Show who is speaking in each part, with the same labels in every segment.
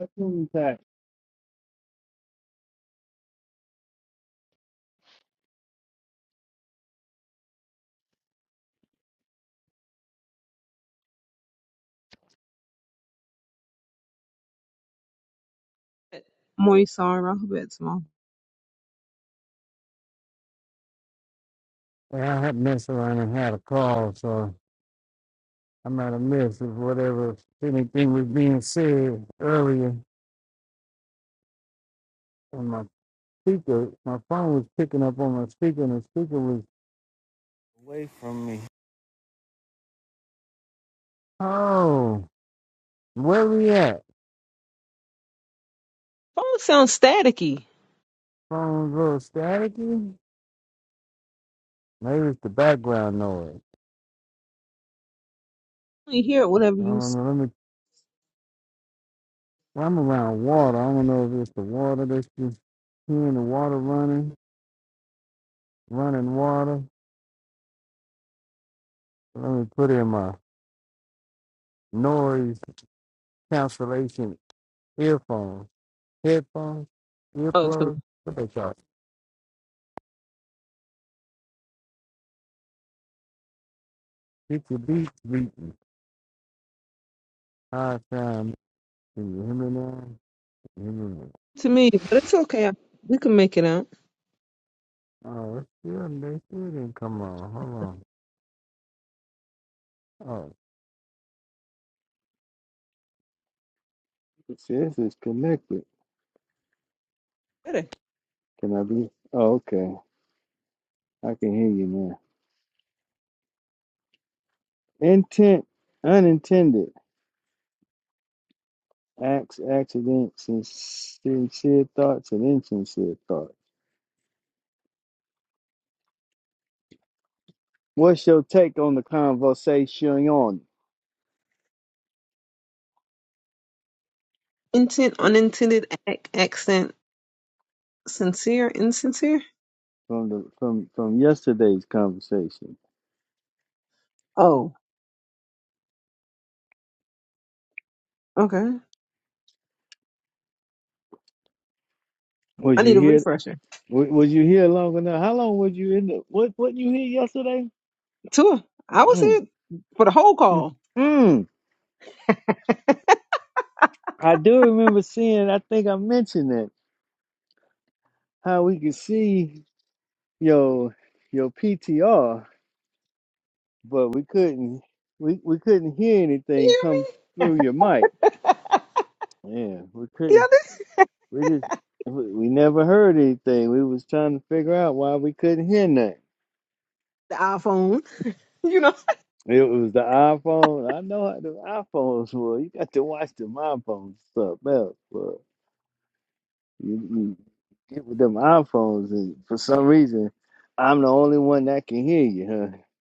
Speaker 1: Assume that.
Speaker 2: Moisar Rahbet Small.
Speaker 1: Well, I had messed around and had a call, so I might have missed it, whatever if anything was being said earlier on my speaker. My phone was picking up on my speaker, and the speaker was away from me. Oh, where we at?
Speaker 2: Phone sounds staticky. I
Speaker 1: Phone's a little staticky. Maybe it's the background noise.
Speaker 2: only hear whatever
Speaker 1: I
Speaker 2: you
Speaker 1: don't know. Let me. I'm around water. I don't know if it's the water that's just hearing the water running, running water. Let me put in my noise cancellation earphones, headphones,
Speaker 2: spell to,
Speaker 1: earplugs. What they call it? Get your beats beaten. High time. Can you hear me now? Can you hear me now?
Speaker 2: to me, but it's okay. We can make it out.
Speaker 1: Oh, it's still, they still didn't come on. Hold on. Oh, It says it's connected.
Speaker 2: Better.
Speaker 1: Can I be? Oh, okay. I can hear you now. Intent, unintended acts, accidents, sincere thoughts and insincere thoughts. What's your take on the conversation?
Speaker 2: Intent, unintended act, accent, sincere, insincere.
Speaker 1: from the from from yesterday's conversation.
Speaker 2: Oh, okay.
Speaker 1: Was
Speaker 2: I
Speaker 1: you
Speaker 2: need a
Speaker 1: here?
Speaker 2: refresher.
Speaker 1: wa- Was you here long enough? How long was you in the? What what you here yesterday?
Speaker 2: Too. I was
Speaker 1: Mm,
Speaker 2: here for the whole
Speaker 1: mm,
Speaker 2: call.
Speaker 1: mm. I do remember seeing. I think I mentioned that how we could see your your PTR, but we couldn't we we couldn't hear
Speaker 2: You
Speaker 1: anything
Speaker 2: hear me?
Speaker 1: come through your mic. Yeah, we
Speaker 2: Yeah,
Speaker 1: couldn't.
Speaker 2: this
Speaker 1: We just we we never heard anything. We was trying to figure out why we couldn't hear nothing.
Speaker 2: the iPhone. You know.
Speaker 1: It was the iPhone. I know how the iPhones were. You got to watch them iPhones Something else. But you, you get with them iPhones, and for some reason, I'm the only one that can hear you, huh?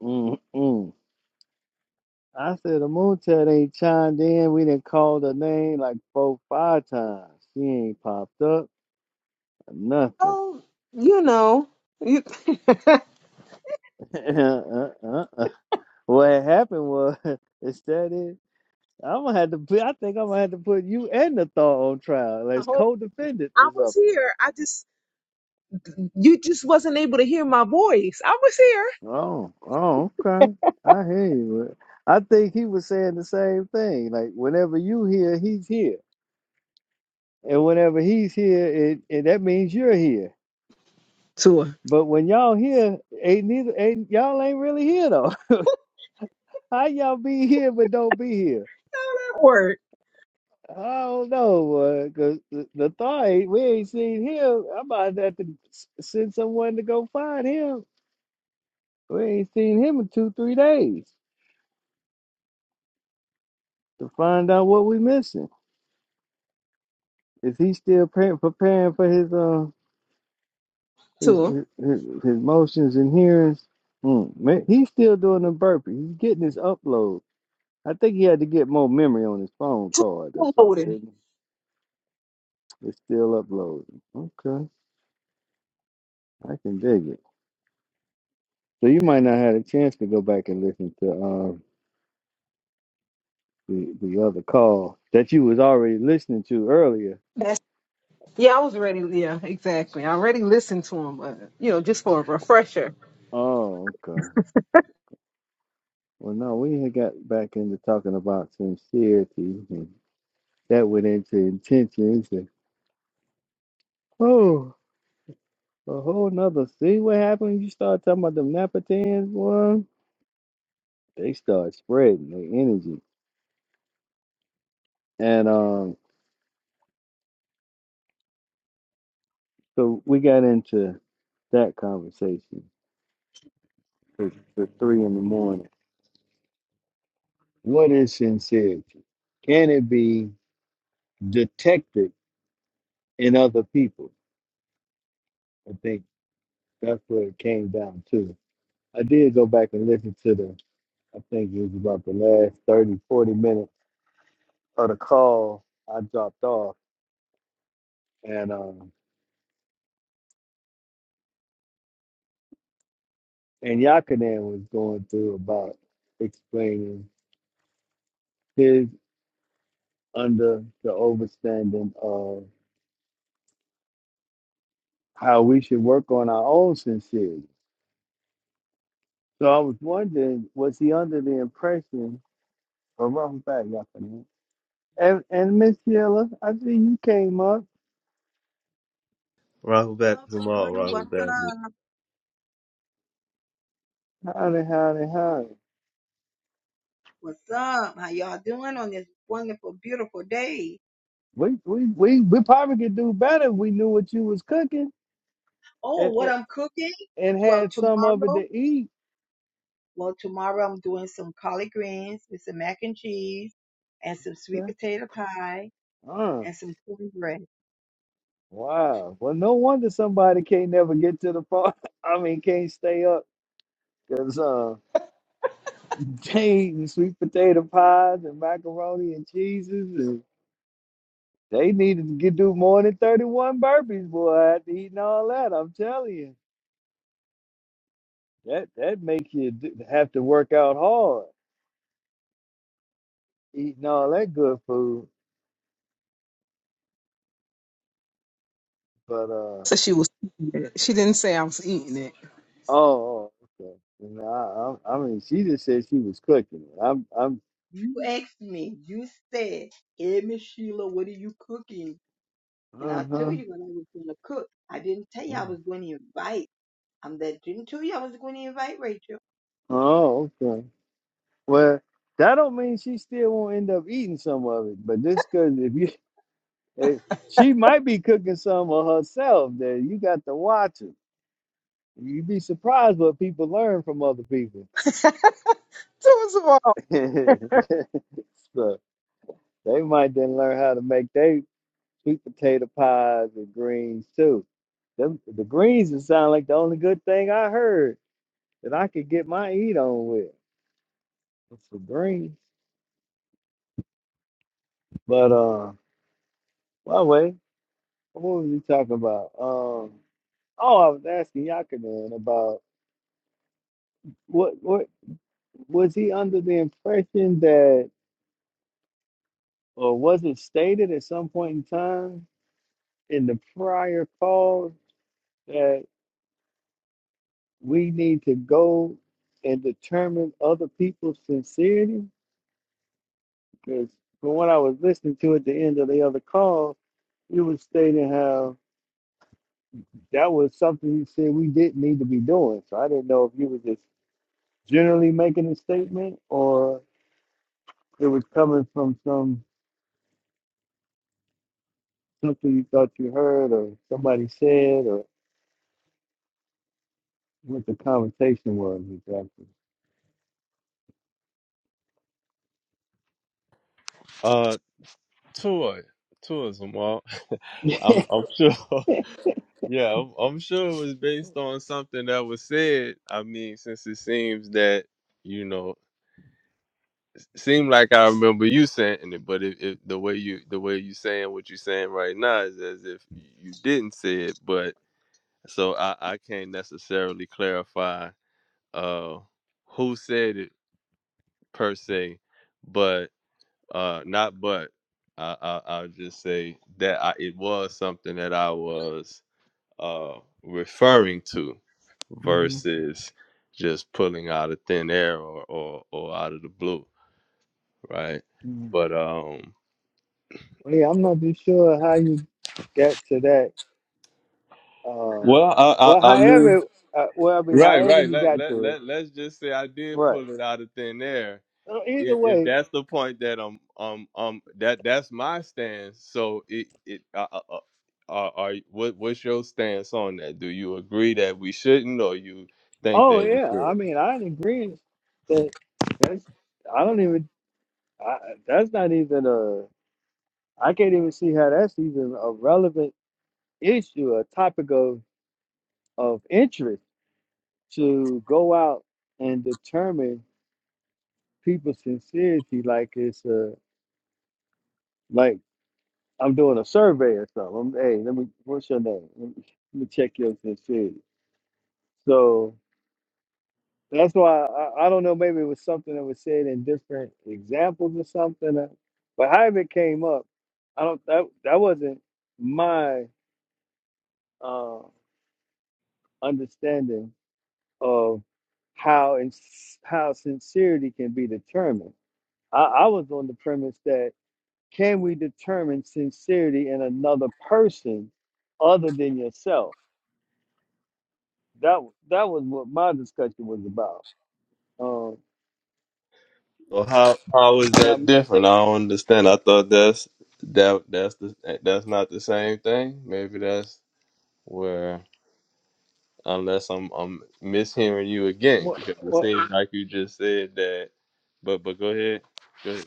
Speaker 1: Mm-mm. I said, the Moontet ain't chimed in. We didn't call her name like four, five times. She ain't popped up. Nothing.
Speaker 2: Oh, you know. You, the
Speaker 1: uh, uh, uh. What happened was, instead of I'm gonna have to put. I think I'm gonna have to put you and the thaw on trial as
Speaker 2: whole-
Speaker 1: co-defendants
Speaker 2: I
Speaker 1: or
Speaker 2: was
Speaker 1: something.
Speaker 2: here. I just you just wasn't able to hear my voice. I was
Speaker 1: Oh, oh, okay. I hear you. I think he was saying the same thing. Like whenever you here, he's here, and whenever he's here, it, it that means you're here.
Speaker 2: here.
Speaker 1: But when y'all here, ain't neither. Ain't y'all ain't really here though. How y'all be here but don't be here?
Speaker 2: Word
Speaker 1: I don't know, because the, the thaw ain't. We ain't seen him. I'm about to have to s- send someone to go find him. We ain't seen him in two, three days to find out what we missing. Is he still pre- preparing for his uh his
Speaker 2: too.
Speaker 1: his, his his motions and hearings? Mm, man, he's still doing the burpee. He's getting his upload. I think he had to get more memory on his phone
Speaker 2: Too
Speaker 1: card or something,
Speaker 2: loaded.
Speaker 1: didn't he? It's still uploading. Okay, I can dig it. So you might not have a chance to go back and listen to um the the other call that you was already listening to earlier.
Speaker 2: That's yeah, I was ready. Yeah, exactly. I already listened to him, but you know, just for a refresher.
Speaker 1: Oh, okay. Well, no, we had got back into talking about sincerity, and that went into intentions. And, oh, a whole nother. See what happened? when You start talking about them Napatans, boy. They start spreading their energy, and um, so we got into that conversation for, for three in the morning. What is sincerity? Can it be detected in other people? I think that's what it came down to. I did go back and listen to the I think it was about the last 30, 40 minutes of the call. I dropped off, and um, and Yakanan was going through about explaining his under the overstanding of how we should work on our own sincerity. So I was wondering, was he under the impression? Well, welcome back, Yakanan. And and Miss Sheila, I think you came up.
Speaker 3: Rahul
Speaker 4: Hello,
Speaker 3: bat Zamal,
Speaker 4: family. What's
Speaker 3: Rahul bat Mu.
Speaker 4: up?
Speaker 1: Howdy, howdy, howdy.
Speaker 4: What's up? How y'all doing on this wonderful, beautiful day?
Speaker 1: We we we we probably could do better if we knew what you was cooking.
Speaker 4: Oh, what I'm cooking?
Speaker 1: and
Speaker 4: Well,
Speaker 1: had some of it
Speaker 4: tomorrow,
Speaker 1: to eat.
Speaker 4: well, tomorrow I'm doing some collard greens with some mac and cheese and some sweet
Speaker 1: Okay.
Speaker 4: potato pie
Speaker 1: Uh,
Speaker 4: and some cornbread.
Speaker 1: wow. Well, no wonder somebody can't never get to the park. I mean, can't stay up because uh, they eating sweet potato pies and macaroni and cheeses, and they needed to get do more than thirty-one burpees, boy. After eating all that, I'm telling you, that that make you d- have to work out hard eating all that good food. But uh,
Speaker 2: So she was She didn't say I was eating it.
Speaker 1: oh, oh, okay. No, I, I I mean, she just said she was cooking. it. I'm, I'm
Speaker 4: You asked me, you said, hey, Miss Sheila, what are you cooking? And I
Speaker 1: Uh-huh.
Speaker 4: told you what I was going to cook. I didn't tell you I was going to invite. I'm that didn't tell you I was going to invite Rachel.
Speaker 1: Oh, okay. Well, that don't mean she still won't end up eating some of it. But this cause if you if she might be cooking some of herself that you got to watch it. You'd be surprised what people learn from other people.
Speaker 2: First of all,
Speaker 1: so they might then learn how to make their sweet potato pies and greens too. Them, the greens would sound like the only good thing I heard that I could get my eat on with. was For greens. But uh well, wait. What was we talking about? Um, oh, I was asking Yakanan about what what was he under the impression that, or was it stated at some point in time in the prior call that we need to go and determine other people's sincerity? Because from what I was listening to at the end of the other call, you was stating how that was something you said we didn't need to be doing. So I didn't know if you were just generally making a statement or. it was coming from some something you thought you heard or somebody said or what the conversation was exactly.
Speaker 3: Uh, tour, tour, Zamal. I'm, I'm sure. Yeah, I'm, I'm sure it was based on something that was said. I mean, since it seems that you know, seemed like I remember you saying it, but if, if the way you the way you saying what you're saying right now is as if you didn't say it, but so I I can't necessarily clarify uh who said it per se, Uh, not but I, I I'll just say that I, it was something that I was uh referring to
Speaker 1: hmm
Speaker 3: versus just pulling out of thin air or or, or out of the blue, right? But um,
Speaker 1: Well, yeah, I'm not too sure how you got to that. Uh,
Speaker 3: well, I
Speaker 1: well,
Speaker 3: I, I mean,
Speaker 1: however, uh, well, I mean,
Speaker 3: right,
Speaker 1: however
Speaker 3: right.
Speaker 1: you
Speaker 3: Let
Speaker 1: got
Speaker 3: let
Speaker 1: to it,
Speaker 3: let let's just say I did
Speaker 1: right?
Speaker 3: pull it out of thin air
Speaker 1: Uh, Either
Speaker 3: if, if
Speaker 1: way,
Speaker 3: that's the point that um um um that that's my stance. So it it uh, uh, uh, are are what what's your stance on that? Do you agree that we shouldn't, or you think
Speaker 1: oh
Speaker 3: that we
Speaker 1: yeah, I
Speaker 3: should?
Speaker 1: mean, I agree that that's I don't even I, that's not even a I can't even see how that's even a relevant issue, a topic of of interest to go out and determine people's sincerity like it's a like I'm doing a survey or something. i am hey, let me what's your name? Let me, let me check your sincerity. So that's why I, I don't know. Maybe it was something that was said in different examples or something, uh, but however it came up, I don't that that wasn't my uh, understanding of how and how sincerity can be determined. I, I was on the premise that Can we determine sincerity in another person other than yourself? That that was what my discussion was about. Um,
Speaker 3: Well, how how is
Speaker 1: and
Speaker 3: that
Speaker 1: I'm
Speaker 3: different? I don't understand. I thought that's that that's the eh, that's not the same thing. Maybe that's where unless I'm I'm mishearing you again
Speaker 1: what
Speaker 3: because it
Speaker 1: what
Speaker 3: seems like you just said that. But but go ahead. Go ahead.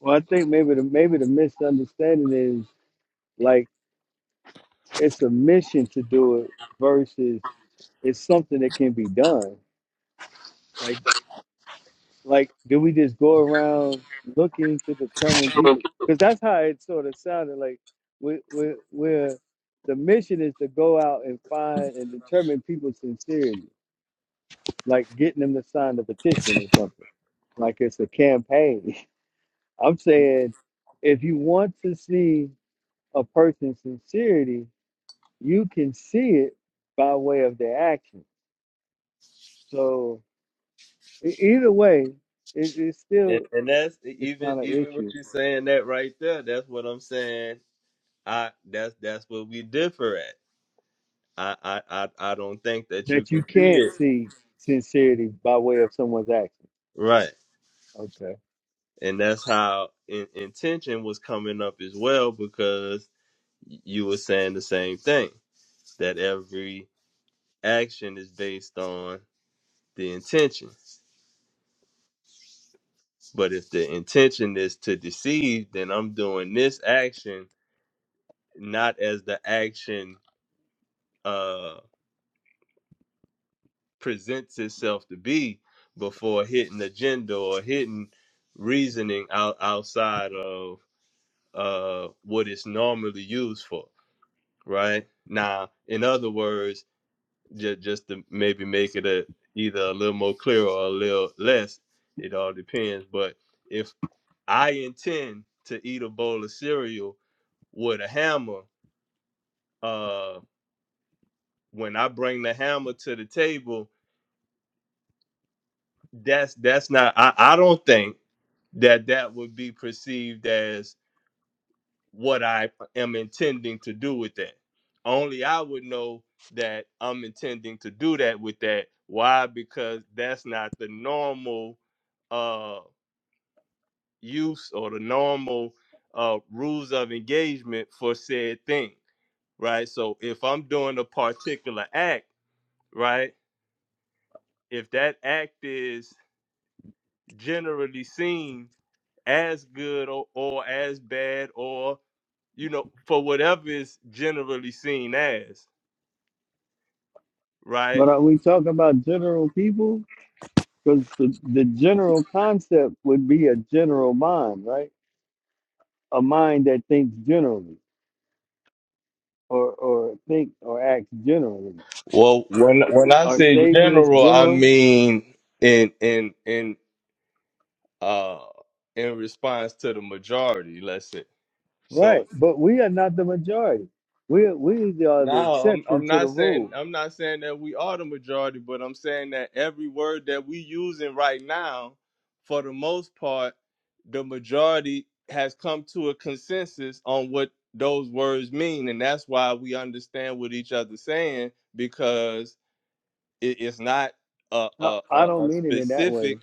Speaker 1: well, I think maybe the maybe the misunderstanding is like it's a mission to do it versus it's something that can be done. Like Like, do we just go around looking to determine people? Because that's how it sort of sounded like we we we're the mission is to go out and find and determine people's sincerity, like getting them to sign the petition or something, like it's a campaign. I'm saying if you want to see a person's sincerity, you can see it by way of their action. So e- either way, it, it's
Speaker 3: And
Speaker 1: still
Speaker 3: and that's e,
Speaker 1: it's
Speaker 3: even
Speaker 1: not an
Speaker 3: even what
Speaker 1: issue
Speaker 3: you're saying that right there. That's what I'm saying. I that's that's what we differ at. I I I, I don't think that you
Speaker 1: that
Speaker 3: can
Speaker 1: you
Speaker 3: see
Speaker 1: can't
Speaker 3: it
Speaker 1: see sincerity by way of someone's action.
Speaker 3: right.
Speaker 1: Okay.
Speaker 3: And that's how in, intention was coming up as well because you were saying the same thing that every action is based on the intention. But if the intention is to deceive, then I'm doing this action not as the action presents itself to be before hitting agenda or hitting reasoning out outside of uh what it's normally used for right now in other words just just to maybe make it a either a little more clear or a little less it all depends but if i intend to eat a bowl of cereal with a hammer uh when i bring the hammer to the table that's that's not i i don't think that that would be perceived as what I am intending to do with that. Only I would know that I'm intending to do that with that. Why? Because that's not the normal uh, use or the normal uh, rules of engagement for said thing, right? So if I'm doing a particular act, right, if that act is generally seen as good or, or as bad or you know, for whatever is generally seen as, right?
Speaker 1: But are we talking about general people? Because the, the general concept would be a general mind, right? A mind that thinks generally or, or think or acts generally.
Speaker 3: Well, when when I
Speaker 1: Are
Speaker 3: say
Speaker 1: Sabians
Speaker 3: general, I
Speaker 1: general?
Speaker 3: mean in in in uh in response to the majority. Let's say so.
Speaker 1: Right. But we are not the majority. We, we are the
Speaker 3: No, I'm,
Speaker 1: exception
Speaker 3: I'm
Speaker 1: to the
Speaker 3: not saying
Speaker 1: rule.
Speaker 3: I'm not saying that we are the majority, but I'm saying that every word that we using right now, for the most part, the majority has come to a consensus on what those words mean, and that's why we understand what each other saying because it, it's not a
Speaker 1: I,
Speaker 3: a, a,
Speaker 1: I don't
Speaker 3: a
Speaker 1: mean it in that way.
Speaker 3: specific.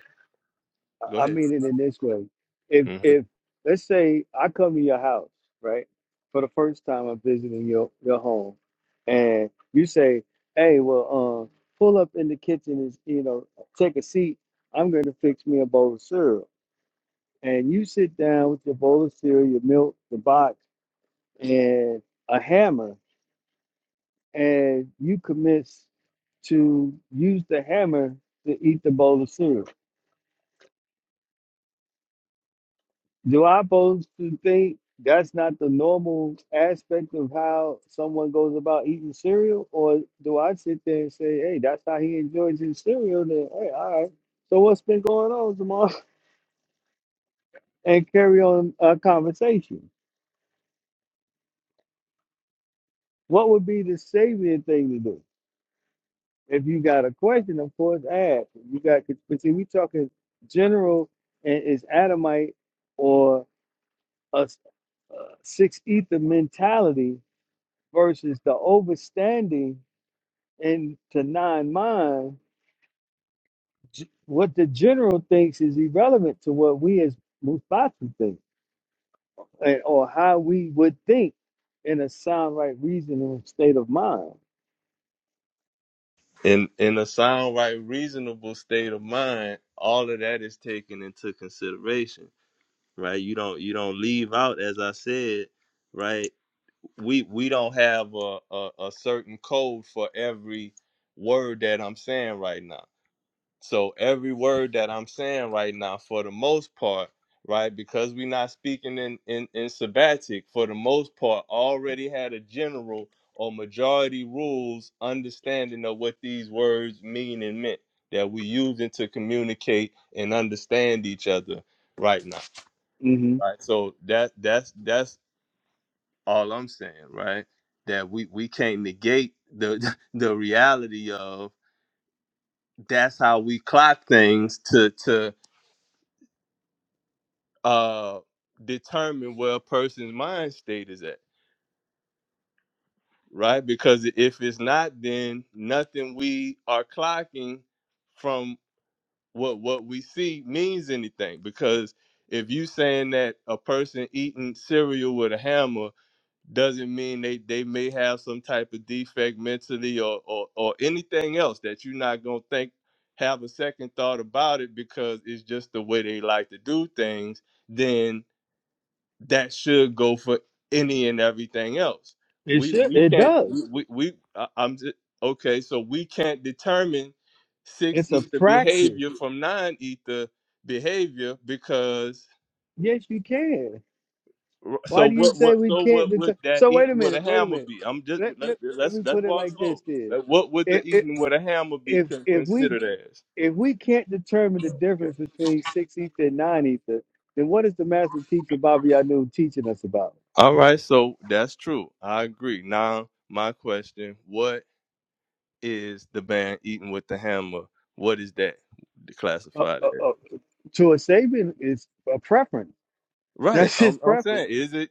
Speaker 3: Go
Speaker 1: I I
Speaker 3: ahead.
Speaker 1: mean it in this way. If
Speaker 3: Mhm.
Speaker 1: if let's say I come to your house, right? For the first time I'm visiting your your home and you say, Hey, well um pull up in the kitchen and you know, take a seat. I'm gonna fix me a bowl of cereal. And you sit down with your bowl of cereal, your milk, the box, and a hammer, and you commence to use the hammer to eat the bowl of cereal Do I supposed to think that's not the normal aspect of how someone goes about eating cereal? Or do I sit there and say, hey, that's how he enjoys his cereal? Then, hey, all right. So what's been going on, Jamal? And carry on a conversation. What would be the savior thing to do? If you got a question, of course, ask. If You got, but see, we talking general and it's Adamite or a a six ether mentality versus the overstanding And to nine mind, g- what the general thinks is irrelevant to what we as Mufatu think, and, or how we would think in a sound, right, reasoning state of mind.
Speaker 3: In in a sound right, reasonable state of mind, all of that is taken into consideration right? You don't you don't leave out, as I said, right? We we don't have a, a, a certain code for every word that I'm saying right now. So every word that I'm saying right now, for the most part, right, because we're not speaking in, in, in sabbatic, for the most part, already had a general or majority rules understanding of what these words mean and meant that we using to communicate and understand each other right now
Speaker 1: hmm
Speaker 3: right? So that that's that's all I'm saying, right? That we we can't negate the the reality of that's how we clock things to to uh determine where a person's mind state is at, right? Because if it's not, then nothing we are clocking from what what we see means anything. Because if you saying that a person eating cereal with a hammer doesn't mean they they may have some type of defect mentally or or, or anything else that you're not gonna think have a second thought about it because it's just the way they like to do things then that should go for any and everything else
Speaker 1: It
Speaker 3: we
Speaker 1: should,
Speaker 3: we
Speaker 1: it
Speaker 3: can't
Speaker 1: does.
Speaker 3: we we, we I- i'm just okay so we can't determine six
Speaker 1: It's a
Speaker 3: ether
Speaker 1: practice.
Speaker 3: behavior from nine ether behavior because.
Speaker 1: Yes, you can.
Speaker 3: R- So
Speaker 1: Why do you
Speaker 3: what?
Speaker 1: say
Speaker 3: What?
Speaker 1: we
Speaker 3: So
Speaker 1: can't?
Speaker 3: what would
Speaker 1: deter-
Speaker 3: that
Speaker 1: so wait a
Speaker 3: eating with a
Speaker 1: minute. Wait a
Speaker 3: hammer
Speaker 1: minute.
Speaker 3: be? I'm just
Speaker 1: Let,
Speaker 3: let's
Speaker 1: let, let
Speaker 3: let's,
Speaker 1: me
Speaker 3: let's
Speaker 1: put it
Speaker 3: walk
Speaker 1: like
Speaker 3: slow.
Speaker 1: this: Then,
Speaker 3: That- What would the
Speaker 1: if if
Speaker 3: eating with a hammer be
Speaker 1: if
Speaker 3: con-
Speaker 1: if we
Speaker 3: considered as?
Speaker 1: if we can't determine the
Speaker 3: Okay.
Speaker 1: difference between six ether and nine ether, then what is the master teacher Bobby Anu teaching us about?
Speaker 3: All right. So that's true. I agree. Now my question: What is the band eating with the hammer? What is that
Speaker 1: Uh,
Speaker 3: classified
Speaker 1: uh,
Speaker 3: as?
Speaker 1: uh, to a Sabian, it's a preference.
Speaker 3: Right.
Speaker 1: That's his
Speaker 3: I'm, I'm
Speaker 1: preference.
Speaker 3: saying, is it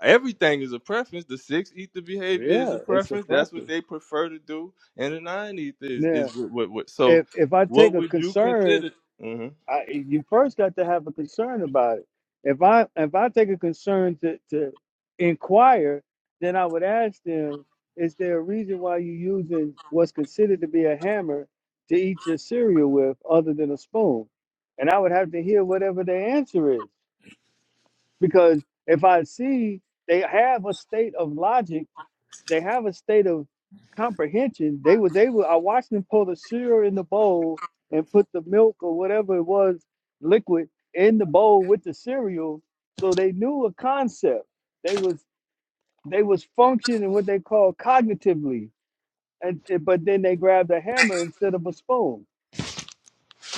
Speaker 3: everything is a preference? The six ether behavior is
Speaker 1: Yeah,
Speaker 3: a
Speaker 1: it's a
Speaker 3: preference. That's what
Speaker 1: preference.
Speaker 3: they prefer to do, and the nine ether is
Speaker 1: Yeah.
Speaker 3: is what what. what so,
Speaker 1: If if I
Speaker 3: what
Speaker 1: take a
Speaker 3: would you
Speaker 1: concern
Speaker 3: consider? hmm
Speaker 1: I, you first got to have a concern about it. If I if I take a concern to to inquire, then I would ask them: Is there a reason why you're using what's considered to be a hammer to eat your cereal with, other than a spoon? And I would have to hear whatever the answer is, because if I see they have a state of logic they have a state of comprehension. They was able. I watched them pour the cereal in the bowl and put the milk or whatever it was liquid in the bowl with the cereal, so they knew a concept. They was they was functioning what they call cognitively, and but then they grabbed a hammer instead of a spoon.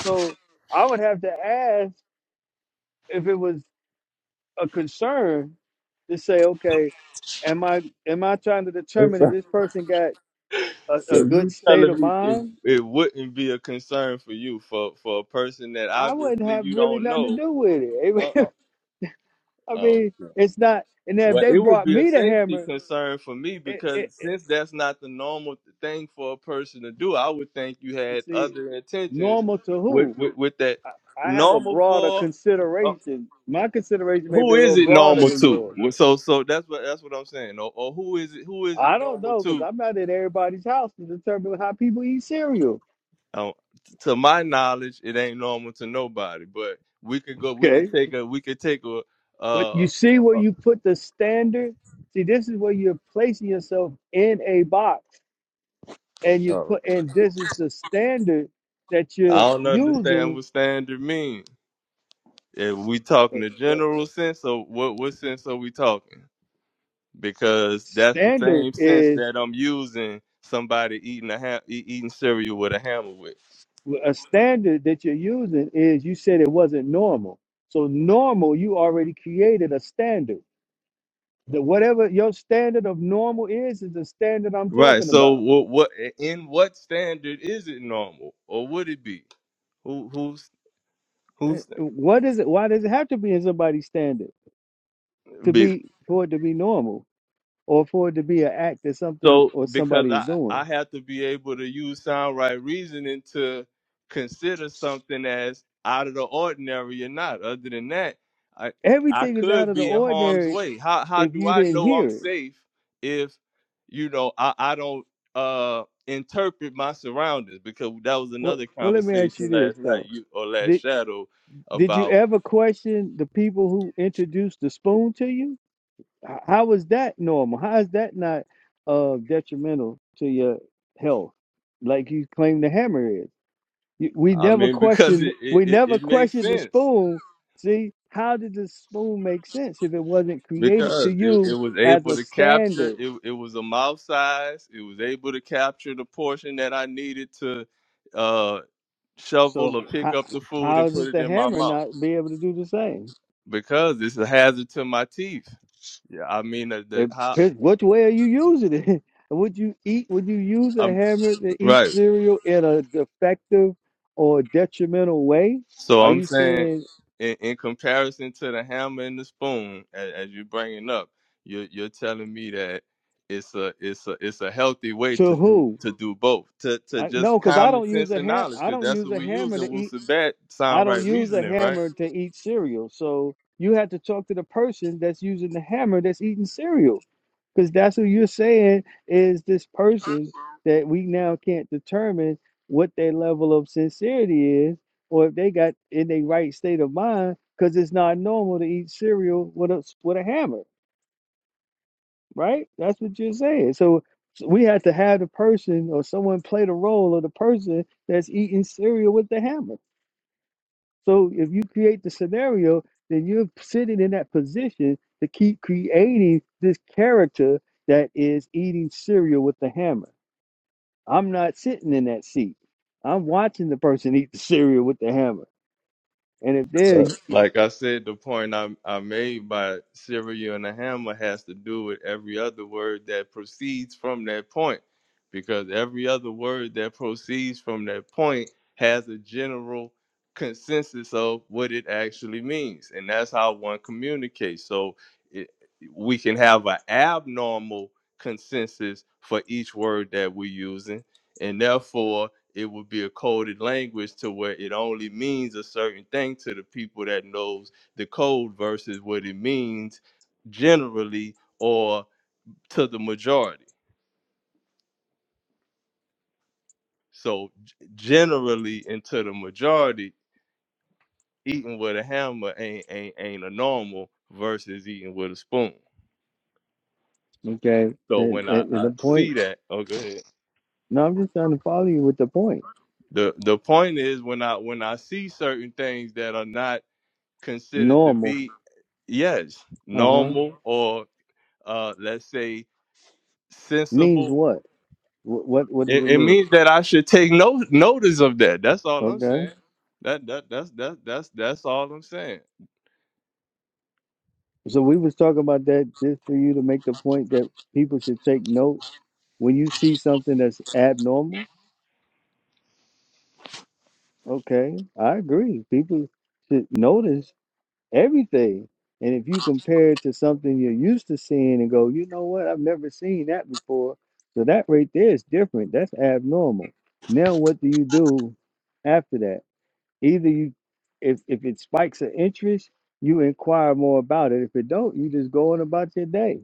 Speaker 1: So I would have to ask if it was a concern to say, okay, am I am I trying to determine if
Speaker 3: So,
Speaker 1: this person got
Speaker 3: so
Speaker 1: a, a good
Speaker 3: you
Speaker 1: state
Speaker 3: telling
Speaker 1: of
Speaker 3: me it,
Speaker 1: mind
Speaker 3: it wouldn't be a concern for you for for a person that
Speaker 1: I wouldn't
Speaker 3: obviously
Speaker 1: have
Speaker 3: you
Speaker 1: really
Speaker 3: don't
Speaker 1: nothing to
Speaker 3: know?
Speaker 1: do with
Speaker 3: Uh, uh,
Speaker 1: it. I
Speaker 3: oh,
Speaker 1: mean, it's not. And then if
Speaker 3: Well,
Speaker 1: they
Speaker 3: it would
Speaker 1: brought
Speaker 3: be a
Speaker 1: me the
Speaker 3: safety
Speaker 1: hammer,
Speaker 3: concern for me
Speaker 1: it,
Speaker 3: because
Speaker 1: it, it
Speaker 3: since that's not the normal thing for a person to do, I would think you had
Speaker 1: see,
Speaker 3: other intentions
Speaker 1: normal to
Speaker 3: with
Speaker 1: who?
Speaker 3: with, with that.
Speaker 1: I, I have a
Speaker 3: Normal
Speaker 1: broader
Speaker 3: for uh,
Speaker 1: consideration. My consideration may
Speaker 3: who
Speaker 1: be a
Speaker 3: is
Speaker 1: little
Speaker 3: it
Speaker 1: broader
Speaker 3: normal
Speaker 1: than
Speaker 3: to?
Speaker 1: yours.
Speaker 3: Well, So so that's what that's what I'm saying. Or, or who is it who is it
Speaker 1: I don't
Speaker 3: normal
Speaker 1: know because
Speaker 3: to?
Speaker 1: I'm not in everybody's house to determine how people eat cereal.
Speaker 3: Um, to my knowledge, it ain't normal to nobody. But we could go. We could
Speaker 1: Okay,
Speaker 3: take a. We could take a.
Speaker 1: but
Speaker 3: Uh,
Speaker 1: you see where you put the standard. See, this is where you're placing yourself in a box, and you
Speaker 3: uh,
Speaker 1: put, and this is the standard that
Speaker 3: I
Speaker 1: you're
Speaker 3: don't understand
Speaker 1: using
Speaker 3: what standard means. If we talking
Speaker 1: What
Speaker 3: the
Speaker 1: what
Speaker 3: general sense, so what what sense are we talking? Because that's the
Speaker 1: standard
Speaker 3: same sense
Speaker 1: is
Speaker 3: that I'm using somebody eating a ha- e- eating cereal with a hammer with.
Speaker 1: a standard that you're using is you said it wasn't normal. So normal, you already created a standard. That whatever your standard of normal is is the standard I'm
Speaker 3: Right.
Speaker 1: talking
Speaker 3: So
Speaker 1: about.
Speaker 3: what what in what standard is it normal, or would it be? Who who's
Speaker 1: Eh,
Speaker 3: who's?
Speaker 1: What is it? Why does it have to be in somebody's standard to be for it to be normal or for it to be an act that something
Speaker 3: So
Speaker 1: or
Speaker 3: because
Speaker 1: somebody is
Speaker 3: I I
Speaker 1: doing?
Speaker 3: have to be able to use sound right reasoning to consider something as out of the ordinary or not. Other than that, I I
Speaker 1: Everything is out
Speaker 3: could
Speaker 1: of the
Speaker 3: be in harm's
Speaker 1: ordinary
Speaker 3: way. How how
Speaker 1: if
Speaker 3: do
Speaker 1: you
Speaker 3: I
Speaker 1: didn't
Speaker 3: know I'm
Speaker 1: hear it.
Speaker 3: safe if you know I I don't uh interpret my surroundings because that was
Speaker 1: Well,
Speaker 3: another
Speaker 1: well let me ask you
Speaker 3: conversation
Speaker 1: this
Speaker 3: last night
Speaker 1: though
Speaker 3: you or last shadow
Speaker 1: Did you
Speaker 3: about
Speaker 1: ever question the people who introduced the spoon to you? H- How is that normal? How is that not uh, detrimental to your health, like you claim the hammer is? You- We
Speaker 3: I
Speaker 1: never
Speaker 3: mean because
Speaker 1: questioned.
Speaker 3: it
Speaker 1: We
Speaker 3: it, it,
Speaker 1: never
Speaker 3: it makes
Speaker 1: questioned the
Speaker 3: sense
Speaker 1: spoon. See, how did the spoon make sense if it wasn't created to
Speaker 3: Because it, it
Speaker 1: you
Speaker 3: was
Speaker 1: as
Speaker 3: able
Speaker 1: a
Speaker 3: to capture
Speaker 1: standard?
Speaker 3: it, it was a mouth size. It was able to capture the portion that I needed to uh shovel or
Speaker 1: So
Speaker 3: pick
Speaker 1: how
Speaker 3: up the food and
Speaker 1: how
Speaker 3: put
Speaker 1: does
Speaker 3: it
Speaker 1: the
Speaker 3: in my
Speaker 1: hammer
Speaker 3: mouth.
Speaker 1: not be able to do the same?
Speaker 3: Because it's a hazard to my teeth. Yeah, I mean uh, the
Speaker 1: It,
Speaker 3: how
Speaker 1: depends which way are you using it? Would you eat? Would you use a
Speaker 3: I'm
Speaker 1: hammer to eat
Speaker 3: right.
Speaker 1: cereal in a defective or detrimental way?
Speaker 3: So
Speaker 1: Are
Speaker 3: I'm
Speaker 1: you
Speaker 3: saying,
Speaker 1: saying
Speaker 3: in, in comparison to the hammer and the spoon, as, as you bring it up, you're you're telling me that it's a it's a it's a healthy way to
Speaker 1: to
Speaker 3: do
Speaker 1: who?
Speaker 3: to do both to to
Speaker 1: I,
Speaker 3: just
Speaker 1: no, because I
Speaker 3: common
Speaker 1: don't use
Speaker 3: sense
Speaker 1: a
Speaker 3: and
Speaker 1: ham.
Speaker 3: knowledge
Speaker 1: I
Speaker 3: because
Speaker 1: don't
Speaker 3: that's
Speaker 1: use
Speaker 3: what
Speaker 1: a
Speaker 3: we use
Speaker 1: hammer
Speaker 3: in
Speaker 1: to eat.
Speaker 3: Wusabat
Speaker 1: I
Speaker 3: sound
Speaker 1: don't
Speaker 3: right
Speaker 1: use a
Speaker 3: reasoning, right?
Speaker 1: hammer to eat cereal. So you have to talk to the person that's using the hammer that's eating cereal. Because that's what you're saying is this person that we now can't determine what their level of sincerity is or if they got in their right state of mind because it's not normal to eat cereal with a, with a hammer, right? That's what you're saying. So so we have to have the person or someone play the role of the person that's eating cereal with the hammer. So if you create the scenario, then you're sitting in that position to keep creating this character that is eating cereal with the hammer. I'm not sitting in that seat. I'm watching the person eat the cereal with the hammer. And if
Speaker 3: Uh,
Speaker 1: they're
Speaker 3: Like I said, the point I, I made by cereal and a hammer has to do with every other word that proceeds from that point, because every other word that proceeds from that point has a general consensus of what it actually means, and that's how one communicates. So it, we can have an abnormal consensus for each word that we're using, and therefore it would be a coded language to where it only means a certain thing to the people that knows the code versus what it means generally or to the majority. So g- generally and to the majority, eating with a hammer ain't ain't ain't a normal versus eating with a spoon.
Speaker 1: okay,
Speaker 3: So
Speaker 1: and,
Speaker 3: when I,
Speaker 1: and, and the
Speaker 3: I
Speaker 1: point.
Speaker 3: see that, oh go ahead.
Speaker 1: No, I'm just trying to follow you with the point.
Speaker 3: The the point is when I when I see certain things that are not considered to
Speaker 1: Normal,
Speaker 3: be yes
Speaker 1: uh huh,
Speaker 3: normal or uh, let's say,
Speaker 1: means
Speaker 3: sensible.
Speaker 1: what? Wh- What what does
Speaker 3: It,
Speaker 1: it
Speaker 3: it
Speaker 1: mean?
Speaker 3: means that I should take no notice of that. That's all I'm
Speaker 1: Okay,
Speaker 3: saying. That that that's that that's that's all I'm saying.
Speaker 1: so we was talking about that just for you to make the point that people should take note when you see something that's abnormal, okay, I agree. People should notice everything. And if you compare it to something you're used to seeing and go, you know what, I've never seen that before. So that right there is different. That's abnormal. Now what do you do after that? Either you if if it spikes an interest, you inquire more about it. If it don't, you just go on about your day.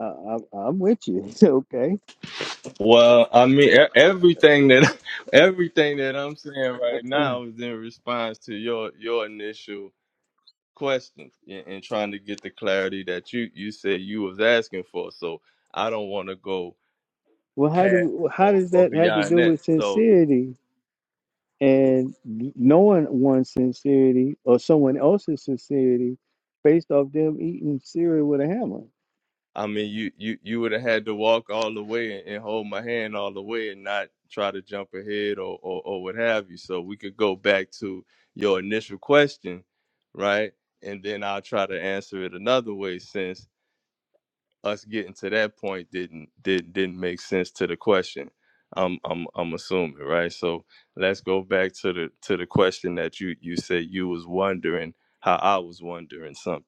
Speaker 1: Uh, I, I'm with you. Okay.
Speaker 3: Well, I mean e- everything that everything that I'm saying right
Speaker 1: Uh,
Speaker 3: now is in response to your your initial question and, and trying to get the clarity that you you said you was asking for. So I don't want to go
Speaker 1: Well, how
Speaker 3: past
Speaker 1: do how
Speaker 3: or,
Speaker 1: does
Speaker 3: or
Speaker 1: that have to
Speaker 3: beyond
Speaker 1: do
Speaker 3: that.
Speaker 1: with
Speaker 3: So.
Speaker 1: sincerity and knowing one's sincerity or someone else's sincerity based off them eating cereal with a hammer?
Speaker 3: I mean, you you you would have had to walk all the way and, and hold my hand all the way and not try to jump ahead or, or or what have you. So we could go back to your initial question, right? And then I'll try to answer it another way since us getting to that point didn't did didn't make sense to the question. I'm I'm I'm assuming, right? So let's go back to the to the question that you you said you was wondering how I was wondering something.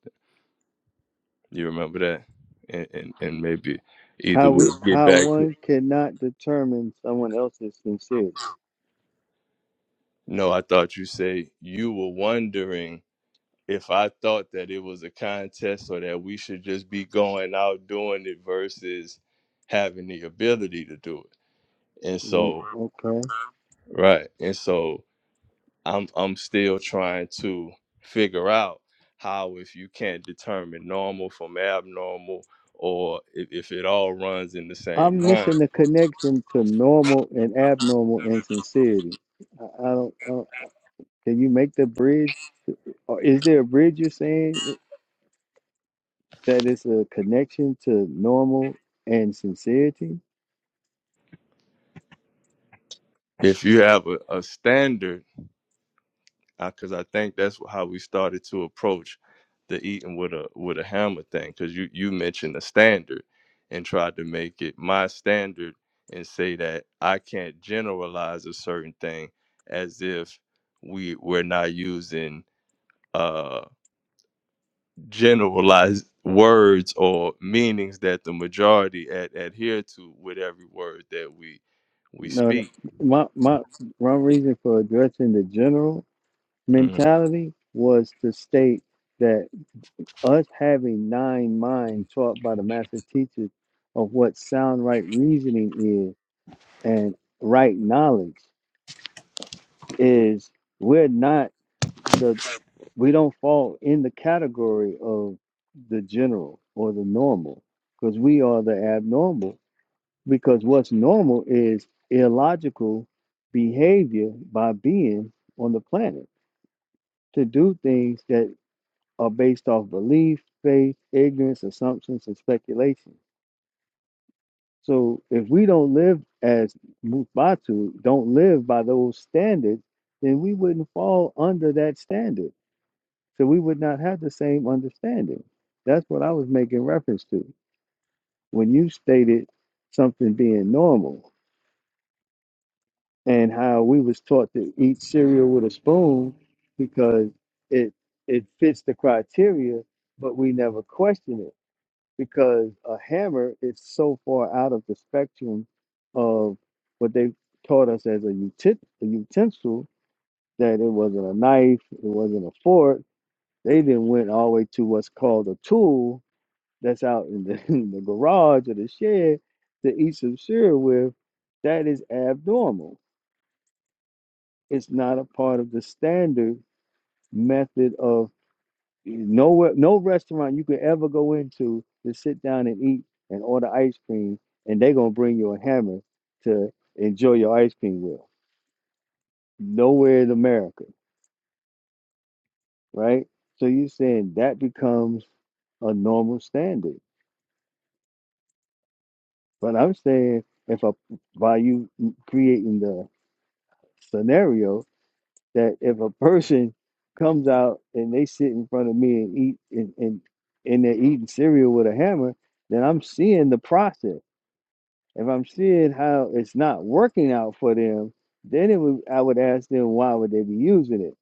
Speaker 3: You remember that? And and, and maybe either
Speaker 1: How we
Speaker 3: we'll get
Speaker 1: how
Speaker 3: back to
Speaker 1: one cannot determine someone else's sincerity?
Speaker 3: No, I thought you say you were wondering if I thought that it was a contest or that we should just be going out doing it versus having the ability to do it. And
Speaker 1: Mm,
Speaker 3: so
Speaker 1: Okay,
Speaker 3: right. And so I'm I'm still trying to figure out how if you can't determine normal from abnormal or if, if it all runs in the same
Speaker 1: I'm
Speaker 3: line.
Speaker 1: missing the connection to normal and abnormal and sincerity. I, I don't. I don't- can you make the bridge, or is there a bridge you're saying that it's a connection to normal and sincerity?
Speaker 3: If you have a, a standard because I think that's how we started to approach the eating with a with a hammer thing. Because you you mentioned a standard and tried to make it my standard and say that I can't generalize a certain thing as if we we're not using uh generalized words or meanings that the majority ad- adhere to with every word that we we
Speaker 1: No, no.
Speaker 3: speak.
Speaker 1: My, my, my reason for addressing the general
Speaker 3: Mm-hmm.
Speaker 1: mentality was to state that us having nine minds taught by the master teachers of what sound right reasoning is and right knowledge is we're not the, we don't fall in the category of the general or the normal because we are the abnormal because what's normal is illogical behavior by beings on the planet to do things that are based off belief, faith, ignorance, assumptions, and speculation. So if we don't live as Mufatu, don't live by those standards, then we wouldn't fall under that standard. So we would not have the same understanding. That's what I was making reference to when you stated something being normal. and how we was taught to eat cereal with a spoon because it it fits the criteria, but we never question it because a hammer is so far out of the spectrum of what they taught us as a, utit- a utensil that it wasn't a knife, it wasn't a fork. They then went all the way to what's called a tool that's out in the, in the garage or the shed to eat some cereal with. That is abnormal It's not a part of the standard method of nowhere, no restaurant you could ever go into to sit down and eat and order ice cream, and they're gonna bring you a hammer to enjoy your ice cream with. Nowhere in America, right? So you're saying that becomes a normal standard. But I'm saying if a, by you creating the scenario, that if a person comes out and they sit in front of me and eat and, and and they're eating cereal with a hammer, then I'm seeing the process. If I'm seeing how it's not working out for them, then it would I would ask them why would they be using it.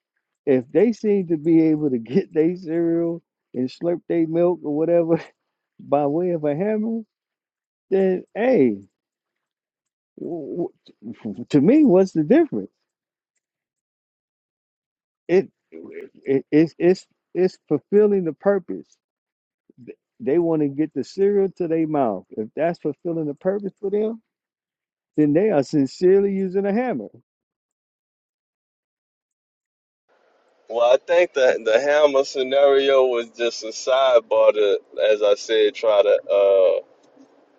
Speaker 1: If they seem to be able to get their cereal and slurp their milk or whatever by way of a hammer, then hey, w- w- to me, what's the difference? It, it it's it's it's fulfilling the purpose They want to get the cereal to their mouth. If that's fulfilling the purpose for them, then they are sincerely using a hammer.
Speaker 3: Well, I think that the hammer scenario was just a sidebar to, as I said, try to uh,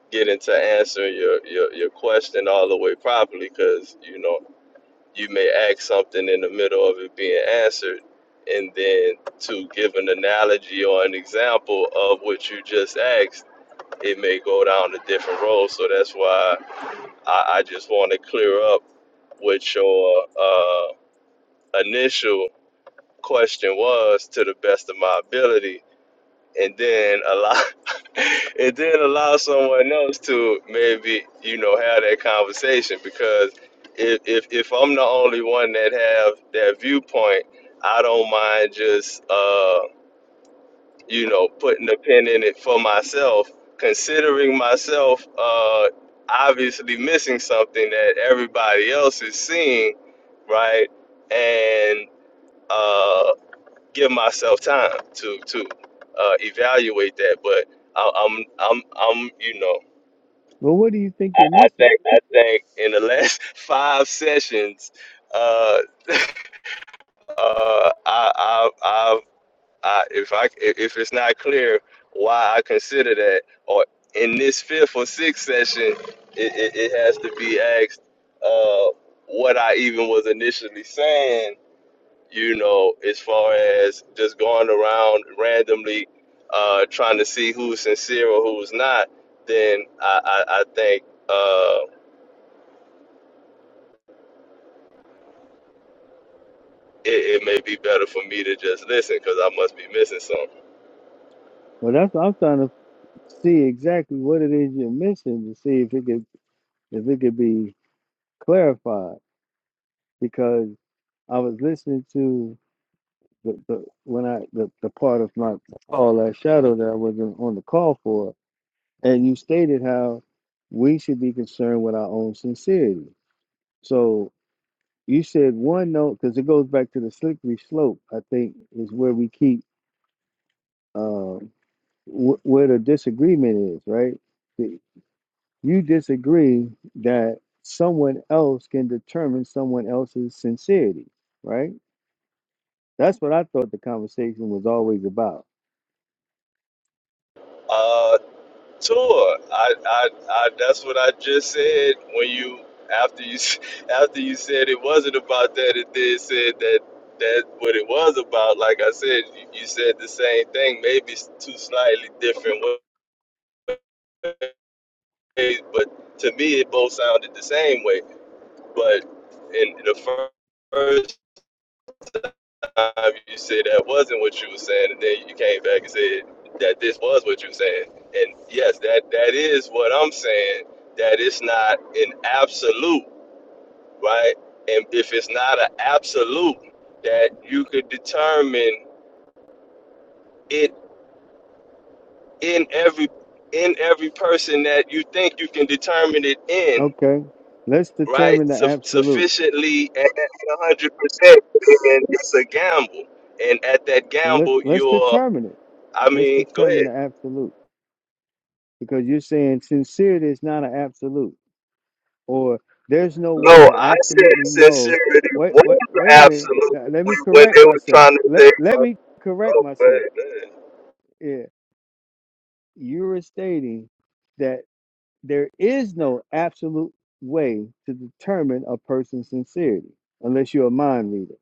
Speaker 3: get into answering your, your, your question all the way properly because, you know, you may ask something in the middle of it being answered. And then to give an analogy or an example of what you just asked, it may go down a different road. So that's why I, I just want to clear up with your uh, initial question was to the best of my ability and then allow and then allow someone else to maybe you know have that conversation because if, if if i'm the only one that have that viewpoint i don't mind just uh you know putting a pin in it for myself considering myself uh obviously missing something that everybody else is seeing right and uh give myself time to to uh, evaluate that. But I, I'm I'm I'm you know
Speaker 1: Well, what do you think
Speaker 3: I,
Speaker 1: you're
Speaker 3: I
Speaker 1: missing?
Speaker 3: think I think in the last five sessions, uh, uh, I, I I I if I if it's not clear why I consider that, or in this fifth or sixth session, it, it, it has to be asked uh, what I even was initially saying you know, as far as just going around randomly uh, trying to see who's sincere or who's not, then I, I, I think uh, it, it may be better for me to just listen because I must be missing something.
Speaker 1: Well, that's what I'm trying to see exactly what it is you're missing to see if it could if it could be clarified. Because I was listening to the, the when I the, the part of my call last shadow that I wasn't on the call for, and you stated how we should be concerned with our own sincerity. So. You said one note because it goes back to the slippery slope. I think is where we keep um, wh- where the disagreement is. Right? The- You disagree that someone else can determine someone else's sincerity. Right? That's what I thought the conversation was always about.
Speaker 3: Uh, tour. I, I, I, that's what I just said when you after you s- after you said it wasn't about that. It did said that that what it was about. Like I said, you, you said the same thing, maybe s- two slightly different ways ways, but to me, it both sounded the same way. But in the fir- first time you said that wasn't what you were saying, and then you came back and said that this was what you were saying. And yes, that that is what I'm saying. That it's not an absolute, right? And if it's not an absolute, that you could determine it in every in every person that you think you can determine it in
Speaker 1: Okay, let's
Speaker 3: right?
Speaker 1: determine the
Speaker 3: Su-
Speaker 1: absolute.
Speaker 3: sufficiently at hundred percent, and it's a gamble. And at that
Speaker 1: So let
Speaker 3: gamble,
Speaker 1: let's
Speaker 3: you're.
Speaker 1: determine it.
Speaker 3: I
Speaker 1: Let's
Speaker 3: mean, go
Speaker 1: determine
Speaker 3: ahead.
Speaker 1: the absolute because you're saying sincerity is not an absolute. or there's no way
Speaker 3: No,
Speaker 1: to
Speaker 3: I said
Speaker 1: absolutely know.
Speaker 3: sincerity
Speaker 1: Wait,
Speaker 3: was
Speaker 1: wait, wait a minute.
Speaker 3: absolute
Speaker 1: Now, let me
Speaker 3: when
Speaker 1: correct
Speaker 3: they were
Speaker 1: myself.
Speaker 3: trying to
Speaker 1: Let
Speaker 3: say,
Speaker 1: let me correct
Speaker 3: oh,
Speaker 1: myself.
Speaker 3: man,
Speaker 1: Yeah, you're stating that there is no absolute way to determine a person's sincerity unless you're a mind reader.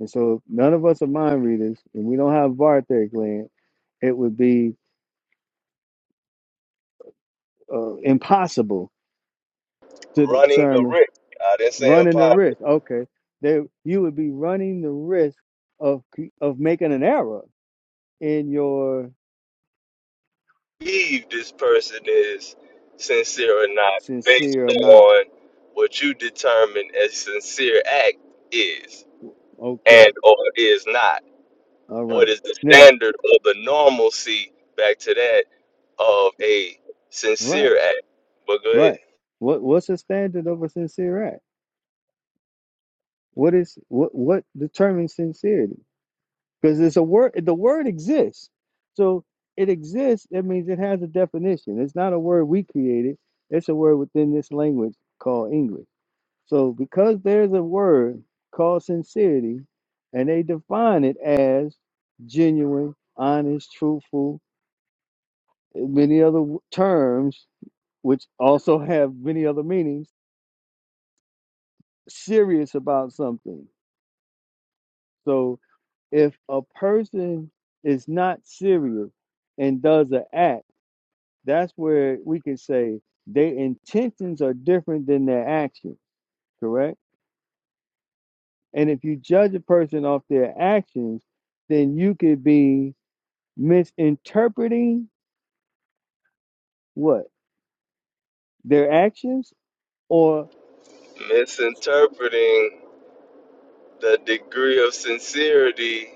Speaker 1: And so, none of us are mind readers, and we don't have Barthé gland. It would be uh, impossible to
Speaker 3: running the
Speaker 1: determine
Speaker 3: risk. I didn't say
Speaker 1: running the
Speaker 3: impossible.
Speaker 1: risk. Okay, they you would be running the risk of c- of making an error in your
Speaker 3: Believe this person is sincere or not, based
Speaker 1: sincere or not.
Speaker 3: on what you determine as sincere act is
Speaker 1: Okay,
Speaker 3: and or is not.
Speaker 1: all
Speaker 3: what
Speaker 1: right.
Speaker 3: is the
Speaker 1: Now,
Speaker 3: standard or the normalcy back to that of a
Speaker 1: right,
Speaker 3: sincere act. But go ahead.
Speaker 1: right. What what's the standard of a sincere act? What is what what determines sincerity? Because it's a word. The word exists, so it exists. That means it has a definition. It's not a word we created. It's a word within this language called English. So because there's a word called sincerity, and they define it as genuine, honest, truthful, and many other w- terms, which also have many other meanings, serious about something. So if a person is not serious and does an act, that's where we can say their intentions are different than their actions, correct? And if you judge a person off their actions, then you could be misinterpreting what their actions or
Speaker 3: Misinterpreting the degree of sincerity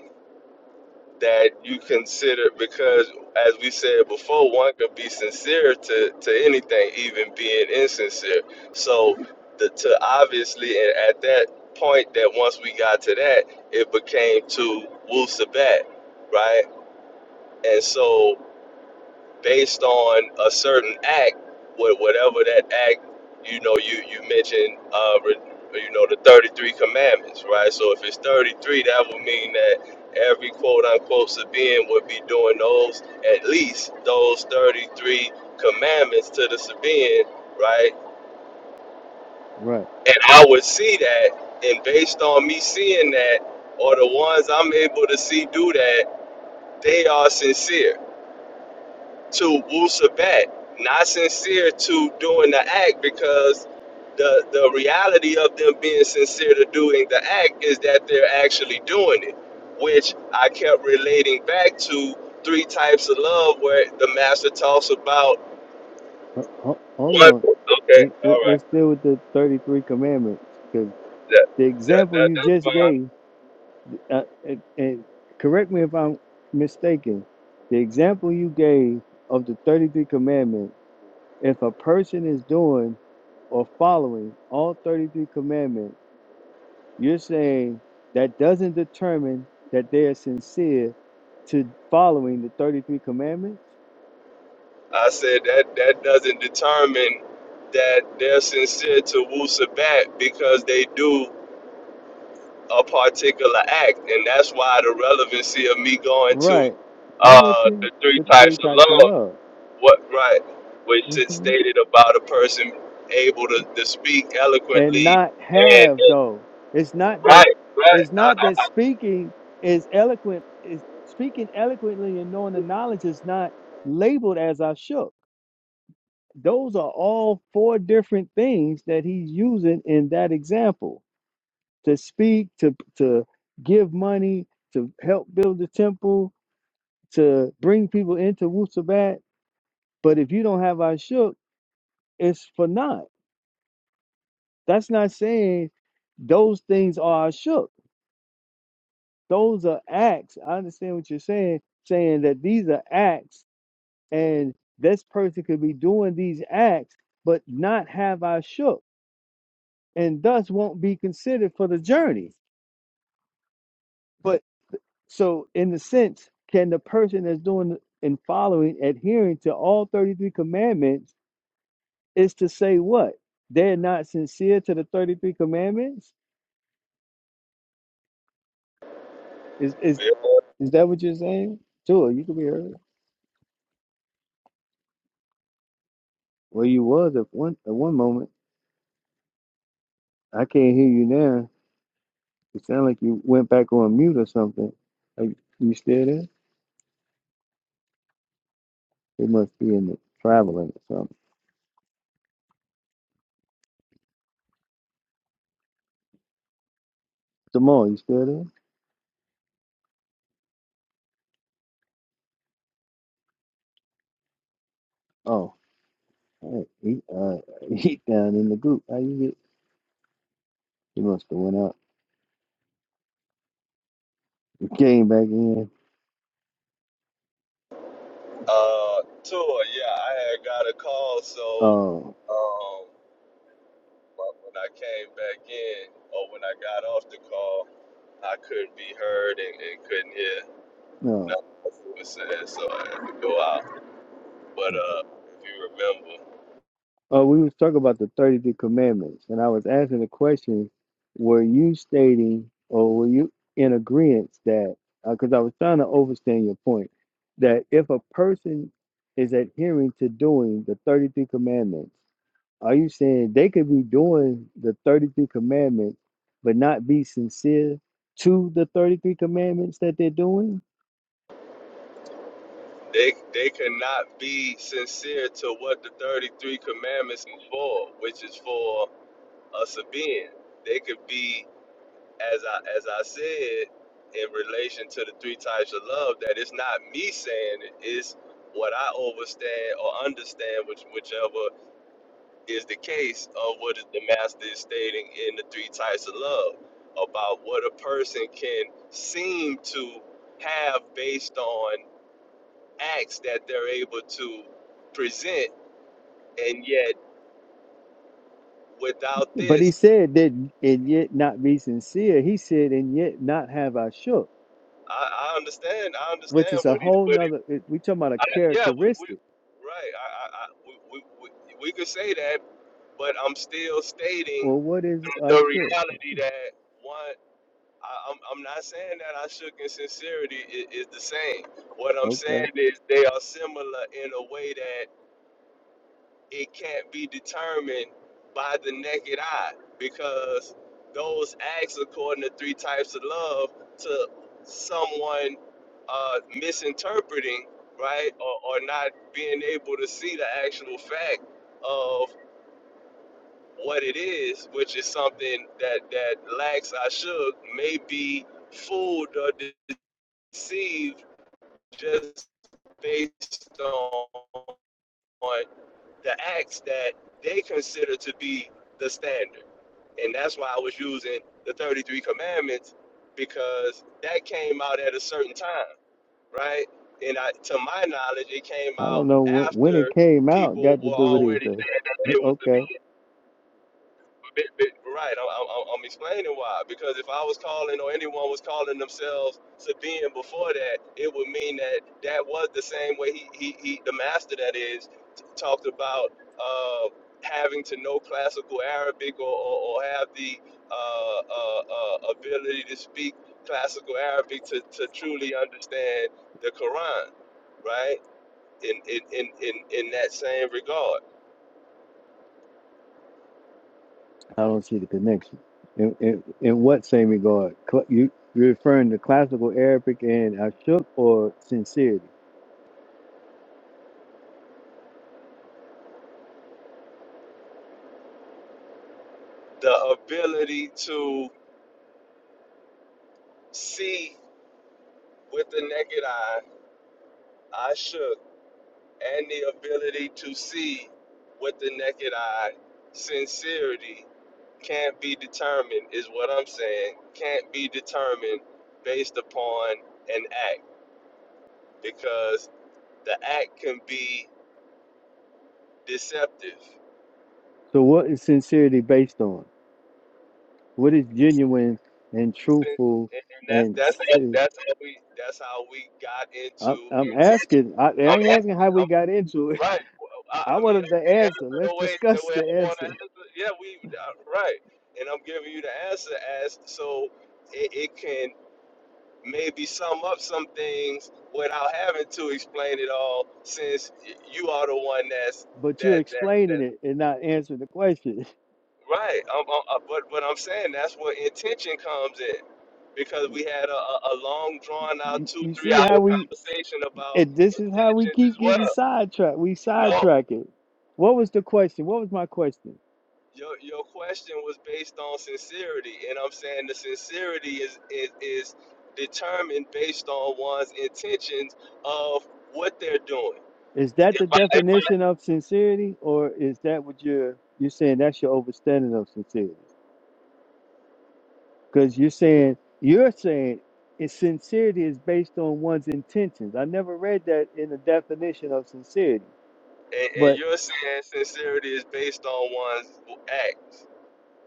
Speaker 3: that you consider because as we said before, one could be sincere to, to anything, even being insincere. So the to obviously and at that point that once we got to that, it became to Wu Sabat, right? And so based on a certain act, with whatever that act, you know, you you mentioned, uh, re- you know, the thirty three commandments, right? So if it's thirty three, that would mean that every quote unquote Sabian would be doing those at least those thirty three commandments to the Sabian, right?
Speaker 1: right.
Speaker 3: And I would see that, and based on me seeing that, or the ones I'm able to see do that, they are sincere to Wusabat, not sincere to doing the act because the the reality of them being sincere to doing the act is that they're actually doing it, which I kept relating back to three types of love where the master talks about
Speaker 1: Ho- ho- Hold
Speaker 3: one
Speaker 1: on.
Speaker 3: okay,
Speaker 1: Let, let,
Speaker 3: all right.
Speaker 1: let's deal with the thirty-three commandments because
Speaker 3: That,
Speaker 1: the
Speaker 3: that,
Speaker 1: example
Speaker 3: that
Speaker 1: you
Speaker 3: that's
Speaker 1: just
Speaker 3: fine.
Speaker 1: gave, uh, and, and correct me if I'm mistaken, the example you gave of the thirty-three commandments, if a person is doing or following all thirty-three commandments You're saying that doesn't determine that they are sincere to following the 33 commandments.
Speaker 3: I said that that doesn't determine that they're sincere to Wusabat because they do a particular act, and that's why the relevancy of me going to
Speaker 1: Right. I'm with
Speaker 3: uh,
Speaker 1: you.
Speaker 3: the three
Speaker 1: The three
Speaker 3: types of
Speaker 1: types of
Speaker 3: love,
Speaker 1: love.
Speaker 3: what right, which it
Speaker 1: hmm
Speaker 3: stated about a person able to, to speak
Speaker 1: And
Speaker 3: eloquently
Speaker 1: not
Speaker 3: and,
Speaker 1: have
Speaker 3: and
Speaker 1: though. It's not that
Speaker 3: right, right.
Speaker 1: it's not
Speaker 3: I,
Speaker 1: that speaking is eloquent is speaking eloquently and knowing the knowledge is not labeled as I shook. Those are all four different things that he's using in that example to speak, to to give money, to help build the temple, to bring people into Wusabat. But if you don't have Ashuk, it's for naught. That's not saying those things are Ashuk. Those are acts. I understand what you're saying, saying that these are acts and this person could be doing these acts, but not have Ashuk, and thus won't be considered for the journey. But So, in the sense, can the person that's doing and following, adhering to all 33 commandments, is to say what? They're not sincere to the 33 commandments? Is
Speaker 3: I
Speaker 1: is
Speaker 3: feel
Speaker 1: is that what you're saying? Sure, you can be heard. Well, you was at one at one moment. I can't hear you now. It sounds like you went back on mute or something. Are you, you still there? It must be in the traveling or something. Jamal, you still there? Oh, all right. he uh he down in the group. How you get? He must have went out. Getting back in.
Speaker 3: uh, tour. Yeah, I had got a call, so
Speaker 1: Uh,
Speaker 3: um, but when I came back in or when I got off the call, I couldn't be heard and, and couldn't hear
Speaker 1: no.
Speaker 3: nothing else was said, so I had to go out. But uh, if you remember,
Speaker 1: Uh, we was talking about the 33 commandments, and I was asking the question, were you stating or were you in agreement that, because I was trying to overstand your point, that if a person is adhering to doing the 33 commandments, are you saying they could be doing the 33 commandments but not be sincere to the 33 commandments that they're doing?
Speaker 3: they they cannot be sincere to what the thirty three commandments are for, which is for us a being. They could be, as I as I said, in relation to the three types of love, that it's not me saying it, it's what I overstand or understand, which whichever is the case of what the master is stating in the three types of love about what a person can seem to have based on acts that they're able to present, and yet without
Speaker 1: But he
Speaker 3: this,
Speaker 1: said that, and yet not be sincere. He said, and yet not have I shook,
Speaker 3: I, I understand. I
Speaker 1: which
Speaker 3: understand
Speaker 1: is a
Speaker 3: what he,
Speaker 1: whole
Speaker 3: what he,
Speaker 1: nother. it- We talking about a
Speaker 3: I, yeah, we, we,
Speaker 1: characteristic.
Speaker 3: right. I, I, I we, we, we, we could say that, but I'm still stating
Speaker 1: Well, what is
Speaker 3: the
Speaker 1: I shook?
Speaker 3: reality that one. I, I'm, I'm not saying that I shook in sincerity is, is the same. What I'm
Speaker 1: Okay,
Speaker 3: saying is they are similar in a way that it can't be determined by the naked eye because those acts according to three types of love to someone uh, misinterpreting right or, or not being able to see the actual fact of what it is which is something that that lacks i should may be fooled or deceived just based on on the acts that they consider to be the standard. And that's why I was using the 33 commandments because that came out at a certain time, right? And I, to my knowledge, it came
Speaker 1: I
Speaker 3: out
Speaker 1: don't know when when it
Speaker 3: after
Speaker 1: came out.
Speaker 3: people
Speaker 1: Got
Speaker 3: were
Speaker 1: to do with
Speaker 3: already
Speaker 1: anything?
Speaker 3: saying that they were to be.
Speaker 1: okay,
Speaker 3: But, but, right, I'm, I'm, I'm explaining why. Because if I was calling or anyone was calling themselves Sabine before that, it would mean that that was the same way he, he, he the master that is, t- talked about uh, having to know classical Arabic or, or, or have the uh, uh, uh, ability to speak classical Arabic to, to truly understand the Quran, right? In, in, in, in, in that same regard,
Speaker 1: I don't see the connection. In in, in what same regard? Cl- You you're referring to classical Arabic and ashuk or sincerity?
Speaker 3: the ability to see with the naked eye I shook, and the ability to see with the naked eye. Sincerity can't be determined, is what I'm saying. Can't be determined based upon an act because the act can be deceptive.
Speaker 1: So what is sincerity based on? What is genuine and
Speaker 3: And
Speaker 1: truthful
Speaker 3: and that's
Speaker 1: and
Speaker 3: that's
Speaker 1: si-,
Speaker 3: that's how we that's how we got
Speaker 1: I'm,
Speaker 3: into
Speaker 1: I'm asking. I, I
Speaker 3: I'm happy.
Speaker 1: ain't asking how
Speaker 3: I'm
Speaker 1: we got into it.
Speaker 3: Right. Well, I,
Speaker 1: I
Speaker 3: I mean,
Speaker 1: wanted
Speaker 3: I
Speaker 1: the
Speaker 3: can
Speaker 1: answer.
Speaker 3: answer
Speaker 1: Let's
Speaker 3: the way the
Speaker 1: discuss
Speaker 3: way I
Speaker 1: the
Speaker 3: want to
Speaker 1: answer.
Speaker 3: answer. Yeah, we uh, right, and I'm giving you the answer as so it, it can maybe sum up some things without having to explain it all, since y- you are the one that's
Speaker 1: But you're
Speaker 3: that that
Speaker 1: explaining
Speaker 3: that
Speaker 1: it and not answering the question.
Speaker 3: right. I'm, I'm, i but but I'm saying that's where intention comes in because we had a, a a long drawn out
Speaker 1: You,
Speaker 3: two
Speaker 1: you
Speaker 3: three
Speaker 1: see
Speaker 3: hour
Speaker 1: how we?
Speaker 3: conversation about
Speaker 1: And this is how we
Speaker 3: intentions as
Speaker 1: keep getting
Speaker 3: well.
Speaker 1: sidetracked. We
Speaker 3: No.
Speaker 1: sidetrack it. What was the question? What was my question?
Speaker 3: Your your question was based on sincerity, and I'm saying the sincerity is is, is determined based on one's intentions of what they're doing.
Speaker 1: Is that
Speaker 3: If
Speaker 1: the
Speaker 3: I, if
Speaker 1: definition of sincerity, or is that what you're you're saying? That's your understanding of sincerity. because you're saying you're saying is sincerity is based on one's intentions. I never read that in the definition of sincerity,
Speaker 3: I, and, and
Speaker 1: but
Speaker 3: you're saying sincerity is based on one's act.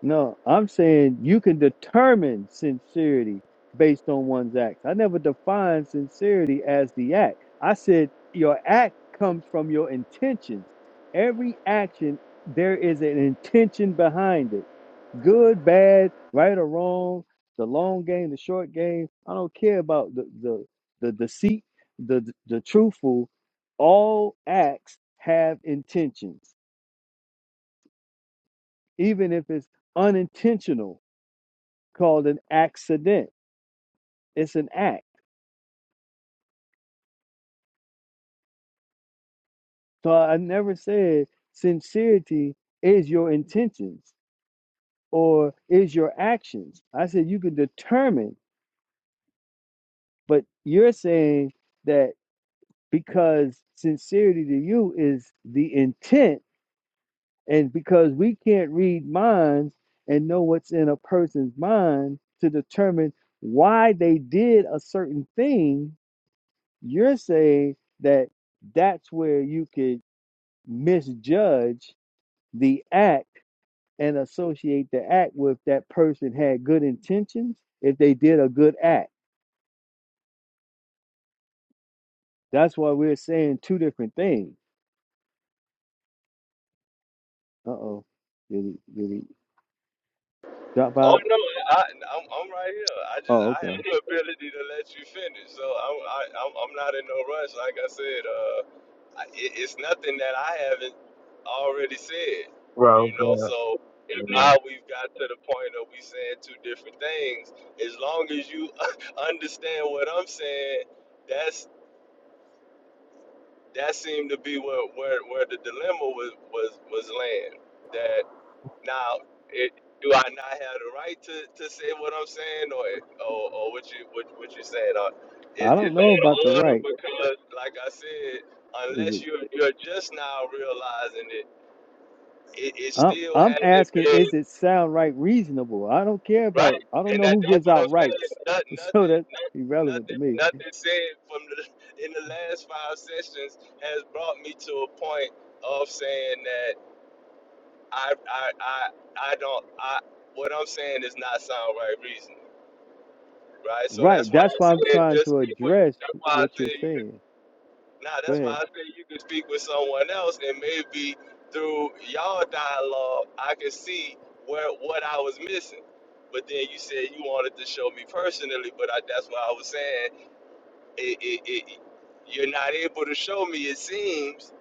Speaker 1: no, I'm saying you can determine sincerity based on one's acts. I never defined sincerity as the act. I said your act comes from your intentions. Every action, there is an intention behind it good, bad, right or wrong, the long game, the short game. I don't care about the the the deceit, the the, the truthful. All acts have intentions, even if it's unintentional, called an accident. It's an act. So I never said sincerity is your intentions or is your actions. I said you can determine, but you're saying that. because sincerity to you is the intent and because we can't read minds and know what's in a person's mind to determine why they did a certain thing you're saying that that's where you could misjudge the act and associate the act with that person had good intentions if they did a good act that's why we're saying two different things uh-oh did he did he drop
Speaker 3: Oh
Speaker 1: out
Speaker 3: no, I, I'm I'm right here. I just
Speaker 1: oh
Speaker 3: I
Speaker 1: okay
Speaker 3: have the ability to let you finish, so I'm I, I'm I'm not in no rush. Like I said, uh, I, it, it's nothing that I haven't already said,
Speaker 5: Bro,
Speaker 3: you know.
Speaker 5: God.
Speaker 3: So if
Speaker 5: Yeah,
Speaker 3: now we've got to the point of we saying two different things, as long as you understand what I'm saying, that's that seemed to be where where, where the dilemma was was was land. that. Now, it, do I not have the right to, to say what I'm saying, or or, or what you what, what you saying? Uh, it,
Speaker 1: I don't
Speaker 3: it's
Speaker 1: know
Speaker 3: out of
Speaker 1: about the
Speaker 3: order
Speaker 1: right.
Speaker 3: because, like I said,
Speaker 1: Is it?
Speaker 3: unless you you're just now realizing it, it, it
Speaker 1: I'm
Speaker 3: still
Speaker 1: I'm
Speaker 3: hasn't
Speaker 1: asking.
Speaker 3: been
Speaker 1: Is it sound right? Reasonable? I don't care about.
Speaker 3: right.
Speaker 1: I don't
Speaker 3: And
Speaker 1: know
Speaker 3: that,
Speaker 1: who
Speaker 3: that's
Speaker 1: gives
Speaker 3: what
Speaker 1: out
Speaker 3: I'm saying.
Speaker 1: rights.
Speaker 3: Not,
Speaker 1: So
Speaker 3: nothing,
Speaker 1: that's irrelevant to
Speaker 3: nothing,
Speaker 1: me.
Speaker 3: nothing said from the in the last five sessions has brought me to a point of saying that. I I I I don't I what I'm saying is not sound right reasoning, right? So that's
Speaker 1: Right.
Speaker 3: why I
Speaker 1: That's why I'm
Speaker 3: said
Speaker 1: trying
Speaker 3: just
Speaker 1: to
Speaker 3: speak with
Speaker 1: address
Speaker 3: that's why I
Speaker 1: what you're
Speaker 3: said you could
Speaker 1: saying.
Speaker 3: nah,
Speaker 1: Go
Speaker 3: that's
Speaker 1: ahead.
Speaker 3: why I said you could speak with someone else and maybe through y'all dialogue I could see where what I was missing. But then you said you wanted to show me personally, but I, that's what I was saying. It, it, it, you're not able to show me, it seems.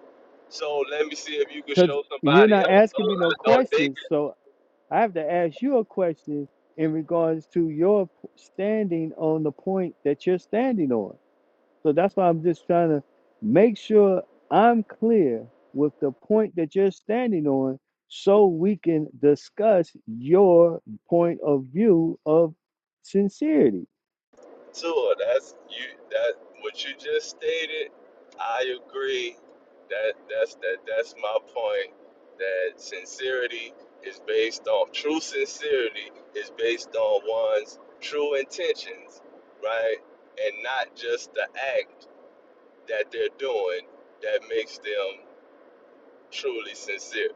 Speaker 3: So let me see if you could
Speaker 1: Because
Speaker 3: show
Speaker 1: you're
Speaker 3: somebody
Speaker 1: not
Speaker 3: else,
Speaker 1: asking me no
Speaker 3: or, or they
Speaker 1: questions, so I have to ask you a question in regards to your p- standing on the point that you're standing on. So that's why I'm just trying to make sure I'm clear with the point that you're standing on so we can discuss your point of view of sincerity.
Speaker 3: Tua, that's you. That what you just stated. I agree. That that's that that's my point. That sincerity is based on true sincerity is based on one's true intentions, right? And not just the act that they're doing that makes them truly sincere.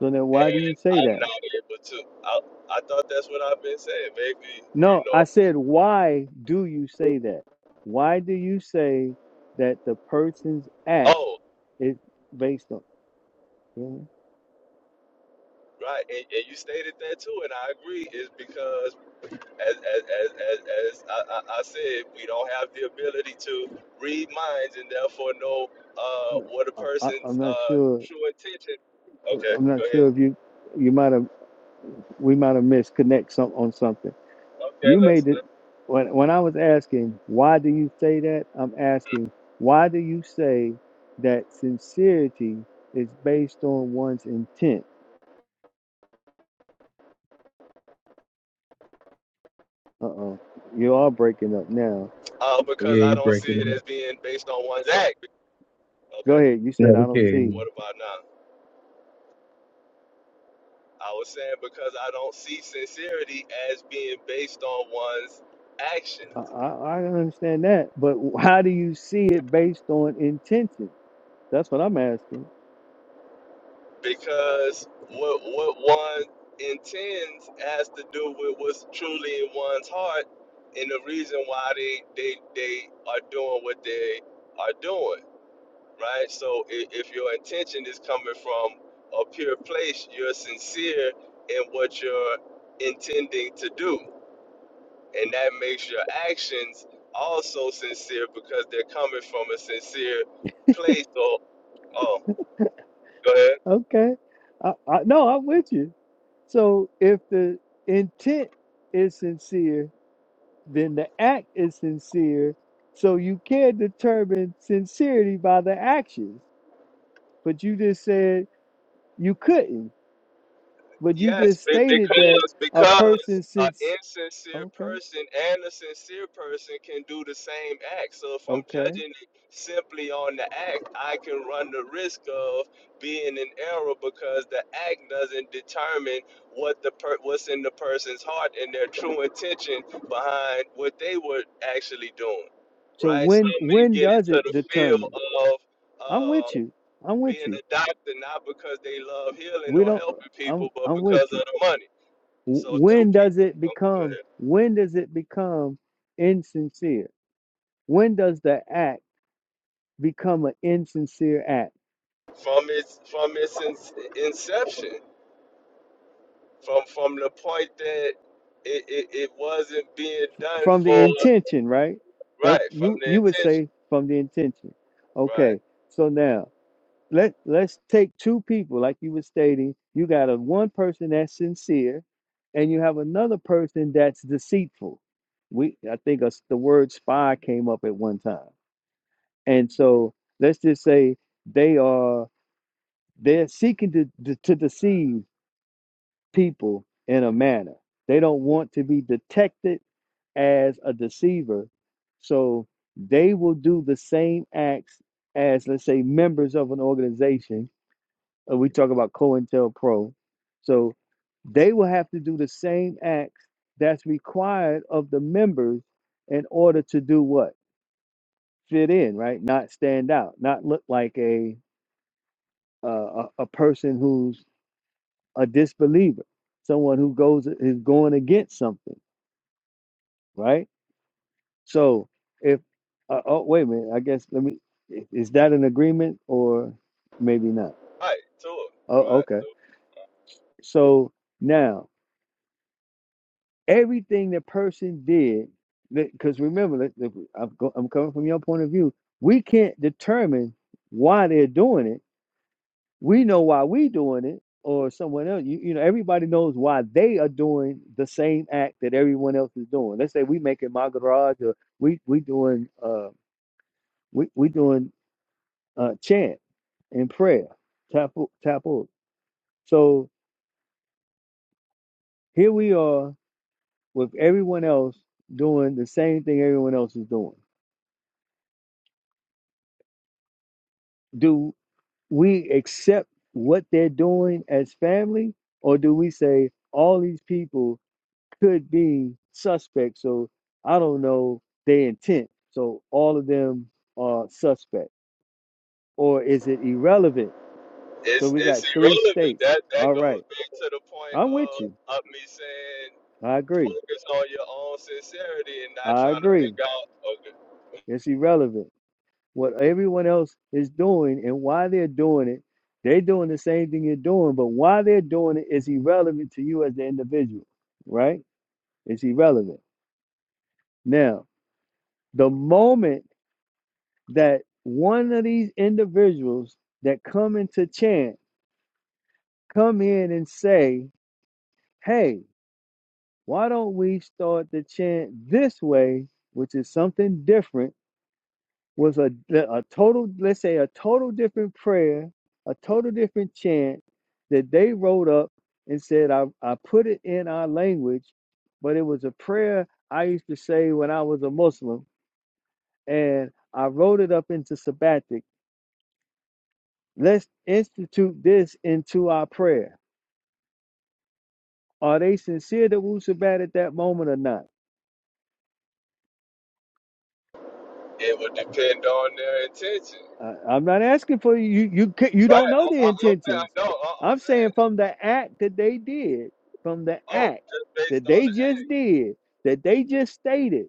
Speaker 1: So then why do
Speaker 3: And
Speaker 1: you say
Speaker 3: I'm
Speaker 1: that?
Speaker 3: not able to. I, I thought that's what I've been saying. Maybe you
Speaker 1: No, I
Speaker 3: know.
Speaker 1: said, why do you say that? Why do you say that the person's act
Speaker 3: Oh.
Speaker 1: is based on? Really?
Speaker 3: Right, and, and you stated that too, and I agree. Is because as as as as, as I, I, I said, we don't have the ability to read minds and therefore know uh,
Speaker 1: No,
Speaker 3: what a
Speaker 1: I, I- I'm
Speaker 3: person's
Speaker 1: not
Speaker 3: uh,
Speaker 1: sure.
Speaker 3: true intention. Okay,
Speaker 1: I'm
Speaker 3: go
Speaker 1: not sure
Speaker 3: ahead.
Speaker 1: if you you might have we might have misconnect some on something.
Speaker 3: Okay,
Speaker 1: You
Speaker 3: let's.
Speaker 1: made it
Speaker 3: let's-
Speaker 1: when when I was asking why do you say that? I'm asking why do you say that sincerity is based on one's intent? Uh oh, you are breaking up now.
Speaker 3: Uh, because
Speaker 5: yeah
Speaker 3: I
Speaker 5: you
Speaker 3: don't see
Speaker 5: breaking
Speaker 3: it as
Speaker 5: up.
Speaker 3: being based on one's act.
Speaker 1: Go
Speaker 3: Okay,
Speaker 1: ahead. You
Speaker 5: No,
Speaker 1: said I
Speaker 5: we can't.
Speaker 1: don't
Speaker 5: hear
Speaker 1: see.
Speaker 5: you.
Speaker 3: what about now? I was saying because I don't see sincerity as being based on one's action.
Speaker 1: I I, I don't understand that, but how do you see it based on intention? That's what I'm asking.
Speaker 3: because what what one intends has to do with what's truly in one's heart and the reason why they they they are doing what they are doing right so if, if your intention is coming from a pure place you're sincere in what you're intending to do and that makes your actions also sincere because they're coming from a sincere place so oh go ahead
Speaker 1: Okay, I, I no, I'm with you. So if the intent is sincere then the act is sincere. So you can determine sincerity by the actions. But you just said you couldn't. But you
Speaker 3: Yes,
Speaker 1: just
Speaker 3: be-
Speaker 1: stated that
Speaker 3: because
Speaker 1: a
Speaker 3: because
Speaker 1: person
Speaker 3: an
Speaker 1: since
Speaker 3: insincere
Speaker 1: okay,
Speaker 3: person and a sincere person can do the same act. So if I'm
Speaker 1: okay.
Speaker 3: judging it simply on the act, I can run the risk of being in error because the act doesn't determine what the per- what's in the person's heart and their true intention behind what they were actually doing.
Speaker 1: So
Speaker 3: Right? Some
Speaker 1: when
Speaker 3: may
Speaker 1: when
Speaker 3: get
Speaker 1: does
Speaker 3: into
Speaker 1: it
Speaker 3: the field
Speaker 1: determine?
Speaker 3: of
Speaker 1: I'm
Speaker 3: uh,
Speaker 1: with you. I'm with
Speaker 3: being
Speaker 1: you.
Speaker 3: a doctor not because they love healing
Speaker 1: We
Speaker 3: or
Speaker 1: don't.
Speaker 3: helping people,
Speaker 1: I'm
Speaker 3: but
Speaker 1: I'm
Speaker 3: because
Speaker 1: with
Speaker 3: of
Speaker 1: you.
Speaker 3: the money.
Speaker 1: W-
Speaker 3: So two
Speaker 1: When does
Speaker 3: people
Speaker 1: it
Speaker 3: oh, go
Speaker 1: become?
Speaker 3: ahead.
Speaker 1: When does it become insincere? When does the act become an insincere act?
Speaker 3: from its from its in- inception, from from the point that it, it, it wasn't being done
Speaker 1: from the
Speaker 3: for
Speaker 1: intention, right? That
Speaker 3: right from
Speaker 1: you
Speaker 3: the
Speaker 1: you would
Speaker 3: intention,
Speaker 1: say from the intention.
Speaker 3: right,
Speaker 1: Okay, so now let let's take two people, like you were stating. You got a one person that's sincere, and you have another person that's deceitful. We I think us the word spy came up at one time, and so let's just say they are they're seeking to to, to deceive people in a manner they don't want to be detected as a deceiver. So they will do the same acts as, let's say, members of an organization. Uh, we talk about COINTELPRO. So they will have to do the same acts that's required of the members in order to do what? Fit in, right? Not stand out, not look like a uh, a, a person who's a disbeliever, someone who goes is going against something, right? So if uh, oh wait a minute, I guess let me i- is that an agreement or maybe not?
Speaker 3: right to it,
Speaker 1: Oh
Speaker 3: right.
Speaker 1: okay.
Speaker 3: So
Speaker 1: So now everything the person did, because remember, let- let- I'm, go, I'm coming from your point of view. We can't determine why they're doing it. We know why we doing it, or someone else. You, you know, everybody knows why they are doing the same act that everyone else is doing. Let's say we making my garage, or we we doing uh we we doing uh, chant and prayer, tapu, tapu. So here we are with everyone else doing the same thing everyone else is doing. Do we accept what they're doing as family, or do we say all these people could be suspects? So I don't know their intent. So all of them are suspect, or is it irrelevant? So
Speaker 3: it's
Speaker 1: we
Speaker 3: it's
Speaker 1: got three
Speaker 3: irrelevant.
Speaker 1: states.
Speaker 3: That that
Speaker 1: All
Speaker 3: goes
Speaker 1: right,
Speaker 3: back to the point
Speaker 1: I'm with you.
Speaker 3: of of me saying
Speaker 1: I agree.
Speaker 3: focus on your own sincerity and not
Speaker 1: I
Speaker 3: trying to
Speaker 1: agree.
Speaker 3: pick out. Okay,
Speaker 1: It's irrelevant. What everyone else is doing and why they're doing it, they're doing the same thing you're doing, but why they're doing it is irrelevant to you as the individual, right? It's irrelevant. Now, the moment that one of these individuals that come into chant come in and say, hey, why don't we start the chant this way, which is something different? was a, a total, let's say, a total different prayer, a total different chant that they wrote up and said, I, I put it in our language, but it was a prayer I used to say when I was a Muslim, and I wrote it up into Sabbatic. Let's institute this into our prayer. Are they sincere to Wu Sabbat at that moment or not?
Speaker 3: it would depend on their intention.
Speaker 1: I, I'm not asking for you. You ca- you
Speaker 3: Right. I,
Speaker 1: don't know the
Speaker 3: I, I'm
Speaker 1: intentions.
Speaker 3: saying, no, I, I'm
Speaker 1: I'm saying
Speaker 3: saying,
Speaker 1: from the act that they did, from the
Speaker 3: oh,
Speaker 1: act
Speaker 3: just
Speaker 1: that
Speaker 3: based on
Speaker 1: they
Speaker 3: the
Speaker 1: just did, that they just stated,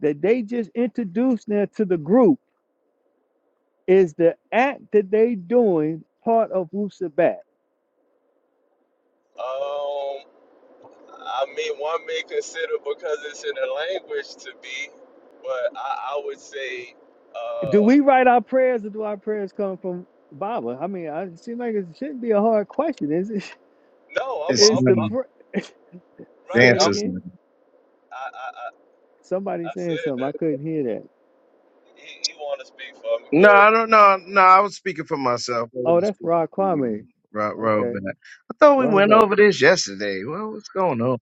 Speaker 1: that they just introduced now to the group, is the act that they doing part of Wusabat?
Speaker 3: act. Um, I mean, one may consider because it's in the language to be, but I, I would say,
Speaker 1: Do
Speaker 3: uh,
Speaker 1: we write our prayers, or do our prayers come from Baba? I mean, I, it seems like it shouldn't be a hard question. Is it?
Speaker 3: no, I'm,
Speaker 5: It's
Speaker 3: I'm,
Speaker 1: Is the
Speaker 5: um,
Speaker 3: I'm
Speaker 1: pr-
Speaker 3: right.
Speaker 1: say it
Speaker 3: I'm,
Speaker 5: dancers now.
Speaker 1: again?
Speaker 3: I, I, I,
Speaker 1: Somebody
Speaker 3: I
Speaker 1: saying
Speaker 3: said
Speaker 1: something. I
Speaker 3: that
Speaker 1: couldn't hear that.
Speaker 3: he, he want to speak for me,
Speaker 5: No, I
Speaker 3: but
Speaker 5: don't know. No, I was speaking for myself. I
Speaker 1: Oh,
Speaker 5: wasn't
Speaker 1: that's
Speaker 5: speaking
Speaker 1: Rod
Speaker 5: for you.
Speaker 1: Kwame.
Speaker 5: Right, right
Speaker 1: Okay.
Speaker 5: back. I thought we went
Speaker 1: Robert
Speaker 5: over this yesterday. Well, what's going on?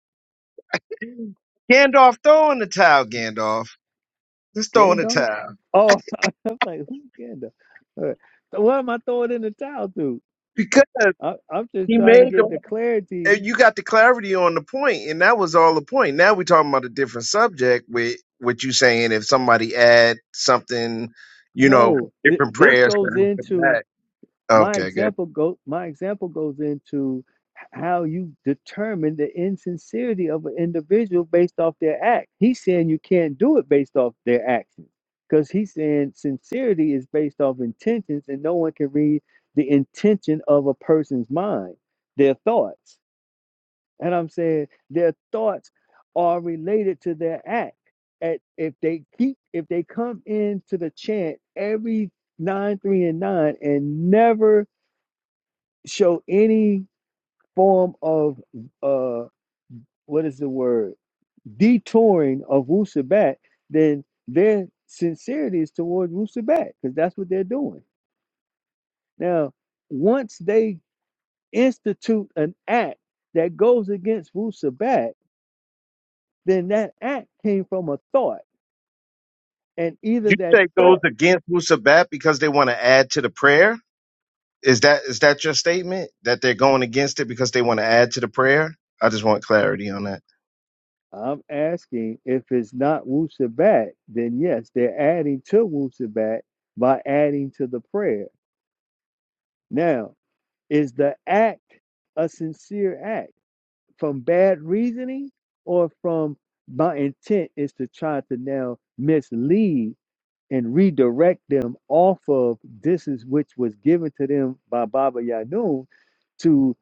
Speaker 5: Gandalf, throw in the towel, Gandalf. Just throw in the
Speaker 1: Gandalf?
Speaker 5: towel.
Speaker 1: Oh, I'm like, who's Gandalf? All right. So what am I throwing in the towel to?
Speaker 5: Because
Speaker 1: I, I'm just
Speaker 5: he
Speaker 1: trying to
Speaker 5: made
Speaker 1: get
Speaker 5: the
Speaker 1: the clarity.
Speaker 5: and you got the clarity on the point, and that was all the point. Now we're talking about a different subject with what you saying if somebody add something, you know,
Speaker 1: No, th-
Speaker 5: different
Speaker 1: this
Speaker 5: prayers to
Speaker 1: goes
Speaker 5: do for
Speaker 1: into
Speaker 5: that.
Speaker 1: My
Speaker 5: Okay, good.
Speaker 1: example go my example goes into how you determine the insincerity of an individual based off their act. He's saying you can't do it based off their actions. Because he's saying sincerity is based off intentions, and no one can read the intention of a person's mind, their thoughts. And I'm saying their thoughts are related to their act. At if they keep if they come into the chant every nine, three, and nine, and never show any form of uh what is the word detouring of Wu Sabat, then their sincerity is toward Wu Sabat because that's what they're doing. Now, once they institute an act that goes against Wu Sabat, then that act came from a thought. And either
Speaker 5: You
Speaker 1: that
Speaker 5: take those
Speaker 1: thought,
Speaker 5: against Wusabat because they want to add to the prayer? Is that is that your statement that they're going against it because they want to add to the prayer? I just want clarity on that.
Speaker 1: I'm asking if it's not Wu Sabat, then yes, they're adding to Wu Sabat by adding to the prayer. Now, Is the act a sincere act from bad reasoning or from my intent is to try to now mislead and redirect them off of this is which was given to them by Baba Yanun to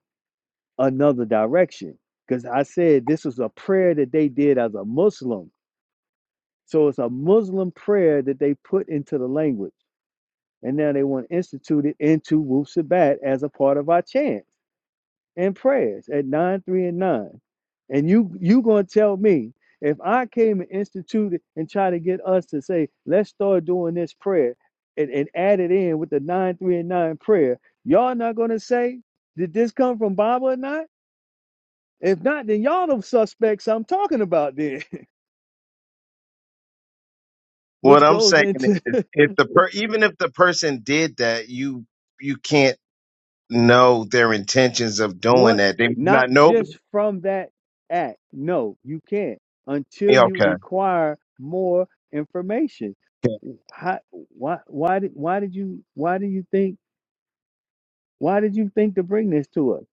Speaker 1: another direction. Because I said this was a prayer that they did as a Muslim. So it's a Muslim prayer that they put into the language. And now they want to institute it into Wu Sabat as a part of our chant. and prayers at 9, 3, and 9. And you you gonna tell me if I came and instituted and try to get us to say, let's start doing this prayer and, and add it in with the 9, 3, and 9 prayer, y'all not gonna say, did this come from Bible or not? If not, then y'all the suspects I'm talking about then,
Speaker 5: What
Speaker 1: which
Speaker 5: I'm
Speaker 1: goes
Speaker 5: saying
Speaker 1: into
Speaker 5: is, if the per- even if the person did that, you you can't know their intentions of doing
Speaker 1: once,
Speaker 5: that. They
Speaker 1: not
Speaker 5: not nope.
Speaker 1: just from that act. No, you can't until
Speaker 5: Yeah,
Speaker 1: you
Speaker 5: okay.
Speaker 1: inquire more information how, why why did why did you why do you think why did you think to bring this to us?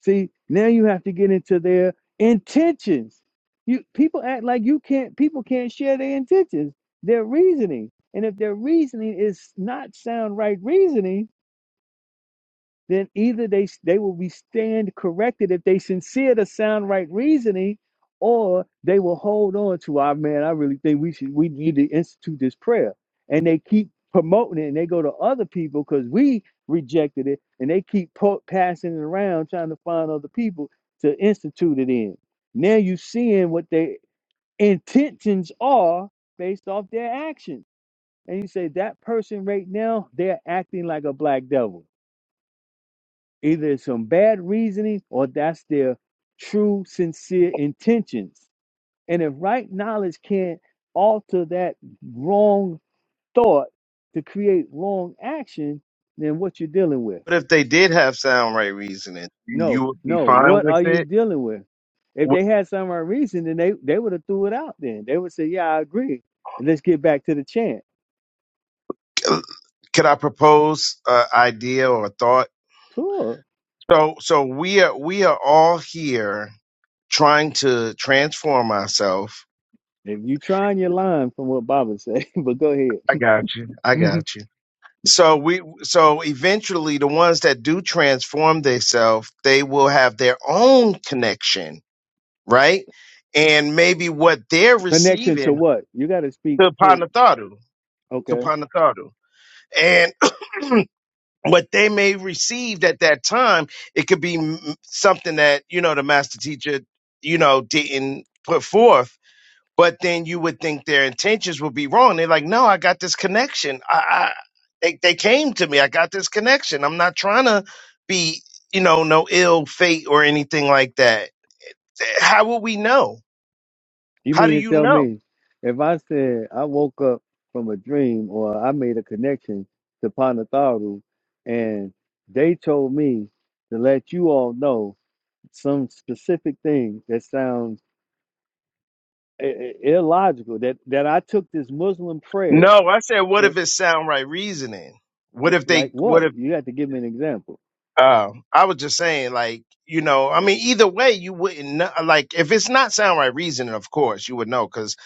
Speaker 1: See, now you have to get into their intentions. You people act like you can't people can't share their intentions, their reasoning. And if their reasoning is not sound right reasoning, then either they they will be stand corrected if they sincere to sound right reasoning, or they will hold on to our man. I really think we should we need to institute this prayer, and they keep promoting it, and they go to other people because we rejected it, and they keep po- passing it around trying to find other people to institute it in. Now you seeing what their intentions are based off their actions, and you say that person right now they're acting like a black devil Either it's some bad reasoning or that's their true, sincere intentions. And if right knowledge can't alter that wrong thought to create wrong action, then what you dealing with?
Speaker 5: But if they did have sound right reasoning,
Speaker 1: No,
Speaker 5: you would be
Speaker 1: no.
Speaker 5: fine
Speaker 1: What
Speaker 5: with
Speaker 1: are you
Speaker 5: it.
Speaker 1: dealing with? If they had some right reason, then they, they would have threw it out then. They would say, Yeah, I agree. And let's get back to the chant.
Speaker 5: Wh- Could I propose an idea or a thought?
Speaker 1: Sure.
Speaker 5: So so we are we are all here trying to transform ourselves.
Speaker 1: If you trying your line from what Baba said, but go
Speaker 5: I got you. I
Speaker 1: ahead.
Speaker 5: got you. So we so eventually the ones that do transform themselves, they will have their own connection, right? And maybe what they're
Speaker 1: Connection to
Speaker 5: receiving
Speaker 1: what? You gotta speak
Speaker 5: to
Speaker 1: full
Speaker 5: Panatharu, to
Speaker 1: okay.
Speaker 5: Panatharu. And what they may receive at that time, it could be m- something that, you know, the master teacher, you know, didn't put forth But then you would think their intentions would be wrong. They're like, no, I got this connection. I, I they, they came to me. I got this connection. I'm not trying to be, you know, no ill fate or anything like that. How will we know?
Speaker 1: You
Speaker 5: How
Speaker 1: mean
Speaker 5: do
Speaker 1: to
Speaker 5: you
Speaker 1: tell
Speaker 5: know?
Speaker 1: me if I said I woke up from a dream or I made a connection to Panatharu and they told me to let you all know some specific thing that sounds i- i- illogical that that I took this Muslim prayer
Speaker 5: No, I said, what
Speaker 1: and
Speaker 5: if it's sound right reasoning? What
Speaker 1: w-
Speaker 5: if
Speaker 1: like
Speaker 5: they? What
Speaker 1: what?
Speaker 5: if?
Speaker 1: You have to give me an example.
Speaker 5: Uh, I was just saying, like, you know, I mean, either way, you wouldn't know, like if it's not sound right reasoning. Of course, you would know because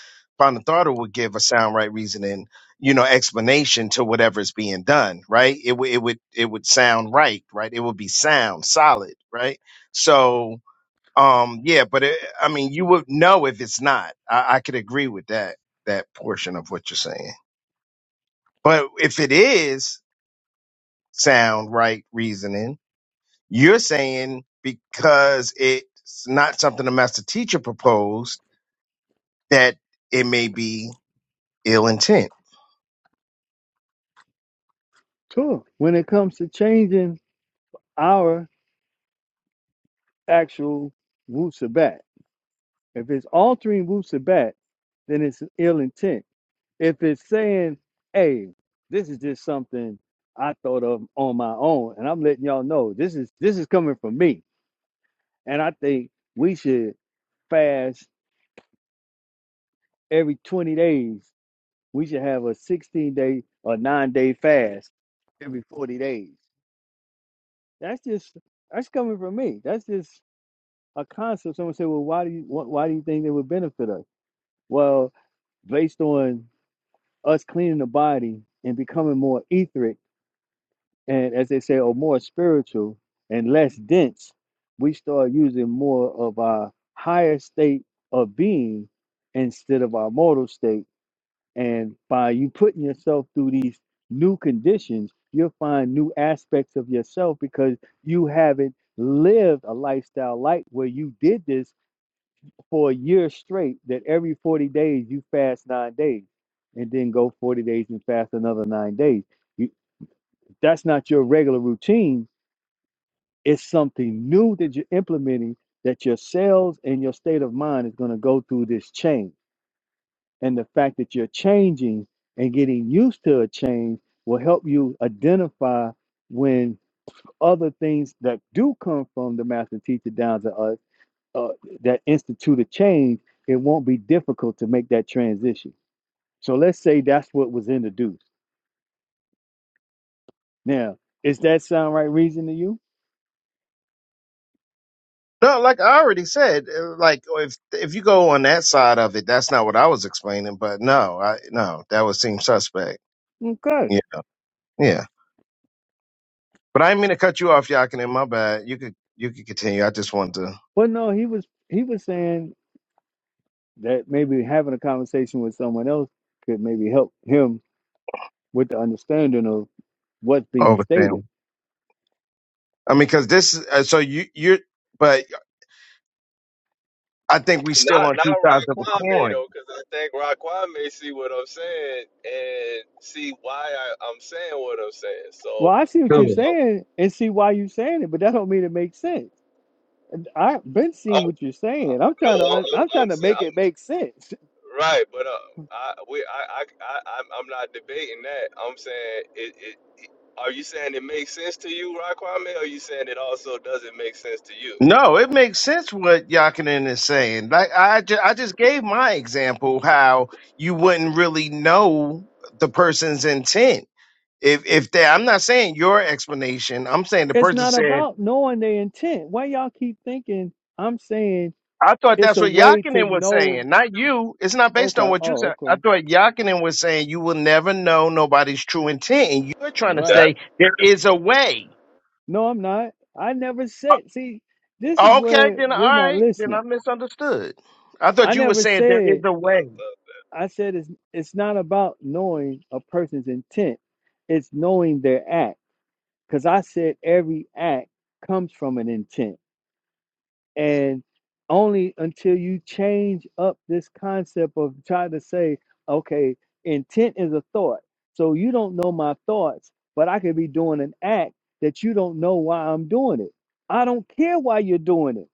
Speaker 5: Bonatharda would give a sound right reasoning, you know, explanation to whatever is being done. Right? It would, it would, it would sound right. Right? It would be sound, solid. Right? So, um, yeah, but it, I mean, you would know if it's not. I, I could agree with that that portion of what you're saying. But if it is sound right reasoning you're saying because it's not something the master teacher proposed that it may be ill intent.
Speaker 1: Sure. When it comes to changing our actual Wu Sabat, if it's altering Wu Sabat, then it's ill intent If it's saying, hey, this is just something I thought of on my own, and I'm letting y'all know this is this is coming from me. And I think we should fast every 20 days. We should have a 16 day or nine day fast every 40 days. That's just that's coming from me. That's just a concept. Someone said, well, why do you wh- why do you think it would benefit us? Well, based on us cleaning the body and becoming more etheric and as they say, are more spiritual and less dense, we start using more of our higher state of being instead of our mortal state. And by you putting yourself through these new conditions, you'll find new aspects of yourself because you haven't lived a lifestyle like where you did this for a year straight, that every 40 days you fast nine days and then go 40 days and fast another nine days. You, that's not your regular routine it's something new that you're implementing that your cells and your state of mind is going to go through this change. And the fact that you're changing and getting used to a change will help you identify when other things that do come from the master teacher down to us uh, that institute a change, it won't be difficult to make that transition. So let's say that's what was introduced. Now, is that sound right reason to you?
Speaker 5: No, like I already said, uh, like oh, if if you go on that side of it, that's not what I was explaining. But no, I no, that would seem suspect.
Speaker 1: Okay.
Speaker 5: Yeah, yeah. But I didn't mean to cut you off, Yakin. My bad. You could you could continue. I just wanted to
Speaker 1: Well, no, he was he was saying that maybe having a conversation with someone else could maybe help him with the understanding of what's being stated.
Speaker 5: overstand. I mean, because this. is- Uh, so you you're, but I think we still
Speaker 3: not,
Speaker 5: on
Speaker 3: not
Speaker 5: two sides of a
Speaker 3: Raquame
Speaker 5: coin
Speaker 3: though, because I think Raquame see what I'm saying and see why I, I'm saying what I'm saying. So
Speaker 1: Well, I see what
Speaker 3: I'm,
Speaker 1: you're
Speaker 5: too.
Speaker 3: I'm,
Speaker 1: saying and see why you're saying it, but that don't mean it makes sense. And I've been
Speaker 3: I'm
Speaker 1: seeing what you're
Speaker 3: uh,
Speaker 1: saying. I'm
Speaker 3: no,
Speaker 1: trying to
Speaker 3: I'm, no,
Speaker 1: un- I'm
Speaker 3: I'm, I'm
Speaker 1: trying to
Speaker 3: saying.
Speaker 1: make it make sense.
Speaker 3: Right, but uh, I we I I I I'm I'm not debating that. I'm saying it, it. it- Are you saying it makes sense to you, Raquame, or are you saying it also doesn't make sense to you?
Speaker 5: No, it makes sense what Yakinen is saying. Like I, ju- I just gave my example how you wouldn't really know the person's intent. If if they, I'm not saying your explanation. I'm saying the
Speaker 1: It's
Speaker 5: person
Speaker 1: not
Speaker 5: said.
Speaker 1: about knowing their intent. Why y'all keep thinking I'm saying
Speaker 5: I thought
Speaker 1: it's
Speaker 5: that's
Speaker 1: a
Speaker 5: what
Speaker 1: way to
Speaker 5: Yakinen was
Speaker 1: know?
Speaker 5: saying, not you. It's not based on
Speaker 1: Okay,
Speaker 5: what you
Speaker 1: oh,
Speaker 5: said. I
Speaker 1: okay,
Speaker 5: thought Yakinen was saying you will never know nobody's true intent, and you're trying to
Speaker 1: right.
Speaker 3: That
Speaker 5: say there is a way.
Speaker 1: No, I'm not. I never
Speaker 5: Uh,
Speaker 1: said. See, this is
Speaker 5: Okay,
Speaker 1: where
Speaker 5: then all
Speaker 1: we're not
Speaker 5: right, then I
Speaker 1: listening.
Speaker 5: misunderstood. I
Speaker 1: I
Speaker 5: thought you were
Speaker 1: never
Speaker 5: saying there is
Speaker 1: said.
Speaker 5: a
Speaker 3: uh,
Speaker 5: way.
Speaker 3: uh,
Speaker 1: I said it's it's not about knowing a person's intent. It's knowing their act. Cause I said every act comes from an intent. And only until you change up this concept of trying to say, okay, intent is a thought. So you don't know my thoughts, but I could be doing an act that you don't know why I'm doing it. I don't care why you're doing it.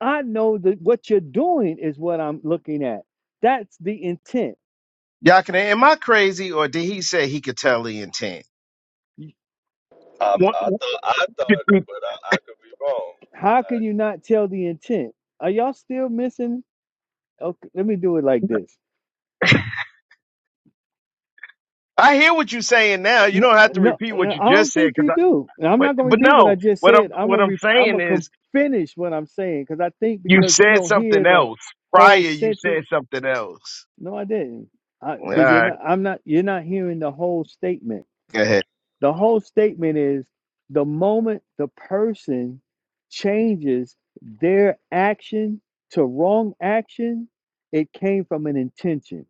Speaker 1: I know that what you're doing is what I'm looking at. That's the intent
Speaker 5: Yakinen, am I crazy, or did he say he could tell the intent?
Speaker 3: um,
Speaker 5: What-
Speaker 3: I thought I thought, but I, I could be wrong.
Speaker 1: How can
Speaker 3: Alright,
Speaker 1: you not tell the intent? Are y'all still missing? Okay, let me do it like this.
Speaker 5: I hear what you're saying now. You
Speaker 1: No,
Speaker 5: don't have to
Speaker 1: no,
Speaker 5: repeat what
Speaker 1: no,
Speaker 5: you
Speaker 1: I
Speaker 5: just
Speaker 1: don't
Speaker 5: said,
Speaker 1: think
Speaker 5: because
Speaker 1: you
Speaker 5: I,
Speaker 1: do. And I'm
Speaker 5: but
Speaker 1: not gonna
Speaker 5: but
Speaker 1: repeat what I
Speaker 5: no,
Speaker 1: just
Speaker 5: what I'm
Speaker 1: said. I'm
Speaker 5: what
Speaker 1: gonna
Speaker 5: I'm
Speaker 1: re- I'm gonna
Speaker 5: saying
Speaker 1: com-
Speaker 5: is
Speaker 1: finish what I'm saying because I think
Speaker 5: you
Speaker 1: because we
Speaker 5: said
Speaker 1: don't hear
Speaker 5: something
Speaker 1: the
Speaker 5: else prior.
Speaker 1: whole
Speaker 5: You
Speaker 1: sentence.
Speaker 5: said something else.
Speaker 1: No, I didn't.
Speaker 5: All
Speaker 1: Because you're
Speaker 5: right,
Speaker 1: not. I'm not. You're not hearing the whole statement.
Speaker 5: go ahead.
Speaker 1: The whole statement is the moment the person changes their action to wrong action, it came from an intention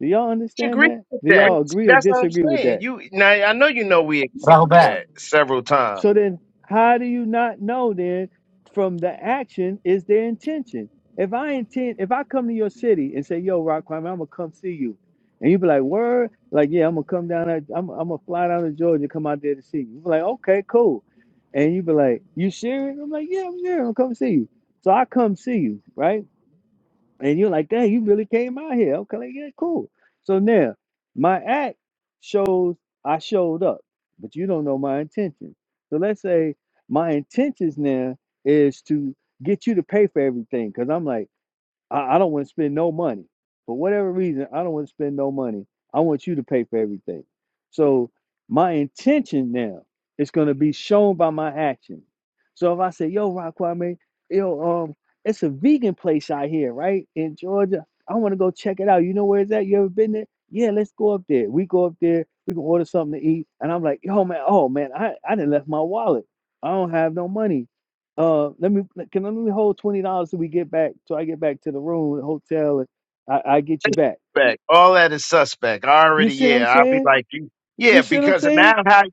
Speaker 1: Do y'all
Speaker 5: We
Speaker 1: understand
Speaker 5: agree
Speaker 1: that?
Speaker 5: with
Speaker 1: Do
Speaker 5: that.
Speaker 1: y'all agree or
Speaker 5: That's what I'm
Speaker 1: disagree with
Speaker 5: saying.
Speaker 1: that?
Speaker 5: You now, I know you know we agree
Speaker 1: So,
Speaker 5: with
Speaker 6: Rahubat.
Speaker 5: that several times.
Speaker 1: so then, how do you not know then from the action is their intention? If I intend, if I come to your city and say, "Yo, Rock Climber, I'm gonna come see you," and you be like, "Word, like yeah, I'm gonna come down. There, I'm I'm gonna fly down to Georgia, come out there to see you." You be like, "Okay, cool," and you be like, "You serious?" I'm like, "Yeah, I'm serious. I'm gonna come see you." So I come see you, right? And you're like, dang, you really came out here. Okay, like, yeah, cool. So now my act shows I showed up, but you don't know my intentions. So let's say my intentions now is to get you to pay for everything. Cause I'm like, I, I don't want to spend no money. For whatever reason, I don't want to spend no money. I want you to pay for everything. So my intention now is going to be shown by my action. So if I say, yo, Rock Kwame, yo, um, it's a vegan place out here, right? In Georgia. I want to go check it out. You know where it's at? You ever been there? Yeah, let's go up there. We go up there, we can order something to eat. And I'm like, yo, man, oh man, I, I didn't left my wallet. I don't have no money. Uh, let me can let me hold twenty dollars till we get back, till I get back to the room, the hotel, and I, I get you back.
Speaker 5: Suspect. All that is suspect. I
Speaker 1: You
Speaker 5: already,
Speaker 1: see what I'm
Speaker 5: yeah. I'll be
Speaker 1: saying?
Speaker 5: like you,
Speaker 1: You
Speaker 5: yeah,
Speaker 1: see what I'm
Speaker 5: because
Speaker 1: saying?
Speaker 5: now how,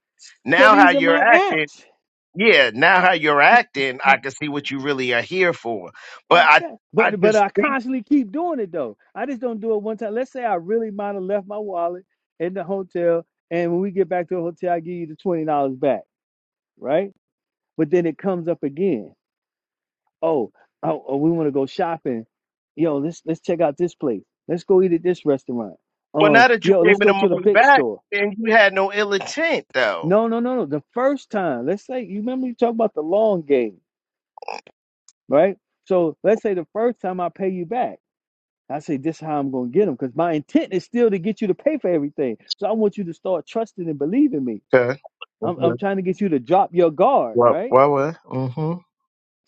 Speaker 1: So
Speaker 5: now how
Speaker 1: these are
Speaker 5: you're
Speaker 1: my
Speaker 5: acting,
Speaker 1: acts.
Speaker 5: yeah. Now how you're acting, I can see what you really are here for. But I,
Speaker 1: Exact-
Speaker 5: I
Speaker 1: But but
Speaker 5: just
Speaker 1: I
Speaker 5: think,
Speaker 1: constantly keep doing it though. I just don't do it one time. Let's say I really might have left my wallet in the hotel, and when we get back to the hotel, I give you the twenty dollars back, right? But then it comes up again. oh, oh, oh we want to go shopping. Yo, let's let's check out this place. Let's go eat at this restaurant.
Speaker 5: well, now
Speaker 1: Um,
Speaker 5: that you
Speaker 1: yo,
Speaker 5: gave
Speaker 1: let's
Speaker 5: me
Speaker 1: go
Speaker 5: the
Speaker 1: to the
Speaker 5: money
Speaker 1: big
Speaker 5: back,
Speaker 1: store.
Speaker 5: then you had no ill intent though.
Speaker 1: No, no, no, no. The first time, let's say you remember you talk about the long game, right? So let's say the first time I pay you back, I say this is how I'm gonna get them because my intent is still to get you to pay for everything. So I want you to start trusting and believing me.
Speaker 5: Okay. Well,
Speaker 1: I'm I'm trying to get you to drop your guard,
Speaker 5: well,
Speaker 1: right?
Speaker 5: well. well. Mm-hmm.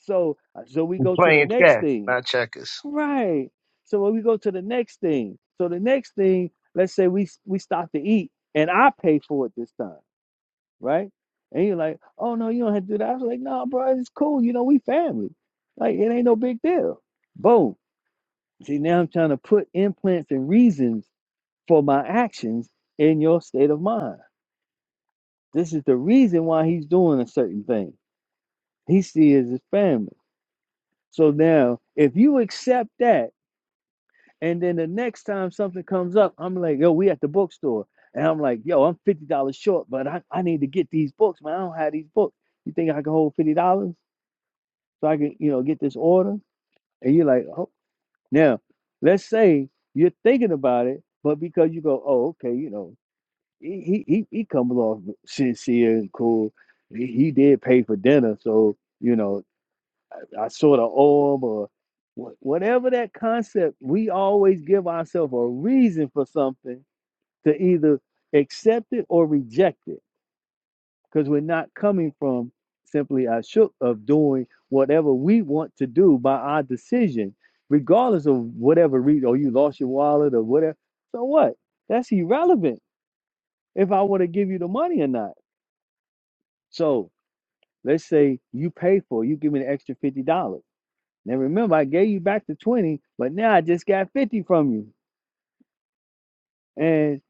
Speaker 1: So uh, so we go to the
Speaker 5: Playing
Speaker 1: next
Speaker 5: chess,
Speaker 1: thing
Speaker 5: not checkers.
Speaker 1: Right. So when we go to the next thing, so the next thing, let's say we we stop to eat and I pay for it this time, right? And you're like, oh no, you don't have to do that. I was like, no, bro, it's cool. You know, we family. Like it ain't no big deal. Boom. See, now I'm trying to put implants and reasons for my actions in your state of mind. This is the reason why he's doing a certain thing. He sees his family. So now, if you accept that. And then the next time something comes up, I'm like, yo, we at the bookstore. And I'm like, yo, I'm fifty dollars short, but I, I need to get these books, man. I don't have these books. You think I can hold fifty dollars so I can, you know, get this order? And you're like, oh now, let's say you're thinking about it, but because you go, oh, okay, you know, he he he, comes off sincere and cool. He, he did pay for dinner, so you know, I sort of owe them or wha- whatever that concept, we always give ourselves a reason for something to either accept it or reject it because we're not coming from simply a shook of doing whatever we want to do by our decision, regardless of whatever reason, or you lost your wallet or whatever. So what? That's irrelevant if I want to give you the money or not. So let's say you pay for, you give me an extra $50. Now remember, I gave you back the 20, but now I just got 50 from you. And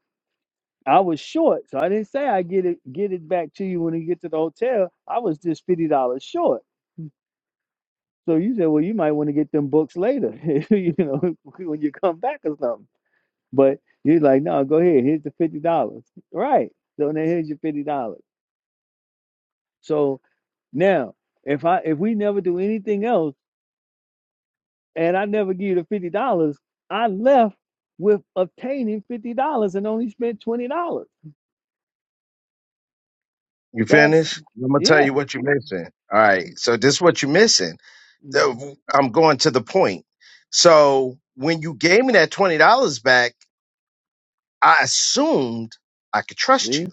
Speaker 1: I was short, so I didn't say I get it get it back to you when you get to the hotel. I was just fifty dollars short. So you said, well, you might want to get them books later, you know, when you come back or something. But you're like, no, go ahead. Here's the fifty dollars, right? So now here's your fifty dollars. So now, if I if we never do anything else and I never give you the fifty dollars, I left with obtaining fifty dollars and only spent twenty dollars.
Speaker 5: You
Speaker 1: That's
Speaker 5: finished? I'm gonna tell
Speaker 1: yeah.
Speaker 5: you what you're missing. All right. So this is what you're missing.
Speaker 1: Mhm.
Speaker 5: So, I'm going to the point. So when you gave me that twenty dollars back, I assumed I could trust
Speaker 1: See,
Speaker 5: you,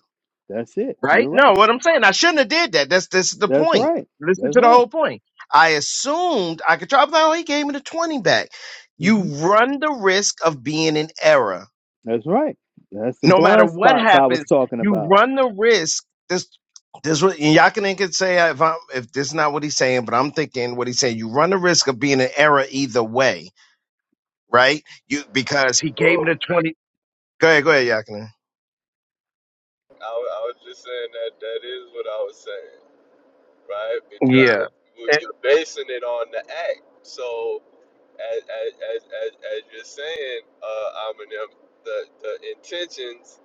Speaker 1: that's it. You're
Speaker 5: right?
Speaker 1: right.
Speaker 5: No, what I'm saying, I shouldn't have did that. That's this is the
Speaker 1: That's
Speaker 5: point.
Speaker 1: right.
Speaker 5: Listen
Speaker 1: That's
Speaker 5: to the
Speaker 1: right.
Speaker 5: whole point. I assumed I could trust. I was like, oh, he gave me the twenty back. You
Speaker 1: hmm
Speaker 5: run the risk of being in error
Speaker 1: That's right. That's the
Speaker 5: no matter
Speaker 1: blind
Speaker 5: what
Speaker 1: spots I was
Speaker 5: happens,
Speaker 1: talking
Speaker 5: you
Speaker 1: about.
Speaker 5: run the risk. This, this, what- and Yakinen could say if I'm, if this is not what he's saying, but I'm thinking what he's saying. You run the risk of being an error either way, right? You because he
Speaker 3: cool.
Speaker 5: gave it a twenty. Go ahead, go ahead, Yakinen.
Speaker 3: I, wa- I was just saying that that is what I was saying, right?
Speaker 5: Yeah.
Speaker 3: Because you-
Speaker 5: And
Speaker 3: you're basing it on the act. So as as as as, as you're saying, uh, Eminem, the the intentions.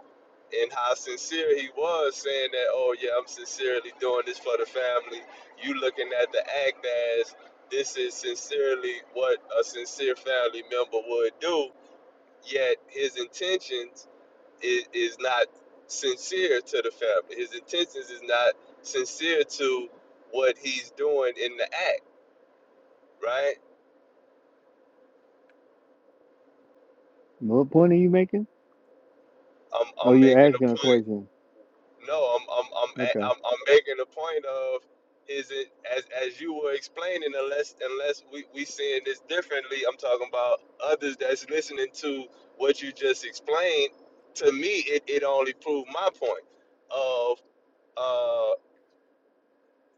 Speaker 3: and how sincere he was saying that, oh yeah, I'm sincerely doing this for the family. You looking at the act as this is sincerely what a sincere family member would do, yet his intentions is, is not sincere to the family. His intentions is not sincere to what he's doing in the act, right?
Speaker 1: What point are you making?
Speaker 3: I'm,
Speaker 1: Oh,
Speaker 3: I'm
Speaker 1: you're
Speaker 3: making a
Speaker 1: asking a
Speaker 3: point
Speaker 1: question.
Speaker 3: No, I'm I'm I'm a-
Speaker 1: Okay.
Speaker 3: I'm, I'm making a point of is it as as you were explaining unless unless we we seeing this differently. I'm talking about others that's listening to what you just explained. To me, it it only proved my point of uh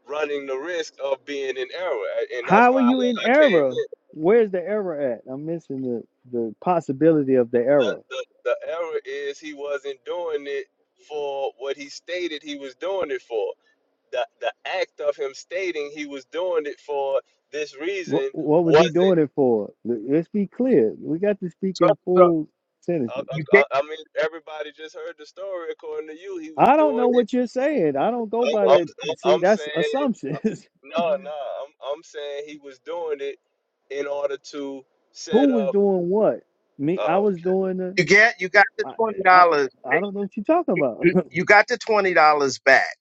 Speaker 3: running the risk of being in error, A- and that's
Speaker 1: How
Speaker 3: why
Speaker 1: are
Speaker 3: I,
Speaker 1: you in
Speaker 3: I came
Speaker 1: error?
Speaker 3: in.
Speaker 1: Where's the error at? I'm missing the, the possibility of the
Speaker 3: The,
Speaker 1: error.
Speaker 3: the the error is he wasn't doing it for what he stated he was doing it for. the the act of him stating he was doing it for this
Speaker 1: What,
Speaker 3: reason
Speaker 1: what was he
Speaker 3: wasn't.
Speaker 1: doing it for? Let- Let's be clear. We got to speak
Speaker 5: so,
Speaker 1: in
Speaker 5: so
Speaker 1: full
Speaker 3: I,
Speaker 1: sentences.
Speaker 3: I,
Speaker 5: you
Speaker 3: I
Speaker 5: get,
Speaker 3: mean, everybody just heard the story. According to you, he was
Speaker 1: I don't
Speaker 3: doing
Speaker 1: know
Speaker 3: it.
Speaker 1: what you're saying. I don't go by
Speaker 3: I'm,
Speaker 1: that.
Speaker 3: I'm,
Speaker 1: See,
Speaker 3: I'm
Speaker 1: that's
Speaker 3: saying
Speaker 1: assumptions.
Speaker 3: no, no. I'm, I'm saying he was doing it in order to
Speaker 1: Who
Speaker 3: set
Speaker 1: was
Speaker 3: up.
Speaker 1: doing what? Me, I
Speaker 3: Oh
Speaker 1: was doing the.
Speaker 5: you get, you got the
Speaker 1: I,
Speaker 5: twenty
Speaker 1: I,
Speaker 5: dollars.
Speaker 1: I don't know what you're talking about.
Speaker 5: You you got the twenty dollars back,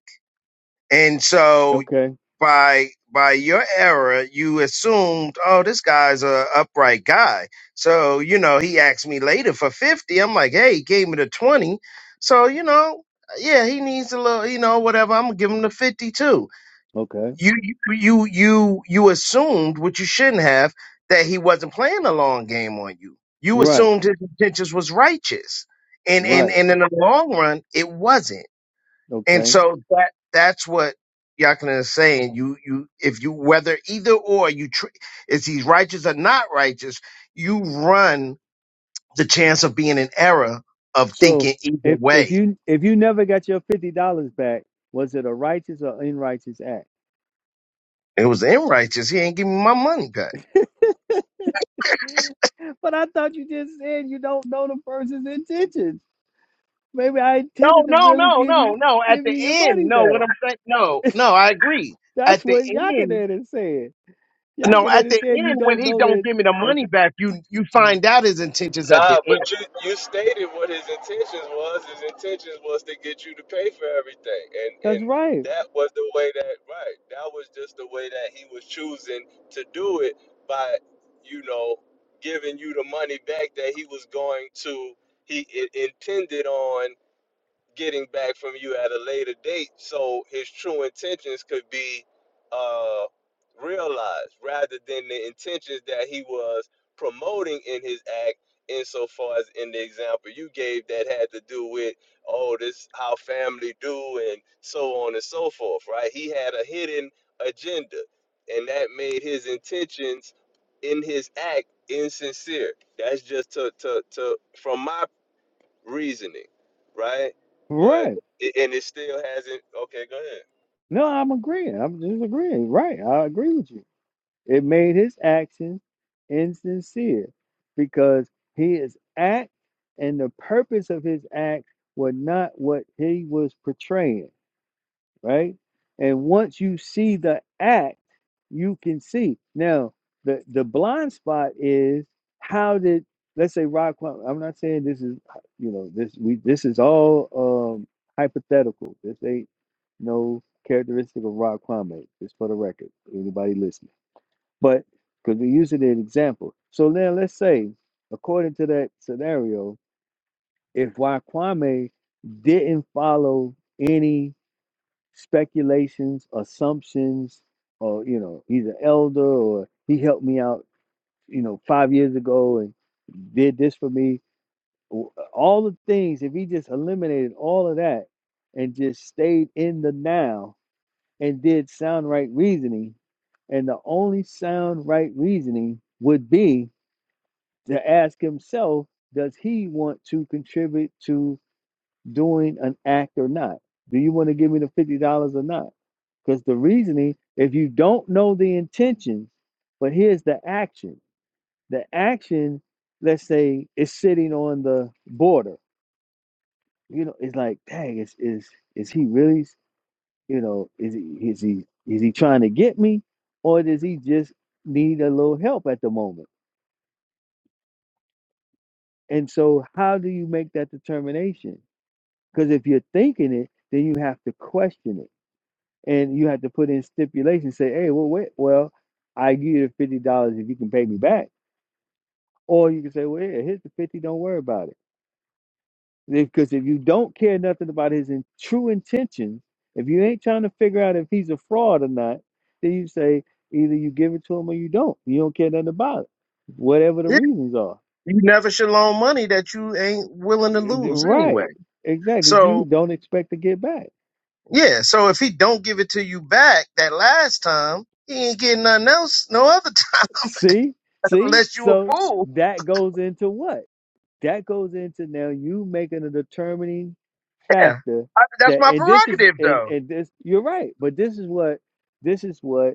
Speaker 5: and so
Speaker 1: okay,
Speaker 5: by by your error, you assumed, oh, this guy's a upright guy. So you know, he asked me later for fifty. I'm like, hey, he gave me the twenty. So you know, yeah, he needs a little, you know, whatever. I'm gonna give him the fifty too.
Speaker 1: okay,
Speaker 5: You you you you you assumed what you shouldn't have that he wasn't playing a long game on you. You
Speaker 1: right,
Speaker 5: assumed his intentions was righteous, and and
Speaker 1: right,
Speaker 5: and in the long run, it wasn't. And
Speaker 1: okay.
Speaker 5: so that that's what Yakana is saying. You you if you whether either or you tr- is he's righteous or not righteous, you run the chance of being in error of
Speaker 1: So
Speaker 5: thinking either
Speaker 1: if if
Speaker 5: way.
Speaker 1: you if you never got your fifty dollars back, was it a righteous or unrighteous act?
Speaker 5: It was unrighteous. He ain't giving me my money back.
Speaker 1: But I thought you just said you don't know the person's intentions. Maybe I
Speaker 5: No,
Speaker 1: intended to
Speaker 5: no,
Speaker 1: really
Speaker 5: no,
Speaker 1: give
Speaker 5: no,
Speaker 1: you
Speaker 5: no. At
Speaker 1: give
Speaker 5: the
Speaker 1: you your
Speaker 5: end,
Speaker 1: money
Speaker 5: no. What
Speaker 1: back.
Speaker 5: I'm saying, no, no. I agree. At
Speaker 1: That's
Speaker 5: the
Speaker 1: what
Speaker 5: end,
Speaker 1: Yakanan said.
Speaker 5: no. At
Speaker 1: Yakanan
Speaker 5: the
Speaker 1: said you
Speaker 5: end, when
Speaker 1: don't
Speaker 5: he
Speaker 1: know
Speaker 5: don't
Speaker 1: that.
Speaker 5: give me the money
Speaker 1: Okay,
Speaker 5: back, you you
Speaker 1: Mm.
Speaker 5: find out his intentions at the
Speaker 3: Nah, but
Speaker 5: end.
Speaker 3: you you stated what his intentions was. His intentions was to get you to pay for everything, and
Speaker 1: that's
Speaker 3: and
Speaker 1: right,
Speaker 3: that was the way that right. That was just the way that he was choosing to do it by, you know, giving you the money back that he was going to. He i- intended on getting back from you at a later date so his true intentions could be uh, realized rather than the intentions that he was promoting in his act insofar as in the example you gave that had to do with oh this how family do and so on and so forth right he had a hidden agenda and that made his intentions in his act insincere that's just to to, to from my reasoning, right? But
Speaker 1: right.
Speaker 3: it, and it still hasn't. Okay, go ahead.
Speaker 1: No, I'm agreeing. I'm just agreeing. Right, I agree with you. It made his actions insincere because his act and the purpose of his act were not what he was portraying. right? And once you see the act, you can see. Now, the the blind spot is how did let's say Rod Quan- I'm not saying this is you know this we this is all um hypothetical. This ain't no characteristic of Rod Kwame, just for the record. Anybody listening, but because we use it as an example. So now let's say, according to that scenario, if Rod Kwame didn't follow any speculations, assumptions, or you know, he's an elder or he helped me out, you know, five years ago and did this for me. W- All the things, if he just eliminated all of that and just stayed in the now and did sound right reasoning, and the only sound right reasoning would be to ask himself, does he want to contribute to doing an act or not? Do you want to give me the fifty dollars or not? Because the reasoning, if you don't know the intentions, but here's the action. The action, let's say, is sitting on the border. You know, it's like, dang, is is is he really? You know, is he is he is he trying to get me, or does he just need a little help at the moment? And so, how do you make that determination? Because if you're thinking it, then you have to question it and you have to put in stipulations. Say, hey, well, wait, well, I give you the fifty dollars if you can pay me back, or you can say, well, yeah, here's the fifty. Don't worry about it, because if you don't care nothing about his in- true intentions, if you ain't trying to figure out if he's a fraud or not, then you say either you give it to him or you don't. You don't care nothing about it, whatever the reasons are.
Speaker 5: you never should loan money that you ain't willing to lose anyway.
Speaker 1: Right, exactly. that You
Speaker 5: So
Speaker 1: don't expect to get back.
Speaker 5: yeah, so if he don't give it to you back that last time, he ain't getting nothing else no other time
Speaker 1: See, see,
Speaker 5: unless you a
Speaker 1: so
Speaker 5: fool.
Speaker 1: that goes into what? that goes into now you making a determining
Speaker 5: Yeah,
Speaker 1: factor
Speaker 5: I, that's
Speaker 1: that
Speaker 5: my
Speaker 1: and this is
Speaker 5: prerogative
Speaker 1: and
Speaker 5: though.
Speaker 1: and this you're right but this is what this is what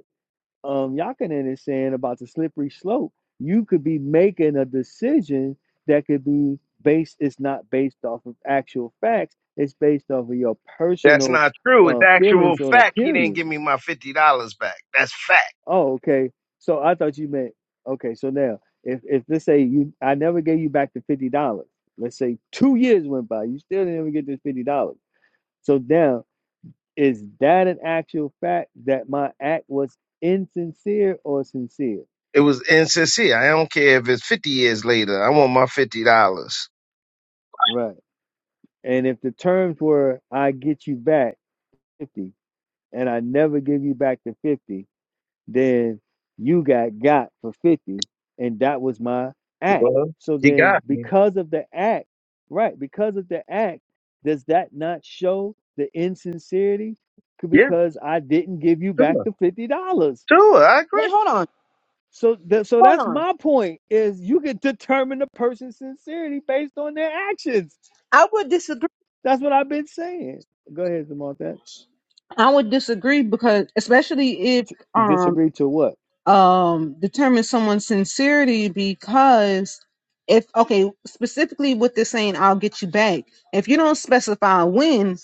Speaker 1: um Yakinen is saying about the slippery slope you could be making a decision that could be based it's not based off of actual facts it's based off of your
Speaker 5: That's
Speaker 1: personal
Speaker 5: not true. It's
Speaker 1: uh
Speaker 5: actual
Speaker 1: feelings on
Speaker 5: fact. He
Speaker 1: opinions,
Speaker 5: didn't give me my fifty dollars back. That's fact.
Speaker 1: Oh, okay. So I thought you meant okay. So now, if if let's say you, I never gave you back the fifty dollars. Let's say two years went by, you still didn't even get this fifty dollars. So now, is that an actual fact that my act was insincere or sincere?
Speaker 5: It was insincere. I don't care if it's fifty years later. I want my fifty dollars.
Speaker 1: Right. And if the terms were I get you back fifty, and I never give you back the fifty, then you got got for 50 and that was my act
Speaker 5: Well,
Speaker 1: so
Speaker 5: he
Speaker 1: then
Speaker 5: got me.
Speaker 1: because of the act right because of the act does that not show the insincerity C-
Speaker 5: Yeah,
Speaker 1: because i didn't give you back
Speaker 5: sure,
Speaker 1: the $50
Speaker 5: sure. I agree.
Speaker 2: wait, hold on,
Speaker 1: so th- so
Speaker 2: hold
Speaker 1: that's
Speaker 2: on.
Speaker 1: my point is you can determine the person's sincerity based on their actions
Speaker 2: I would disagree.
Speaker 1: that's what i've been saying go ahead Zamal, that
Speaker 2: I would disagree because, especially if
Speaker 1: T-
Speaker 2: um
Speaker 1: disagree to what
Speaker 2: um determines someone's sincerity, because if okay, specifically with this saying, "I'll get you back." If you don't specify when,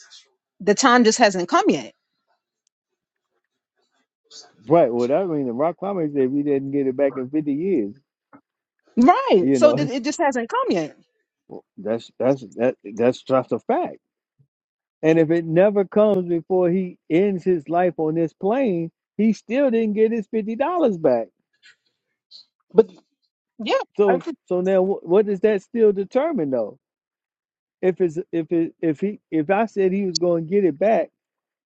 Speaker 2: the time just hasn't come yet
Speaker 1: right well that means the rock climbers if you didn't get it back in 50 years
Speaker 2: Right.
Speaker 1: you
Speaker 2: So
Speaker 1: know
Speaker 2: th- it just hasn't come yet.
Speaker 1: Well, that's that's that that's just a fact. And if it never comes before he ends his life on this plane, he still didn't get his fifty dollars back.
Speaker 2: But yeah, I,
Speaker 1: So
Speaker 2: could-
Speaker 1: so now wh- what does that still determine though? If it's if it if he if I said he was going to get it back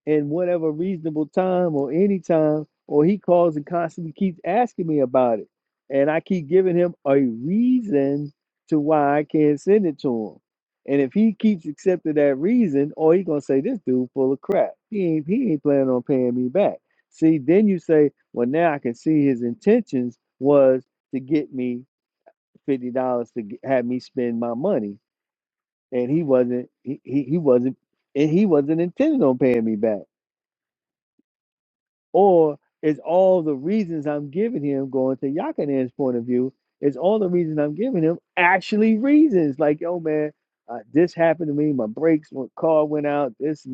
Speaker 1: in whatever reasonable time or any time, or he calls and constantly keeps asking me about it. And I keep giving him a reason to why I can't send it to him. And if he keeps accepting that reason, or he gonna say this dude full of crap. He ain't he ain't planning on paying me back. See, then you say, well, now I can see his intentions was to get me fifty dollars to g- have me spend my money, and he wasn't he, he, he wasn't and he wasn't intending on paying me back. Or is all the reasons I'm giving him, going to Yakanan's point of view, is all the reasons I'm giving him actually reasons? Like, yo, man, uh, this happened to me. My brakes, my car went out. This,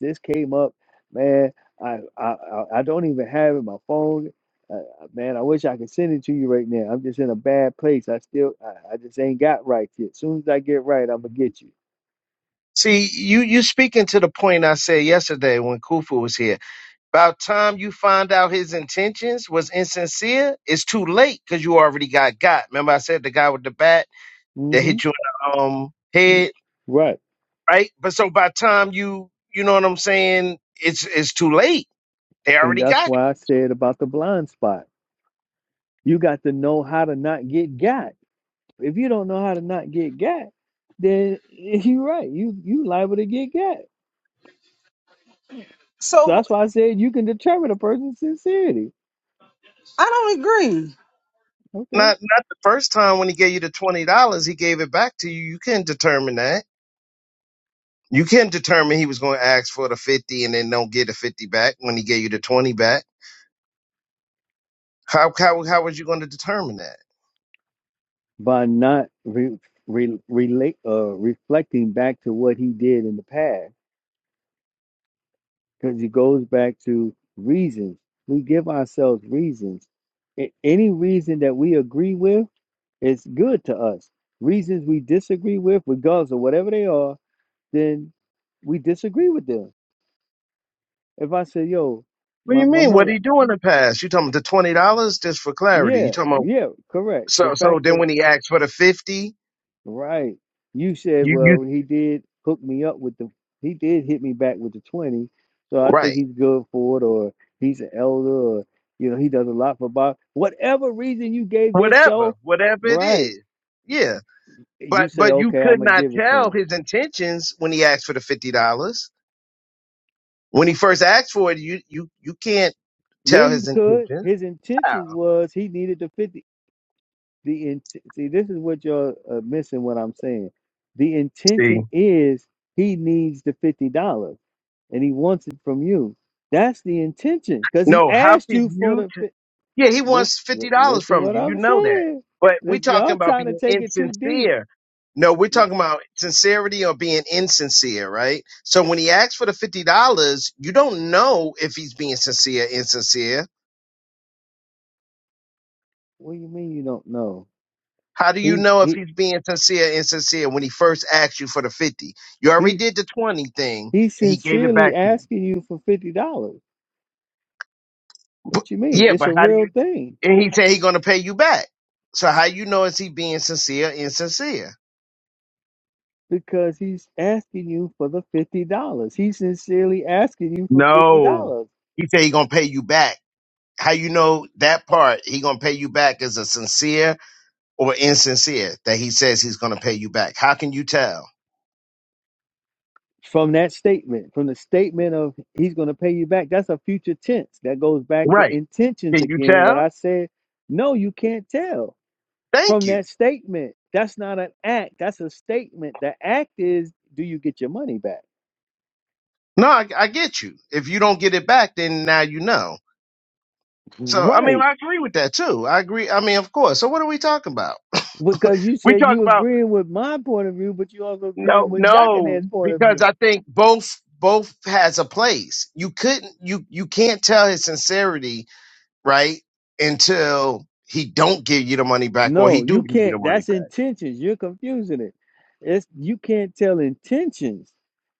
Speaker 1: this came up, man. I, I, I I don't even have it. My phone, uh, man. I wish I could send it to you right now. I'm just in a bad place. I still, I, I just ain't got right yet. soon as I get right, I'm gonna get you.
Speaker 5: See, you you speaking to the point I said yesterday when Kufu was here. About time you find out his intentions was insincere, it's too late because you already got got. Remember I said the guy with the bat that
Speaker 1: mm
Speaker 5: hit you in the um
Speaker 1: hmm
Speaker 5: head,
Speaker 1: Right,
Speaker 5: right? But so by time you you know what I'm saying, it's it's too late. They
Speaker 1: and
Speaker 5: already
Speaker 1: that's
Speaker 5: got
Speaker 1: why I said about the blind spot You got to know how to not get got. If you don't know how to not get got, then you're right. You you liable to get got. So
Speaker 2: so
Speaker 1: that's why I said you can determine a person's sincerity.
Speaker 2: I don't agree.
Speaker 5: you.
Speaker 1: Okay.
Speaker 5: Not not the first time when he gave you the twenty dollars, he gave it back to you. You couldn't determine that. You couldn't determine he was going to ask for the fifty and then don't get the fifty back when he gave you the twenty back How how how was you going to determine that?
Speaker 1: By not re, re, relate uh reflecting back to what he did in the past. Because he goes back to reasons. We give ourselves reasons. A- Any reason that we agree with is good to us. Reasons we disagree with, regardless of whatever they are, then we disagree with them. If I say, yo,
Speaker 5: What do
Speaker 1: my,
Speaker 5: you
Speaker 1: my
Speaker 5: mean? What did
Speaker 1: mother,
Speaker 5: he do in the past? You talking about the twenty dollars? Just for clarity, you
Speaker 1: yeah,
Speaker 5: talking about
Speaker 1: yeah, correct. The
Speaker 5: so so?
Speaker 1: fact
Speaker 5: Then
Speaker 1: that,
Speaker 5: when he asked for the fifty,
Speaker 1: right, you said,
Speaker 5: you you
Speaker 1: well, he did hook me up with the, he did hit me back with the 20, so I think
Speaker 5: right?
Speaker 1: he's good for it, or he's an elder, or, you know, he does a lot for Bob. Whatever reason you gave
Speaker 5: Whatever,
Speaker 1: yourself,
Speaker 5: whatever it
Speaker 1: right,
Speaker 5: is, yeah. But
Speaker 1: you say,
Speaker 5: but you
Speaker 1: okay,
Speaker 5: could
Speaker 1: I'm going to
Speaker 5: not
Speaker 1: give it to
Speaker 5: tell
Speaker 1: him.
Speaker 5: his intentions when he asked for the fifty dollars. When he first asked for it, you you you can't
Speaker 1: Yeah,
Speaker 5: tell his
Speaker 1: you could.
Speaker 5: intentions.
Speaker 1: His intentions was he needed the 50. The in, see, this is what you're uh, missing. What I'm saying, the
Speaker 5: See,
Speaker 1: intention is he needs the fifty dollars and he wants it from you. That's the intention because he
Speaker 5: no, how
Speaker 1: asked
Speaker 5: can
Speaker 1: you for
Speaker 5: you?
Speaker 1: the.
Speaker 5: T-
Speaker 1: fi-
Speaker 5: yeah, he
Speaker 1: Listen,
Speaker 5: wants
Speaker 1: li-
Speaker 5: fifty dollars
Speaker 1: listen,
Speaker 5: from
Speaker 1: what
Speaker 5: you. You
Speaker 1: I'm
Speaker 5: know that.
Speaker 1: saying.
Speaker 5: But we are
Speaker 1: Lis-
Speaker 5: talking
Speaker 1: y'all
Speaker 5: about
Speaker 1: trying to
Speaker 5: being
Speaker 1: take it too deep.
Speaker 5: insincere. No, we're
Speaker 1: Yeah,
Speaker 5: talking about sincerity or being insincere, right? So when he asks for the fifty dollars, you don't know if he's being sincere, insincere.
Speaker 1: what do you mean you don't know?
Speaker 5: How do you
Speaker 1: He
Speaker 5: know if
Speaker 1: he
Speaker 5: he's being sincere, insincere when he first asked you for the fifty? You already
Speaker 1: he
Speaker 5: did the twenty thing,
Speaker 1: he's
Speaker 5: and he gave it
Speaker 1: sincerely
Speaker 5: back to you.
Speaker 1: asking you for fifty dollars.
Speaker 5: But,
Speaker 1: What you mean?
Speaker 5: yeah,
Speaker 1: It's
Speaker 5: but
Speaker 1: a
Speaker 5: how do
Speaker 1: real
Speaker 5: you?
Speaker 1: thing.
Speaker 5: And he said he's gonna pay you back. So how you know is he being sincere, insincere?
Speaker 1: because he's asking you for the $50. He's sincerely asking you for $50
Speaker 5: No. He said he gonna pay you back. How you know that part he gonna pay you back is a sincere or insincere that he says he's gonna pay you back. How can you tell?
Speaker 1: from that statement, from the statement of he's going to pay you back. That's a future tense. That goes back to
Speaker 5: Right.
Speaker 1: intentions
Speaker 5: Can you
Speaker 1: again. What I
Speaker 5: tell?
Speaker 1: said, no, you can't tell
Speaker 5: Thank
Speaker 1: from
Speaker 5: you.
Speaker 1: that statement. That's not an act, that's a statement. The act is, do you get your money back?
Speaker 5: No, I, I get you. If you don't get it back, then now you know. So I mean
Speaker 1: Right.
Speaker 5: I agree with that too. I agree. I mean, of course. So what are we talking about?
Speaker 1: Because you
Speaker 5: We
Speaker 1: said
Speaker 5: talk
Speaker 1: you
Speaker 5: about
Speaker 1: agreeing with my point of view, but you also agreeing
Speaker 5: no,
Speaker 1: with
Speaker 5: no,
Speaker 1: Yakanen's point of
Speaker 5: because
Speaker 1: view.
Speaker 5: I think both both has a place. You couldn't you you can't tell his sincerity right? Until he don't give you the money back or he
Speaker 1: No,
Speaker 5: do
Speaker 1: you
Speaker 5: give you the
Speaker 1: can't.
Speaker 5: money
Speaker 1: That's
Speaker 5: back.
Speaker 1: intentions. You're confusing it. It's you can't tell intentions.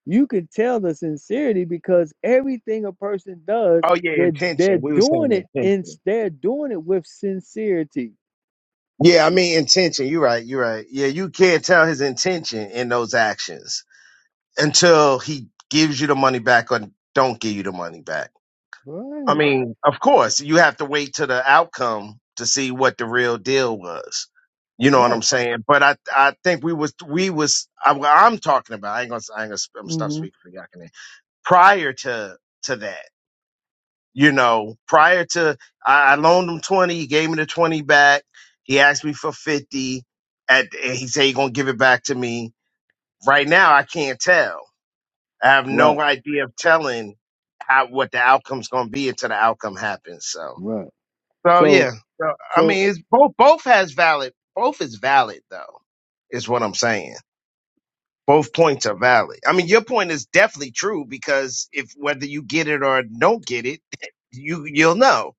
Speaker 1: You can tell the sincerity because everything a person does,
Speaker 5: Oh yeah,
Speaker 1: they're they're
Speaker 5: intention. We were saying
Speaker 1: doing it in
Speaker 5: intention.
Speaker 1: they're doing it with sincerity.
Speaker 5: Yeah, I mean intention. You're right. You're right. Yeah, you can't tell his intention in those actions until he gives you the money back or don't give you the money back. I
Speaker 1: Right.
Speaker 5: mean, of course, you have to wait to the outcome to see what the real deal was. You know what I'm
Speaker 1: Right.
Speaker 5: saying? But I, I think we was, we was. I, I'm talking about. I ain't gonna. I ain't gonna. I'm gonna stop
Speaker 1: hmm
Speaker 5: speaking for y'all. Prior to to that. you know, prior to I, I loaned him 20, he gave me the 20 back. He asked me for 50 at and he said he gonna give it back to me. Right now I can't tell. I have
Speaker 1: Right.
Speaker 5: no idea of telling how what the outcome's gonna be until the outcome happens. So
Speaker 1: Right.
Speaker 5: so yeah.
Speaker 1: So
Speaker 5: So I
Speaker 1: so
Speaker 5: mean it's both both has valid both is valid though, is what I'm saying. Both points are valid. I mean your point is definitely true because if whether you get it or don't get it, you you'll know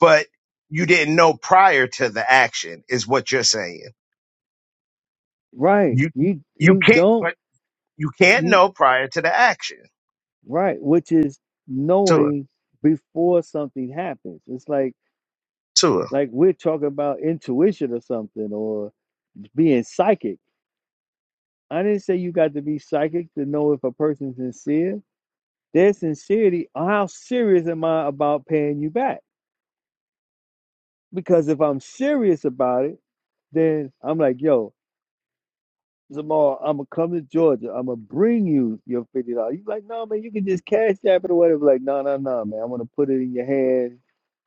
Speaker 5: but you didn't know prior to the action is what you're saying.
Speaker 1: right.
Speaker 5: You
Speaker 1: You
Speaker 5: you
Speaker 1: you
Speaker 5: can't
Speaker 1: don't
Speaker 5: but you can't
Speaker 1: you
Speaker 5: know prior to the action.
Speaker 1: right, which is
Speaker 5: Tua,
Speaker 1: knowing before something happens. It's like
Speaker 5: Tua,
Speaker 1: like we're talking about intuition or something or. being psychic. I didn't say you got to be psychic to know if a person's sincere. Their sincerity, how serious am I about paying you back? Because if I'm serious about it, then I'm like, yo, Zamar, I'm gonna come to Georgia. I'm gonna bring you your fifty dollars. You like, no, man, you can just cash app it or whatever. Like, no, no, no, man, i want to put it in your hand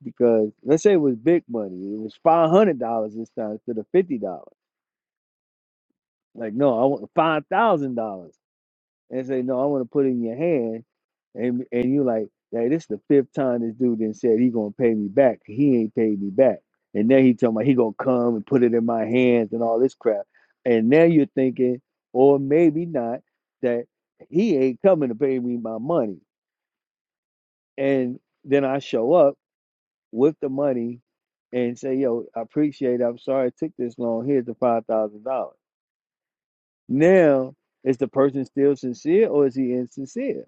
Speaker 1: because let's say it was big money. It was five hundred dollars this time instead of fifty dollars. Like, no, I want five thousand dollars. and say, "No, I want to put it in your hand," and and you like, "Hey, this the fifth time this dude then said he gonna pay me back. He ain't paid me back." And then he tell me he gonna come and put it in my hands and all this crap. And now you're thinking, or maybe not, that he ain't coming to pay me my money. And then I show up with the money and say, "Yo, I appreciate. It. I'm sorry it took this long. Here's the five thousand dollars." Now is the person still sincere or is he insincere?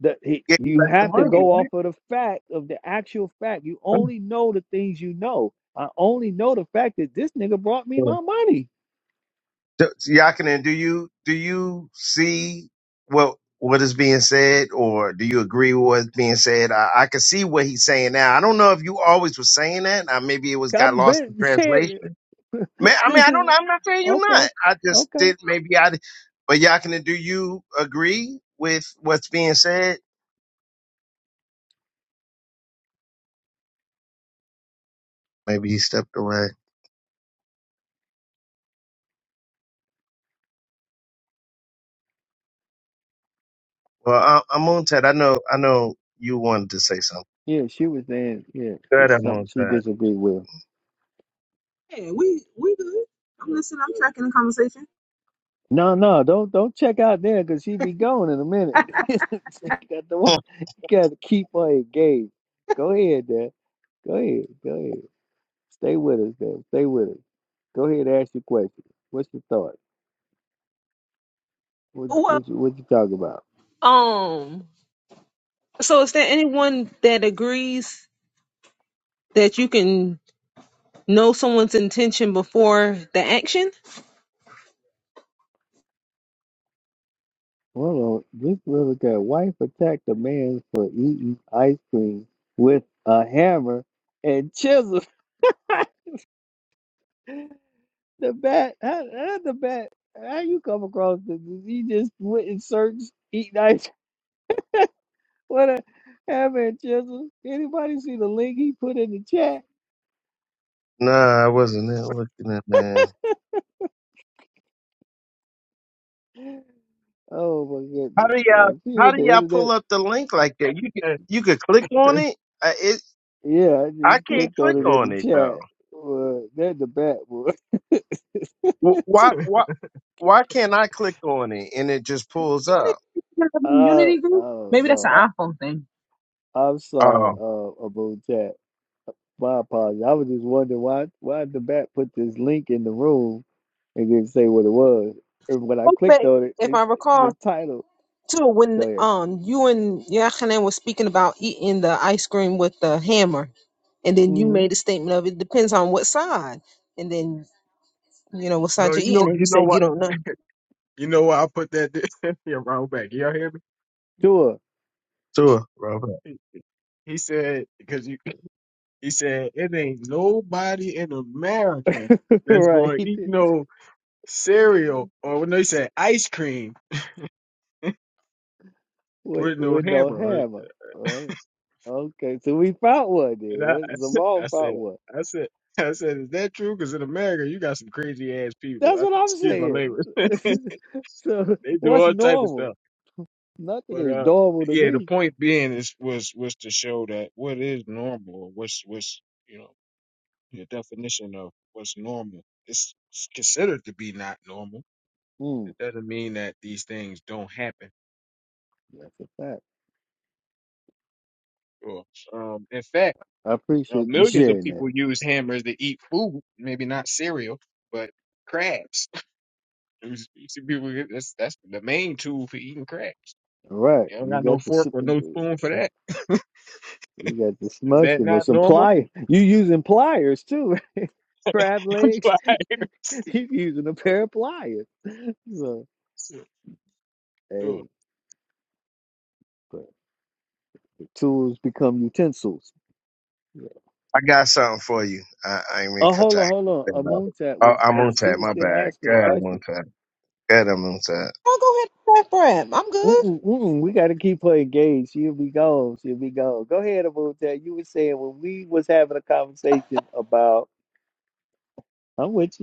Speaker 1: the he,
Speaker 5: get you
Speaker 1: you
Speaker 5: back the
Speaker 1: have to
Speaker 5: money,
Speaker 1: go off of the fact of the actual fact. You
Speaker 5: man.
Speaker 1: only know the things you know. I only know the fact that this nigga brought me
Speaker 5: Tua.
Speaker 1: my money.
Speaker 5: D- Yakinen, do you do you see what what is being said or do you agree with what's being said? I, I can see what he's saying now. I don't know if you always were saying that. Uh, maybe it was got
Speaker 1: I've
Speaker 5: lost in
Speaker 1: been saying
Speaker 5: translation.
Speaker 1: it.
Speaker 5: Man, I mean,
Speaker 1: this
Speaker 5: I
Speaker 1: is
Speaker 5: don't. I'm not saying you're
Speaker 1: okay,
Speaker 5: not. I just
Speaker 1: okay.
Speaker 5: did. Maybe I. But Yakina, do you agree with what's being said? Maybe he stepped away. Well, I, Amontet, I know. I know you wanted to say something.
Speaker 1: Yeah, she was saying yeah,
Speaker 5: Go ahead,
Speaker 1: it's something she
Speaker 5: Amontet.
Speaker 1: disagreed with.
Speaker 2: Yeah, we we good. I'm listening. I'm tracking the conversation.
Speaker 1: No, no, don't don't check out there because she be going in a minute. she got the one
Speaker 5: Huh.
Speaker 1: You got to keep her engaged. Go ahead, Dad. Go ahead, go ahead. Stay with us, Dad. Stay with us. Go ahead, and ask your question. What's your thought? What
Speaker 2: Well,
Speaker 1: what you, what you talking about?
Speaker 2: um. So is there anyone that agrees that you can know someone's intention before the action?
Speaker 1: Hold on. This little guy, wife attacked a man for eating ice cream with a hammer and chisel. the bat, how, how the bat, how you come across this? He just went and searched eating ice What a hammer and chisel. Anybody see the link he put in the chat?
Speaker 5: nah, I wasn't there looking at man.
Speaker 1: Oh my
Speaker 5: How
Speaker 1: goodness,
Speaker 5: do y'all?
Speaker 1: boy. See
Speaker 5: How
Speaker 1: what
Speaker 5: do
Speaker 1: the
Speaker 5: y'all pull
Speaker 1: internet?
Speaker 5: up the link like that? You could.
Speaker 7: That's
Speaker 5: You could click on it. I, it.
Speaker 1: Yeah, I
Speaker 5: I
Speaker 1: just
Speaker 5: can't
Speaker 1: clicked on
Speaker 5: click
Speaker 1: it
Speaker 7: true.
Speaker 1: in
Speaker 5: on
Speaker 1: the
Speaker 5: it though.
Speaker 1: chat. Boy, that the bat, boy.
Speaker 5: Wh- Why? Why? Why can't I click on it and it just pulls
Speaker 2: You could
Speaker 5: up?
Speaker 2: have a Unity
Speaker 1: Oh,
Speaker 2: group.
Speaker 1: oh
Speaker 2: Maybe that's an
Speaker 1: no,
Speaker 2: iPhone thing.
Speaker 1: I, I'm sorry,
Speaker 5: Oh,
Speaker 1: uh, about that. My apologies. I was just wondering why why the bat put this link in the room and didn't say what it was. And when I clicked
Speaker 2: Okay.
Speaker 1: on it,
Speaker 2: If I
Speaker 1: it's
Speaker 2: recall.
Speaker 1: the title.
Speaker 2: too when
Speaker 1: Go ahead.
Speaker 2: um you and Yachanan were speaking about eating the ice cream with the hammer, and then you
Speaker 1: Mm-hmm.
Speaker 2: made a statement of it depends on what side, and then you know what
Speaker 7: No,
Speaker 2: side you're
Speaker 7: you know,
Speaker 2: eating, and you
Speaker 7: you know
Speaker 2: said you
Speaker 7: what?
Speaker 2: don't know.
Speaker 7: You know what? I put that yeah, wrong back. Y'all hear me?
Speaker 1: Sure.
Speaker 5: sure, Robert.
Speaker 7: He he said because you. He said it ain't nobody in America that's
Speaker 1: right.
Speaker 7: going to eat no cereal or no. He said ice cream
Speaker 1: With
Speaker 7: with no
Speaker 1: with no
Speaker 7: hammer.
Speaker 1: hammer. Right. Okay. So we found one
Speaker 7: And I, I
Speaker 1: then.
Speaker 7: said, I
Speaker 1: Zamal found
Speaker 7: said.
Speaker 1: one.
Speaker 7: I said, is that true? Because in America, you got some crazy ass people.
Speaker 1: That's
Speaker 7: I,
Speaker 1: what I'm
Speaker 7: excuse my
Speaker 1: saying.
Speaker 7: language.
Speaker 1: so
Speaker 7: they do
Speaker 1: what's
Speaker 7: all type of stuff.
Speaker 1: normal? Nothing
Speaker 7: But
Speaker 1: is
Speaker 7: uh,
Speaker 1: normal to
Speaker 7: yeah, the
Speaker 1: me.
Speaker 7: point being is was was to show that what is normal, what's what's you know the definition of what's normal is considered to be not normal.
Speaker 1: Mm,
Speaker 7: It doesn't mean that these things don't happen.
Speaker 1: that's a fact.
Speaker 7: Or um, in fact,
Speaker 1: I
Speaker 7: uh,
Speaker 1: appreciate you
Speaker 7: millions of
Speaker 1: sharing
Speaker 7: people
Speaker 1: that.
Speaker 7: use hammers to eat food. Maybe not cereal, but crabs. You see people get- that's that's the main tool for eating crabs.
Speaker 1: All right,
Speaker 7: You don't
Speaker 1: you
Speaker 7: got no
Speaker 1: got the
Speaker 7: fork or no spoon for
Speaker 1: s-
Speaker 7: that.
Speaker 1: you got the
Speaker 7: Is
Speaker 1: smush
Speaker 7: that
Speaker 1: with
Speaker 7: not
Speaker 1: some
Speaker 7: normal?
Speaker 1: pliers. You using pliers too, crab legs.
Speaker 7: Like,
Speaker 1: You using a pair of pliers. So,
Speaker 7: sure.
Speaker 1: hey, but the tools become utensils. Yeah.
Speaker 5: I got something for you. I, I ain't mean to
Speaker 1: Oh,
Speaker 5: cut
Speaker 1: hold
Speaker 5: your
Speaker 1: on, hold on. A
Speaker 5: hand off.
Speaker 1: moon tat
Speaker 5: Oh,
Speaker 1: was
Speaker 5: I'm
Speaker 1: uh,
Speaker 5: on
Speaker 1: she
Speaker 5: tap.
Speaker 1: was
Speaker 5: My
Speaker 1: still
Speaker 5: bad.
Speaker 1: asking a
Speaker 5: God, I'm on
Speaker 1: question.
Speaker 5: tap. God, I'm on tap.
Speaker 2: Oh, go ahead, and wrap, wrap. I'm good.
Speaker 1: Mm-mm, mm-mm, we got to keep her engaged. She'll be gone. She'll be gone. Go ahead, Amuntat. You were saying when we was having a conversation about, I'm with you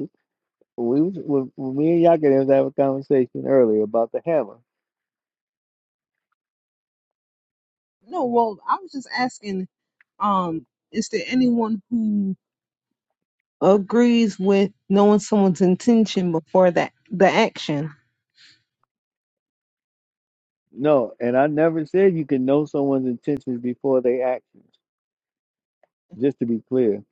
Speaker 1: we was, when, when me and Yakin was having a conversation earlier about the hammer.
Speaker 2: No, well, I was just asking. Um, is there anyone who agrees with knowing someone's intention before that the action.
Speaker 1: No, and I never said you can know someone's intentions before they actions. Just to be clear,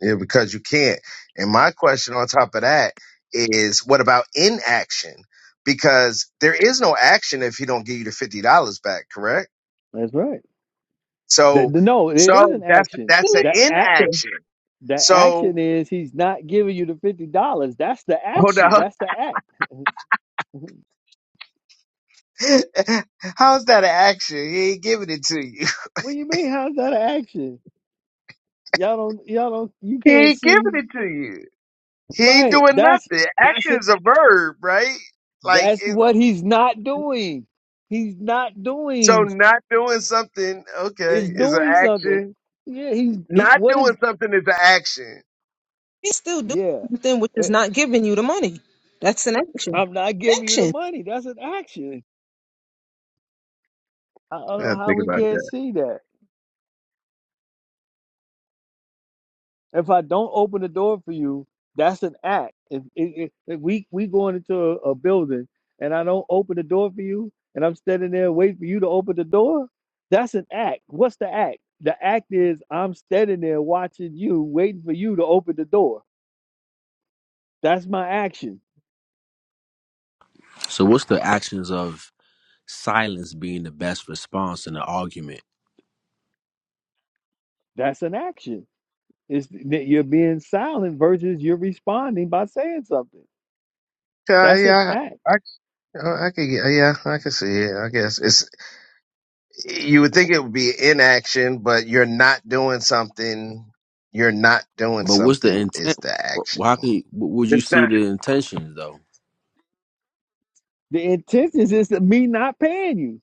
Speaker 5: Yeah, because you can't. And my question on top of that is, what about inaction? Because there is no action if he don't give you the fifty dollars back, correct?
Speaker 1: that's right. That
Speaker 5: So,
Speaker 1: no, it is
Speaker 5: so
Speaker 1: an
Speaker 5: that's
Speaker 1: action.
Speaker 5: that's
Speaker 2: Still
Speaker 5: an
Speaker 2: is
Speaker 1: The act,
Speaker 2: there.
Speaker 5: inaction.
Speaker 1: the
Speaker 5: So
Speaker 1: action is he's not giving you the fifty dollars. That's the
Speaker 5: hold
Speaker 1: action.
Speaker 5: on,
Speaker 1: That's the act.
Speaker 5: how's that an action? He ain't giving it to you.
Speaker 1: What do you mean? How's that an action? Y'all don't, y'all don't, you
Speaker 5: He
Speaker 1: can't
Speaker 5: ain't giving
Speaker 1: see.
Speaker 5: it to you. He ain't
Speaker 1: Right.
Speaker 5: doing
Speaker 1: That's
Speaker 5: nothing.
Speaker 1: that's
Speaker 5: Action
Speaker 1: a
Speaker 5: is a verb, right? Like,
Speaker 1: that's
Speaker 5: it,
Speaker 1: what he's not doing. He's not
Speaker 5: so
Speaker 1: doing
Speaker 5: not doing something,
Speaker 1: is
Speaker 5: okay, is an
Speaker 1: doing something.
Speaker 5: action.
Speaker 1: Yeah, he's he,
Speaker 5: Not
Speaker 1: what
Speaker 5: doing
Speaker 1: is
Speaker 5: something is an action.
Speaker 2: He's still doing
Speaker 1: yeah.
Speaker 2: something which is
Speaker 1: It-
Speaker 2: not giving you the money. That's an action.
Speaker 1: I'm not giving you the
Speaker 2: Action.
Speaker 1: money. That's an action. I I don't
Speaker 5: I
Speaker 1: know how
Speaker 5: think
Speaker 1: we
Speaker 5: about
Speaker 1: can't
Speaker 5: that.
Speaker 1: see that. If I don't open the door for you, that's an act. If, if, if we we going into a, a building and I don't open the door for you, and I'm standing there waiting for you to open the door, that's an act. What's the act? The act is I'm standing there watching you, waiting for you to open the door. That's my action.
Speaker 8: So what's the actions of silence being the best response in an argument?
Speaker 1: That's an action. It's that you're being silent versus you're responding by saying something.
Speaker 5: Uh,
Speaker 1: That's an
Speaker 5: yeah,
Speaker 1: act.
Speaker 5: I, I, I could, get- yeah, I can see it. I guess it's. You would think it would be inaction, but you're not doing something. You're not doing
Speaker 8: But what's the
Speaker 5: something is
Speaker 8: intent?
Speaker 5: the
Speaker 8: Wh-
Speaker 5: action.
Speaker 8: How can you, wh- would you
Speaker 5: It's not.
Speaker 8: see the intentions though?
Speaker 1: The intentions is to me not paying you.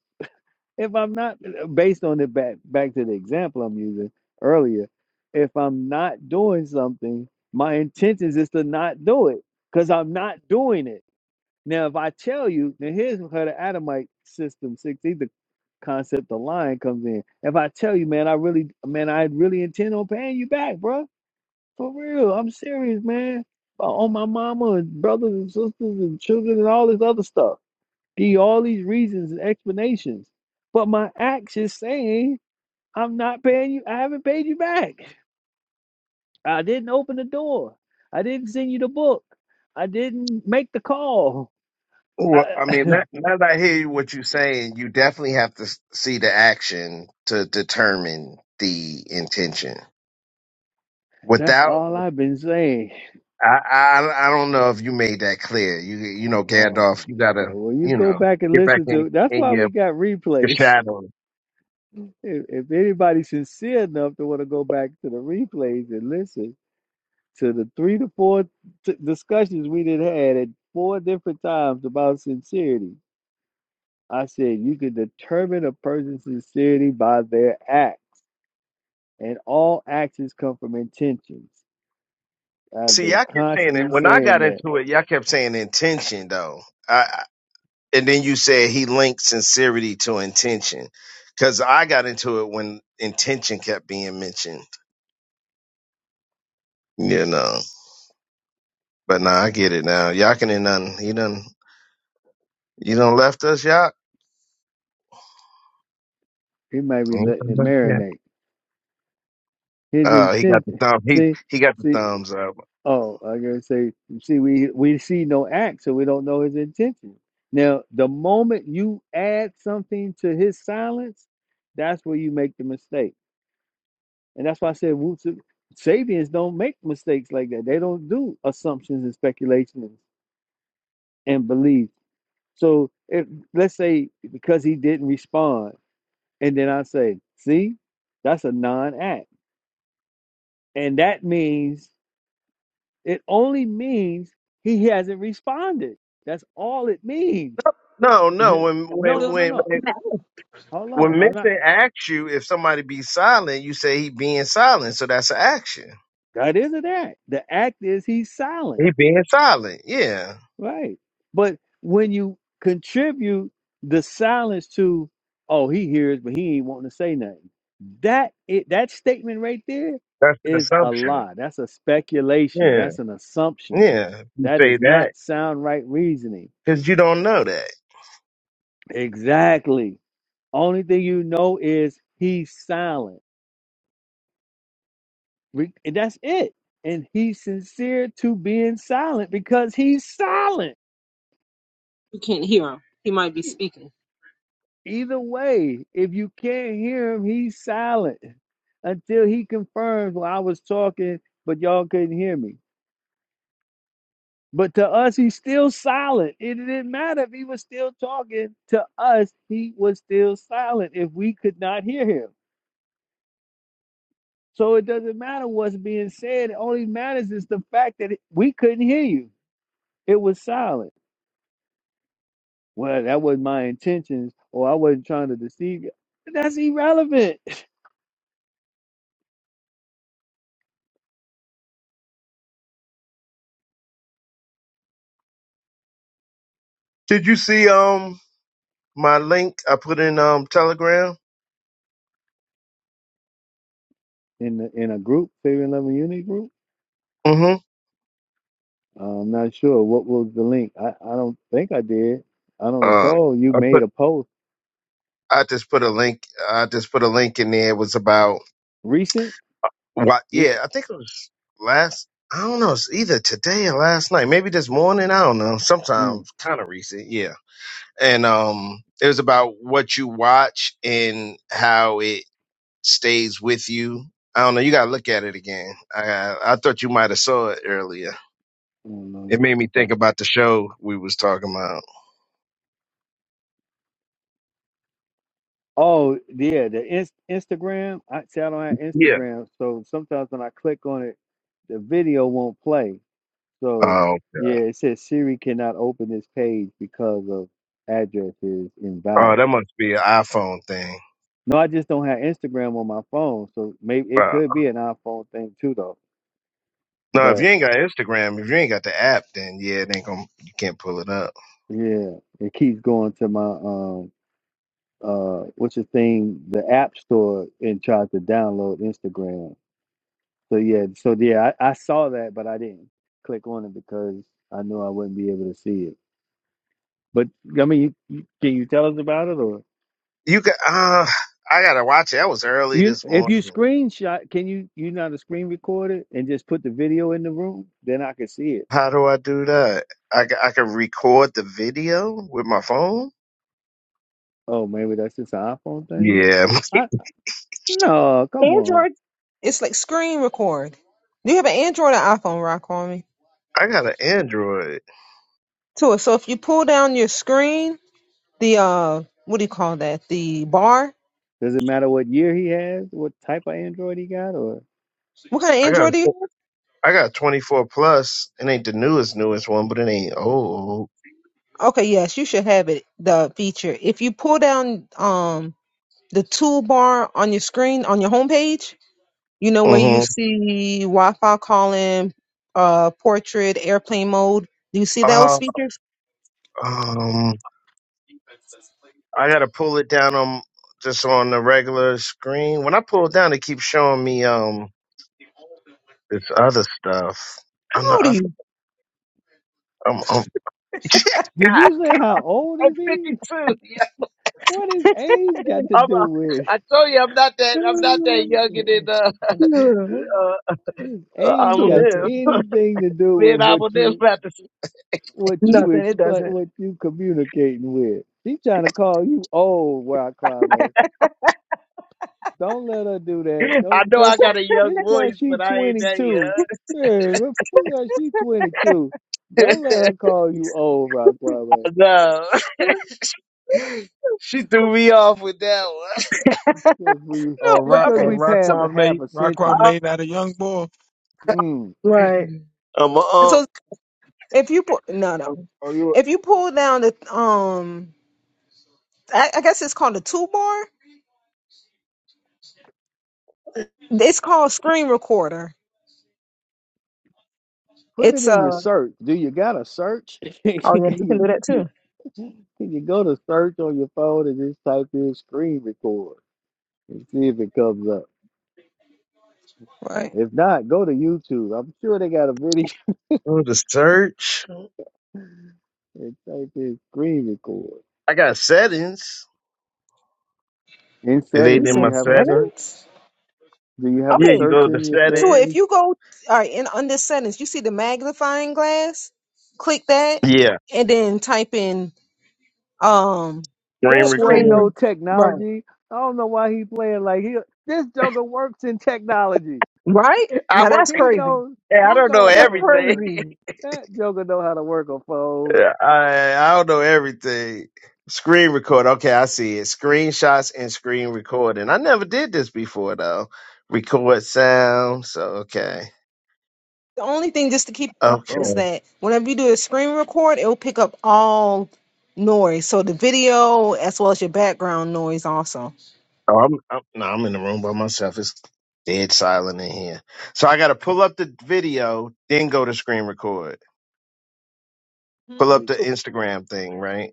Speaker 1: If I'm not uh, uh, based on the back back to the example I'm using earlier, if I'm not doing something, my intentions is to not do it because I'm not doing it. Now, if I tell you, now here's how the Adamite system six, the concept of lying comes in. If I tell you, man, I really, man, I really intend on paying you back, bro. For real, I'm serious, man. Uh, On my mama and brothers and sisters and children and all this other stuff. Give all these reasons and explanations. But my acts is saying I'm not paying you. I haven't paid you back. I didn't open the door. I didn't send you the book. I didn't make the call.
Speaker 5: Well, I mean,
Speaker 1: I,
Speaker 5: now, now that I hear what you're saying, you definitely have to s- see the action to determine the intention.
Speaker 1: that's
Speaker 5: Without,
Speaker 1: all I've been saying.
Speaker 5: I, I, I don't know if you made that clear. You, you know,
Speaker 1: Oh,
Speaker 5: Gandalf, you gotta,
Speaker 1: okay. Well, you
Speaker 5: you
Speaker 1: go
Speaker 5: know,
Speaker 1: back and
Speaker 5: get back
Speaker 1: listen
Speaker 5: in
Speaker 1: to. That's
Speaker 5: in
Speaker 1: why
Speaker 5: your
Speaker 1: we got
Speaker 5: your
Speaker 1: replays.
Speaker 5: shadow.
Speaker 1: If, if anybody's sincere enough to want to go back to the replays and listen to the three to four t- discussions we did had at four different times about sincerity, I said you can determine a person's sincerity by their act, and all actions come from intentions. I've
Speaker 5: See, y'all
Speaker 1: been
Speaker 5: kept saying it
Speaker 1: constantly
Speaker 5: when I
Speaker 1: saying
Speaker 5: got
Speaker 1: that.
Speaker 5: into it. Y'all kept saying intention though, I, I- and then you said he linked sincerity to intention. Because I got into it when intention kept being mentioned. You know. But nah, I get it now. Yakin and none. He done you done left us, Yak.
Speaker 1: He might be
Speaker 5: He ain't
Speaker 1: letting
Speaker 5: come
Speaker 1: it
Speaker 5: back yet.
Speaker 1: marinate. His
Speaker 5: Uh he got the
Speaker 1: intention.
Speaker 5: thumb he
Speaker 1: See,
Speaker 5: he got the
Speaker 1: see.
Speaker 5: thumbs up.
Speaker 1: Oh, I gotta say, you see, we we see no act, so we don't know his intention. Now, the moment you add something to his silence, that's where you make the mistake, and that's why I said, Woots, Sabians don't make mistakes like that. They don't do assumptions and speculations and beliefs. So, if let's say because he didn't respond, and then I say, see, that's a non-act, and that means It only means he hasn't responded. That's all it means.
Speaker 5: No, no,
Speaker 1: no,
Speaker 5: when when
Speaker 1: no, no,
Speaker 5: when
Speaker 1: no.
Speaker 5: when
Speaker 1: Hold
Speaker 5: when
Speaker 1: on. I'm not.
Speaker 5: Mission asks you if somebody be silent, you say he being silent, so that's an action.
Speaker 1: That is an act. The act is he's silent.
Speaker 5: He being silent, yeah.
Speaker 1: Right. But when you contribute the silence to, oh, he hears, but he ain't wanting to say nothing. That it that statement right there
Speaker 5: That's an
Speaker 1: is a
Speaker 5: assumption.
Speaker 1: lie. That's a speculation.
Speaker 5: Yeah.
Speaker 1: That's an assumption.
Speaker 5: Yeah. You
Speaker 1: That
Speaker 5: say
Speaker 1: is
Speaker 5: that
Speaker 1: not sound right reasoning.
Speaker 5: because you don't know that.
Speaker 1: Exactly. Only thing you know is he's silent. Re- And that's it. And he's sincere to being silent because he's silent.
Speaker 2: You can't hear him. He might be
Speaker 1: E-
Speaker 2: speaking.
Speaker 1: Either way, if you can't hear him, he's silent until he confirms, well, I was talking, but y'all couldn't hear me. But to us, he's still silent. It didn't matter if he was still talking. To us, he was still silent if we could not hear him. So it doesn't matter what's being said. It only matters is the fact that it- we couldn't hear you It was silent. Well, that was my intentions, or I wasn't trying to deceive you. That's irrelevant.
Speaker 5: Did you see um my link I put in um Telegram?
Speaker 1: In the, in a group, saving love and unity group.
Speaker 5: Mm-hmm.
Speaker 1: I'm not sure what was the link. I, I don't think I did. I don't
Speaker 5: Um,
Speaker 1: recall. You
Speaker 5: I put
Speaker 1: made a post
Speaker 5: I just put a link. I just put a link in there. It was about
Speaker 1: recent,
Speaker 5: what? Yeah,
Speaker 1: recent.
Speaker 5: I think it was last. I don't know. It's either today or last night. Maybe this morning. I don't know.
Speaker 1: Mm,
Speaker 5: Sometimes kind of recent. Yeah. And um, it was about what you watch and how it stays with you. I don't know. You gotta look at it again. I I thought you might have saw it earlier.
Speaker 1: I don't know. Let
Speaker 5: It
Speaker 1: me
Speaker 5: made me
Speaker 1: go back.
Speaker 5: think about the show we was talking about.
Speaker 1: Oh yeah, the inst- Instagram. I see. I don't have
Speaker 5: Yeah.
Speaker 1: Instagram, so sometimes when I click on it, the video won't play. So
Speaker 5: Oh,
Speaker 1: yeah, it says Siri cannot open this page because of address is
Speaker 5: oh,
Speaker 1: invalid.
Speaker 5: that must be an iPhone thing.
Speaker 1: No, I just don't have Instagram on my phone, so maybe it
Speaker 5: Wow.
Speaker 1: could be an iPhone thing too, though.
Speaker 5: No, if
Speaker 1: But
Speaker 5: you ain't got Instagram, if you ain't got the app, then yeah, it ain't gonna you can't pull it up.
Speaker 1: yeah, it keeps going to my um uh what's the thing the App Store and tries to download Instagram. So yeah, so yeah, I, I saw that, but I didn't click on it because I knew I wouldn't be able to see it. But I mean, you, you, can you tell us about it or?
Speaker 5: You got uh I gotta watch it. That was early
Speaker 1: You
Speaker 5: this
Speaker 1: if you
Speaker 5: morning.
Speaker 1: screenshot, can you you know how to screen record it and just put the video in the room? Then I can see it.
Speaker 5: How do I do that? I, ca- I can record the video with my phone.
Speaker 1: Oh, maybe that's just an iPhone thing.
Speaker 5: Yeah,
Speaker 1: I no, come on.
Speaker 2: Android, it's like screen record. Do you have an Android or iPhone, Rock on me?
Speaker 5: I got an Android.
Speaker 2: Too. So if you pull down your screen, the uh, what do you call that? The bar.
Speaker 1: Does it matter what year he has, what type of Android he got, or
Speaker 2: What kind of
Speaker 5: I got
Speaker 2: Android do
Speaker 5: a-
Speaker 2: you?
Speaker 5: I got a 24 plus. It ain't the newest newest one, but it ain't old.
Speaker 2: Have? Okay, yes, you should have it. The feature. If you pull down um the toolbar on your screen on your homepage, you know where you
Speaker 5: Mm-hmm.
Speaker 2: see Wi-Fi calling, uh, portrait, airplane mode. Do you see those
Speaker 5: Uh,
Speaker 2: features?
Speaker 5: um, I gotta pull it down on just on the regular screen. When I pull it down, it keeps showing me. um. this other stuff.
Speaker 2: How
Speaker 5: I'm not.
Speaker 2: old
Speaker 5: I,
Speaker 2: are
Speaker 5: I'm. I'm
Speaker 1: did you say how old is he? What is age got to do with
Speaker 2: you?
Speaker 1: his age got
Speaker 2: Listen,
Speaker 1: anything to do with what you what you
Speaker 2: nothing. It
Speaker 1: expect
Speaker 2: doesn't.
Speaker 1: what you communicating with? She's trying to call you old, Wild Climate. Don't let her do that. Don't because she this cause she twenty two. Yeah, because she twenty two.
Speaker 5: God.
Speaker 1: Don't let her call you old, Rockwell.
Speaker 5: no, she threw me off with that one.
Speaker 1: Because we
Speaker 7: Oh,
Speaker 2: no,
Speaker 1: it's
Speaker 7: Ra-
Speaker 2: but
Speaker 7: uh,
Speaker 1: because
Speaker 2: okay.
Speaker 1: we
Speaker 2: So
Speaker 1: passed a
Speaker 7: Raquan
Speaker 1: half
Speaker 7: made
Speaker 1: a
Speaker 7: Raquan
Speaker 1: century.
Speaker 7: made that a young boy.
Speaker 1: Mm.
Speaker 2: right.
Speaker 5: I'm a
Speaker 2: So
Speaker 5: unk.
Speaker 2: if you pull, no, no.
Speaker 7: Oh, you
Speaker 2: If you pull down the um, I, I guess it's called the two bar. It's called screen recorder.
Speaker 1: Put it
Speaker 2: It's a.
Speaker 1: in your
Speaker 2: Uh,
Speaker 1: search. Do you got a search? can,
Speaker 2: oh yeah, you can
Speaker 1: you,
Speaker 2: do that too.
Speaker 1: can you go to search on your phone and just type in screen record and see if it comes up?
Speaker 2: Right.
Speaker 1: If not, go to YouTube. I'm sure they got a video
Speaker 5: Go to search.
Speaker 1: and type in screen record.
Speaker 5: I got settings.
Speaker 1: In
Speaker 5: It
Speaker 2: You
Speaker 1: settings,
Speaker 5: ain't in
Speaker 1: do you
Speaker 5: my
Speaker 2: said
Speaker 1: have a search?
Speaker 5: settings.
Speaker 2: settings.
Speaker 1: Do you have a
Speaker 5: Yeah,
Speaker 2: Okay,
Speaker 5: you
Speaker 1: search
Speaker 5: go to
Speaker 1: in your
Speaker 2: Tua,
Speaker 1: settings?
Speaker 2: if
Speaker 5: settings.
Speaker 2: you go all right in under settings, you see the magnifying glass. Click that,
Speaker 5: Yeah,
Speaker 2: and then type in um
Speaker 5: screen
Speaker 1: That boy
Speaker 5: record.
Speaker 1: know
Speaker 2: screen. Right.
Speaker 1: technology. I don't know why he playing like he. This Joker works in technology.
Speaker 2: Right.
Speaker 5: I
Speaker 2: Now
Speaker 5: work.
Speaker 2: that's
Speaker 1: He
Speaker 2: crazy.
Speaker 1: knows.
Speaker 5: I
Speaker 1: He
Speaker 5: don't know
Speaker 1: knows how
Speaker 2: That's
Speaker 1: to work.
Speaker 5: everything.
Speaker 1: A,
Speaker 2: crazy.
Speaker 1: that Joker know how to work a phone.
Speaker 5: Yeah, I I don't know everything. Screen record. Okay, I see it. Screenshots and screen recording. I never did this before though. Record sound. So okay,
Speaker 2: The only thing just to keep in mind
Speaker 5: okay.
Speaker 2: is
Speaker 1: Boom.
Speaker 2: that whenever you do a screen record, it will pick up all noise. So the video as well as your background noise also.
Speaker 5: Oh, I'm, I'm no, I'm in the room by myself. It's dead silent in here. So I got to pull up the video, then go to screen record.
Speaker 2: Hmm?
Speaker 5: Pull
Speaker 1: We,
Speaker 5: up the
Speaker 2: Sure,
Speaker 5: Instagram thing, right?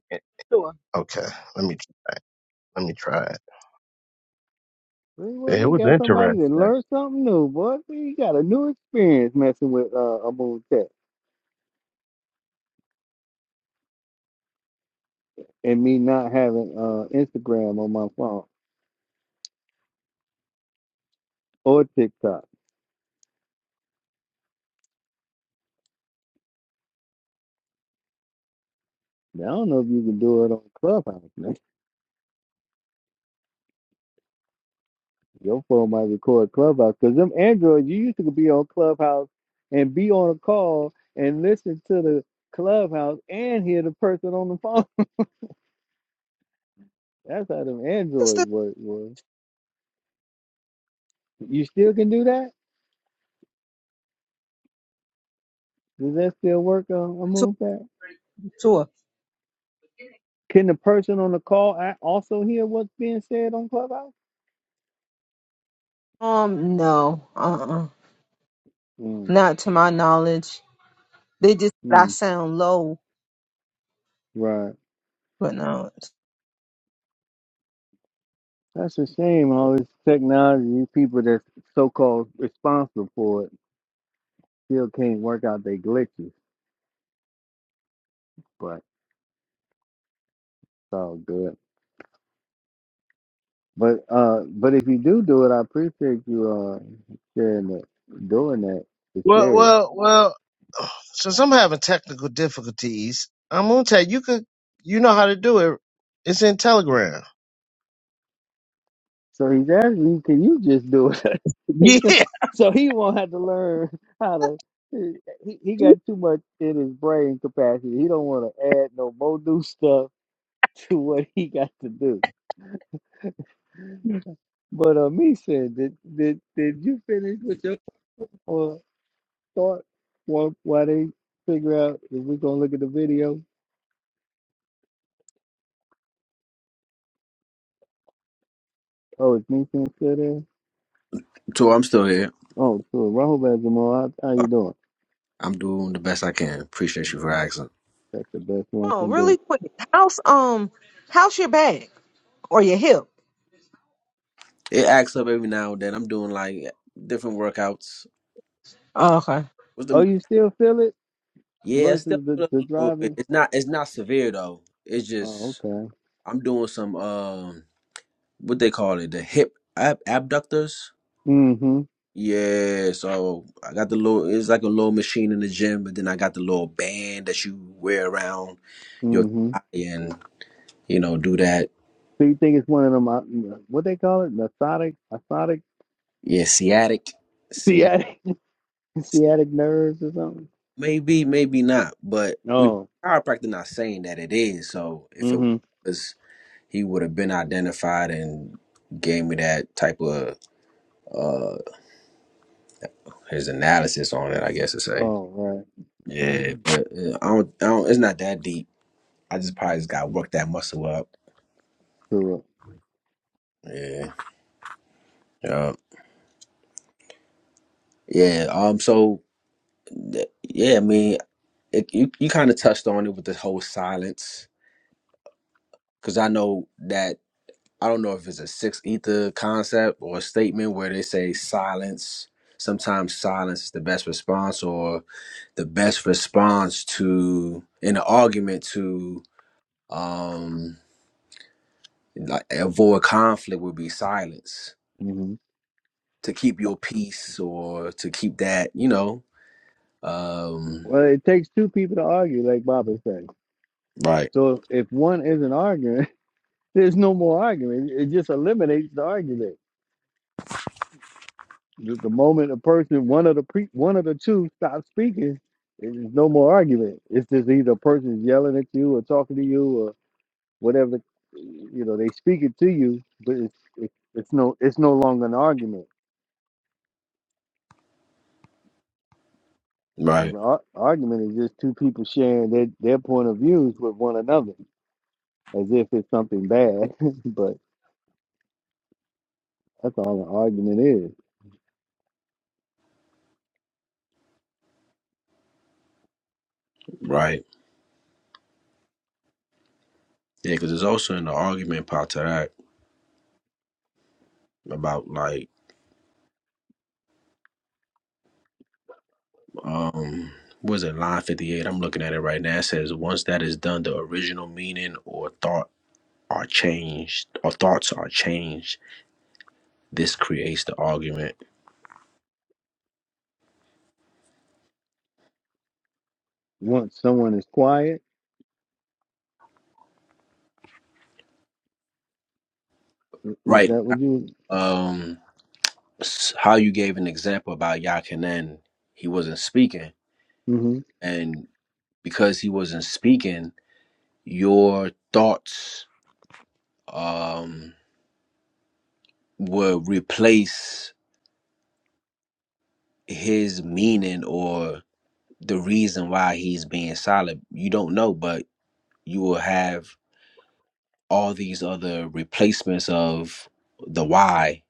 Speaker 2: sure.
Speaker 5: Okay, let me try. It. Let me try it.
Speaker 1: we, well,
Speaker 5: Yeah,
Speaker 1: we
Speaker 5: It was
Speaker 1: got somebody that
Speaker 5: interesting.
Speaker 1: learned something new, boy. We got a new experience messing with uh, Abul Tech and me not having uh, Instagram on my phone or TikTok. Now, I don't know if you can do it on Clubhouse. Your phone might record Clubhouse because them Androids, you used to be on Clubhouse and be on a call and listen to the Clubhouse and hear the person on the phone. That's how them
Speaker 2: That's
Speaker 1: Androids
Speaker 2: the
Speaker 1: work. Was you still can do that? Does that still work? on a
Speaker 2: tour.
Speaker 1: move that?
Speaker 2: tour.
Speaker 1: Can the person on the call a- also hear what's being said on Clubhouse?
Speaker 2: Um, no, uh-uh.
Speaker 1: Mm,
Speaker 2: Not to my knowledge. They just said I
Speaker 1: mm,
Speaker 2: sound low,
Speaker 1: right.
Speaker 2: but no.
Speaker 1: That's a shame. All this technology, these people that's so-called responsible for it, still can't work out their glitches. But it's all good. But uh, but if you do do it, I appreciate you uh sharing it, doing that to
Speaker 5: Well,
Speaker 1: share it.
Speaker 5: well, well. Since I'm having technical difficulties, I'm gonna tell you, you could, you know how to do it. It's in Telegram.
Speaker 1: So he's asking you, can you just do it?
Speaker 5: Yeah,
Speaker 1: so he won't have to learn how to. He, he got too much in his brain capacity. He don't want to add no more new stuff to what he got to do. But uh, me said, did did did you finish with your uh, thought while while they figure out if we're gonna look at the video? Oh, it's me saying still there?
Speaker 8: So I'm still here.
Speaker 1: Oh, so Rahul Jamal, how, how
Speaker 8: Uh,
Speaker 1: you doing?
Speaker 8: I'm doing the best I can. Appreciate you
Speaker 1: Mm,
Speaker 8: for asking.
Speaker 1: That's the best one
Speaker 2: Oh,
Speaker 1: can do.
Speaker 2: really quick. How's um how's your back or your hip?
Speaker 8: It acts up every now and then. I'm doing like different workouts
Speaker 2: Oh, okay.
Speaker 8: with
Speaker 1: Oh,
Speaker 8: them.
Speaker 1: you still feel it
Speaker 8: Yeah, it's still
Speaker 1: versus the,
Speaker 8: a
Speaker 1: the
Speaker 8: little bit.
Speaker 1: driving?
Speaker 8: It's not. It's not severe though. It's
Speaker 1: Oh,
Speaker 8: just
Speaker 1: okay.
Speaker 8: I'm doing some um what they call it the hip ab- abductors.
Speaker 1: Mm-hmm.
Speaker 8: Yeah, so I got the little. It's like a little machine in the gym, but then I got the little band that you wear around your
Speaker 1: Mm-hmm.
Speaker 8: thigh, and you know do that.
Speaker 1: So you think it's one of them, uh, what they call it? Nasotic, asotic,
Speaker 8: Yeah, sciatic, sciatic.
Speaker 1: sciatic, sciatic nerves or something?
Speaker 8: Maybe, maybe not, but you know,
Speaker 1: Oh,
Speaker 8: chiropractor not saying that it is. So if it
Speaker 1: mm-hmm.
Speaker 8: was, he would have been identified and gave me that type of uh his analysis on it. I guess to say.
Speaker 1: Oh, right. All
Speaker 8: Yeah,
Speaker 1: right.
Speaker 8: but uh, I don't. I don't. It's not that deep. I just probably just got to work that muscle up.
Speaker 1: Correct.
Speaker 8: Yeah. Yeah. Yeah. Um. So, th- yeah. I mean, it, you you kind of touched on it with the whole silence, because I know that I don't know if it's a sixth ether concept or a statement where they say silence. Sometimes silence is the best response, or the best response to in an argument to um like avoid conflict would be silence
Speaker 1: Mm-hmm.
Speaker 8: to keep your peace or to keep that you know um
Speaker 1: Well, it takes two people to argue, like Baba said.
Speaker 8: right
Speaker 1: So if one isn't arguing, there's no more arguing. It just eliminates the argument. The, the moment a person, one of the pre, one of the two, stops speaking, there's no more argument. It's just either a person's yelling at you or talking to you or whatever. the- You know, they speak it to you, but it's it's, it's no it's no longer an argument. The
Speaker 8: right
Speaker 1: ar- argument is just two people sharing their their point of views with one another, as if it's something bad. but that's all an argument is.
Speaker 8: right Yeah, because it's also in the argument part to that about like um was it line fifty eight? I'm looking at it right now. It says once that is done, the original meaning or thought are changed or thoughts are changed. This creates the argument.
Speaker 1: Once someone is quiet, was
Speaker 8: Right.
Speaker 1: that what you?
Speaker 8: Um s- how you gave an example about Yakinen, he wasn't speaking.
Speaker 1: mm hmm
Speaker 8: And because he wasn't speaking, your thoughts um will replace his meaning or the reason why he's being solid. You don't know, but you will have all these other replacements of the why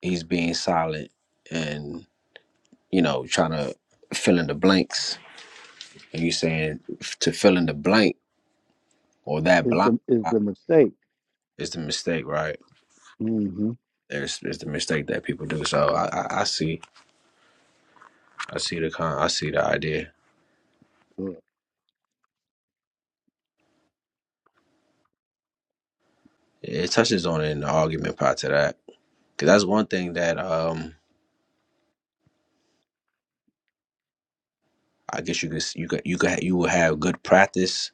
Speaker 8: he's being solid and, you know, trying to fill in the blanks. And you're saying to fill in the blank or that
Speaker 1: Is
Speaker 8: blind
Speaker 1: the is
Speaker 8: spot
Speaker 1: the mistake?
Speaker 8: is the mistake, right?
Speaker 1: Mm-hmm.
Speaker 8: There's is the mistake that people do. So I, I, I see I see the con I see the idea. It touches on it in the argument part to that. Cause that's one thing that um I guess you could s- you could you could ha- you will have good practice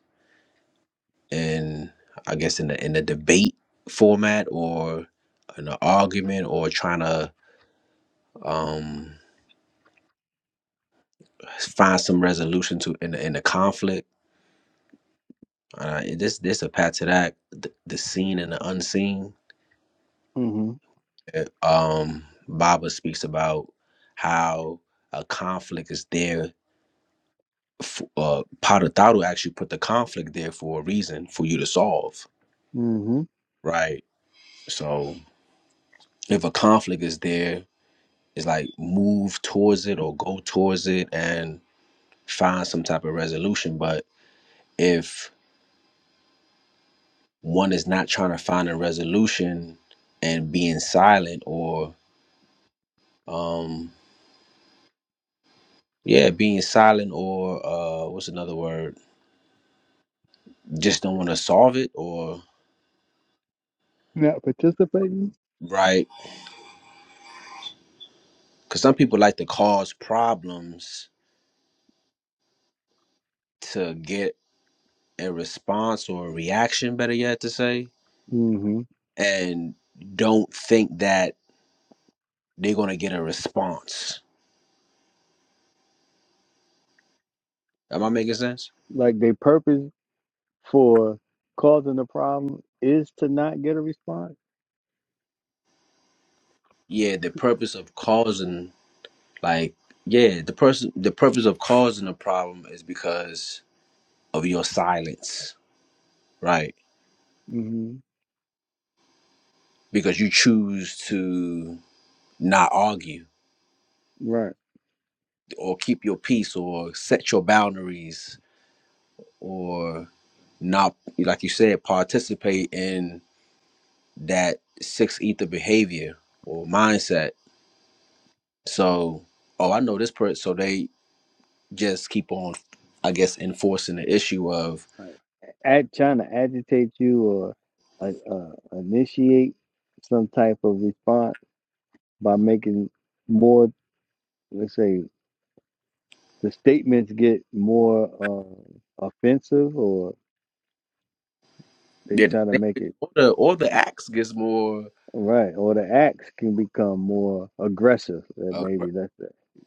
Speaker 8: in I guess in the in the debate format or in an argument or trying to um find some resolution to in the, in the conflict. Uh, this this a path to that the, the seen and the unseen.
Speaker 1: hmm
Speaker 8: Uh, Um, Baba speaks about how a conflict is there. For, uh, Padre Thadu actually put the conflict there for a reason for you to solve,
Speaker 1: hmm
Speaker 8: right? So if a conflict is there, it's like move towards it or go towards it and find some type of resolution. But if one is not trying to find a resolution and being silent or um yeah, being silent or uh what's another word? Just don't want to solve it or
Speaker 1: Not participating.
Speaker 8: right? Cuz some people like to cause problems to get a response or a reaction better yet to say
Speaker 1: hmm
Speaker 8: and don't think that they're gonna get a response. Am I making sense?
Speaker 1: Like their purpose for causing the problem is to not get a response.
Speaker 8: Yeah, the purpose of causing like yeah, the person the purpose of causing a problem is because of your silence, right?
Speaker 1: hmm
Speaker 8: Because you choose to not argue
Speaker 1: Right.
Speaker 8: or keep your peace or set your boundaries or not like you said, participate in that six ether behavior or mindset. So, oh I know this person so they just keep on, I guess, enforcing the issue of
Speaker 1: Right. At trying to agitate you or uh, uh, initiate some type of response by making more, let's say, the statements get more uh, offensive, or they
Speaker 8: yeah,
Speaker 1: try to make it
Speaker 8: all the all the acts gets more
Speaker 1: right, or the acts can become more aggressive. uh,
Speaker 8: uh,
Speaker 1: Maybe that's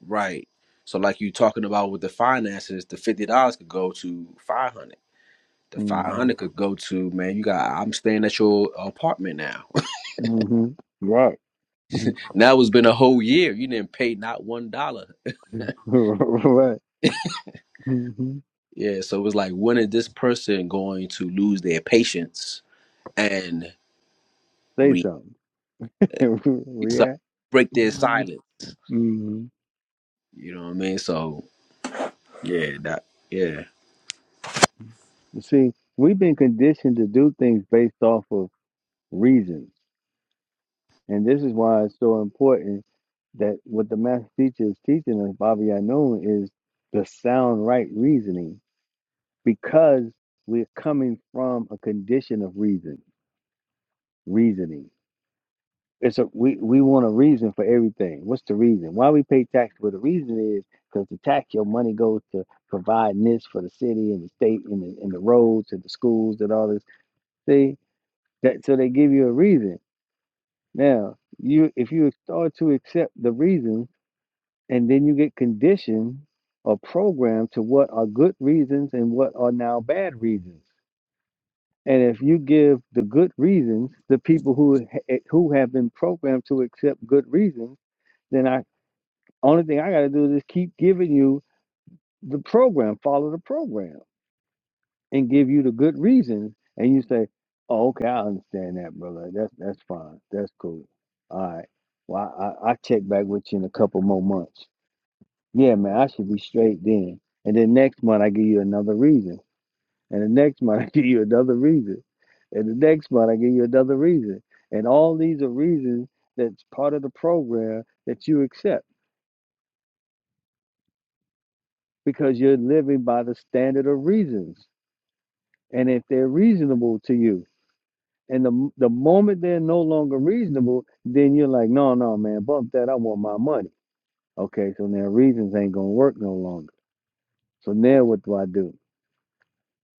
Speaker 8: right. So like you talking about with the finances, the fifty dollars could go to five hundred. The five
Speaker 1: it.
Speaker 8: hundred could go to man. You got I'm staying at your apartment now.
Speaker 1: hmm Right. Mhm.
Speaker 8: Now it's been a whole year. You didn't pay not one dollar.
Speaker 1: right. hmm
Speaker 8: Yeah, so it was like when is this person going to lose their patience and
Speaker 1: Say
Speaker 8: re
Speaker 1: something.
Speaker 8: so
Speaker 1: React.
Speaker 8: break their
Speaker 1: hmm
Speaker 8: silence? You know what I mean? So Yeah, that. Yeah.
Speaker 1: See, we've been conditioned to do things based off of reasons. And this is why it's so important that what the master teacher is teaching us, Bobby Yanun, is the sound right reasoning because we're coming from a condition of reason, reasoning. It's a we we want a reason for everything. What's the reason? Why we pay tax? Well, the reason is because the tax your money goes to providing this for the city and the state and the and the roads and the schools and all this. See that so they give you a reason. Now you if you start to accept the reason and then you get conditioned or programmed to what are good reasons and what are now bad reasons. And if you give the good reasons, the people who ha- who have been programmed to accept good reasons then I. Only thing I got to do is just keep giving you the program, follow the program, and give you the good reasons. And you say, oh, okay, I understand that, brother. That's that's fine. That's cool. All right. Well, I, I, I check back with you in a couple more months. Yeah, man, I should be straight then. And then next month, I give you another reason. And the next month, I give you another reason. And the next month, I give you another reason. And all these are reasons that's part of the program that you accept because you're living by the standard of reasons. And if they're reasonable to you, and the the moment they're no longer reasonable, then you're like, no, no, man, bump that. I want my money. Okay, so now reasons ain't gonna work no longer. So now what do I do?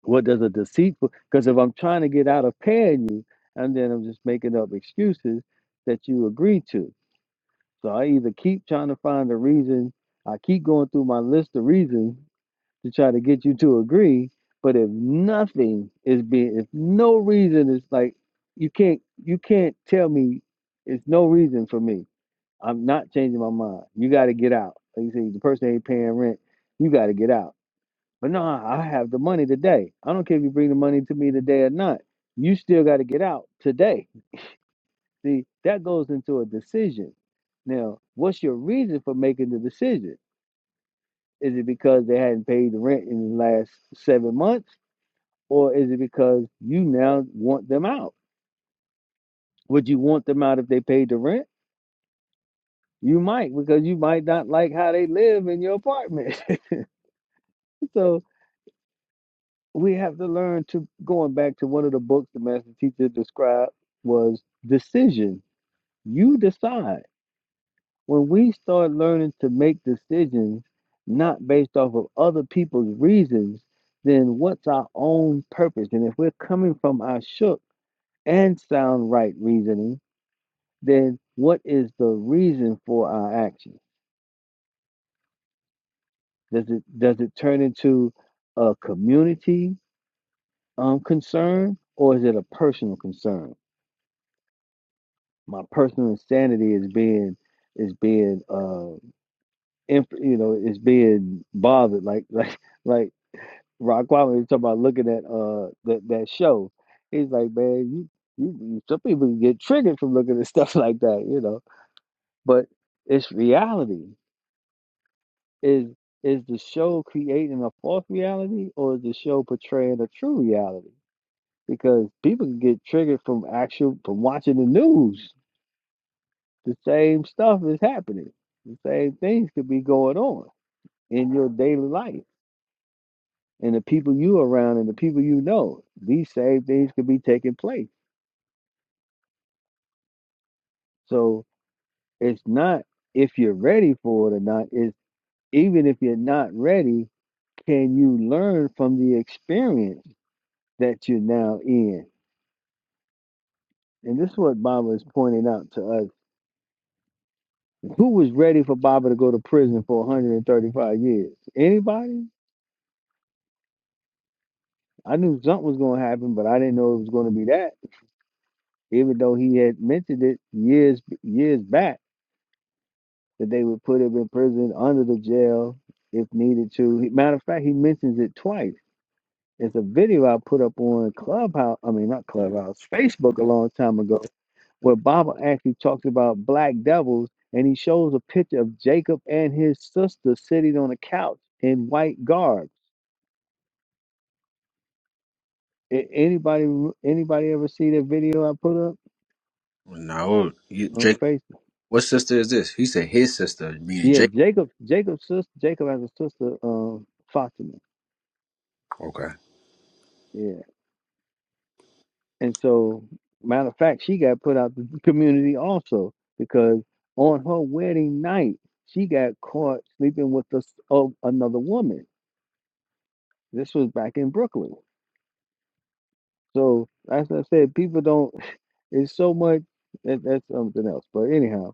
Speaker 1: What does a deceitful? Because if I'm trying to get out of paying you, and then I'm just making up excuses that you agree to. So I either keep trying to find a reason. I keep going through my list of reasons to try to get you to agree. But if nothing is being, if no reason is like, you can't, you can't tell me it's no reason for me. I'm not changing my mind. You got to get out. Like you say, the person ain't paying rent. You got to get out. But no, I have the money today. I don't care if you bring the money to me today or not. You still got to get out today. See, that goes into a decision. Now, what's your reason for making the decision? Is it because they hadn't paid the rent in the last seven months? or is it because you now want them out? Would you want them out if they paid the rent? You might, because you might not like how they live in your apartment. so we have to learn to going back to one of the books the master teacher described was decision. You decide. When we start learning to make decisions not based off of other people's reasons, then what's our own purpose? And if we're coming from our shook and sound right reasoning, then what is the reason for our action? Does it does it turn into a community um, concern or is it a personal concern? My personal insanity is being is being uh inf- you know is being bothered like like like Rock was talking about looking at uh that that show. He's like, man, you you- some people get triggered from looking at stuff like that, you know. But it's reality. Is is the show creating a false reality or is the show portraying a true reality? Because people can get triggered from actual from watching the news. The same stuff is happening. The same things could be going on in your daily life. And the people you around and the people you know, these same things could be taking place. So it's not if you're ready for it or not, it's even if you're not ready, can you learn from the experience that you're now in? And this is what Baba is pointing out to us. Who was ready for Baba to go to prison for 135 years? Anybody? I knew something was going to happen, but I didn't know it was going to be that. Even though he had mentioned it years years back that they would put him in prison under the jail if needed to. He- Matter of fact, he mentions it twice. It's a video I put up on Clubhouse. I mean, not Clubhouse, Facebook a long time ago where Baba actually talks about black devils and he shows a picture of Jacob and his sister sitting on a couch in white garb. A- Anybody anybody ever see that video I put up
Speaker 8: Now,
Speaker 1: on
Speaker 8: Jake,
Speaker 1: Facebook?
Speaker 8: what sister is this? He said his sister, meaning
Speaker 1: Yeah,
Speaker 8: Jake.
Speaker 1: Jacob Jacob's sister Jacob has a sister, um, Fatima.
Speaker 8: Okay.
Speaker 1: Yeah. And so matter of fact, she got put out the community also because on her wedding night, she got caught sleeping with this, oh, another woman. This was back in Brooklyn So as I said, people don't. It's so much that that's something else. But anyhow,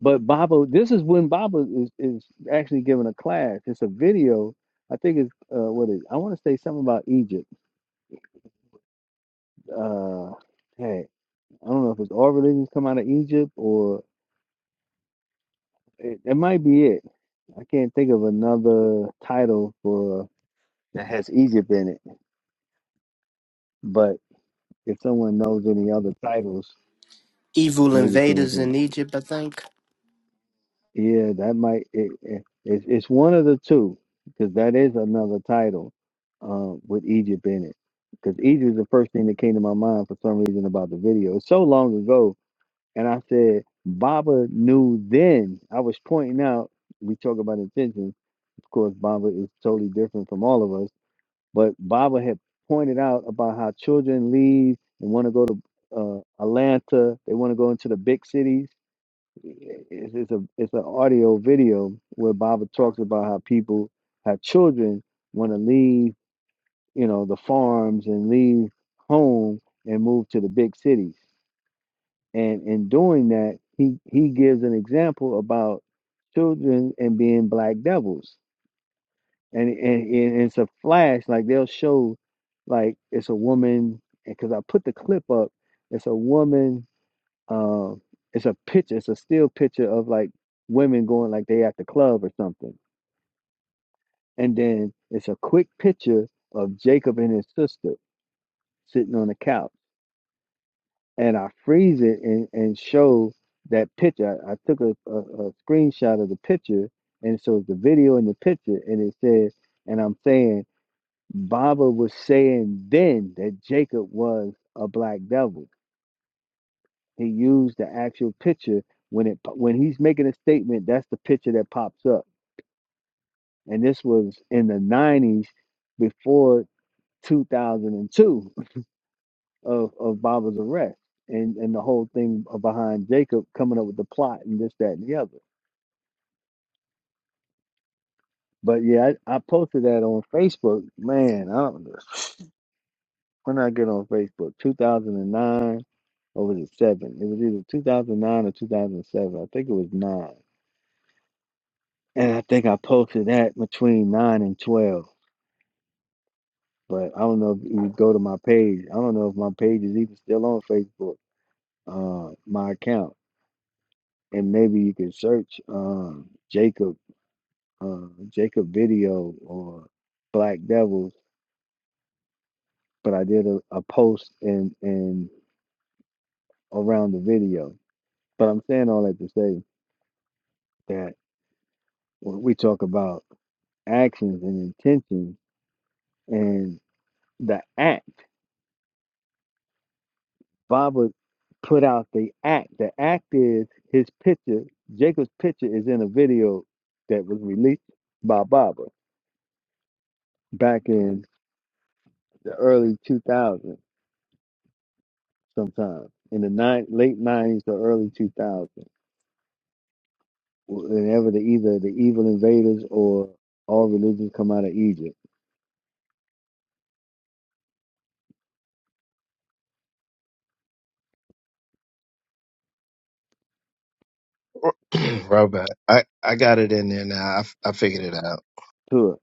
Speaker 1: but Baba, this is when Baba is is actually giving a class. It's a video. I think it's uh, what is. I want to say something about Egypt. Uh, hey, I don't know if it's all religions come out of Egypt or it, it might be it. I can't think of another title for that has Egypt in it. But if someone knows any other titles,
Speaker 6: Evil
Speaker 1: maybe
Speaker 6: invaders
Speaker 1: can.
Speaker 6: in Egypt, I think.
Speaker 1: Yeah, that might it, it, it's it's one of the two because that is another title uh, with Egypt in it. Because Egypt is the first thing that came to my mind for some reason about the video. It's so long ago, and I said Baba knew then. I was pointing out we talk about intention. Of course, Baba is totally different from all of us, but Baba had pointed out about how children leave and want to go to uh, Atlanta. They want to go into the big cities it's, it's a it's an audio video where Baba talks about how people have children want to leave you know the farms and leave home and move to the big cities and in doing that he he gives an example about children and being black devils and and, and it's a flash like they'll show like it's a woman because I put the clip up it's a woman um it's a picture it's a still picture of like women going like they at the club or something and then it's a quick picture of jacob and his sister sitting on the couch and i freeze it and, and show that picture i, I took a, a, a screenshot of the picture and so the video and the picture and it says and i'm saying baba was saying then that jacob was a black devil He used the actual picture when it when he's making a statement. That's the picture that pops up, and this was in the '90s, before 2002 of of Baba's arrest and and the whole thing behind Jacob coming up with the plot and this that and the other. But yeah, I, I posted that on Facebook. Man, I don't know when I get on Facebook, 2009 or was it seven? It was either 2009 or 2007. I think it was nine, and I think I posted that between nine and 12 But I don't know if you go to my page. I don't know if my page is even still on Facebook, uh, my account. And maybe you can search um, Jacob, uh, Jacob video or Black Devils. But I did a, a post and and around the video. But I'm saying all that to say that when we talk about actions and intentions and the act. Baba put out the act. The act is his picture, Jacob's picture is in a video that was released by Baba back in the early 2000s, sometime in the nine, late 90s or early 2000s, whenever the, either the evil invaders or all religions come out of Egypt.
Speaker 5: Robert, I I got it in there now. I, f- I figured it out.
Speaker 1: To it.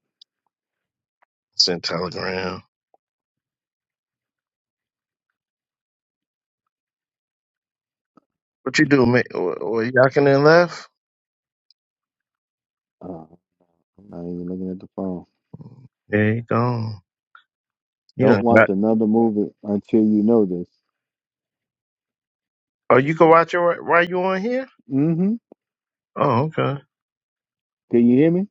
Speaker 5: It's in Telegram. What you do, mate? Well, yacking and left.
Speaker 1: Uh, I'm not even looking at the phone.
Speaker 5: There you go. You
Speaker 1: Don't
Speaker 5: done
Speaker 1: watch
Speaker 5: got.
Speaker 1: another movie until you know this.
Speaker 5: Oh, you can watch it right, while you on here.
Speaker 1: Mm-hmm.
Speaker 5: Oh, okay.
Speaker 1: Can you hear me?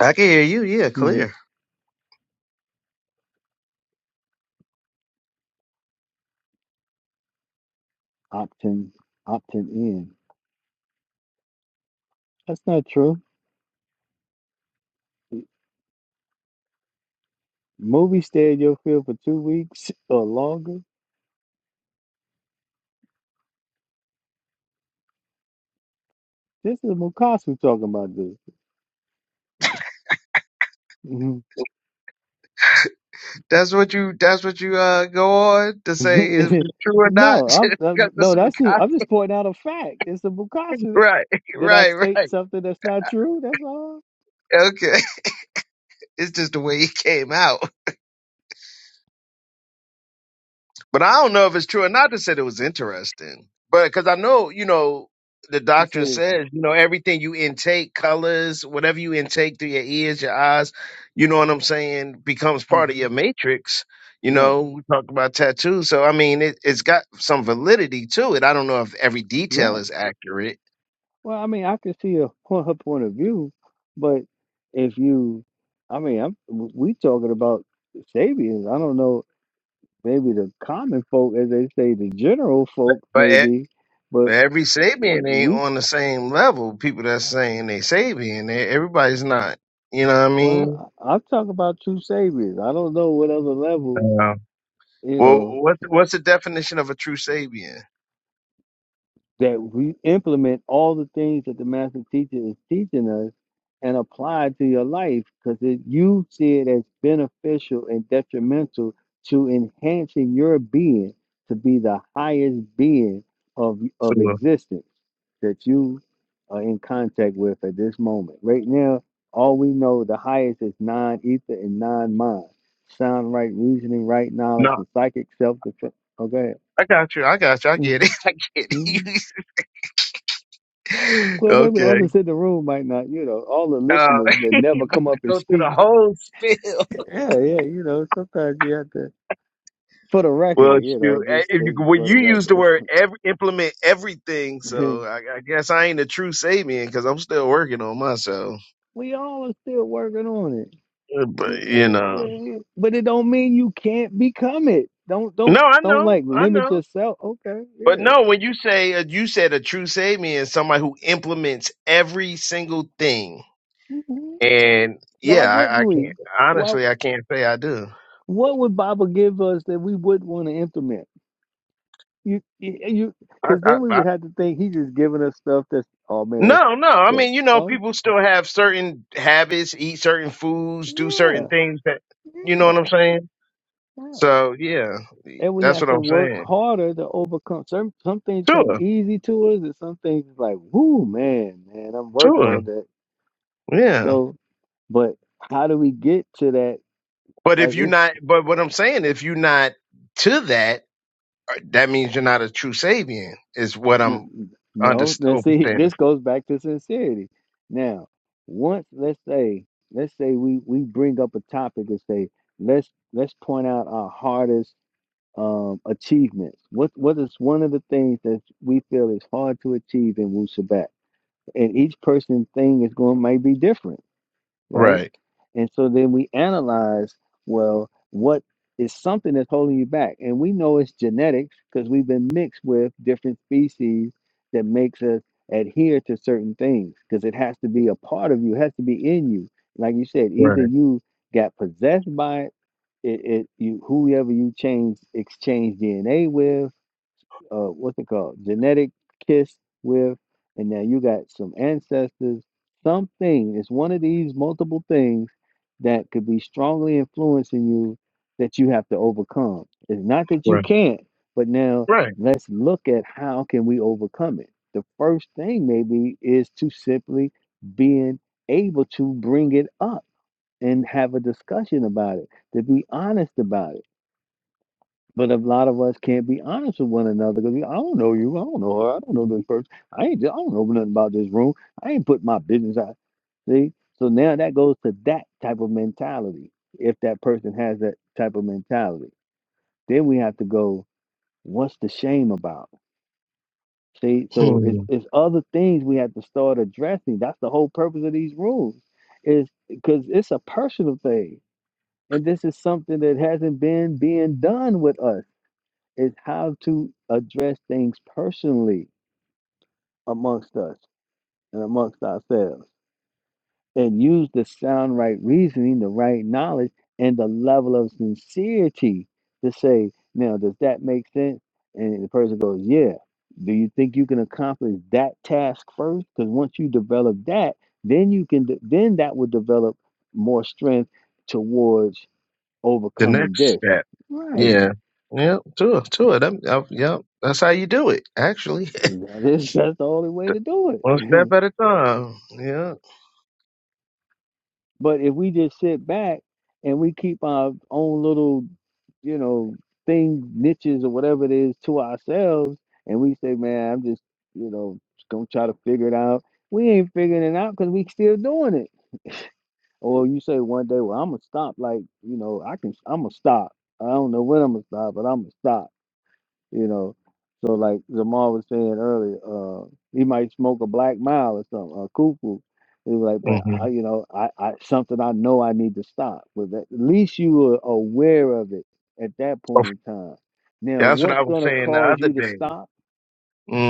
Speaker 5: I can hear you. Yeah,
Speaker 1: Mm-hmm.
Speaker 5: clear.
Speaker 1: Opting, opting in. That's not true. Movie stay in your field for two weeks or longer. This is Mukasu talking about this. Mhm.
Speaker 5: That's what you. That's what you uh go on to say is true or not.
Speaker 1: no, I'm, I'm-
Speaker 5: Because that's
Speaker 1: no,
Speaker 5: what
Speaker 1: that's just, I'm just pointing out a fact. It's the Mukasu. that-
Speaker 5: Right,
Speaker 1: Did I
Speaker 5: right,
Speaker 1: state
Speaker 5: right.
Speaker 1: something that's not true? That's all.
Speaker 5: Okay. It's just the way he came out. But I don't know if it's true or not. They said it was interesting. But because I know, you know, the
Speaker 1: You said
Speaker 5: doctrine
Speaker 1: it.
Speaker 5: says, you know, everything you intake, colors, whatever you intake through your ears, your eyes, you know what I'm saying, becomes part of
Speaker 1: hmm
Speaker 5: your matrix. You
Speaker 1: Right,
Speaker 5: know, we talked about tattoos. So, I mean, it, it's got some validity to it. I don't know if every detail
Speaker 1: right.
Speaker 5: is accurate,
Speaker 1: Well, I mean, I can see a, point- her point of view, but if you, I mean, I'm w- we talking about Sabians. I don't know maybe the common folk, as they say, the general folk,
Speaker 5: but
Speaker 1: maybe, but
Speaker 5: But every Sabian ain't
Speaker 1: we,
Speaker 5: on the same level. People that's saying they Sabian, they, everybody's not. You know what I mean?
Speaker 1: well, I- I'm talking about true saviors. I don't know what other level,
Speaker 5: Uh,
Speaker 1: you
Speaker 5: well,
Speaker 1: know,
Speaker 5: what's what's the definition of a true Sabian?
Speaker 1: that we implement all the things that the master teacher is teaching us and apply it to your life because you see it as beneficial and detrimental to enhancing your being to be the highest being of
Speaker 5: So,
Speaker 1: of existence that you are in contact with at this moment. Right now, all we know the highest is non ether and non mind. Sound right reasoning, right knowledge,
Speaker 5: no,
Speaker 1: and psychic self defense. Okay.
Speaker 5: I got you. I got you. I
Speaker 1: Mm-hmm.
Speaker 5: get it. I get
Speaker 1: Mm-hmm.
Speaker 5: it.
Speaker 1: Well, maybe
Speaker 5: okay.
Speaker 1: others in the room might not, you know, all the
Speaker 5: Uh,
Speaker 1: listeners that
Speaker 5: you
Speaker 1: never
Speaker 5: about
Speaker 1: come
Speaker 5: to
Speaker 1: up and
Speaker 5: go through
Speaker 1: speak.
Speaker 5: the whole spiel.
Speaker 1: Yeah, yeah, you know, sometimes you have to, for the record,
Speaker 5: Well,
Speaker 1: you know,
Speaker 5: shoot. eh,
Speaker 1: just
Speaker 5: If you,
Speaker 1: stating
Speaker 5: well,
Speaker 1: for the
Speaker 5: you use the
Speaker 1: record.
Speaker 5: word every, implement everything, so I, I guess I ain't a true Sabian because I'm still working on myself.
Speaker 1: we all are still working on it.
Speaker 5: Uh,
Speaker 1: Wh-
Speaker 5: But you know,
Speaker 1: wh- But it don't mean you can't become it. Don't
Speaker 5: no,
Speaker 1: don't
Speaker 5: I
Speaker 1: don't
Speaker 5: know,
Speaker 1: like
Speaker 5: I
Speaker 1: limit
Speaker 5: know.
Speaker 1: yourself. Okay,
Speaker 5: But
Speaker 1: yeah.
Speaker 5: no, when you say uh, you said a true Sabian is somebody who implements every single thing,
Speaker 1: hmm
Speaker 5: and
Speaker 1: Why
Speaker 5: yeah,
Speaker 1: wouldn't
Speaker 5: I, I can't
Speaker 1: we? Why?
Speaker 5: honestly, I can't say I do.
Speaker 1: What would Baba give us that we wouldn't want to implement? You you you,
Speaker 5: I,
Speaker 1: because
Speaker 5: I,
Speaker 1: then we
Speaker 5: I,
Speaker 1: would have to think he's just giving us stuff that's oh man,
Speaker 5: no, no, I
Speaker 1: that
Speaker 5: mean you know
Speaker 1: oh
Speaker 5: people still have certain habits, eat certain foods, do
Speaker 1: yeah
Speaker 5: certain things that you know
Speaker 1: yeah
Speaker 5: what I'm saying.
Speaker 1: yeah.
Speaker 5: So yeah,
Speaker 1: And we
Speaker 5: that's
Speaker 1: have
Speaker 5: what
Speaker 1: to
Speaker 5: I'm
Speaker 1: work
Speaker 5: saying.
Speaker 1: harder to overcome some some things come
Speaker 5: Sure,
Speaker 1: easy to us, and some things is like whoo man man I'm working
Speaker 5: sure,
Speaker 1: on that.
Speaker 5: yeah.
Speaker 1: So But how do we get to that?
Speaker 5: But if
Speaker 1: Like
Speaker 5: you're
Speaker 1: it's
Speaker 5: not, but what I'm saying, if you're not to that that means you're not a true Sabian, is what I'm
Speaker 1: n- no.
Speaker 5: underst-
Speaker 1: Let's see.
Speaker 5: understanding.
Speaker 1: This goes back to sincerity. Now, once let's say, let's say we we bring up a topic and say, let's let's point out our hardest um achievements. What what is one of the things that we feel is hard to achieve in Wu Sabat? And each person's thing is going might be different right?
Speaker 5: Right,
Speaker 1: And so then we analyze, well, what is something that's holding you back? And we know it's genetics because we've been mixed with different species that makes us adhere to certain things because it has to be a part of you, it has to be in you. Like you said, either
Speaker 5: right,
Speaker 1: you got possessed by it, it, it you whoever you change exchange DNA with, uh what's it called genetic kiss with and now you got some ancestors something it's one of these multiple things that could be strongly influencing you that you have to overcome it's not that you
Speaker 5: right,
Speaker 1: can't but now
Speaker 5: right.
Speaker 1: let's look at how can we overcome it the first thing maybe is to simply being able to bring it up and have a discussion about it to be honest about it but a lot of us can't be honest with one another because I don't know you, I don't know her, I don't know this person, I ain't, I don't know nothing about this room, I ain't put my business out. See, so now that goes to that type of mentality. If that person has that type of mentality, then we have to go. What's the shame about? See, so it's
Speaker 5: Hmm.
Speaker 1: it's other things we have to start addressing. That's the whole purpose of these rules, is because it's a personal thing, and this is something that hasn't been being done with us is how to address things personally amongst us and amongst ourselves and use the sound right reasoning, the right knowledge, and the level of sincerity to say, now, does that make sense? And the person goes, yeah. Do you think you can accomplish that task first? Because once you develop that, then you can, de- then that will develop more strength towards
Speaker 5: The
Speaker 1: overcoming
Speaker 5: next
Speaker 1: this.
Speaker 5: step.
Speaker 1: Right.
Speaker 5: Yeah, yeah, sure, sure. That, uh, yeah, that's how you do it, actually.
Speaker 1: That is, that's the only way to do
Speaker 5: One
Speaker 1: it.
Speaker 5: step at a time. Yeah.
Speaker 1: But if we just sit back and we keep our own little, you know, things, niches or whatever it is to ourselves, and we say, man, I'm just, you know, just gonna try to figure it out. We ain't figuring it out because we still doing it. Or you say one day, well, I'm gonna stop. Like, you know, I can, I'm gonna stop. I don't know when I'm gonna stop, but I'm gonna stop you know. So like Zamar was saying earlier, uh, he might smoke a black mile or something, a cuckoo. He was like, but
Speaker 5: hmm
Speaker 1: I, you know, I, I something I know I need to stop. But at least you were aware of it at that point in time. Now,
Speaker 5: That's what
Speaker 1: what's
Speaker 5: I was
Speaker 1: gonna
Speaker 5: saying the
Speaker 1: cause
Speaker 5: other
Speaker 1: you to
Speaker 5: day.
Speaker 1: stop?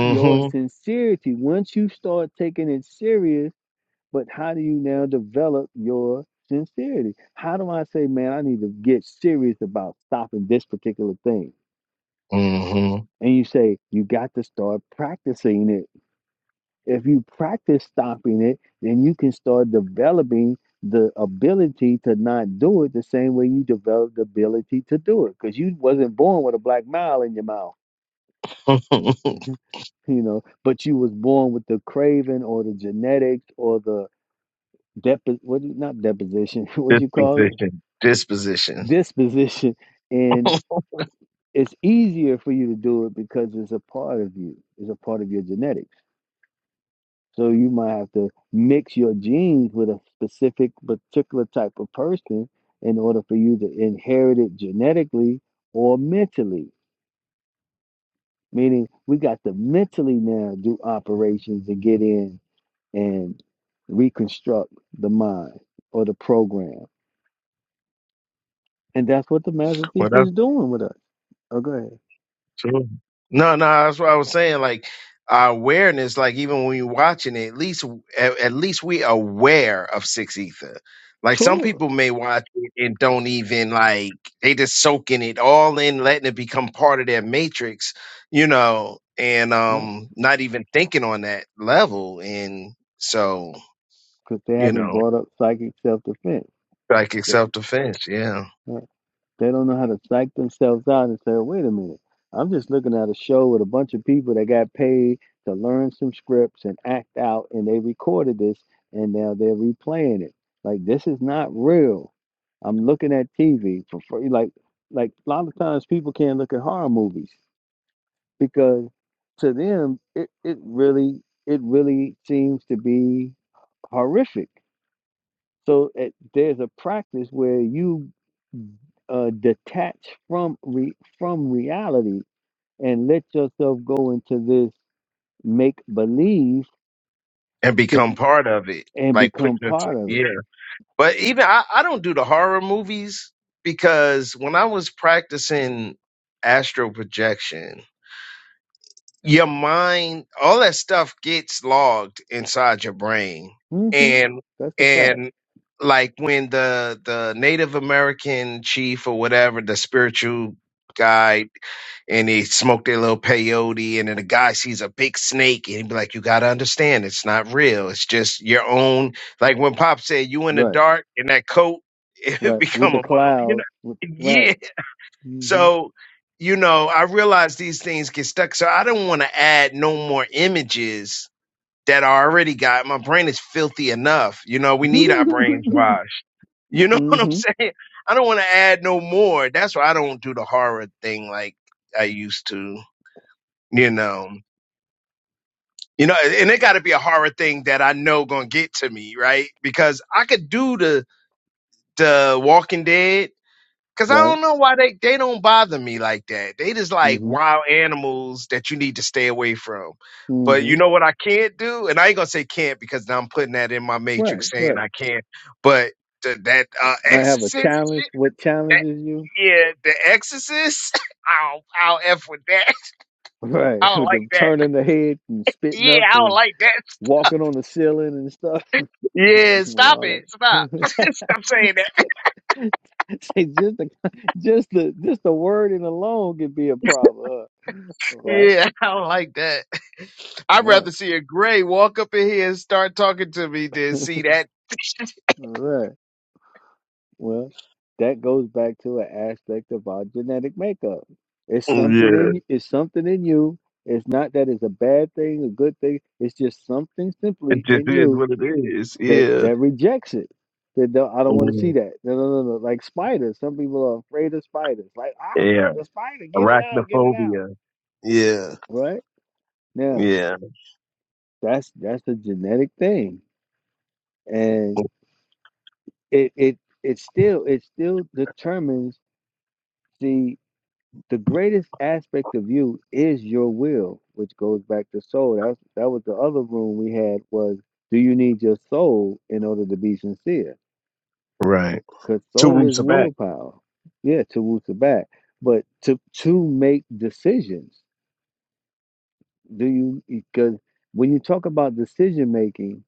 Speaker 1: Your sincerity. Once you start taking it serious, but how do you now develop your sincerity? How do I say, man, I need to get serious about stopping this particular thing?
Speaker 5: hmm
Speaker 1: And you say, you got to start practicing it. If you practice stopping it, then you can start developing the ability to not do it the same way you developed the ability to do it. Because you wasn't born with a black mile in your mouth, you know, but you was born with the craving or the genetics or the depo- what do you- not deposition, what do you call it?
Speaker 5: Disposition. Disposition.
Speaker 1: Disposition. And it's easier for you to do it because it's a part of you. It's a part of your genetics So you might have to mix your genes with a specific, particular type of person in order for you to inherit it genetically or mentally. Meaning, we got to mentally now do operations to get in and reconstruct the mind or the program. And that's what the master
Speaker 5: What
Speaker 1: teacher is doing with us. Oh, go ahead.
Speaker 5: True. No, no, that's what I was saying. Like our awareness, like even when you're watching it, at least at, at least we aware of six ether. Like some
Speaker 1: Sure.
Speaker 5: people may watch it and don't even like they just soaking it all in, letting it become part of their matrix, you know, and
Speaker 1: Right.
Speaker 5: um not even thinking on that level. And so,
Speaker 1: Because they
Speaker 5: you
Speaker 1: haven't
Speaker 5: know,
Speaker 1: brought up psychic self defense.
Speaker 5: like self defense, yeah.
Speaker 1: They don't know how to psych themselves out and say, wait a minute, I'm just looking at a show with a bunch of people that got paid to learn some scripts and act out, and they recorded this, and now they're replaying it. Like, this is not real. I'm looking at TV for free. Like, like a lot of times people can't look at horror movies because to them, it, it really, it really seems to be horrific so it, there's a practice where you uh, detach from re, from reality and let yourself go into this make believe
Speaker 5: And
Speaker 1: because
Speaker 5: become part of it.
Speaker 1: and
Speaker 5: Like put
Speaker 1: become
Speaker 5: your
Speaker 1: part of it.
Speaker 5: yeah. But even I, I don't do the horror movies because when I was practicing astral projection, your mind all that stuff gets logged inside your brain
Speaker 1: hmm
Speaker 5: and
Speaker 1: That's a fact.
Speaker 5: and like when the the native american chief or whatever the spiritual guy and they smoke their little peyote and then the guy sees a big snake and he be like you got to understand it's not real it's just your own like when pop said you in the
Speaker 1: Right.
Speaker 5: dark in that coat it
Speaker 1: Right. With
Speaker 5: become
Speaker 1: the
Speaker 5: a bomb you know
Speaker 1: clouds. With the,
Speaker 5: yeah
Speaker 1: right. hmm
Speaker 5: so, you know, I realize these things get stuck. So I don't want to add no more images that I already got. My brain is filthy enough. You know, we need our brains washed. You know what I'm
Speaker 1: hmm
Speaker 5: saying? I don't want to add no more. That's why I don't do the horror thing like I used to, you know. You know, and it got to be a horror thing that I know going to get to me, right? Because I could do the the Walking Dead Cause I
Speaker 1: Right.
Speaker 5: don't know why they they don't bother me like that. They just like
Speaker 1: hmm
Speaker 5: wild animals that you need to stay away from. But
Speaker 1: hmm
Speaker 5: you know what I can't do, and I ain't gonna say can't because now I'm putting that in my
Speaker 1: Right.
Speaker 5: matrix saying
Speaker 1: Right.
Speaker 5: I can't. But the, that uh,
Speaker 1: Might have a
Speaker 5: exorcist,
Speaker 1: challenge.
Speaker 5: shit,
Speaker 1: What
Speaker 5: that
Speaker 1: challenges you?
Speaker 5: yeah, the exorcist, I'll I'll f with that. I
Speaker 1: Right.
Speaker 5: don't
Speaker 1: With
Speaker 5: like
Speaker 1: them
Speaker 5: that.
Speaker 1: turning the head and spitting
Speaker 5: Yeah,
Speaker 1: up
Speaker 5: I
Speaker 1: and.
Speaker 5: don't like that.
Speaker 1: walking on the ceiling and stuff.
Speaker 5: Yeah, stop
Speaker 1: All
Speaker 5: it, stop,
Speaker 1: that.
Speaker 5: stop saying that.
Speaker 1: Say just the just the just the wording alone could be a problem. uh, Right,
Speaker 5: Yeah, I don't like that. I'd
Speaker 1: right,
Speaker 5: rather see a gray walk up in here and start talking to me than see that.
Speaker 1: right. Well, that goes back to an aspect of our genetic makeup. It's something
Speaker 5: Yeah,
Speaker 1: in It's something in you. It's not that it's a bad thing, a good thing. It's just something simply
Speaker 5: it just
Speaker 1: in
Speaker 5: is
Speaker 1: you
Speaker 5: what it is.
Speaker 1: that
Speaker 5: Yeah.
Speaker 1: that rejects it. That don't, I don't want to see
Speaker 5: Mm,
Speaker 1: that. No, no, no, no. Like spiders, some people are afraid of spiders. Like ah,
Speaker 5: Yeah.
Speaker 1: the spider, get it out, get it out.
Speaker 5: Arachnophobia. Yeah.
Speaker 1: Right now,
Speaker 5: Yeah.
Speaker 1: that's that's a genetic thing, and it it it still it still determines the the greatest aspect of you is your will, which goes back to soul. That's that was the other room we had was do you need your soul in order to be sincere?
Speaker 5: Right.
Speaker 1: Because
Speaker 5: Two
Speaker 1: soul is
Speaker 5: weeks back.
Speaker 1: willpower. Yeah, to root to back. But to to make decisions, do you because when you talk about decision making,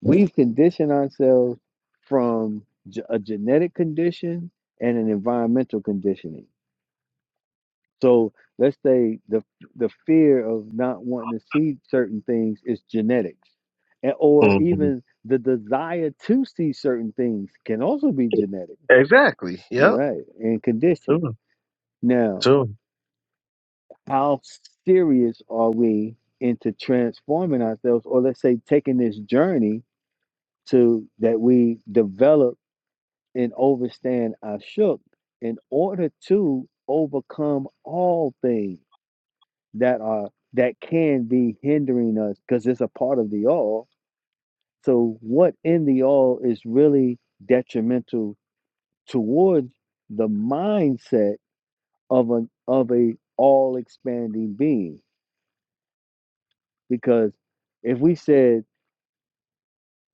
Speaker 1: we've conditioned ourselves from ge- a genetic condition and an environmental conditioning. So let's say the the fear of not wanting to see certain things is genetics. And, or
Speaker 5: hmm
Speaker 1: even the desire to see certain things can also be genetic.
Speaker 5: Exactly.
Speaker 1: All
Speaker 5: Yep.
Speaker 1: right, and conditioning.
Speaker 5: Two.
Speaker 1: Now,
Speaker 5: Two.
Speaker 1: how serious are we into transforming ourselves or let's say taking this journey to that we develop and overstand our shook in order to overcome all things that are that can be hindering us because it's a part of the all so what in the all is really detrimental towards the mindset of an of a all expanding being because if we said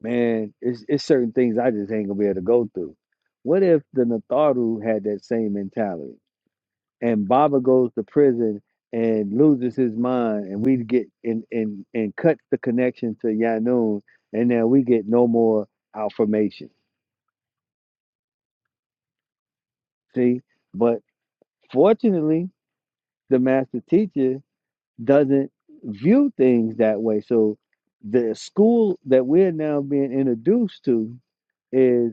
Speaker 1: Man, it's it's certain things I just ain't gonna be able to go through. What if the Natharu had that same mentality and Baba goes to prison and loses his mind and we get and and and cut the connection to Yanun and then we get no more affirmation. See? But fortunately the master teacher doesn't view things that way. So the school that we're now being introduced to is.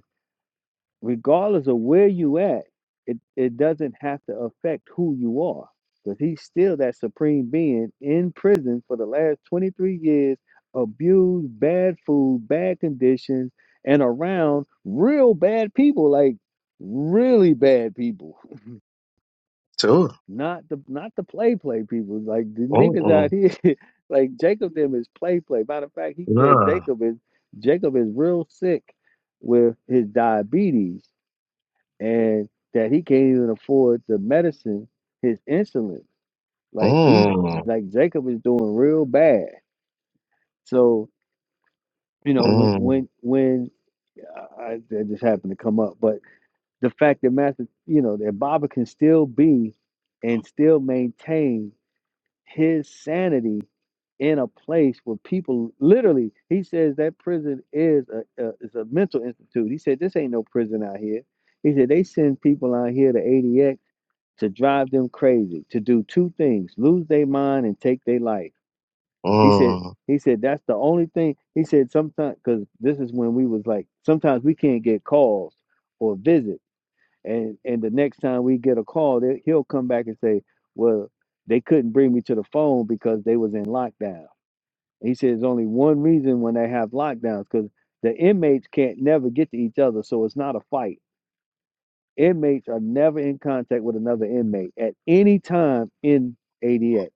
Speaker 1: regardless of where you at, it, it doesn't have to affect who you are. Because he's still that supreme being in prison for the last 23 years, abused, bad food, bad conditions, and around real bad people, like really bad people.
Speaker 5: Two.
Speaker 1: Not the not the play play people. Like the niggas out
Speaker 5: Mm-mm.
Speaker 1: here, like Jacob them is play play. Matter of fact, he said
Speaker 5: Nah.
Speaker 1: Jacob is Jacob is real sick with his diabetes and that he can't even afford the medicine, his insulin. Like he,
Speaker 5: Mm.
Speaker 1: like Jacob is doing real bad. So you know when
Speaker 5: Mm.
Speaker 1: when when I, that just happened to come up, but the fact that Master, you know, that Baba can still be and still maintain his sanity in a place where people literally he says that prison is a, a is a mental institute he said this ain't no prison out here he said they send people out here to adx to drive them crazy, to do two things, lose their mind and take their life. He said,
Speaker 5: Mm.
Speaker 1: he said, that's the only thing. He said, sometimes, because this is when we was like, sometimes we can't get calls or visits, And and the next time we get a call, they, he'll come back and say, well, they couldn't bring me to the phone because they was in lockdown. He said, there's only one reason when they have lockdowns, because the inmates can't never get to each other. So it's not a fight Inmates are never in contact with another inmate at any time in ADX.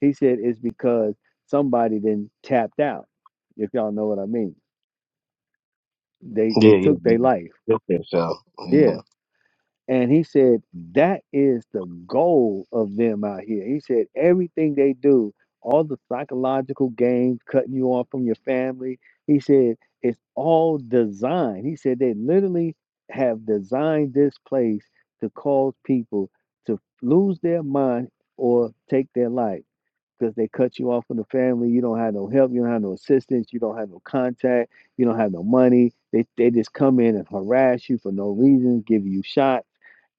Speaker 1: He said it's because somebody then tapped out. If y'all know what I mean, they they
Speaker 5: Yeah, yeah,
Speaker 1: took
Speaker 5: yeah.
Speaker 1: their life.
Speaker 5: Check this
Speaker 1: Yeah.
Speaker 5: Mm.
Speaker 1: And he said, that is the goal of them out here. He said, everything they do, all the psychological games, cutting you off from your family, he said, it's all designed. He said, they literally have designed this place to cause people to lose their mind or take their life because they cut you off from the family. You don't have no help. You don't have no assistance. You don't have no contact. You don't have no money. They, they just come in and harass you for no reason, give you shots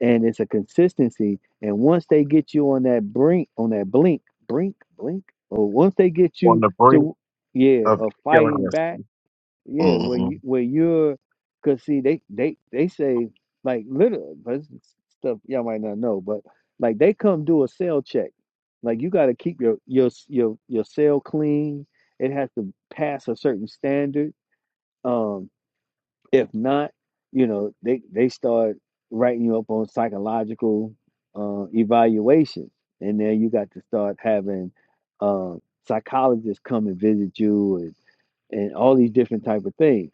Speaker 1: and it's a consistency. And once they get you on that brink, on that blink, brink, blink, or once they get
Speaker 5: On
Speaker 1: you
Speaker 5: the brink
Speaker 1: to yeah,
Speaker 5: of
Speaker 1: a
Speaker 5: killing
Speaker 1: fighting back,
Speaker 5: yourself.
Speaker 1: yeah, where
Speaker 5: Mm-hmm.
Speaker 1: you where you're, cause see they they they say like literally, but it's stuff y'all might not know, but like they come do a cell check. Like you got to keep your your your your cell clean. It has to pass a certain standard. um. If not, you know, they they start writing you up on psychological uh, evaluation, and then you got to start having uh, psychologists come and visit you, and and all these different type of things.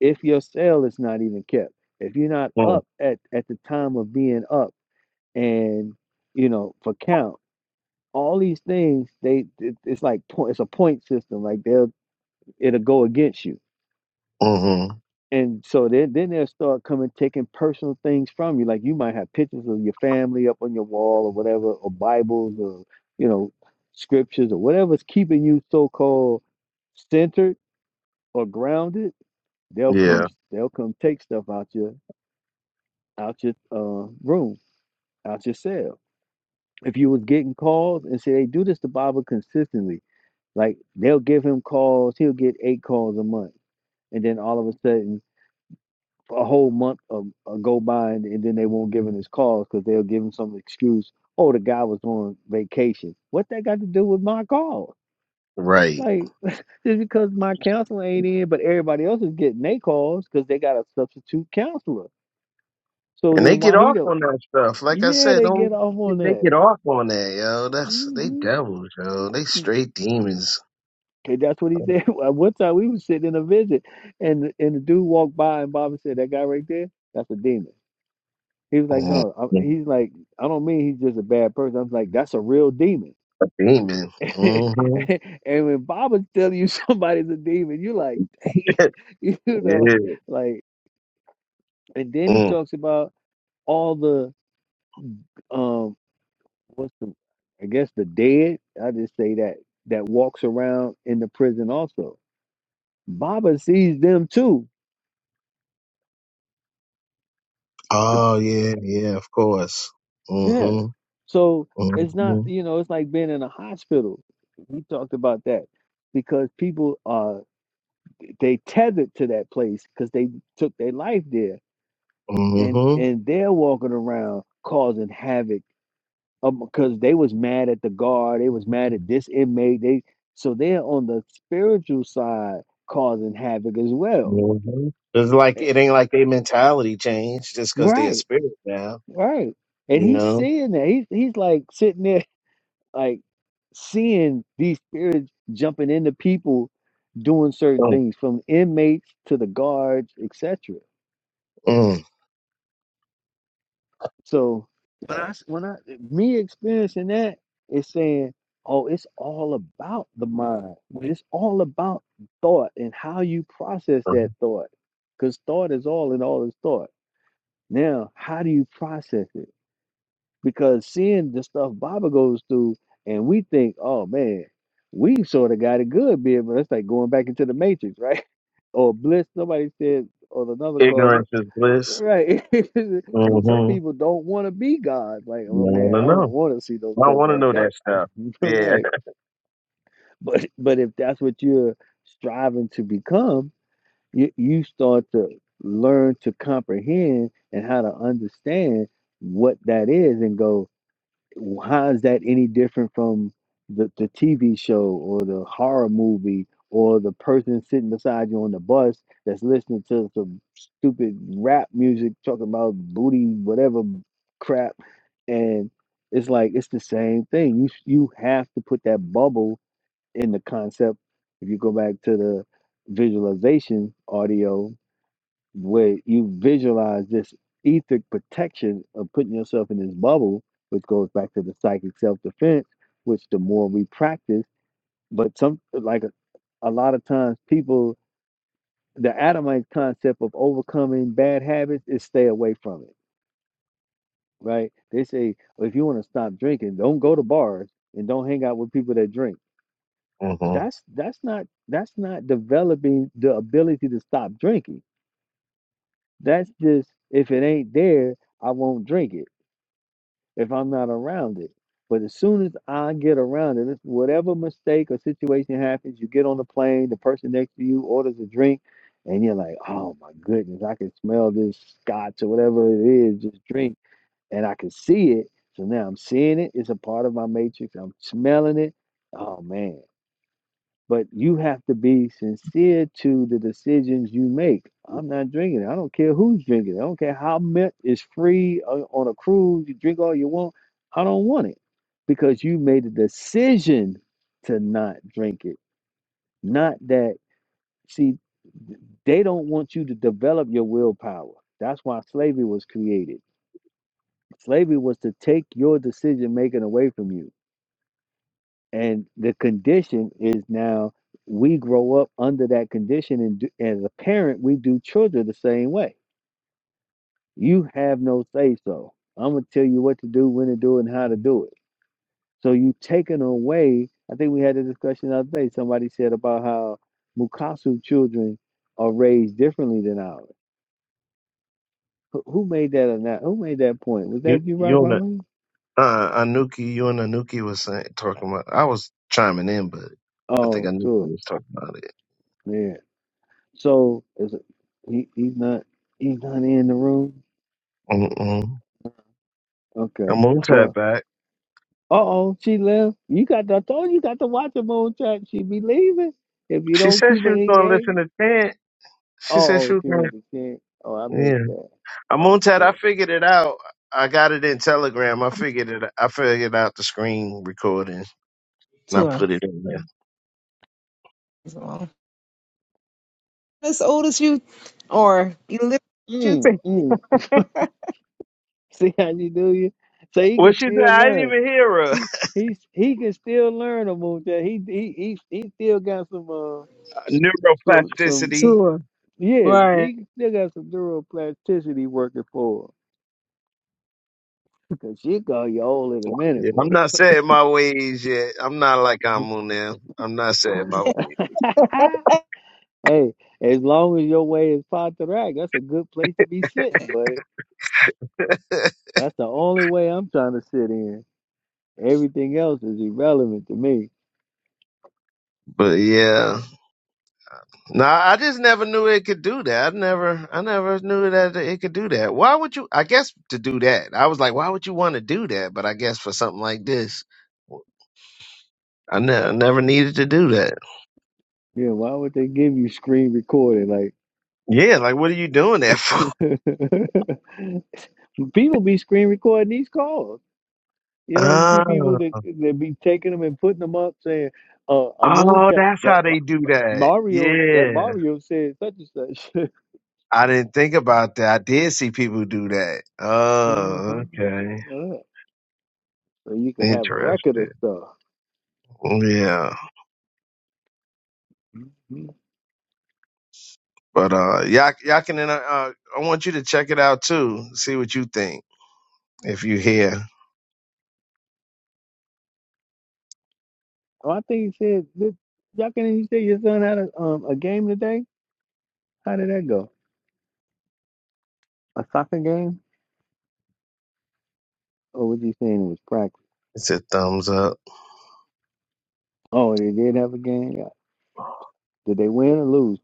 Speaker 1: If your cell is not even kept, if you're not
Speaker 5: Mm.
Speaker 1: up at at the time of being up, and you know for count, all these things they it, it's like po- it's a point system. Like they'll it'll go against you
Speaker 5: hmm
Speaker 1: And so then, then they'll start coming taking personal things from you. Like you might have pictures of your family up on your wall or whatever, or Bibles or, you know, scriptures or whatever's keeping you so called centered or grounded, they'll
Speaker 5: Yeah,
Speaker 1: come they'll come take stuff out your out your uh, room, out your cell. If you was getting calls and say they do this to Baba consistently, like they'll give him calls, he'll get eight calls a month. And then all of a sudden a whole month of, uh, go by and, and then they won't give him his calls because they'll give him some excuse. Oh, the guy was on vacation. What that got to do with my calls?
Speaker 5: right.
Speaker 1: Like, just because my counselor ain't in, but everybody else is getting their calls because they got a substitute counselor. So
Speaker 5: And they
Speaker 1: then
Speaker 5: get
Speaker 1: why he
Speaker 5: off
Speaker 1: don't?
Speaker 5: on that stuff. Like I
Speaker 1: Yeah,
Speaker 5: said,
Speaker 1: they get
Speaker 5: don't
Speaker 1: off on
Speaker 5: they
Speaker 1: that.
Speaker 5: get off on that, yo? That's they
Speaker 1: hmm
Speaker 5: devils, yo. They straight demons.
Speaker 1: Okay, that's what he said. At One time we was sitting in a visit, and and the dude walked by, and Bobby said, "That guy right there, that's a demon." He was like,
Speaker 5: hmm A
Speaker 1: no, I, he's like, I don't mean he's just a bad person. I was like, that's a real demon.
Speaker 5: demon.
Speaker 1: and
Speaker 5: hmm
Speaker 1: when Baba's telling you somebody's a demon, you're like, dang, you know,
Speaker 5: yeah.
Speaker 1: like. And then he
Speaker 5: Mm.
Speaker 1: talks about all the um, what's the, I guess the dead. I just say that that walks around in the prison also. Baba sees them too. The,
Speaker 5: Oh yeah, yeah. Of course.
Speaker 1: yeah.
Speaker 5: hmm
Speaker 1: So it's not,
Speaker 5: hmm
Speaker 1: you know, it's like being in a hospital. We talked about that because people are they tethered to that place because they took their life there
Speaker 5: hmm
Speaker 1: and
Speaker 5: hmm
Speaker 1: and they're walking around causing havoc because um, they was mad at the guard they was mad at this inmate they so they're on the spiritual side causing havoc as well
Speaker 5: It's like
Speaker 1: Eh,
Speaker 5: it ain't like their mentality changed just because they're a
Speaker 1: right
Speaker 5: spirit now.
Speaker 1: right and
Speaker 5: You
Speaker 1: he's
Speaker 5: know.
Speaker 1: seeing that he's, he's like sitting there like seeing these spirits jumping into people doing certain
Speaker 5: Mm.
Speaker 1: things from inmates to the guards etc
Speaker 5: Mm.
Speaker 1: So when I s- when I me experiencing that is saying, oh, it's all about the mind. It's all about thought and how you process that thought, because thought is all and all is thought. Now, how do you process it? Because seeing the stuff Baba goes through, and we think, oh man, we sort of got it good, bit, but it's like going back into the matrix, right? or bliss. Somebody said on another call.
Speaker 5: Ignorance is bliss.
Speaker 1: Right. So some people don't want to be God. Like, oh
Speaker 5: want
Speaker 1: man,
Speaker 5: to
Speaker 1: I don't want to see those
Speaker 5: know. I
Speaker 1: stuff
Speaker 5: want to
Speaker 1: like
Speaker 5: know
Speaker 1: that.
Speaker 5: that stuff. Yeah.
Speaker 1: Right. But but if that's what you're striving to become, you you start to learn to comprehend and how to understand what that is and go how is that any different from the, the TV show or the horror movie or the person sitting beside you on the bus that's listening to some stupid rap music talking about booty, whatever crap? And it's like it's the same thing. You you have to put that bubble in the concept. If you go back to the visualization audio where you visualize this etheric protection of putting yourself in this bubble, which goes back to the psychic self defense, which the more we practice, but some like a, a lot of times people, the Adamite concept of overcoming bad habits is stay away from it, right? They say "Well, if you want to stop drinking, don't go to bars and don't hang out with people that drink.
Speaker 5: hmm
Speaker 1: That's that's not that's not developing the ability to stop drinking. That's just if it ain't there, I won't drink it if I'm not around it. But as soon as I get around it, it's whatever mistake or situation happens, you get on the plane, the person next to you orders a drink, and you're like, oh my goodness, I can smell this scotch or whatever it is, just drink, and I can see it. So now I'm seeing it. It's a part of my matrix. I'm smelling it. Oh man. But you have to be sincere to the decisions you make. I'm not drinking it. I don't care who's drinking it. I don't care how much is free on a cruise. You drink all you want. I don't want it because you made a decision to not drink it. Not that, see, they don't want you to develop your willpower. That's why slavery was created. Slavery was to take your decision making away from you and the condition is now we grow up under that condition and do, as a parent we do children the same way you have no say so i'm going to tell you what to do when to do it and how to do it so you taken away i think we had a discussion the other day somebody said about how mukasu children are raised differently than ours who, who made that or not who made that point was
Speaker 5: You,
Speaker 1: that you rock
Speaker 5: you and
Speaker 1: Wyman?
Speaker 5: uh, Anuki, you and Anuki was saying, talking about. I was chiming in, but I think
Speaker 1: oh
Speaker 5: Anuki
Speaker 1: sure
Speaker 5: was talking about it.
Speaker 1: yeah so is it, he, he's not he's not in the room
Speaker 5: Mm-mm. I
Speaker 1: Okay.
Speaker 5: moved her
Speaker 1: Well,
Speaker 5: back.
Speaker 1: uh oh, she left. You got to, I told you, you got to watch her moon track. She be leaving if you
Speaker 5: She
Speaker 1: don't
Speaker 5: said
Speaker 1: keep
Speaker 5: she
Speaker 1: her
Speaker 5: was going to
Speaker 1: engaged.
Speaker 5: listen to Chant.
Speaker 1: Uh
Speaker 5: She said she
Speaker 1: oh,
Speaker 5: was
Speaker 1: she
Speaker 5: going. to
Speaker 1: went to ten. Oh, I missed
Speaker 5: Yeah.
Speaker 1: that.
Speaker 5: I
Speaker 1: Oh,
Speaker 5: Montad, I
Speaker 1: sure.
Speaker 5: figured it out. I got it in Telegram. I figured it. I figured out the screen recording, and I
Speaker 2: Tour.
Speaker 5: put it in there.
Speaker 2: As old as you or you
Speaker 1: Mm,
Speaker 2: live
Speaker 1: mm. See how you do you? So he
Speaker 5: Well,
Speaker 1: can
Speaker 5: she said
Speaker 1: still
Speaker 5: I didn't
Speaker 1: learn.
Speaker 5: even hear her
Speaker 1: He he's he can still learn a moon track. He he he he still got some uh some some
Speaker 5: neuroplasticity.
Speaker 2: Sure.
Speaker 1: yes,
Speaker 2: Right.
Speaker 1: he still got some neuroplasticity working for him. Cause she gonna be old in a minute,
Speaker 5: Yeah, I'm not set in my ways yet. I'm not like
Speaker 1: boy.
Speaker 5: I'm now. I'm not set in my ways.
Speaker 1: Hey, as long as your way is Pontarac, that's a good place to be sitting, buddy. That's the only way I'm trying to sit in. Everything else is irrelevant to me.
Speaker 5: But yeah. No, I just never knew it could do that. I never I never knew that it could do that. Why would you I guess to do that. I was like, why would you want to do that? But I guess for something like this, I, ne- I never needed to do that.
Speaker 1: Yeah, why would they give you screen recording?
Speaker 5: Yeah, like what are you doing that for?
Speaker 1: Like, people be screen recording these calls. You don't see people
Speaker 5: Oh,
Speaker 1: that that be taking them and putting them up saying, "Uh, I'm on
Speaker 5: oh,
Speaker 1: that
Speaker 5: that's
Speaker 1: that
Speaker 5: how
Speaker 1: Ma-
Speaker 5: they do
Speaker 1: Ma-
Speaker 5: that.
Speaker 1: Mario that
Speaker 5: Yeah.
Speaker 1: Mario said such and such."
Speaker 5: I didn't think about that. I did see people do that.
Speaker 1: uh-huh.
Speaker 5: Oh, okay.
Speaker 1: Yeah. So you can have a record
Speaker 5: Interesting.
Speaker 1: of stuff.
Speaker 5: Yeah,
Speaker 1: Mm-hmm.
Speaker 5: but uh, y'all, y'all can. Uh, uh, I want you to check it out too. See what you think. If you hear,
Speaker 1: Oh, I think he said that y'all can you say your son had a um a game today? How did that go? A soccer game? Or was he saying it was practice?
Speaker 5: it's a thumbs up.
Speaker 1: Oh, they did have a game. Yeah. Did they win or lose?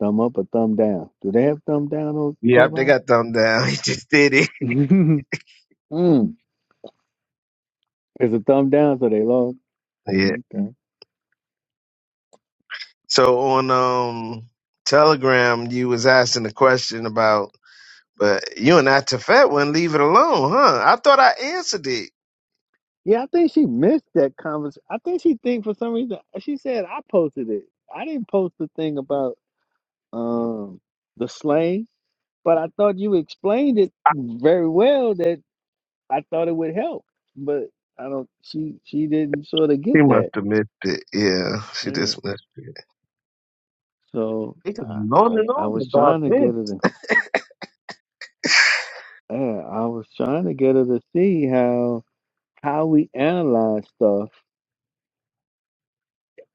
Speaker 1: Thumb up or thumb down? Do they have thumb down on
Speaker 5: Yep, they
Speaker 1: clubhouse?
Speaker 5: got thumb down. He just did it.
Speaker 1: mm. It's a thumb down, so they lost.
Speaker 5: Yeah.
Speaker 1: Okay.
Speaker 5: So on um Telegram, you was asking a question about, but you and I Tefet wouldn't leave it alone, huh? I thought I answered it.
Speaker 1: Yeah, I think she missed that conversation. I think she think for some reason she said I posted it. I didn't post the thing about um the slang, but I thought you explained it very well that. I thought it would help, but I don't. She she didn't sort of get
Speaker 5: She must
Speaker 1: that.
Speaker 5: have missed it. Yeah, she
Speaker 1: Yeah.
Speaker 5: just missed.
Speaker 1: So
Speaker 5: It It
Speaker 1: I,
Speaker 5: is on and
Speaker 1: I I
Speaker 5: on
Speaker 1: was
Speaker 5: about
Speaker 1: trying to
Speaker 5: this.
Speaker 1: get her to. Yeah, I was trying to get her to see how how we analyze stuff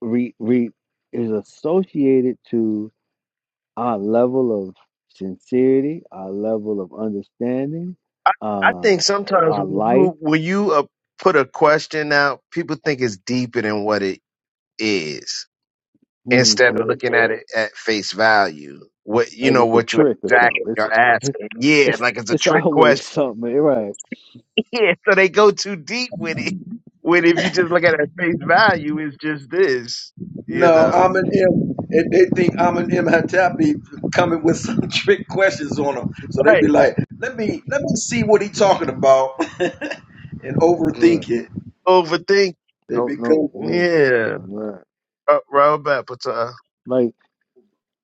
Speaker 1: re, re, is associated to our level of sincerity, our level of understanding,
Speaker 5: I
Speaker 1: uh,
Speaker 5: think sometimes
Speaker 1: our
Speaker 5: when
Speaker 1: life.
Speaker 5: you, when you uh, put a question out, people think it's deeper than what it is
Speaker 1: hmm
Speaker 5: instead of looking at it at face value. What you
Speaker 1: Like
Speaker 5: know,
Speaker 1: it's a
Speaker 5: what you
Speaker 1: trick or
Speaker 5: exactly
Speaker 1: something. It's
Speaker 5: are asking. Yeah,
Speaker 1: it's
Speaker 5: like it's a
Speaker 1: it's
Speaker 5: trick
Speaker 1: always
Speaker 5: question.
Speaker 1: something, right?
Speaker 5: Yeah, so they go too deep with it. When if you just look at it at face value, it's just this, you
Speaker 9: No,
Speaker 5: know.
Speaker 9: I'm an M. And they think I'm an M Hattab be coming with some trick questions on them. So they be
Speaker 5: Right.
Speaker 9: like, let me let me see what he talking about and
Speaker 1: Yeah,
Speaker 9: overthink it.
Speaker 5: Overthink.
Speaker 9: They
Speaker 1: don't know
Speaker 9: become
Speaker 1: when.
Speaker 5: Yeah.
Speaker 1: Right.
Speaker 5: Uh, Rob Apatow.
Speaker 1: Like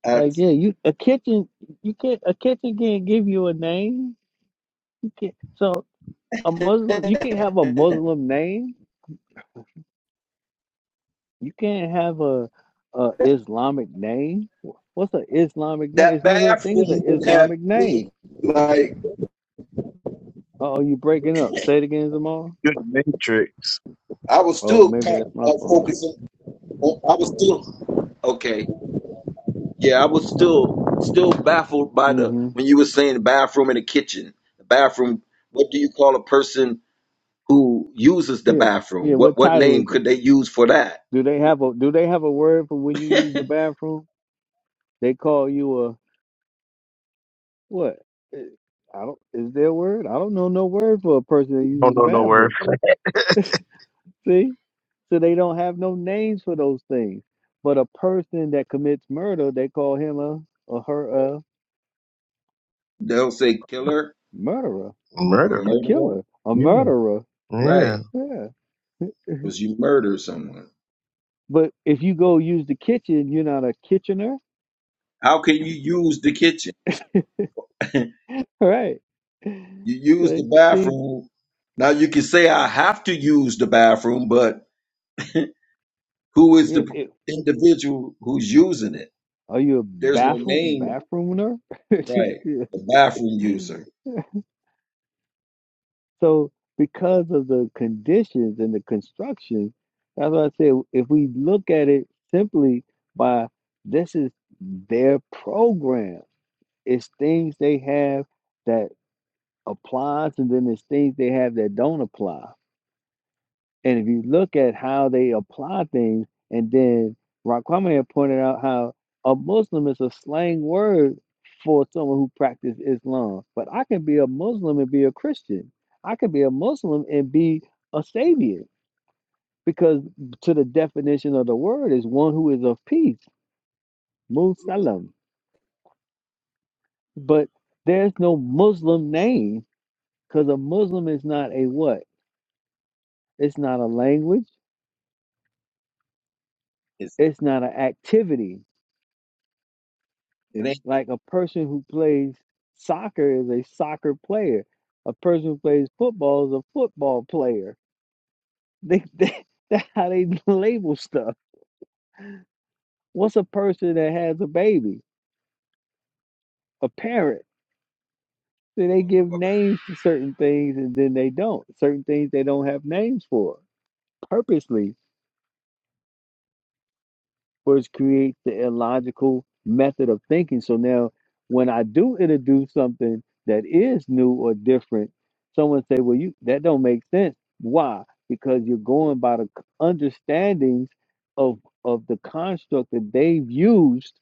Speaker 9: at
Speaker 1: like yeah, you a kitchen you can't a kitchen can't give you a name. You can't so a Muslim you can't have a Muslim name. You can't have a a Islamic name. What's an Islamic name?
Speaker 9: that
Speaker 1: There's no such thing as an
Speaker 9: bathroom would have
Speaker 1: Islamic name.
Speaker 9: me like
Speaker 1: Uh oh, you breaking up. Say it again, Zamar.
Speaker 5: You're the Matrix.
Speaker 9: I was
Speaker 1: Oh,
Speaker 9: still
Speaker 1: maybe
Speaker 9: kind
Speaker 1: that's my
Speaker 9: of
Speaker 1: phone.
Speaker 9: focusing on I was still okay. Yeah, I was still still baffled by the
Speaker 1: Mm-hmm.
Speaker 9: when you were saying the bathroom and the kitchen. The bathroom what do you call a person who uses the
Speaker 1: Yeah.
Speaker 9: bathroom.
Speaker 1: Yeah,
Speaker 9: What
Speaker 1: what
Speaker 9: what
Speaker 1: title
Speaker 9: name
Speaker 1: is
Speaker 9: could
Speaker 1: it?
Speaker 9: they use for that?
Speaker 1: Do they have a do they have a word for when you use the bathroom? They call you What? Eh, I don't. Is there a word? I don't know no word for a person that
Speaker 5: Don't
Speaker 1: uses the
Speaker 5: know no word.
Speaker 1: bathroom. See, so they don't have no names for those things. But a person that commits murder, they call him a or her a
Speaker 9: They don't say killer
Speaker 1: murderer,
Speaker 9: or
Speaker 5: Murder.
Speaker 1: a
Speaker 9: murderer,
Speaker 1: killer, a
Speaker 5: Yeah.
Speaker 1: murderer.
Speaker 5: Yeah.
Speaker 9: right?
Speaker 1: Yeah.
Speaker 9: Because you murder someone.
Speaker 1: But if you go use the kitchen, you're not a kitchener,
Speaker 9: How can you use the kitchen? you
Speaker 1: right?
Speaker 9: use the
Speaker 1: See, see,
Speaker 9: bathroom. Now you can say I have to use the bathroom, but who is
Speaker 1: yeah,
Speaker 9: the
Speaker 1: it,
Speaker 9: individual who's using it?
Speaker 1: are you a
Speaker 9: There's no
Speaker 1: bathroom
Speaker 9: name,
Speaker 1: bathroomer?
Speaker 9: right?
Speaker 1: yeah.
Speaker 9: The bathroom user.
Speaker 1: So because of the conditions and the construction, that's why I say if we look at it simply by this is their program. It's things they have that applies and then it's things they have that don't apply. And if you look at how they apply things, and then Raquame had pointed out how a Muslim is a slang word for someone who practices Islam. But I can be a Muslim and be a Christian. I can be a Muslim and be a Sabian because to the definition of the word is one who is of peace, Musalam. But there's no Muslim name because a Muslim is not a what? It's not a language.
Speaker 9: It's,
Speaker 1: It's not an activity.
Speaker 9: it ain't
Speaker 1: Like a person who plays soccer is a soccer player. A person who plays football is a football player. They, they that's how they label stuff. What's a person that has a baby? A parent. So they give names to certain things and then they don't. Certain things they don't have names for purposely which creates the illogical method of thinking. So now, when I do introduce something that is new or different, someone say, "Well, you that don't make sense." Why? Because you're going by the c- understandings of of the construct that they've used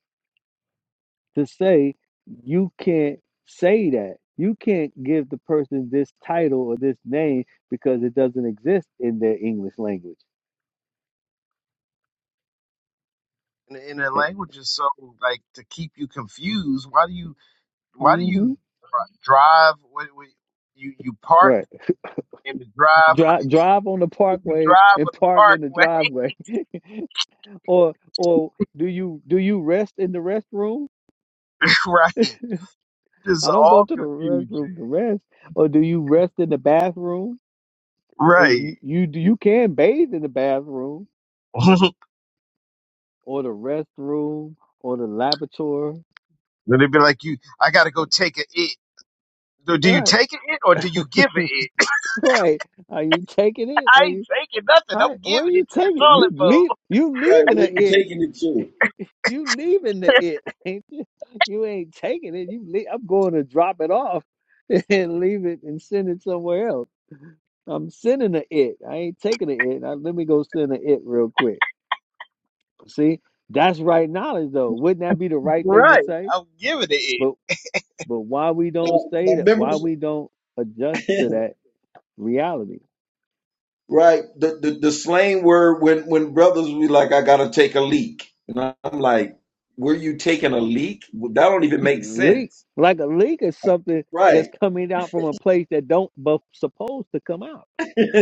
Speaker 1: to say you can't say that. You can't give the person this title or this name because it doesn't exist in their English language.
Speaker 5: and, and the language is so like to keep you confused. Why do you why do
Speaker 1: Mm-hmm.
Speaker 5: you dri- drive? What, what, you you park
Speaker 1: Right.
Speaker 5: in the drive.
Speaker 1: Drive drive on the
Speaker 5: You
Speaker 1: parkway
Speaker 5: drive
Speaker 1: and
Speaker 5: on the
Speaker 1: park in the
Speaker 5: parkway,
Speaker 1: driveway, or or do you do you rest in the restroom?
Speaker 5: right? This is
Speaker 1: I don't go
Speaker 5: all
Speaker 1: to the
Speaker 5: confusion,
Speaker 1: restroom to rest, or do you rest in the bathroom? Uh,
Speaker 5: right?
Speaker 1: You you you can bathe in the bathroom
Speaker 5: then
Speaker 1: or the restroom or the laboratory.
Speaker 5: they'd be like, "You, I gotta go take a it." Do do you
Speaker 1: Right,
Speaker 5: take a it or do you give a it?
Speaker 1: right. Are you taking it?
Speaker 5: I
Speaker 1: Are
Speaker 5: ain't
Speaker 1: you
Speaker 5: taking nothing.
Speaker 1: hi?
Speaker 5: I'm
Speaker 1: Where
Speaker 5: giving
Speaker 1: you
Speaker 5: it to the
Speaker 1: taking? it? You
Speaker 5: toilet
Speaker 1: leave
Speaker 5: bowl.
Speaker 1: you
Speaker 9: right.
Speaker 1: leaving
Speaker 9: Where you
Speaker 1: it.
Speaker 9: taking it to?
Speaker 1: You leaving the it, ain't you? You ain't taking it. You leave, I'm going to drop it off and leave it and send it somewhere else. I'm sending the it. I ain't taking the it. Now, let me go send the it real quick. See, that's right knowledge though. Wouldn't that be the right thing to
Speaker 5: Right.
Speaker 1: say?
Speaker 5: I'm giving it.
Speaker 1: But but why we don't
Speaker 9: Now,
Speaker 1: say
Speaker 9: now
Speaker 1: that?
Speaker 9: remember
Speaker 1: Why we don't adjust to that reality?
Speaker 9: Right. The, the the slang word when when brothers be like, I gotta take a leak. And I- I'm like, were you taking a leak? Well, That don't even make
Speaker 1: leak
Speaker 9: sense.
Speaker 1: like a leak is something that's
Speaker 9: Right.
Speaker 1: coming out from a place that don't bu- supposed to come out.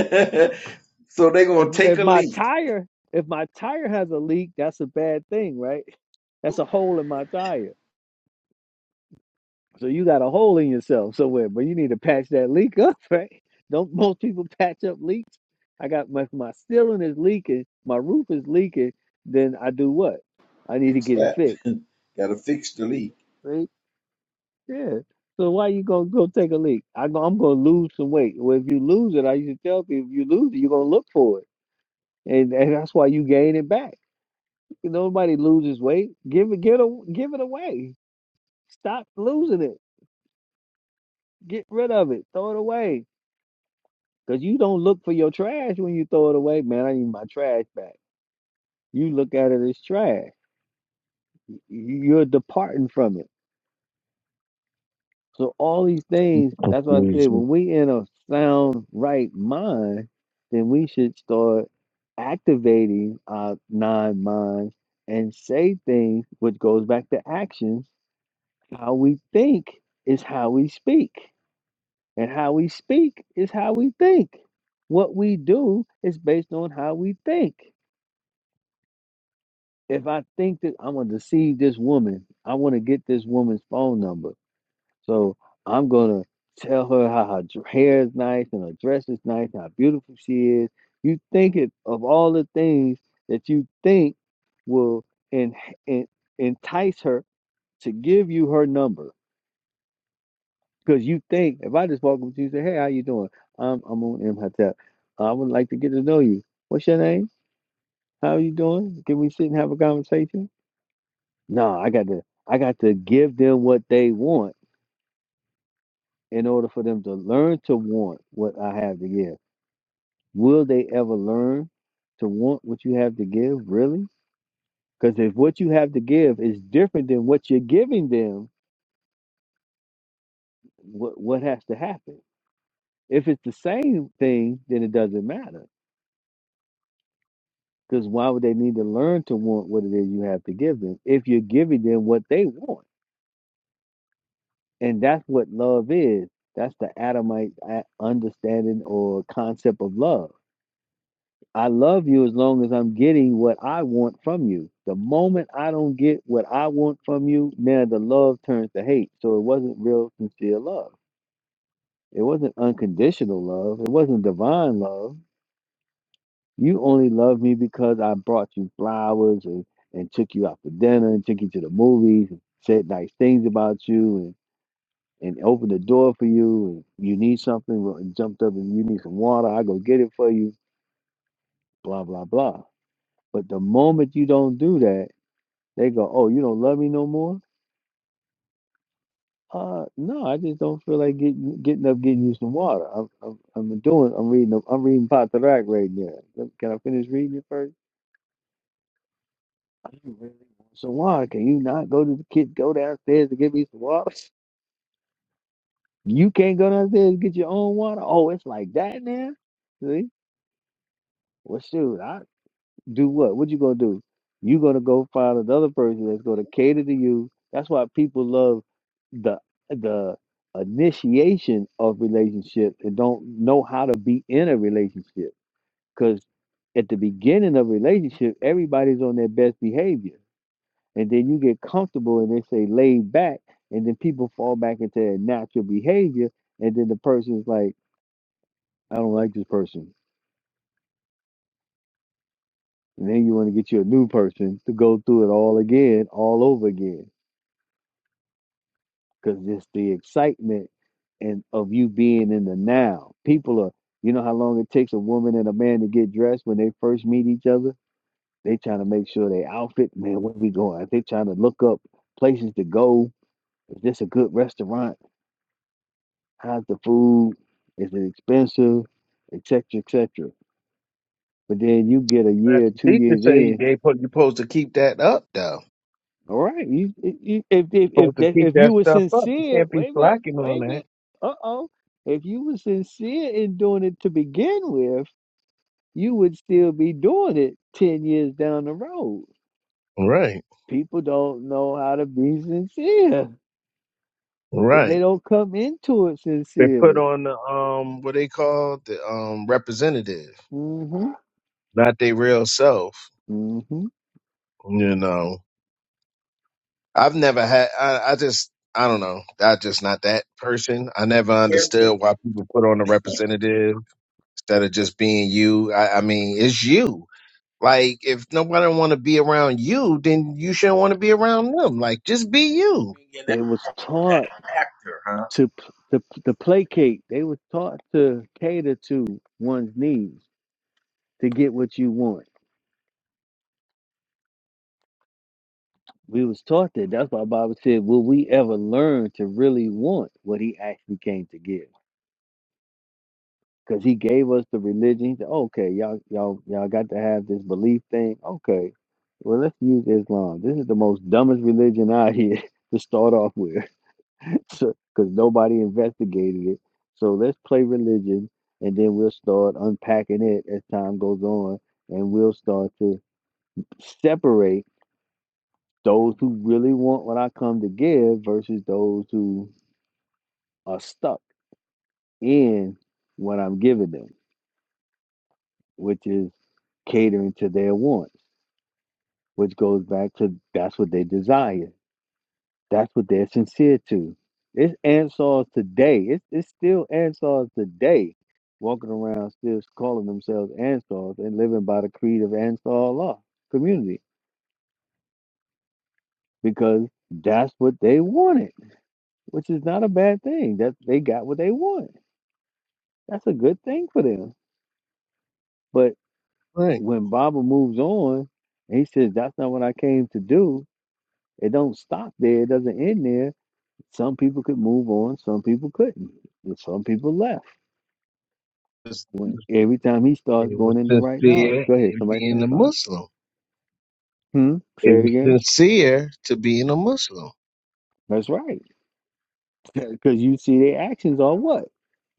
Speaker 9: so they
Speaker 1: if
Speaker 9: gonna take
Speaker 1: if
Speaker 9: a
Speaker 1: my
Speaker 9: leak.
Speaker 1: tire if my tire has a leak, that's a bad thing, right? That's
Speaker 9: Who
Speaker 1: a hole in my tire. So you got a hole in yourself somewhere, but you need to patch that leak up, right? Don't most people patch up leaks? I got my my ceiling is leaking, my roof is leaking, then I do what? I need to
Speaker 9: fixed
Speaker 1: get it
Speaker 9: that?
Speaker 1: fixed,
Speaker 9: gotta fix the leak.
Speaker 1: right? Yeah. So why you gonna go take a leak? I go, I'm gonna lose some weight. Well, if you lose it, I used to tell people, if you lose it, you're gonna look for it, and and that's why you gain it back. Nobody loses weight. Give it, get a, give it away. Stop losing it. Get rid of it. Throw it away. Cause you don't look for your trash when you throw it away. Man, I need my trash back. You look at it as trash. Y- You're departing from it. So all these
Speaker 5: it.
Speaker 1: things. That's why I said
Speaker 5: Confusion.
Speaker 1: when we in a sound right mind, then we should start activating our nine minds and say things, which goes back to actions. How we think is how we speak. And how we speak is how we think. What we do is based on how we think. If I think that I'm going to deceive this woman, I want to get this woman's phone number. So I'm going to tell her how her dr- hair is nice and her dress is nice, how beautiful she is. You think it, of all the things that you think will en- en- entice her to give you her number Because you think if I just walk up to you and say, "Hey, how you doing? I'm Amun Imhotep. I would like to get to know you. What's your name? How are you doing? Can we sit and have a conversation?" No, I got to I got to give them what they want in order for them to learn to want what I have to give. Will they ever learn to want what you have to give? Really? Because if what you have to give is different than what you're giving them, what what has to happen? If it's the same thing, then it doesn't matter Because why would they need to learn to want what it is you have to give them if you're giving them what they want? And that's what love is. That's the Adamite a- understanding or concept of love. I love you as long as I'm getting what I want from you. The moment I don't get what I want from you, now the love turns to hate. So it wasn't real, sincere love. It wasn't unconditional love. It wasn't divine love You only love me because I brought you flowers and, and took you out for dinner and took you to the movies and said nice things about you and, and opened the door for you and you need something well, and jumped up and you need some water, I go get it for you, blah, blah, blah. But the moment you don't do that, they go, Oh, you don't love me no more? Uh no, I just don't feel like getting getting up getting you some water. I'm I'm, I'm doing I'm reading I'm reading Potterack right now. Can I finish reading it first? You really want some water? Can you not go to the kid, go downstairs to get me some water? You can't go downstairs and get your own water. Oh, it's like that now. See? Well, shoot, I do what? What you gonna do? You gonna go find another person that's gonna cater to you. That's why people love the the initiation of relationships and don't know how to be in a relationship. Because at the beginning of a relationship, everybody's on their best behavior and then you get comfortable and they say laid back and then people fall back into their natural behavior and then the person's like i don't like this person and then you want to get you a new person to go through it all again all over again because it's the excitement and of you being in the now people are you know how long it takes a woman and a man to get dressed when they first meet each other they trying to make sure they outfit man where we going they trying to look up places to go is this a good restaurant How's the food? Is it expensive? Et cetera, et cetera. But then you get a
Speaker 5: That's
Speaker 1: year,
Speaker 5: the
Speaker 1: two
Speaker 5: teacher
Speaker 1: years
Speaker 5: say
Speaker 1: in.
Speaker 5: they put you supposed to keep that up though.
Speaker 1: All right, you, you if if if
Speaker 5: supposed to
Speaker 1: that,
Speaker 5: keep
Speaker 1: if you
Speaker 5: that
Speaker 1: were
Speaker 5: stuff up. You
Speaker 1: sincere,
Speaker 5: can't be
Speaker 1: wait a minute,
Speaker 5: slacking
Speaker 1: wait
Speaker 5: on
Speaker 1: a
Speaker 5: that.
Speaker 1: minute. Uh oh. If you were sincere in doing it to begin with, you would still be doing it ten years down the road.
Speaker 5: Right,
Speaker 1: People don't know how to be sincere because they
Speaker 5: right.
Speaker 1: don't come into it
Speaker 5: They put
Speaker 1: sincerely.
Speaker 5: on the um what they call the um representative,
Speaker 1: hmm
Speaker 5: not their real self.
Speaker 1: hmm
Speaker 5: You know, I've never had. I, I just I don't know. I just not that person. I never
Speaker 9: Caretaking
Speaker 5: understood why people put on a representative instead of just being you. I, I mean, it's you. Like if nobody want to be around you, then you shouldn't want to be around them. Like just be you.
Speaker 9: and the
Speaker 1: They was taught.
Speaker 9: actor, huh?
Speaker 1: to p- to to placate. They were taught to cater to one's needs to get what you want. We was taught that. That's why Bible said, "Will we ever learn to really want what He actually came to give?" Because He gave us the religion. He said, "Okay, y'all y'all y'all got to have this belief thing." Okay, well let's use Islam. This is the most dumbest religion out here to start off with. So, because nobody investigated it. So let's play religion, and then we'll start unpacking it as time goes on, and we'll start to separate those who really want what I come to give versus those who are stuck in what I'm giving them, which is catering to their wants, which goes back to that's what they desire. That's what they're sincere to. It's Ansars today. It's, it's still Ansars today walking around still calling themselves Ansars and living by the creed of Ansar Allah community because that's what they wanted, which is not a bad thing. That they got what they wanted. That's a good thing for them. But
Speaker 5: Right.
Speaker 1: when Baba moves on and he says, That's not what I came to do, it don't stop there, it doesn't end there. Some people could move on, some people couldn't. Some people left When every time he starts
Speaker 5: They were
Speaker 1: going into right knowledge.
Speaker 5: sincere
Speaker 1: Go ahead,
Speaker 5: in
Speaker 1: somebody say
Speaker 5: being a
Speaker 1: something.
Speaker 5: Muslim.
Speaker 1: Hmm?
Speaker 5: They
Speaker 1: Say it
Speaker 5: were
Speaker 1: again.
Speaker 5: sincere to being a Muslim.
Speaker 1: That's right. Because you see their actions are what?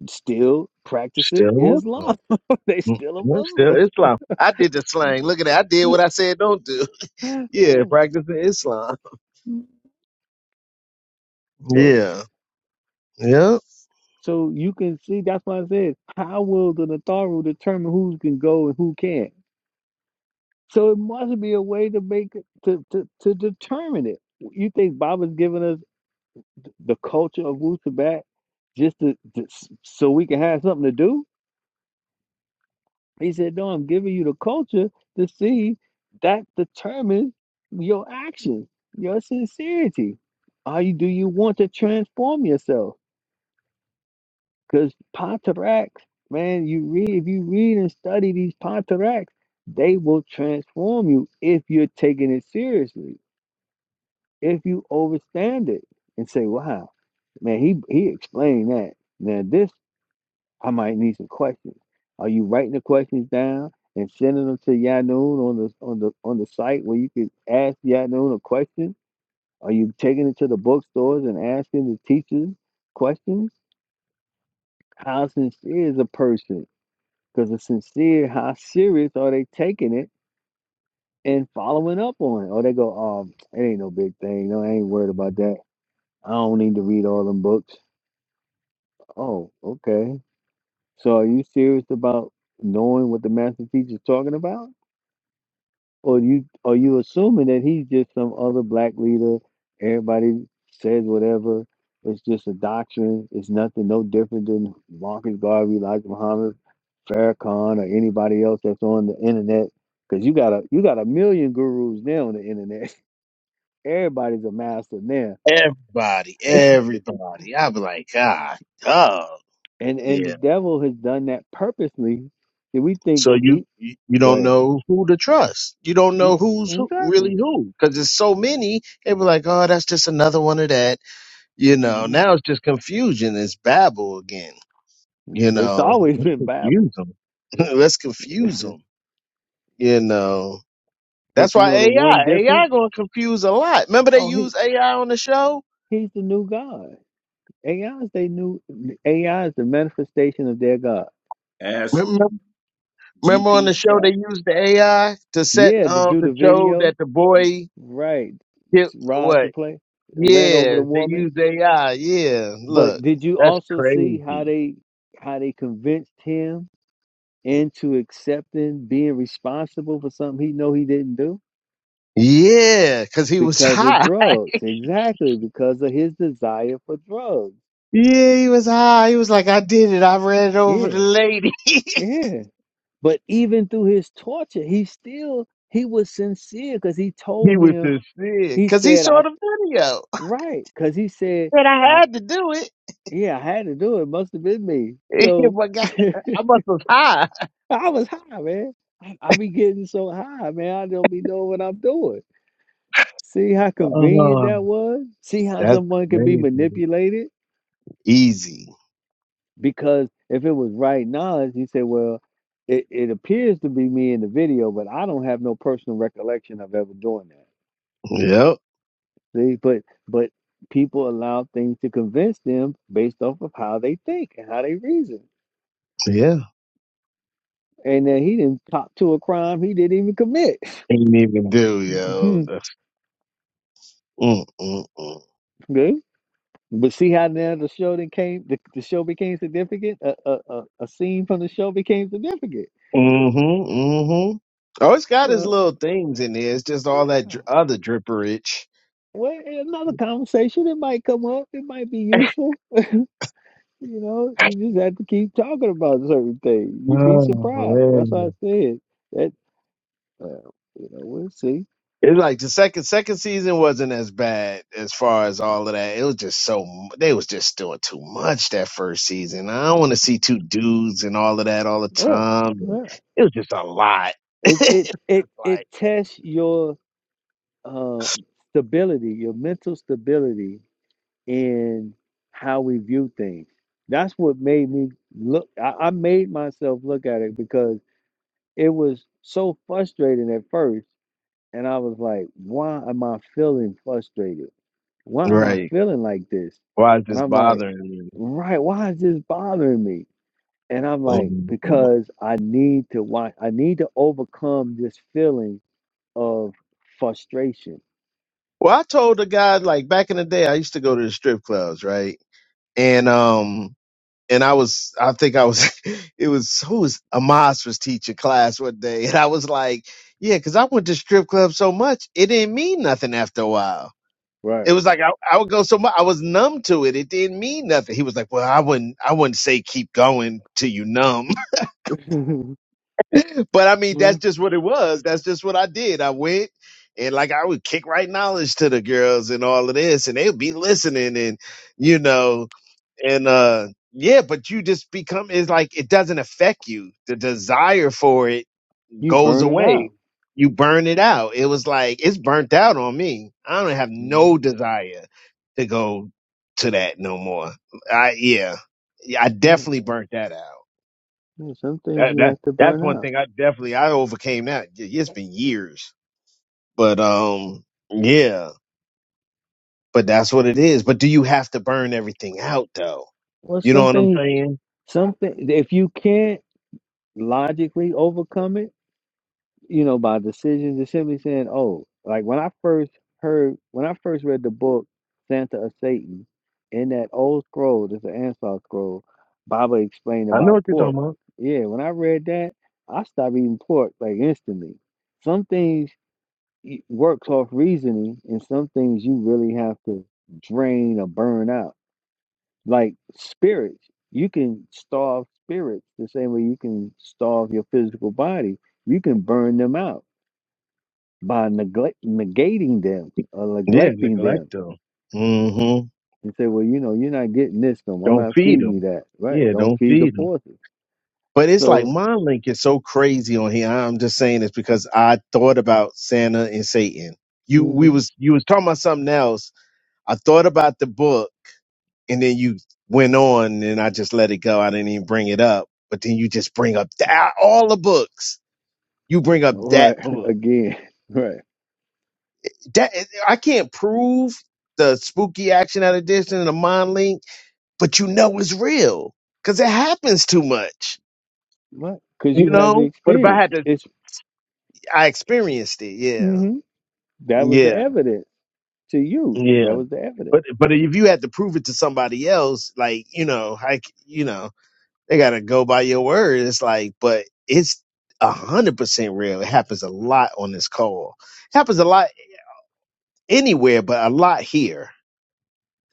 Speaker 1: Still practicing
Speaker 5: Still a Muslim.
Speaker 1: Islam. they
Speaker 5: Mm,
Speaker 1: still a
Speaker 5: mm, Still
Speaker 1: Muslim.
Speaker 5: Islam. I did the slang. Look at that. I did what I said don't do.
Speaker 1: Yeah.
Speaker 5: Yeah, practicing Islam.
Speaker 1: So
Speaker 5: Yeah. Yeah.
Speaker 1: so you can see that's why I said, how will the Nataru determine who can go and who can't? So it must be a way to make it to, to, to determine it. You think Baba's giving us the culture of Wu Tibet just to, to- so we can have something to do? He said, No, I'm giving you the culture to see that determines your actions, your sincerity. Are you do you want to transform yourself? Because Pontaracs, man, you read if you read and study these Pontaracs, they will transform you if you're taking it seriously, if you overstand it and say, Wow, man, he he explained that. Now this I might need some questions. Are you writing the questions down and sending them to Yanoon on the on the on the site where you can ask Yanoon a question? Are you taking it to the bookstores and asking the teachers questions? How sincere is a person? Because it's sincere, how serious are they taking it and following up on it? Or they go, um, it ain't no big thing. No, I ain't worried about that. I don't need to read all them books. Oh, okay. So are you serious about knowing what the master teacher's talking about? Or you are you assuming that he's just some other black leader? Everybody says whatever. It's just a doctrine. It's nothing no different than Marcus Garvey, like Muhammad Farrakhan, or anybody else that's on the internet. Because you got a you got a million gurus now on the internet. Everybody's a master now,
Speaker 5: Everybody. Everybody. I'd be like, God, God.
Speaker 1: and and the
Speaker 5: Yeah.
Speaker 1: devil has done that purposely. Do we think
Speaker 5: So you
Speaker 1: he?
Speaker 5: you you
Speaker 1: Go
Speaker 5: don't
Speaker 1: ahead.
Speaker 5: know who to trust. You don't
Speaker 1: Mm,
Speaker 5: know who's who,
Speaker 1: Exactly.
Speaker 5: really who because there's so many. They be like, oh, that's just another one of that You know,
Speaker 1: hmm
Speaker 5: now it's just confusion. It's babble again. You
Speaker 1: But it's
Speaker 5: know,
Speaker 1: always
Speaker 5: let's
Speaker 1: been
Speaker 5: confuse
Speaker 1: Bible.
Speaker 5: them. let's confuse them. You know, that's
Speaker 1: But you
Speaker 5: why
Speaker 1: know the one
Speaker 5: AI,
Speaker 1: difference.
Speaker 5: AI going to confuse a lot. Remember they
Speaker 1: Oh, he
Speaker 5: use AI on the show.
Speaker 1: He's the new God. AI is they new AI is the manifestation of their God.
Speaker 9: As
Speaker 5: Remember, remember on the
Speaker 9: GP.
Speaker 5: show they used the AI to set
Speaker 1: Yeah, to
Speaker 5: um
Speaker 1: do
Speaker 5: the
Speaker 1: the
Speaker 5: show
Speaker 1: video,
Speaker 5: that the boy
Speaker 1: right?
Speaker 5: hit
Speaker 1: Rob the
Speaker 5: what?
Speaker 1: play ran over
Speaker 5: Yeah,
Speaker 1: the
Speaker 5: they
Speaker 1: woman.
Speaker 5: used AI. Yeah,
Speaker 1: But
Speaker 5: look,
Speaker 1: did you
Speaker 5: that's
Speaker 1: also see how
Speaker 5: crazy.
Speaker 1: they how they convinced him into accepting being responsible for something he know he didn't do
Speaker 5: Yeah, because he was
Speaker 1: because of
Speaker 5: high.
Speaker 1: drugs? Exactly because of his desire for drugs.
Speaker 5: Yeah, he was high. He was like, I did it. I ran it over the
Speaker 1: Yeah,
Speaker 5: lady. he
Speaker 1: yeah. But even through his torture, he still he was sincere because he told
Speaker 5: was
Speaker 1: him,
Speaker 5: sincere.
Speaker 1: he
Speaker 5: Cause he
Speaker 1: said,
Speaker 5: saw
Speaker 1: I
Speaker 5: the video.
Speaker 1: right, because he said,
Speaker 5: And I
Speaker 1: I
Speaker 5: had to do it.
Speaker 1: yeah, I had to do it. Must have been me. So
Speaker 5: My God, I must was high.
Speaker 1: I was high, man. I, I be getting so high, man. I don't be knowing what I'm doing. See how convenient
Speaker 5: Oh,
Speaker 1: that was? See how
Speaker 5: that's
Speaker 1: someone could be
Speaker 5: crazy.
Speaker 1: manipulated?
Speaker 5: Easy.
Speaker 1: Because if it was right knowledge, he said, Well, it, it appears to be me in the video, but I don't have no personal recollection of ever doing that.
Speaker 5: Yep.
Speaker 1: See, but but people allow things to convince them based off of how they think and how they reason.
Speaker 5: Yeah.
Speaker 1: And then he didn't cop to a crime he didn't even commit.
Speaker 5: Ain't even do, yo. That's- Mm, mm, mm.
Speaker 1: Good. But see how now the show then came the, the show became significant. A, a a a scene from the show became significant.
Speaker 5: Mm-hmm. Mm-hmm. Oh, it's got his
Speaker 1: So,
Speaker 5: little things in there. It's just all that
Speaker 1: yeah.
Speaker 5: dr- other dripperage.
Speaker 1: well, another conversation it might come up. It might be useful. You know, you just have to keep talking about certain things. You'd be
Speaker 5: Oh,
Speaker 1: surprised. That's
Speaker 5: man.
Speaker 1: why I said that. Uh, you know, we'll see.
Speaker 5: It's like the second second season wasn't as bad as far as all of that. It was just so mu- they was just doing too much that first season. I don't want to see two dudes and all of that all the
Speaker 1: Yeah,
Speaker 5: time.
Speaker 1: yeah.
Speaker 5: It was just a lot. It's
Speaker 1: It it it
Speaker 5: just
Speaker 1: it
Speaker 5: like
Speaker 1: tests your uh stability, your mental stability in how we view things. That's what made me look. I, I made myself look at it because it was so frustrating at first, and I was like, "Why am I feeling frustrated? Why am I
Speaker 5: right.
Speaker 1: feeling like this?"
Speaker 5: Why is
Speaker 1: And
Speaker 5: this
Speaker 1: I'm like,
Speaker 5: bothering me?
Speaker 1: "Right, why is this bothering me?" And I'm like,
Speaker 5: Um,
Speaker 1: because I need to watch, I need to overcome this feeling of frustration.
Speaker 5: Well, I told the guy like back in the day, I used to go to the strip clubs, right? And um, and I was, I think I was, it was who was Amos was teaching class one day, and I was like, yeah, because I went to strip clubs so much, it didn't mean nothing after a while.
Speaker 1: Right.
Speaker 5: It was like I, I would go so much, I was numb to it. It didn't mean nothing. He was like, well, I wouldn't, I wouldn't say keep going till you numb, but I mean, that's
Speaker 1: Well,
Speaker 5: just what it was. That's just what I did. I went. And like I would kick right knowledge to the girls and all of this, and they'd be listening, and you know, and uh yeah but you just become it's like it doesn't affect you the desire for it
Speaker 1: you
Speaker 5: goes
Speaker 1: burn it
Speaker 5: away
Speaker 1: out.
Speaker 5: you burn it out it was like it's burnt out on me i don't have
Speaker 1: Mm,
Speaker 5: no desire to go to that no more i yeah yeah i
Speaker 1: Yeah,
Speaker 5: definitely burnt that out
Speaker 1: yeah, some things
Speaker 5: that
Speaker 1: you
Speaker 5: that
Speaker 1: have to
Speaker 5: that's
Speaker 1: burn
Speaker 5: one
Speaker 1: out.
Speaker 5: thing i definitely i overcame that Y- it's been years but um yeah but that's what it is but do you have to burn everything out though
Speaker 1: Or
Speaker 5: you know what i'm
Speaker 1: something,
Speaker 5: saying
Speaker 1: something, if you can't logically overcome it, you know, by decisions and simply saying, oh, like when I first heard, when I first read the book, Santa of Satan, in that old scroll, that's an Ansar scroll, Baba explained
Speaker 5: i know
Speaker 1: about
Speaker 5: what you're
Speaker 1: pork.
Speaker 5: talking about
Speaker 1: Yeah, when I read that, I stopped eating pork like instantly. Some things y- works off reasoning, and some things you really have to drain or burn out. Like spirits, you can starve spirits the same way you can starve your physical body. You can burn them out by neglect, negating them or
Speaker 5: Yeah,
Speaker 1: neglecting them
Speaker 5: neglect them. Mm-hmm.
Speaker 1: and say, well, you know, you're not getting this from 'em. I'm
Speaker 5: Don't
Speaker 1: not
Speaker 5: feed
Speaker 1: feeding you
Speaker 5: them.
Speaker 1: that. Right.
Speaker 5: Yeah,
Speaker 1: Don't
Speaker 5: don't
Speaker 1: feed the
Speaker 5: feed them.
Speaker 1: forces.
Speaker 5: But it's like
Speaker 1: So,
Speaker 5: my link is so crazy on here. I'm just saying this because I thought about Santa and Satan. You we
Speaker 1: hmm
Speaker 5: was you was talking about something else. I thought about the book and then you went on and I just let it go. I didn't even bring it up. But then you just bring up that, all the books. You bring up
Speaker 1: right.
Speaker 5: that book.
Speaker 1: Again, right.
Speaker 5: That I can't prove the spooky action at a distance and the mind link but you know it's real because it happens too much,
Speaker 1: Right. Because
Speaker 5: you
Speaker 1: you have the
Speaker 5: know. But if I
Speaker 1: experience.
Speaker 5: had to,
Speaker 1: It's,
Speaker 5: I experienced it. Yeah,
Speaker 1: hmm that was the
Speaker 5: yeah,
Speaker 1: evidence to you. That
Speaker 5: yeah.
Speaker 1: was the evidence.
Speaker 5: But but if you had to prove it to somebody else, like you know, like you know, they gotta go by your word. It's like, but it's a hundred percent real. It happens a lot on this call. It happens a lot anywhere, but a lot here.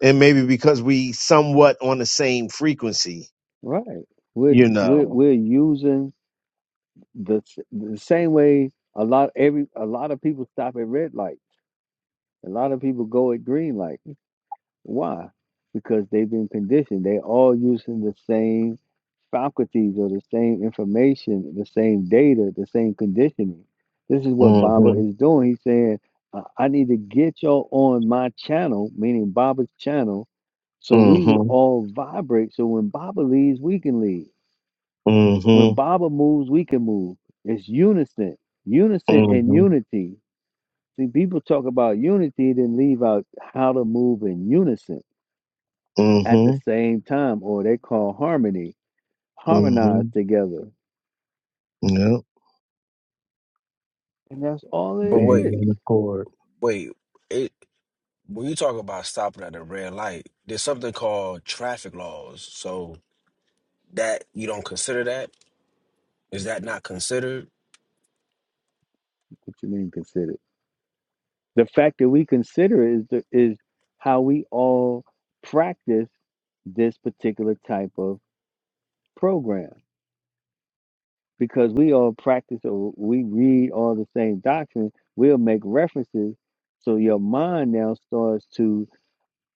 Speaker 5: And maybe because we somewhat on the same frequency,
Speaker 1: Right. We're,
Speaker 5: you
Speaker 1: we're,
Speaker 5: know.
Speaker 1: we're using the, s- the same way a lot, every, a lot of people stop at red light. A lot of people go at green light Why? Because they've been conditioned. They're all using the same faculties or the same information, the same data, the same conditioning. This is what
Speaker 5: hmm
Speaker 1: Baba is doing. He's saying, I I need to get y'all on my channel, meaning Baba's channel, so we will
Speaker 5: hmm
Speaker 1: all vibrate. So when Baba leaves, we can leave. When
Speaker 5: hmm
Speaker 1: Baba moves, we can move. It's unison, unison and
Speaker 5: hmm
Speaker 1: unity. See, people talk about unity, then leave out how to move in unison at the
Speaker 5: Mm-hmm.
Speaker 1: same time, or they call harmony, harmonize
Speaker 5: Mm-hmm.
Speaker 1: together.
Speaker 5: Yep.
Speaker 1: And that's all it
Speaker 8: But
Speaker 5: Being
Speaker 8: wait,
Speaker 1: is.
Speaker 5: on the court.
Speaker 8: wait. It when you talk about stopping at a red light, there's something called traffic laws. So that you don't consider that? Is that not considered?
Speaker 1: What you mean consider? The fact that we consider it is the, is how we all practice this particular type of program. Because we all practice or we read all the same doctrine, we'll make references. So your mind now starts to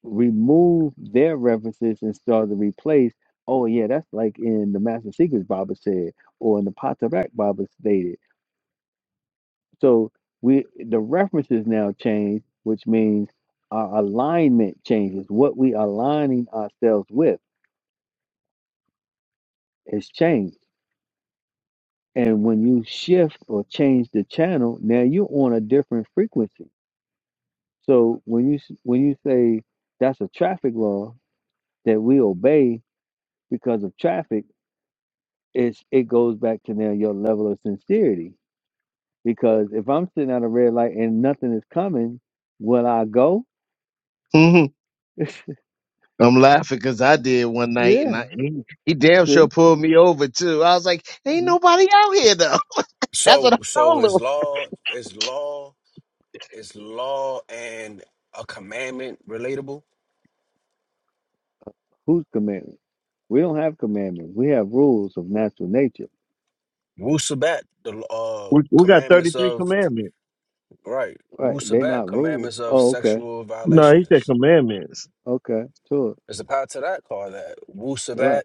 Speaker 1: remove their references and start to replace. Oh yeah, that's like in the Master Secrets Bible said, or in the Potteract Bible stated. So we the references now change, which means our alignment changes. What we aligning ourselves with has changed. And when you shift or change the channel, now you're on a different frequency. So when you s- when you say that's a traffic law that we obey because of traffic it's it goes back to now your level of sincerity. Because if I'm sitting at a red light and nothing is coming, will I go?
Speaker 5: hmm I'm laughing because I did one night and
Speaker 1: yeah.
Speaker 5: I he, he damn sure
Speaker 1: See,
Speaker 5: pulled me over too. I was like, ain't
Speaker 1: Mm.
Speaker 5: nobody out here though. That's what
Speaker 8: So
Speaker 5: I
Speaker 8: so
Speaker 5: told him.
Speaker 8: is law is law is law and a commandment relatable?
Speaker 1: whose commandment? We don't have commandments. We have rules of natural nature.
Speaker 8: Wusabat, the uh
Speaker 5: We, we got
Speaker 8: commandments
Speaker 5: 33
Speaker 8: of
Speaker 5: commandments.
Speaker 8: right.
Speaker 1: Right. They're
Speaker 8: Wusabat,
Speaker 1: not rules.
Speaker 8: commandments of
Speaker 1: Oh, okay.
Speaker 8: sexual
Speaker 5: No, he said
Speaker 8: violations.
Speaker 5: commandments.
Speaker 1: Okay. Sure.
Speaker 8: There's a part to that call that
Speaker 1: Right.
Speaker 8: Wusabat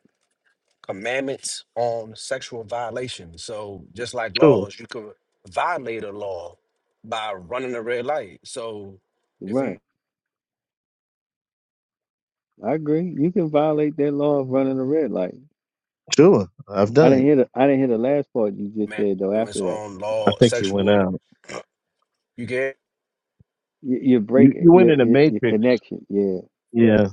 Speaker 8: commandments on sexual violation. So just like
Speaker 5: Sure.
Speaker 8: laws, you could violate a law by running a red light. So if
Speaker 1: Right.
Speaker 8: you
Speaker 1: I agree. You can violate that law of running a red light.
Speaker 5: Sure. I've
Speaker 1: I
Speaker 5: done
Speaker 1: didn't
Speaker 5: it.
Speaker 1: hear the I didn't hear the last part you just said though.
Speaker 8: commandments
Speaker 1: After that,
Speaker 8: on
Speaker 5: I
Speaker 8: law,
Speaker 5: think he went
Speaker 8: sexual,
Speaker 5: out.
Speaker 8: you get.
Speaker 1: you, you're
Speaker 5: You
Speaker 1: breaking
Speaker 5: you went
Speaker 1: your,
Speaker 5: in the
Speaker 1: your your
Speaker 5: matrix.
Speaker 1: connection. Yeah.
Speaker 5: Yeah.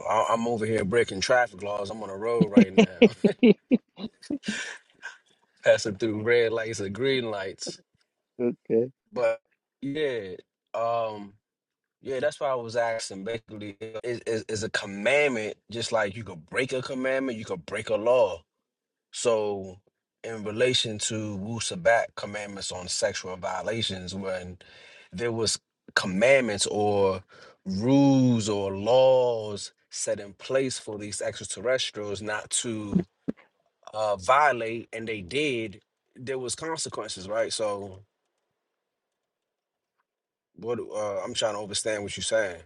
Speaker 8: I- I'm over here breaking traffic laws. I'm on the road right now, passing through red lights and green lights.
Speaker 1: okay.
Speaker 8: But yeah, um, yeah, that's why I was asking. Basically, is is is a commandment just like you could break a commandment, you could break a law So, in relation to Wu Sabat commandments on sexual violations, when there was commandments or rules or laws set in place for these extraterrestrials not to uh, violate, and they did, there was consequences, right? So, what uh, I'm trying to understand what you're saying.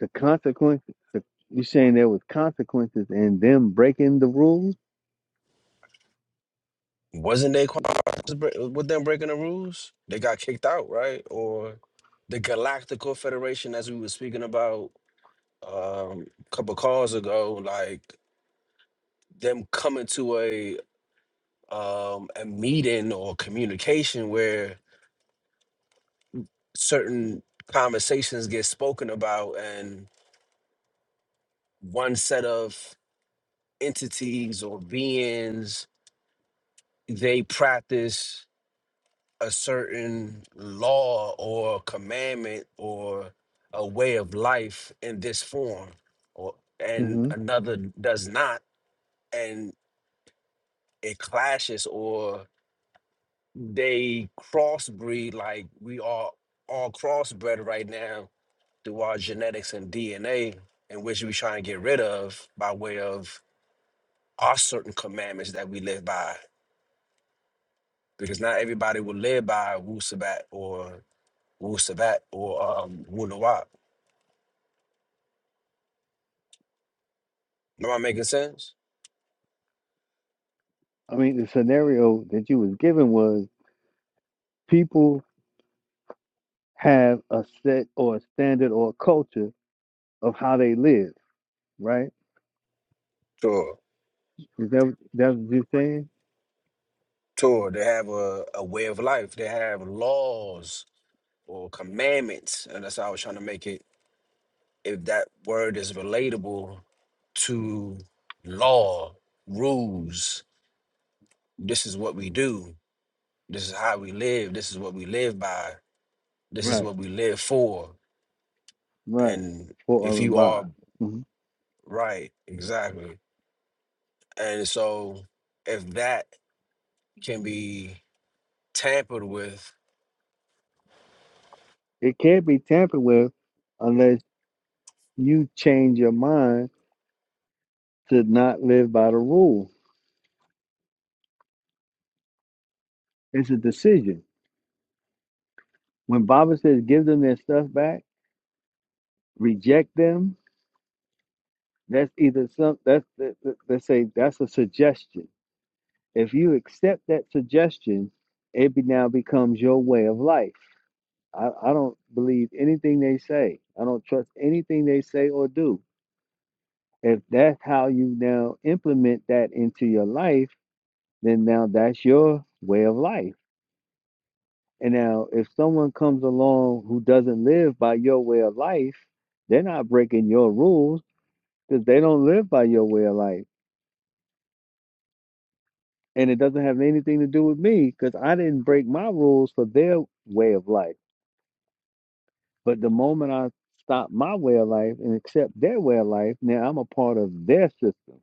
Speaker 1: The consequences. The, you're saying there was consequences in them breaking the rules.
Speaker 8: Wasn't they consequences with them breaking the rules? They got kicked out, right? Or the Galactical Federation, as we were speaking about, um couple calls ago, like them coming to a um a meeting or communication where certain conversations get spoken about and one set of entities or beings they practice a certain law or commandment or a way of life in this form or and
Speaker 1: hmm
Speaker 8: another does not and it clashes or they crossbreed like we are all crossbred right now through our genetics and DNA, in which we try and get rid of by way of our certain commandments that we live by. Because not everybody will live by Wu Sabat or Wu Sabat or um, Wu Nawab. Am I making sense?
Speaker 1: I mean, the scenario that you was given was people have a set or a standard or a culture of how they live, right?
Speaker 8: Sure.
Speaker 1: Is that that's what you're saying?
Speaker 8: Sure. They have a, a way of life. They have laws or commandments. And that's how I was trying to make it if that word is relatable to law, rules, this is what we do, this is how we live, this is what we live by, this is
Speaker 1: Right,
Speaker 8: what we live for.
Speaker 1: right.
Speaker 8: And
Speaker 1: For
Speaker 8: if
Speaker 1: of and
Speaker 8: you
Speaker 1: by,
Speaker 8: are
Speaker 1: hmm
Speaker 8: right, exactly. And so if that can be tampered with,
Speaker 1: it can't be tampered with unless you change your mind to not live by the rule. It's a decision. When Baba says, give them their stuff back, reject them. That's either some that's that, that- let's say that's a suggestion. If you accept that suggestion, it be, now becomes your way of life. I, I don't believe anything they say. I don't trust anything they say or do. If that's how you now implement that into your life, then now that's your way of life. And now if someone comes along who doesn't live by your way of life, they're not breaking your rules because they don't live by your way of life and it doesn't have anything to do with me because I didn't break my rules for their way of life. But the moment I stop my way of life and accept their way of life, now I'm a part of their system,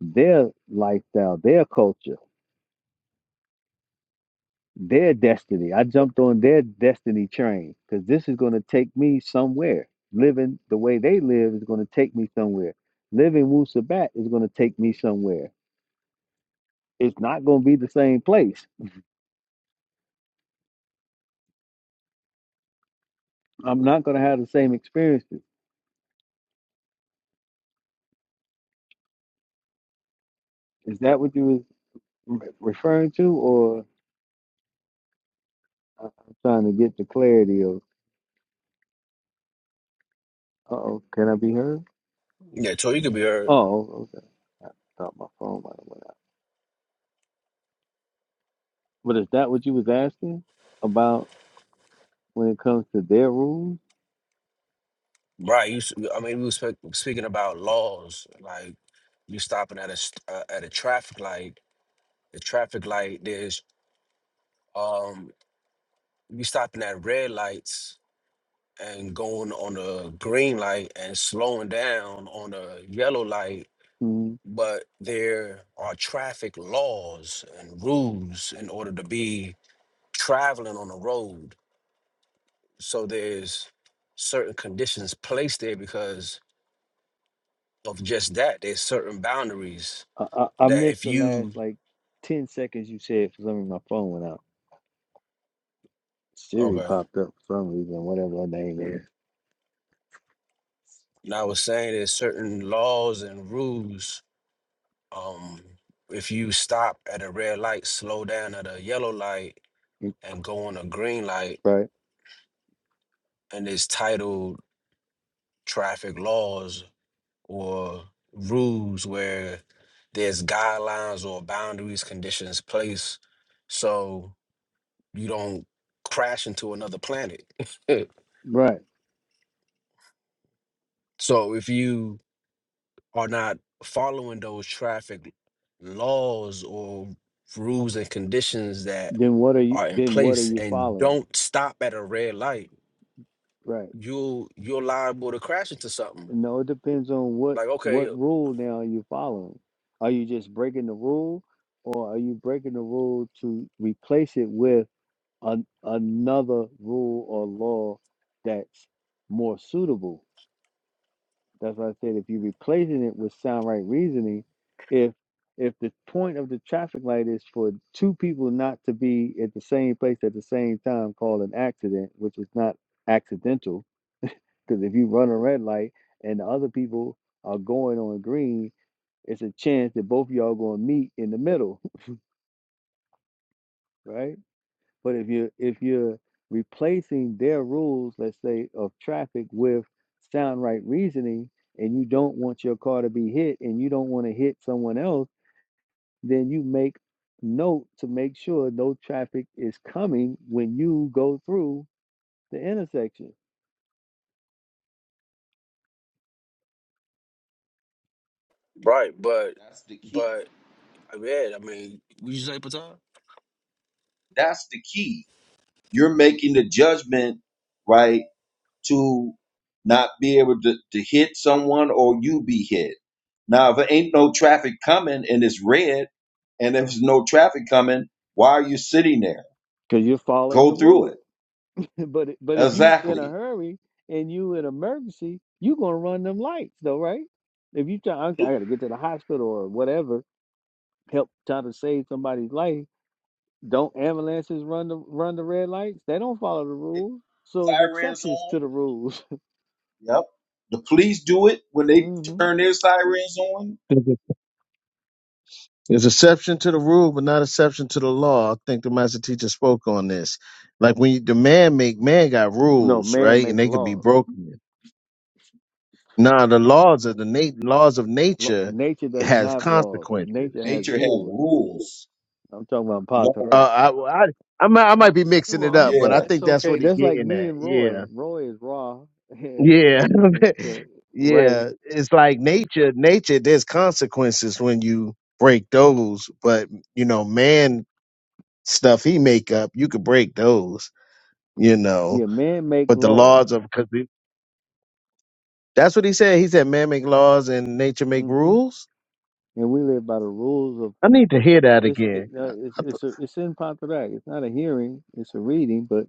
Speaker 1: their lifestyle, their culture, their destiny. I jumped on their destiny train because this is going to take me somewhere. Living the way they live is going to take me somewhere. Living wusabat is going to take me somewhere. It's not going to be the same place. I'm not going to have the same experiences. Is that what you was? re- referring to, or I- I'm trying to get the clarity of, oh, can I be heard?
Speaker 8: yeah, so you could be heard.
Speaker 1: Oh, okay. I thought my phone might have went out. But is that what you was asking about when it comes to their rules?
Speaker 8: Right, you. s- I mean, we were spe- speaking about laws, like you stopping at a st- uh, at a traffic light. The traffic light. There's um. you stopping at red lights and going on a green light and slowing down on a yellow light,
Speaker 1: mm
Speaker 8: but there are traffic laws and rules in order to be traveling on the road. So there's certain conditions placed there because of just that. There's certain boundaries
Speaker 1: I, I, I
Speaker 8: that
Speaker 1: missed
Speaker 8: if
Speaker 1: the last
Speaker 8: you
Speaker 1: like ten seconds you said for some reason my phone went out. Siri
Speaker 8: okay,
Speaker 1: popped up for some reason, whatever her name is.
Speaker 8: now I was saying there's certain laws and rules Um, if you stop at a red light, slow down at a yellow light,
Speaker 1: Mm,
Speaker 8: and go on a green light,
Speaker 1: Right,
Speaker 8: and it's titled traffic laws or rules where there's guidelines or boundaries, conditions placed so you don't crash into another planet.
Speaker 1: right.
Speaker 8: so if you are not following those traffic laws or rules and conditions that
Speaker 1: Then what are you?
Speaker 8: are in
Speaker 1: Then what are
Speaker 8: place
Speaker 1: you
Speaker 8: and
Speaker 1: following?
Speaker 8: don't stop at a red light,
Speaker 1: Right.
Speaker 8: you you're liable to crash into something.
Speaker 1: No, it depends on what
Speaker 8: Like, okay,
Speaker 1: what rule now you're following. Are you just breaking the rule, or are you breaking the rule to replace it with an, another rule or law that's more suitable? That's why I said if you're replacing it with sound right reasoning, if if the point of the traffic light is for two people not to be at the same place at the same time called an accident, which is not accidental, because if you run a red light and the other people are going on green, it's a chance that both of y'all gonna meet in the middle, right? But if you if you're replacing their rules, let's say, of traffic with sound right reasoning, and you don't want your car to be hit and you don't want to hit someone else, then you make note to make sure no traffic is coming when you go through the intersection
Speaker 8: right, but
Speaker 9: That's the key.
Speaker 8: but I mean, I mean, would you say Patel?
Speaker 9: That's the key. You're making the judgment, right? to not be able to, to hit someone or you be hit. Now, if there ain't no traffic coming and it's red, and if there's no traffic coming, why are you sitting there?
Speaker 1: because you're following the
Speaker 9: Go through
Speaker 1: rules.
Speaker 9: it.
Speaker 1: But but if you in a
Speaker 9: Exactly.
Speaker 1: hurry and you in emergency, you gonna run them lights though, right? If you try, I I
Speaker 9: Loop
Speaker 1: gotta get to the hospital or whatever, help try to save somebody's life. Don't ambulances run the run the red lights? They don't follow the
Speaker 9: the
Speaker 1: rules, so it's
Speaker 9: Sirens
Speaker 1: exceptions to
Speaker 9: on.
Speaker 1: the rules.
Speaker 9: Yep. The police do it when they
Speaker 1: hmm
Speaker 9: turn their sirens on.
Speaker 5: There's exception to the rule, but not exception to the law. I think the master teacher spoke on this. Like when you, the man make man got
Speaker 1: No,
Speaker 5: rules,
Speaker 1: man
Speaker 5: right? And
Speaker 1: make
Speaker 5: they could be
Speaker 1: laws.
Speaker 5: broken. Now the laws of the nat- laws of
Speaker 1: Law,
Speaker 5: nature
Speaker 1: nature doesn't
Speaker 5: have
Speaker 1: have laws. Nature
Speaker 5: consequences.
Speaker 1: has
Speaker 9: Nature has
Speaker 1: rules.
Speaker 9: rules.
Speaker 1: I'm talking about
Speaker 9: No.
Speaker 5: Uh,
Speaker 1: Patrak.
Speaker 5: I, well, I, I might, I might be
Speaker 1: You
Speaker 5: mixing it
Speaker 1: are.
Speaker 5: up, but
Speaker 9: Yeah.
Speaker 5: I
Speaker 1: it's
Speaker 5: think that's what
Speaker 1: okay.
Speaker 5: he
Speaker 1: That's like
Speaker 5: getting
Speaker 1: me
Speaker 5: at.
Speaker 1: and Roy.
Speaker 5: Yeah,
Speaker 1: Roy is raw, and
Speaker 5: yeah,
Speaker 1: so Ray.
Speaker 5: yeah. It's like nature, nature. There's consequences when you break those, but you know, man stuff he make up, you could break those you know.
Speaker 1: Yeah, man make
Speaker 5: But the
Speaker 1: laws,
Speaker 5: laws of because that's what he said. He said, "Man make laws and nature make
Speaker 1: hmm
Speaker 5: rules."
Speaker 1: and we live by the rules of
Speaker 5: I need to hear that
Speaker 1: it's it,
Speaker 5: again.
Speaker 1: uh, it's
Speaker 5: I, th-
Speaker 1: it's a, it's in Patarak. It's not a hearing, it's a reading. But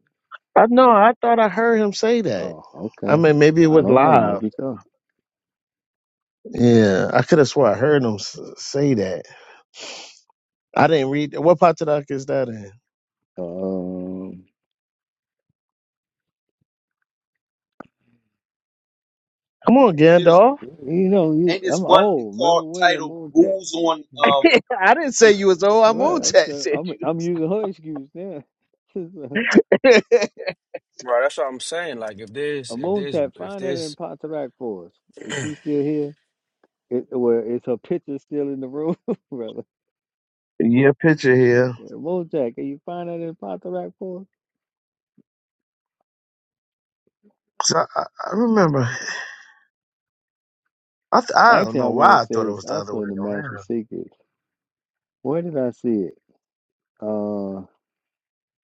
Speaker 5: I know. I thought I heard him say that.
Speaker 1: oh,
Speaker 5: I
Speaker 1: okay,
Speaker 5: mean, maybe it
Speaker 1: I
Speaker 5: was
Speaker 1: don't know.
Speaker 5: live.
Speaker 1: Maybe so.
Speaker 5: Yeah, I could have swore I heard him s- say that. I didn't read. What Patadak is that in?
Speaker 1: Um,
Speaker 5: Come on,
Speaker 9: Ain't there's
Speaker 5: Gandalf.
Speaker 1: you know, you,
Speaker 9: ain't this
Speaker 1: I'm
Speaker 9: one
Speaker 1: old. Remember
Speaker 9: called
Speaker 1: where's the
Speaker 9: titled
Speaker 1: moon tap?
Speaker 9: "Rules on" um
Speaker 5: I didn't say you was old.
Speaker 1: All
Speaker 5: I'm
Speaker 1: right,
Speaker 5: on
Speaker 1: I'm
Speaker 5: that
Speaker 1: so-
Speaker 5: shit.
Speaker 1: I'm I'm using her excuse now.
Speaker 8: Right, that's what I'm saying. Like if there's
Speaker 1: a
Speaker 8: if
Speaker 1: moon
Speaker 8: there's
Speaker 1: tap.
Speaker 8: if
Speaker 1: Find that in
Speaker 8: there's
Speaker 1: Patarak for us. Is she still here? It, where is her picture still in the room, brother?
Speaker 5: Your picture here.
Speaker 1: Okay, moon tap. Can you find that in Patarak for us?
Speaker 5: 'Cause I, I I remember. I th- I don't
Speaker 1: Actually, I
Speaker 5: know
Speaker 1: want
Speaker 5: why
Speaker 1: to
Speaker 5: I
Speaker 1: say
Speaker 5: thought it
Speaker 1: it's
Speaker 5: was the other
Speaker 1: also
Speaker 5: way
Speaker 1: in the Master
Speaker 5: around.
Speaker 1: Secret. Where did I see it? Uh,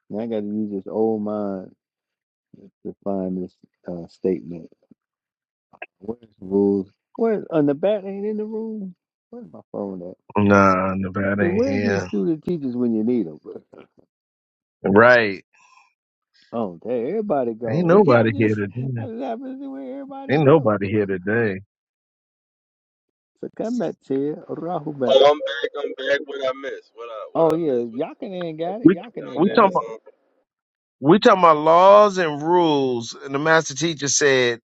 Speaker 1: now I got to use this old mind to find this uh, statement. Where's the rules? Where's on the back? Ain't in the room. Where's my phone at?
Speaker 5: Nah, Nevada
Speaker 1: See,
Speaker 5: ain't
Speaker 1: where's these
Speaker 5: here.
Speaker 1: student teachers when you need them?
Speaker 5: Right.
Speaker 1: Oh, there everybody
Speaker 5: Ain't
Speaker 1: go. Yeah, I
Speaker 5: nobody here
Speaker 1: just,
Speaker 5: today.
Speaker 1: I just happen to see where everybody
Speaker 5: Ain't
Speaker 1: go.
Speaker 5: nobody here today.
Speaker 1: So come back to you, Rahubat.
Speaker 3: Oh, I'm back. I'm back. What I missed? What I what
Speaker 1: Oh
Speaker 3: I
Speaker 1: yeah,
Speaker 3: missed? What,
Speaker 1: Yakin ain't got it.
Speaker 5: We
Speaker 1: Yakin
Speaker 3: y'all
Speaker 1: ain't
Speaker 5: we
Speaker 3: did
Speaker 1: got
Speaker 5: talking
Speaker 3: this
Speaker 1: it.
Speaker 5: about
Speaker 3: song?
Speaker 5: we talking about laws and rules. And the master teacher said,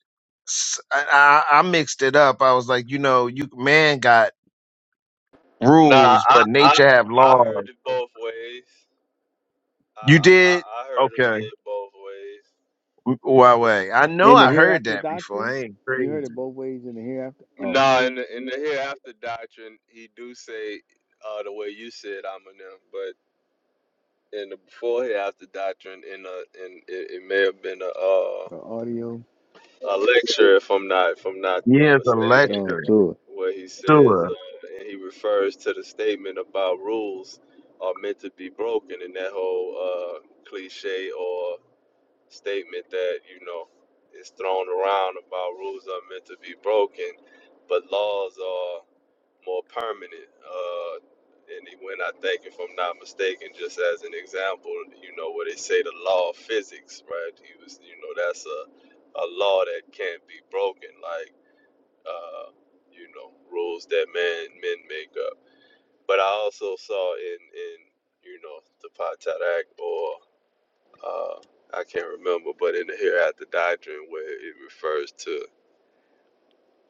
Speaker 5: s- I, I- I mixed it up. I was like, you know, you man got
Speaker 3: Nah,
Speaker 5: rules,
Speaker 3: I
Speaker 5: but
Speaker 3: I
Speaker 5: nature have
Speaker 3: I
Speaker 5: laws.
Speaker 3: heard it both ways. I
Speaker 5: You did
Speaker 3: I, I heard him say
Speaker 5: okay.
Speaker 3: it both ways.
Speaker 5: Huawei. I know
Speaker 1: In the
Speaker 5: I
Speaker 3: Yeah.
Speaker 5: heard
Speaker 1: hereafter
Speaker 5: that before.
Speaker 1: doctrine,
Speaker 5: I ain't
Speaker 1: you heard
Speaker 5: crazy.
Speaker 1: it both ways in the hereafter. Oh.
Speaker 3: Nah, in the, in the hereafter doctrine, he do say uh, the way you said I'm in them, but in the before hereafter doctrine, in a in it, it may have been a uh,
Speaker 1: The audio.
Speaker 3: a lecture if I'm not if I'm not
Speaker 5: Yeah, it's a
Speaker 3: mistaken.
Speaker 1: Oh, sure.
Speaker 3: where he says uh, and he refers to the statement about rules are meant to be broken and that whole uh, cliche or statement that you know is thrown around about rules are meant to be broken but laws are more permanent uh, and he went i think if i'm not mistaken just as an example you know where they say the law of physics right he was you know that's a, a law that can't be broken like uh, you know, rules that men men make up. But I also saw in in you know the Patak or uh, I can't remember, but in the Hereafter Doctrine where it refers to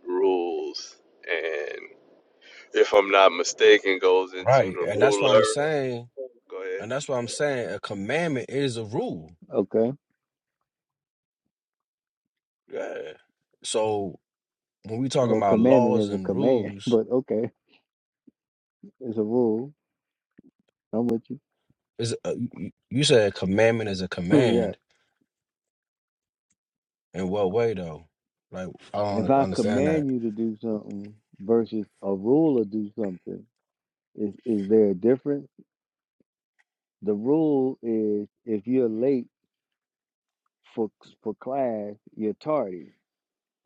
Speaker 3: rules, and if I'm not mistaken, goes into
Speaker 8: right,
Speaker 3: the
Speaker 8: and that's what
Speaker 3: ruler.
Speaker 8: I'm saying,
Speaker 3: Go ahead.
Speaker 8: and that's what I'm saying, a commandment is a rule.
Speaker 1: Okay.
Speaker 8: Yeah. So. when we talking
Speaker 1: Well,
Speaker 8: about
Speaker 1: commandment
Speaker 8: laws
Speaker 1: is a
Speaker 8: and
Speaker 1: command,
Speaker 8: rules,
Speaker 1: but okay, it's a rule. I'm with you.
Speaker 8: is uh, you you- said commandment is a
Speaker 1: yeah.
Speaker 8: command. In what way though? Like I
Speaker 1: If
Speaker 8: don't
Speaker 1: I
Speaker 8: understand that.
Speaker 1: command you to do something versus a rule to do something, is is there a difference? The rule is if you're late for for class, you're tardy,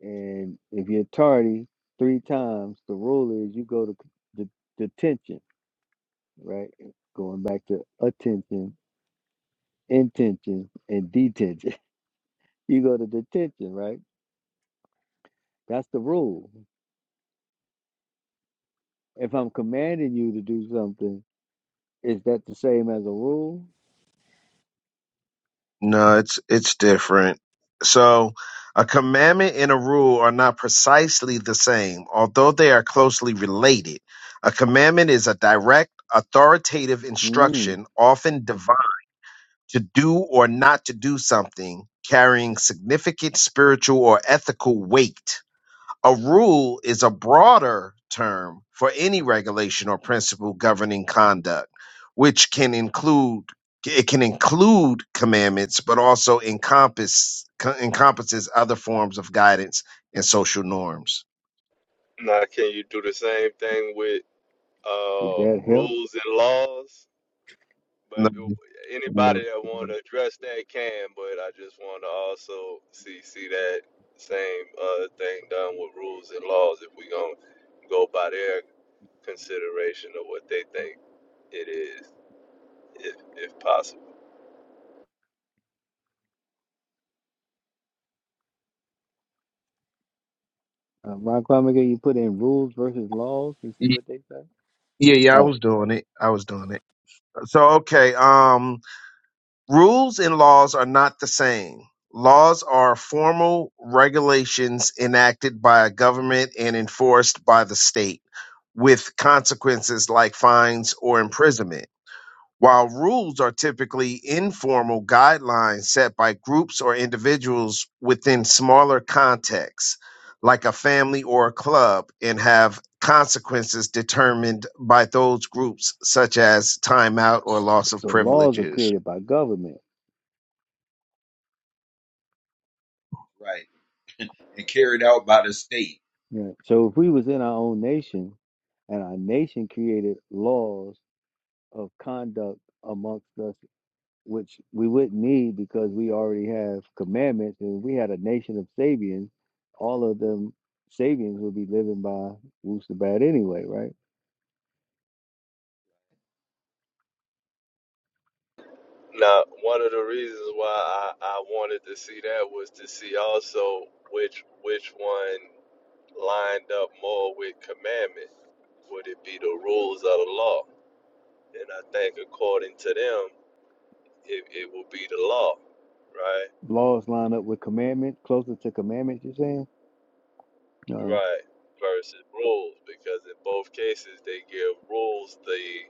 Speaker 1: and if you're tardy three times, the rule is you go to the detention. Right. Going back to attention, intention, and detention. You go to detention, right? That's the rule. If I'm commanding you to do something, is that the same as a rule?
Speaker 5: No, it's it's different. So, a commandment and a rule are not precisely the same, although they are closely related. A commandment is a direct, authoritative
Speaker 1: Mm,
Speaker 5: instruction, often divine, to do or not to do something, carrying significant spiritual or ethical weight. A rule is a broader term for any regulation or principle governing conduct, which can include it can include commandments, but also encompass co- encompasses other forms of guidance and social norms.
Speaker 3: Now, can you do the same thing with
Speaker 1: did
Speaker 3: uh,
Speaker 1: that help?
Speaker 3: rules and laws? But
Speaker 5: No.
Speaker 3: anybody that want to address that can, but I just want to also see see that same uh, thing done with rules and laws if we going to go by their consideration of what they think it is, if, if possible.
Speaker 1: Uh, Ron Kwame, you put in rules versus laws and see what
Speaker 5: Yeah,
Speaker 1: they say?
Speaker 5: yeah, I
Speaker 1: Oh,
Speaker 5: was doing it. I was doing it. So okay, um Rules and laws are not the same. Laws are formal regulations enacted by a government and enforced by the state, with consequences like fines or imprisonment. While rules are typically informal guidelines set by groups or individuals within smaller contexts, like a family or a club, and have consequences determined by those groups, such as timeout or loss of
Speaker 1: so laws are
Speaker 5: privileges.
Speaker 1: created by government.
Speaker 9: right and carried out by the state.
Speaker 1: Yeah. So if we was in our own nation and our nation created laws of conduct amongst us which we wouldn't need because we already have commandments. And if we had a nation of Sabians, all of them Sabians would be living by Wusabat anyway, right?
Speaker 3: Now, one of the reasons why I, I wanted to see that was to see also which which one lined up more with commandment. Would it be the rules of the law? And I think according to them, it, it will be the law, right?
Speaker 1: Laws line up with commandments, closer to commandments, you're saying? Uh,
Speaker 3: Right. Versus rules, because in both cases they give rules the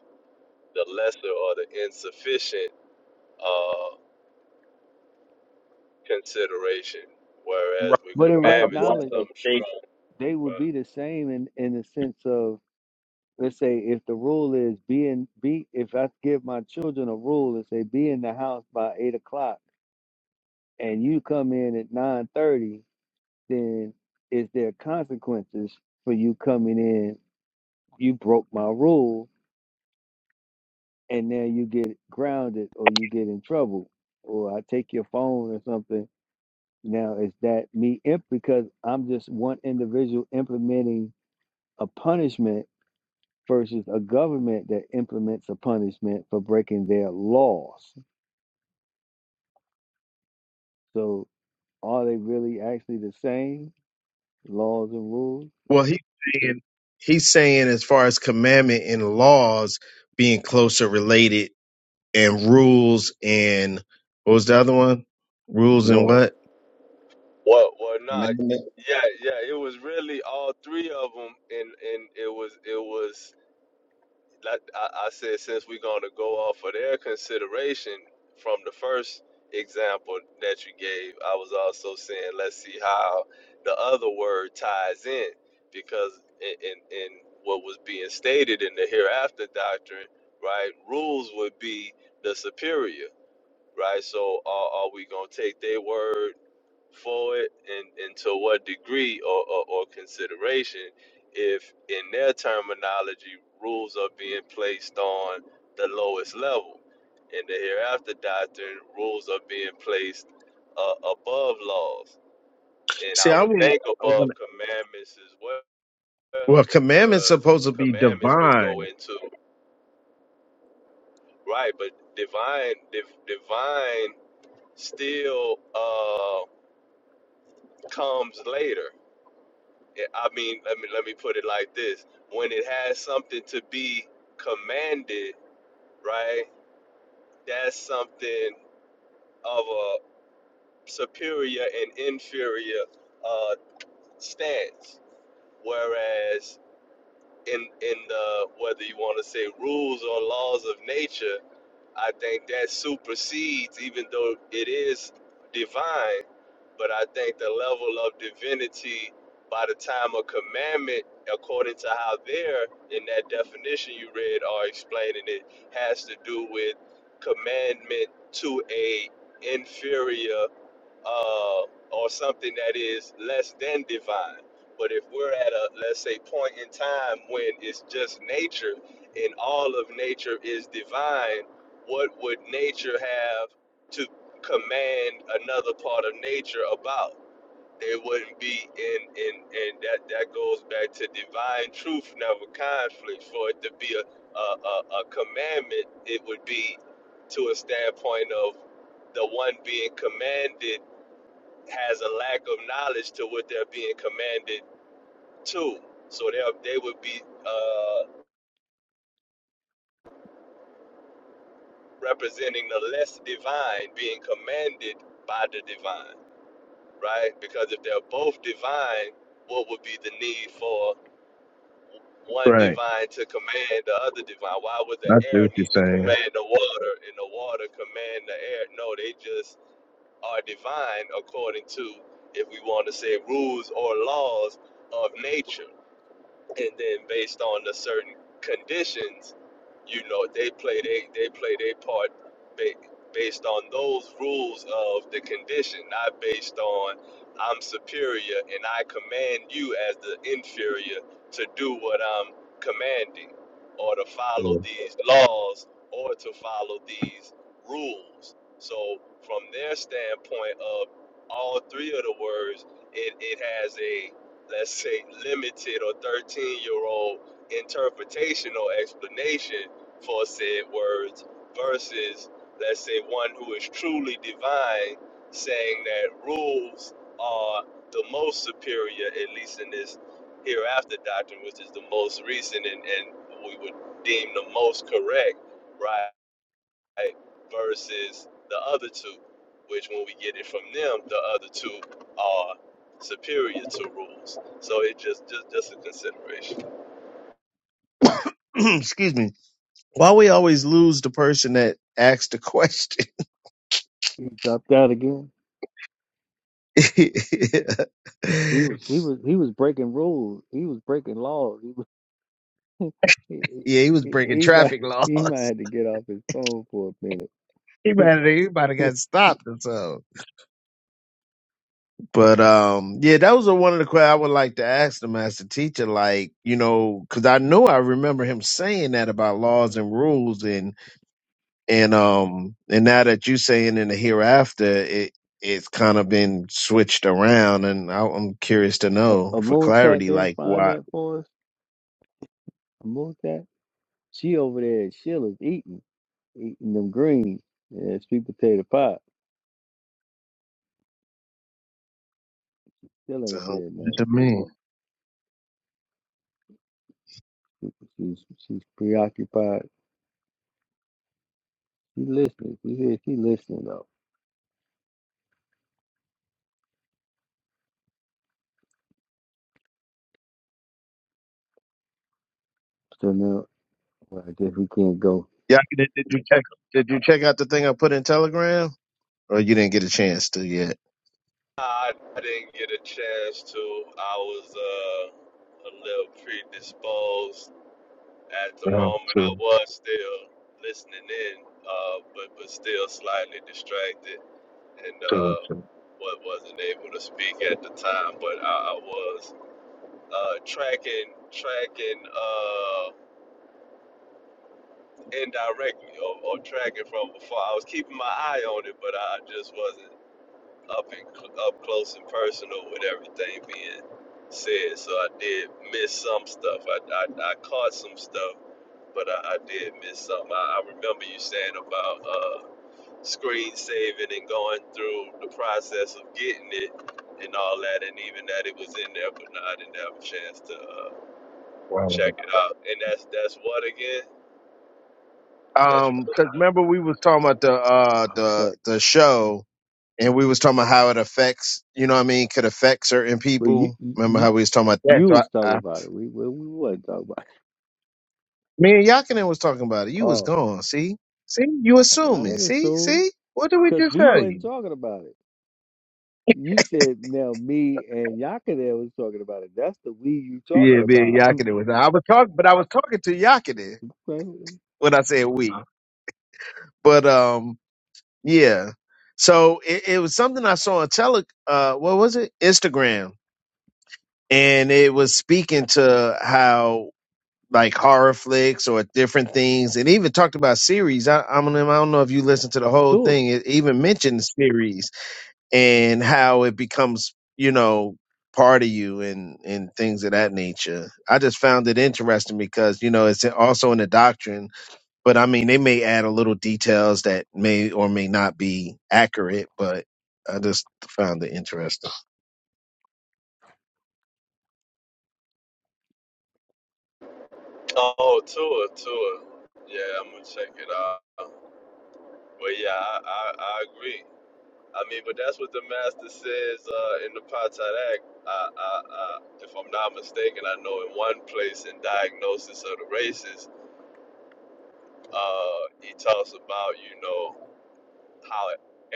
Speaker 3: the lesser or the insufficient uh, consideration, whereas
Speaker 5: right,
Speaker 3: with
Speaker 1: but in
Speaker 5: like a
Speaker 1: right
Speaker 3: commandments
Speaker 5: broader
Speaker 3: it's
Speaker 1: knowledge,
Speaker 3: something strict.
Speaker 5: state.
Speaker 1: they would
Speaker 3: Right.
Speaker 1: be the same in, in the sense of, let's say, if the rule is be in, be, if I give my children a rule and say, be in the house by eight o'clock and you come in at 9:30 then is there consequences for you coming in? You broke my rule, and now you get grounded or you get in trouble, or I take your phone or something. Now, is that me imp because I'm just one individual implementing a punishment versus a government that implements a punishment for breaking their laws? So, are they really actually the same laws and rules?
Speaker 5: Well, he's saying he's saying as far as commandment and laws being closer related, and rules and what was the other one? Rules and
Speaker 1: Laws.
Speaker 5: what?
Speaker 3: What? What not?
Speaker 9: Remember
Speaker 3: Yeah, yeah. It was really all three of them, and and it was it was like I, I said, since we're going to go off of their consideration from the first example that you gave, I was also saying, let's see how the other word ties in, because in, in, in what was being stated in the hereafter doctrine, right, rules would be the superior, right? So are, are we going to take their word? for it and, and to what degree or, or, or consideration if in their terminology rules are being placed on the lowest level in the hereafter doctrine rules are being placed uh, above laws and
Speaker 5: See,
Speaker 3: i
Speaker 5: I
Speaker 3: would
Speaker 5: wouldn't.
Speaker 3: think
Speaker 5: I
Speaker 3: above
Speaker 5: wouldn't
Speaker 3: commandments as well
Speaker 5: well, commandments
Speaker 3: because
Speaker 5: supposed to be
Speaker 3: commandments would go
Speaker 5: divine,
Speaker 3: into right but divine div, divine still uh comes later Yeah, I mean, let me let me put it like this: when it has something to be commanded, right? That's something of a superior and inferior uh, stance. Whereas in in the whether you want to say rules or laws of nature, I think that supersedes, even though it is divine. but I think the level of divinity by the time of commandment, according to how they're in that definition you read or explaining it, has to do with commandment to a inferior uh, or something that is less than divine. But if we're at a, let's say, point in time when it's just nature and all of nature is divine, what would nature have to command another part of nature about? It wouldn't be in, in, and that, that goes back to divine truth, never conflict. For it to be a, a, a, a commandment, it would be to a standpoint of the one being commanded has a lack of knowledge to what they're being commanded to. So they they would be uh, representing the less divine being commanded by the divine, right? Because if they're both divine, what would be the need for one
Speaker 5: right?
Speaker 3: divine to command the other divine? Why would
Speaker 5: I
Speaker 3: the
Speaker 5: see
Speaker 3: air
Speaker 5: what you're
Speaker 3: need to
Speaker 5: saying.
Speaker 3: command the water and the water command the air? No, they just are divine according to, if we want to say, rules or laws of nature and then based on the certain conditions, you know, they play they they play their part ba- based on those rules of the condition, not based on I'm superior and I command you as the inferior to do what I'm commanding or to follow these laws or to follow these rules. So from their standpoint of all three of the words, it, it has a let's say, limited or 13 year old interpretation or explanation for said words versus, let's say, one who is truly divine saying that rules are the most superior, at least in this hereafter doctrine, which is the most recent and, and we would deem the most correct, right? right, versus the other two, which when we get it from them, the other two are superior to rules. So it just just just a consideration.
Speaker 5: Mm. Excuse me. Why we always lose the person that asked the question?
Speaker 1: you dropped out again.
Speaker 5: yeah,
Speaker 1: He was he was he was breaking rules. He was breaking laws. He was, he,
Speaker 5: he was
Speaker 1: he, he
Speaker 5: breaking
Speaker 1: he might
Speaker 5: traffic
Speaker 1: he might
Speaker 5: laws.
Speaker 1: have to get off his phone for a minute.
Speaker 5: He better, he got stopped or so. But um, yeah, that was a, one of the questions I would like to ask the master teacher. Like, you know, because I know I remember him saying that about laws and rules, and and um, and now that you saying in the hereafter, it it's kind of been switched around, and I, I'm curious to
Speaker 1: A,
Speaker 5: know
Speaker 1: a
Speaker 5: for
Speaker 1: moon tat
Speaker 5: clarity,
Speaker 1: didn't
Speaker 5: like
Speaker 1: find
Speaker 5: what
Speaker 1: that for us. A moon tat. She over there at Sheila's eating eating them greens and sweet potato pie. Still
Speaker 5: so
Speaker 1: ain't
Speaker 5: what
Speaker 1: said nothing.
Speaker 5: does it mean?
Speaker 1: She, she's she's preoccupied. She listening. She here. She listening though. So now well, I guess we can't go
Speaker 5: Yeah, did, did you check? Did you check out the thing I put in Telegram, or you didn't get a chance to yet?
Speaker 3: I, I didn't get a chance to. I was uh, a little predisposed at the
Speaker 5: Um,
Speaker 3: moment.
Speaker 5: to
Speaker 3: I was still listening in, uh, but but still slightly distracted and
Speaker 5: to
Speaker 3: uh,
Speaker 5: to.
Speaker 3: wasn't able to speak at the time. But I, I was uh, tracking tracking. Uh, indirectly or, or tracking from before. I was keeping my eye on it, but I just wasn't up and cl- up close and personal with everything being said. So I did miss some stuff. I, I, I caught some stuff, but I, I did miss some. I, I remember you saying about uh, screen saving and going through the process of getting it and all that, and even that it was in there, but no, I didn't have a chance to uh,
Speaker 5: Wow.
Speaker 3: check it out. And that's that's what again? That's your
Speaker 5: Um, because remember we was talking about the uh the
Speaker 1: effects.
Speaker 5: the show and we was talking about how it affects you know what I mean could affect certain
Speaker 1: But you
Speaker 5: people. Remember
Speaker 1: you
Speaker 5: how we was talking about that?
Speaker 1: you
Speaker 5: So
Speaker 1: was
Speaker 5: I,
Speaker 1: talking
Speaker 5: I
Speaker 1: about it. We we, we wasn't talking about. It.
Speaker 5: me and Yakinen was talking about it. You was
Speaker 1: Oh.
Speaker 5: gone. See, see, you
Speaker 1: I
Speaker 5: assuming.
Speaker 1: didn't
Speaker 5: See,
Speaker 1: assume
Speaker 5: see, what did we
Speaker 1: because
Speaker 5: just
Speaker 1: we
Speaker 5: tell
Speaker 1: wasn't
Speaker 5: you?
Speaker 1: talking about it. You said now me and Yakadel was talking about it. That's the we you talking
Speaker 5: Yeah, me and
Speaker 1: about.
Speaker 5: Yakinen was. I was talking, but I was talking to Yakinen
Speaker 1: Like,
Speaker 5: when I said we. But um, yeah. So it, it was something I saw on tele. Uh, what was it? Instagram and it was speaking to how like horror flicks or different things, and even talked about series. I, I, mean, I don't know if you listened to the whole
Speaker 1: sure.
Speaker 5: thing. It even mentioned series and how it becomes, you know, part of you and and things of that nature. I just found it interesting because you know it's also in the doctrine, but I mean they may add a little details that may or may not be accurate, but I just found it interesting.
Speaker 3: Oh, Tua, Tua. Yeah, I'm gonna check it out. But yeah, I, I, I agree. I mean, but that's what the master says uh, in the Patad Act. I, I, I, if I'm not mistaken, I know in one place in diagnosis of the races, uh, he talks about you know how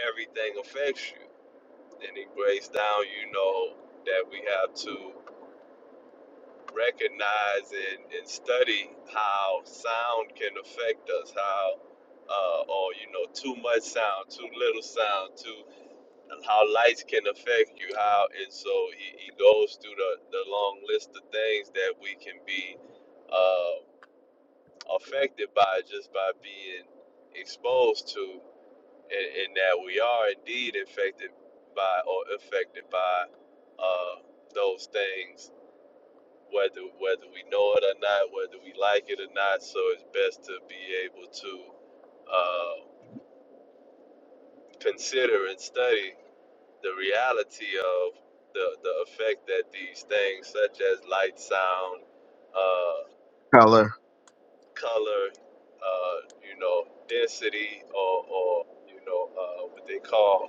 Speaker 3: everything affects you, and he breaks down you know that we have to. recognize and, and study how sound can affect us, how, uh, or you know, too much sound, too little sound, too, and how lights can affect you, how, and so he, he goes through the, the long list of things that we can be uh, affected by just by being exposed to, and, and that we are indeed affected by or affected by uh, those things whether whether we know it or not, whether we like it or not. So it's best to be able to uh, consider and study the reality of the the effect that these things, such as light, sound, uh,
Speaker 5: Color.
Speaker 3: color, uh, you know, density, or or you know uh, what they call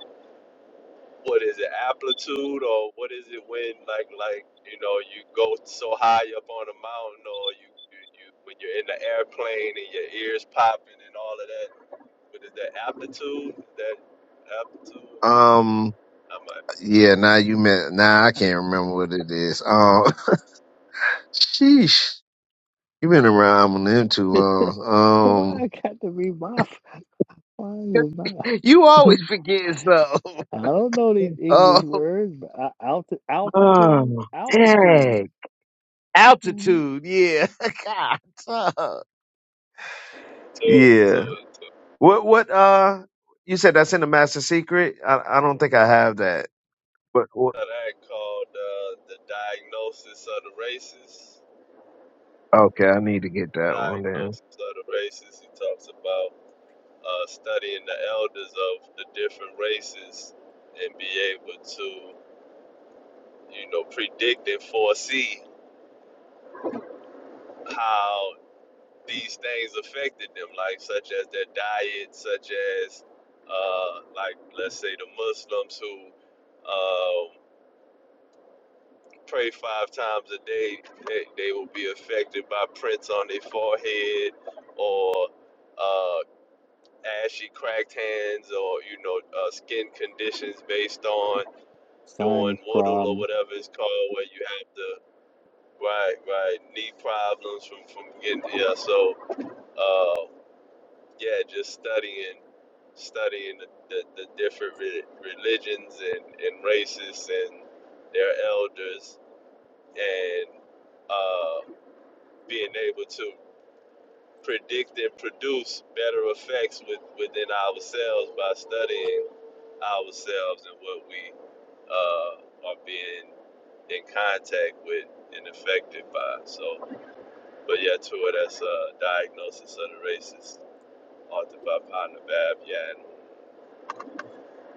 Speaker 3: what is it amplitude or what is it when like like you know you go so high up on a mountain or you you, you when you're in the airplane and your ears popping and all of that what is that amplitude Is that amplitude
Speaker 5: Um.
Speaker 3: I'm a,
Speaker 5: Yeah. Now you meant. Now I can't remember what it is. Um. Sheesh. You've been around Eminem too
Speaker 1: Why
Speaker 5: long.
Speaker 1: I got to be my f- why is it my
Speaker 5: You always forget stuff.
Speaker 1: I don't know these
Speaker 5: Oh,
Speaker 1: English words, but I, alti-
Speaker 5: Um,
Speaker 1: altitude,
Speaker 5: oh,
Speaker 1: altitude,
Speaker 5: dang.
Speaker 1: hmm
Speaker 5: altitude. Yeah. God. uh,
Speaker 3: to to
Speaker 5: Yeah.
Speaker 3: to
Speaker 5: What, what, uh, you said that's in the Master Secret? I, I don't think I have that. But, what,
Speaker 3: that called uh, the diagnosis of the races
Speaker 5: okay, I need to get that one then.
Speaker 3: diagnosis of the races he talks about uh, studying the elders of the different races and be able to you know, predict and foresee how these things affected them, like such as their diet, such as uh, like let's say the Muslims who uh, pray five times a day, they, they will be affected by prints on their forehead or uh, ashy cracked hands or you know uh, skin conditions based on doing
Speaker 1: sinus
Speaker 3: wudu or
Speaker 1: problems,
Speaker 3: whatever it's called, where you have to Right, right. Knee problems from from getting yeah. So uh, yeah, just studying studying the, the, the different re- religions and, and races and their elders and uh, being able to predict and produce better effects with, within ourselves by studying ourselves and what we uh, are being in contact with and affected by. So But yeah, Tua, that's a diagnosis of the racist, authored by Pana Bab Yan.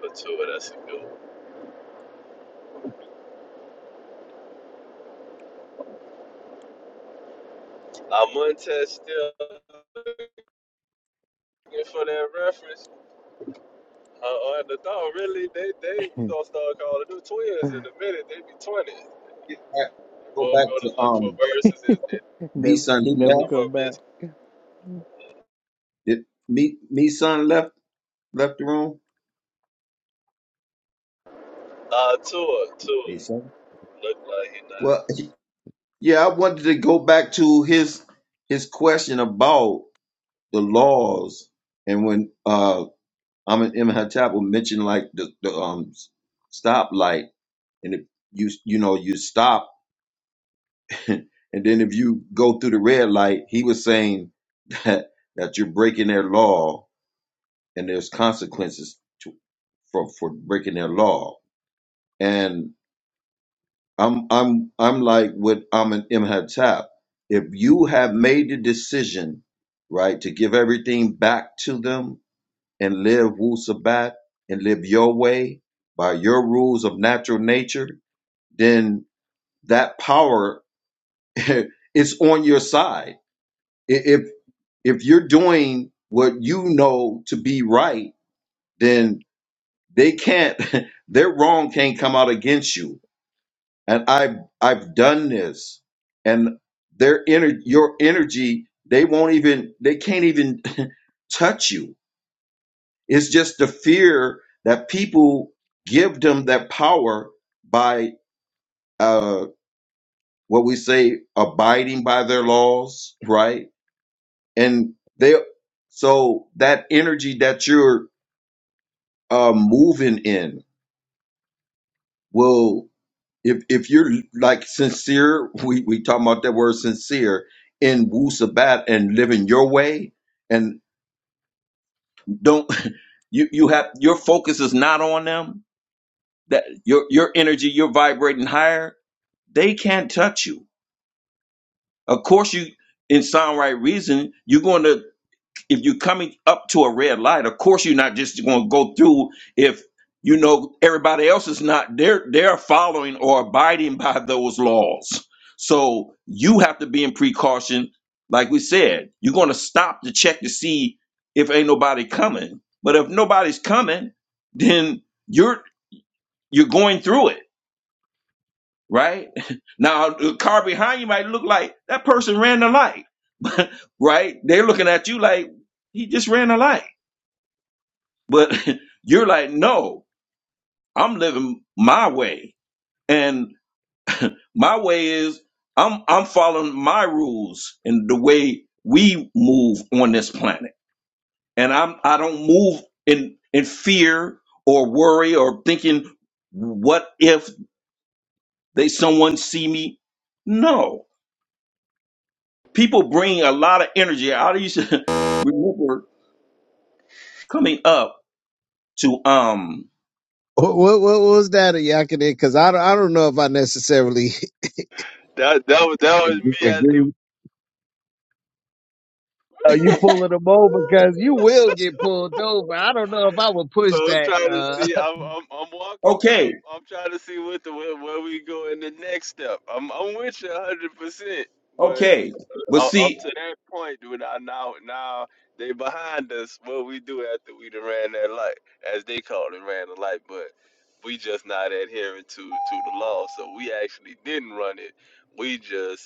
Speaker 3: But Tua, that's a good one. I'm Montez still looking for that reference. Uh, on the thought, really, they, they we gonna start calling them twins in a minute. They be 20s.
Speaker 9: Get back, go
Speaker 3: Both
Speaker 9: back
Speaker 3: gonna
Speaker 9: to
Speaker 3: look for
Speaker 9: um
Speaker 3: verses and, and
Speaker 9: B
Speaker 1: never,
Speaker 9: son. He
Speaker 1: never
Speaker 3: come
Speaker 9: left.
Speaker 3: up
Speaker 1: come back.
Speaker 3: missing.
Speaker 9: Did me me son left left the room?
Speaker 3: Uh, Tua, Tua,
Speaker 9: Me son.
Speaker 3: look like he not.
Speaker 9: Well, yeah, I wanted to go back to his his question about the laws and when uh I'm in Imhotep will mention like the, the um stoplight and if you you know you stop and then if you go through the red light, he was saying that that you're breaking their law and there's consequences to, for for breaking their law. And I'm I'm I'm like with Amin Imhotep. If you have made the decision, right, to give everything back to them and live Wu Sabat and live your way by your rules of natural nature, then that power is on your side. I- If if you're doing what you know to be right, then They can't their wrong can't come out against you. And I've I've done this. And their ener- your energy, they won't even they can't even touch you. It's just the fear that people give them that power by uh what we say abiding by their laws, right? And they so that energy that you're uh, moving in will if if you're like sincere, we we talking about that word sincere in Wu Sabat and living your way, and don't you you have your focus is not on them. That your your energy, you're vibrating higher. They can't touch you. Of course, you in sound right reason, you're going to if you're coming up to a red light, of course you're not just going to go through if you know everybody else is not they're they're following or abiding by those laws. So you have to be in precaution. Like we said, you're going to stop to check to see if ain't nobody coming. But if nobody's coming, then you're you're going through it, right? Now the car behind you might look like that person ran the light, right? They're looking at you like he just ran the light But you're like, no, I'm living my way. And my way is I'm I'm following my rules and the way we move on this planet. And I'm I don't move in in fear or worry or thinking what if they someone see me? No. People bring a lot of energy. I used to remember coming up to um
Speaker 5: What, what, what was that, Yakinen? Because I, don't- I don't know if I necessarily
Speaker 3: That, that, was, that was me as the.
Speaker 5: agree, uh, you pulling them over because you will get pulled over. I don't know if I would push
Speaker 3: So I'm
Speaker 5: that.
Speaker 3: trying to
Speaker 5: Uh,
Speaker 3: see. I'm I'm, I'm walking with
Speaker 9: okay,
Speaker 3: him. I'm trying to see what the where, where we go in the next step. I'm I'm with you 100, percent but
Speaker 9: okay. But
Speaker 3: uh, up
Speaker 9: see
Speaker 3: to that point, when I now now they behind us, what we do after we done ran that light, as they call it, ran the light, but we just not adhering to to the law, so we actually didn't run it. We just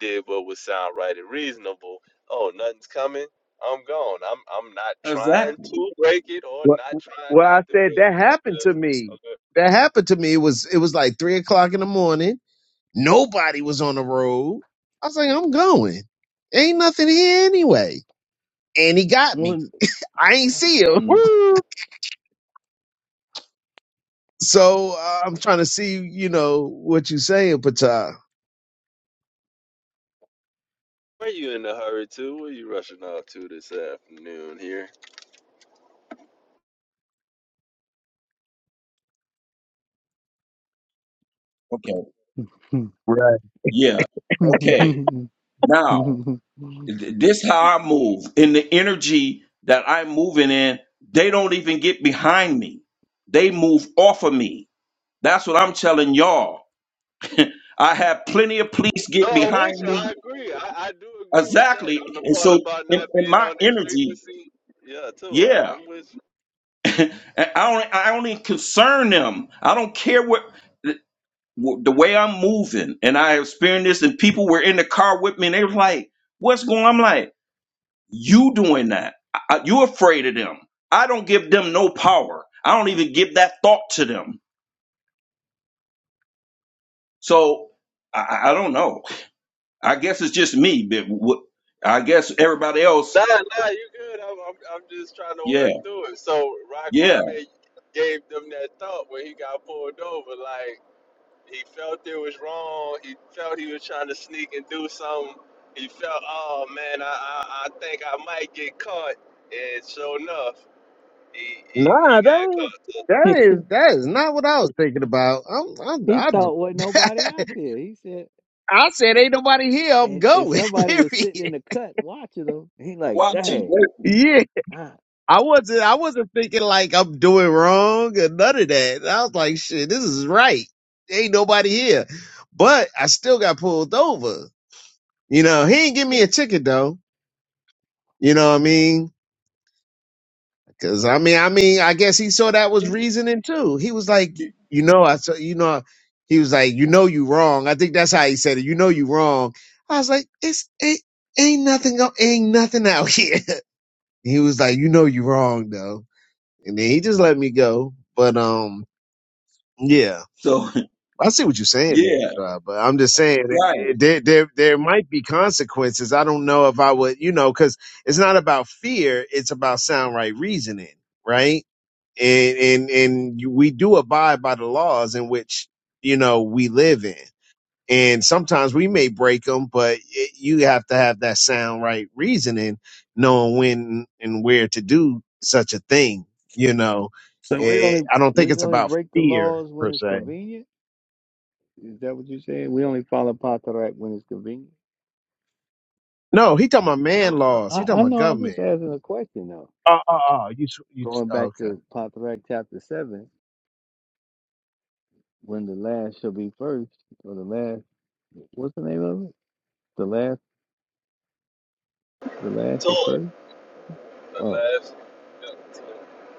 Speaker 3: did what would sound right and reasonable. Oh, nothing's coming. I'm gone. I'm I'm not trying
Speaker 9: exactly.
Speaker 3: to break it or
Speaker 5: well,
Speaker 3: not trying
Speaker 5: well,
Speaker 3: not
Speaker 5: I
Speaker 3: to
Speaker 5: said
Speaker 3: break
Speaker 5: that
Speaker 3: it. I'm
Speaker 5: happened to
Speaker 3: just
Speaker 5: me.
Speaker 3: okay.
Speaker 5: That happened to me. It was it was like three o'clock in the morning. Nobody was on the road. I was like, I'm going. Ain't nothing here anyway. And he got me.
Speaker 1: Mm.
Speaker 5: I ain't see him.
Speaker 3: Woo!
Speaker 5: So uh, I'm trying to see, you know, what you saying, Pata.
Speaker 3: Where are you in a hurry to? Where are you rushing off to this afternoon here?
Speaker 9: okay.
Speaker 5: Nah,
Speaker 9: Yeah. Okay. Now, th- this how I move. In the energy that I'm moving in, they don't even get behind me. They move off of me. That's what I'm telling y'all. I have plenty of police
Speaker 3: No,
Speaker 9: get
Speaker 3: I'm with you.
Speaker 9: behind
Speaker 3: I
Speaker 9: me.
Speaker 3: agree. I, I do agree with that
Speaker 9: Exactly.
Speaker 3: on the
Speaker 9: And
Speaker 3: part
Speaker 9: so
Speaker 3: about
Speaker 9: in,
Speaker 3: not
Speaker 9: in
Speaker 3: being
Speaker 9: my
Speaker 3: on their
Speaker 9: energy,
Speaker 3: frequency. Yeah, too. I'm,
Speaker 9: yeah.
Speaker 3: I'm with you.
Speaker 9: And I only I only concern them. I don't care what the the way I'm moving. And I experienced this and people were in the car with me and they were like, what's going on? I'm like, You doing that. I, I- you afraid of them. I don't give them no power. I don't even give that thought to them. So I, I I don't know. I guess it's just me. But what, I guess everybody else,
Speaker 3: Nah, nah, you good. I'm, I'm I'm just trying to
Speaker 9: yeah,
Speaker 3: work through it. So Rod
Speaker 9: yeah,
Speaker 3: gave them that thought when he got pulled over, like. He felt it was wrong. He felt he was trying to sneak and do something. He felt, oh man, I, I, I think I might get caught. And sure enough, he, he, he got
Speaker 5: that ain't,
Speaker 3: caught.
Speaker 5: that is that is not what I was thinking about. I'm, I'm
Speaker 1: He thought wasn't
Speaker 5: I.
Speaker 1: nobody out there. He said,
Speaker 5: I said, ain't nobody here. I'm
Speaker 1: and, and
Speaker 5: going.
Speaker 1: somebody was
Speaker 5: Period.
Speaker 1: sitting in the cut watching him. He like,
Speaker 9: watching,
Speaker 1: dang,
Speaker 9: waiting.
Speaker 5: Yeah.
Speaker 1: ah,
Speaker 5: I wasn't. I wasn't thinking like I'm doing wrong or none of that. I was like, shit, this is right. Ain't nobody here. But I still got pulled over. You know, he ain't give me a ticket though. You know what I mean? Because I mean, I mean, I guess he saw that was reasoning too. He was like, you know, I saw, you know, he was like, you know, you wrong. I think that's how he said it. You know, you wrong. I was like, it's it ain't nothing, go- ain't nothing out here. He was like, "You know, you wrong though," and then he just let me go. But um, yeah,
Speaker 9: So
Speaker 5: I see what you're saying, Mr.
Speaker 9: yeah,
Speaker 5: God, but I'm just saying it,
Speaker 9: right.
Speaker 5: it, there there there might be consequences. I don't know if I would, you know, because it's not about fear; it's about sound right reasoning, right? And and and you- we do abide by the laws in which you know we live in and sometimes we may break them, but it, you have to have that sound right reasoning, knowing when and where to do such a thing. You know,
Speaker 1: so we
Speaker 5: Eh,
Speaker 1: only
Speaker 5: I don't think
Speaker 1: we
Speaker 5: it's
Speaker 1: only
Speaker 5: about
Speaker 1: break the
Speaker 5: fear
Speaker 1: laws when
Speaker 5: per
Speaker 1: it's
Speaker 5: se.
Speaker 1: convenient. Is that what you're saying? We only follow Pontarac when it's convenient.
Speaker 5: No, he talking about man
Speaker 1: No,
Speaker 5: laws. He
Speaker 1: I,
Speaker 5: talking
Speaker 1: I
Speaker 5: about
Speaker 1: know. I'm
Speaker 5: government.
Speaker 1: just asking a question though.
Speaker 5: Oh, oh, oh you, s- you, s-
Speaker 1: Going
Speaker 5: oh,
Speaker 1: back
Speaker 5: okay.
Speaker 1: to Pontarac chapter seven, when the last shall be first, or the last. What's the name of it? The last. The last
Speaker 3: So,
Speaker 1: is
Speaker 3: to
Speaker 1: first.
Speaker 3: the
Speaker 1: Oh,
Speaker 3: last, yeah, so,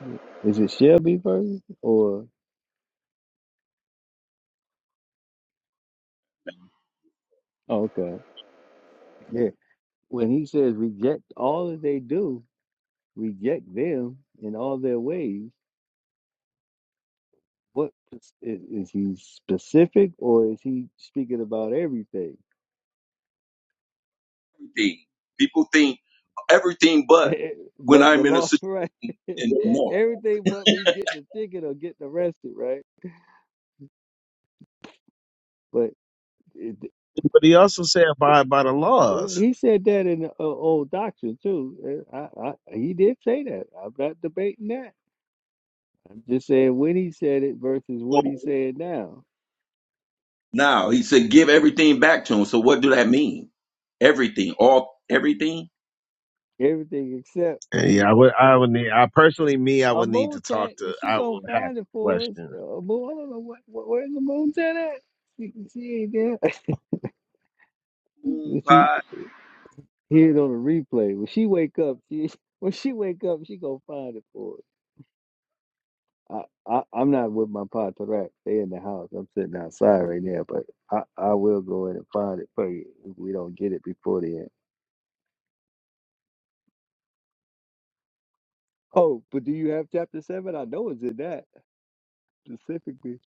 Speaker 1: yeah. is it shall be first or? Oh, okay. Yeah. when he says reject all that they do, reject them in all their ways, what is, is he specific or is he speaking about everything?
Speaker 9: Everything. People think everything but when
Speaker 1: but the
Speaker 9: I'm in a
Speaker 1: law,
Speaker 9: situation.
Speaker 1: right?
Speaker 9: And no.
Speaker 1: everything but me getting a ticket or getting arrested, right? But it,
Speaker 5: But he also said abide by the
Speaker 1: well,
Speaker 5: laws.
Speaker 1: he said that in the uh, old doctrine too. Uh, I, I, he did say that. I'm not debating that. I'm just saying when he said it versus what he's saying now.
Speaker 9: Now he said, give everything back to him. So what do that mean? Everything, all everything.
Speaker 1: Everything except.
Speaker 5: Eh,
Speaker 1: uh,
Speaker 5: Yeah, I would, I would need. I personally, me, I
Speaker 1: A
Speaker 5: would need
Speaker 1: moon
Speaker 5: to
Speaker 1: tat,
Speaker 5: talk to.
Speaker 1: and she
Speaker 5: I
Speaker 1: gonna
Speaker 5: would have
Speaker 1: find it for us.
Speaker 5: questions.
Speaker 1: A moon, I don't know what, what where's the moon tat at? She, she ain't there.
Speaker 9: moon
Speaker 1: When she
Speaker 9: pie.
Speaker 1: hear it on the replay. When she wake up, she when she wake up, she gonna find it for us. I, I I'm not with my patrat. They in the house. I'm sitting outside right now, but I I will go in and find it for you if we don't get it before the end. Oh, but do you have chapter seven? I know it's in that specifically.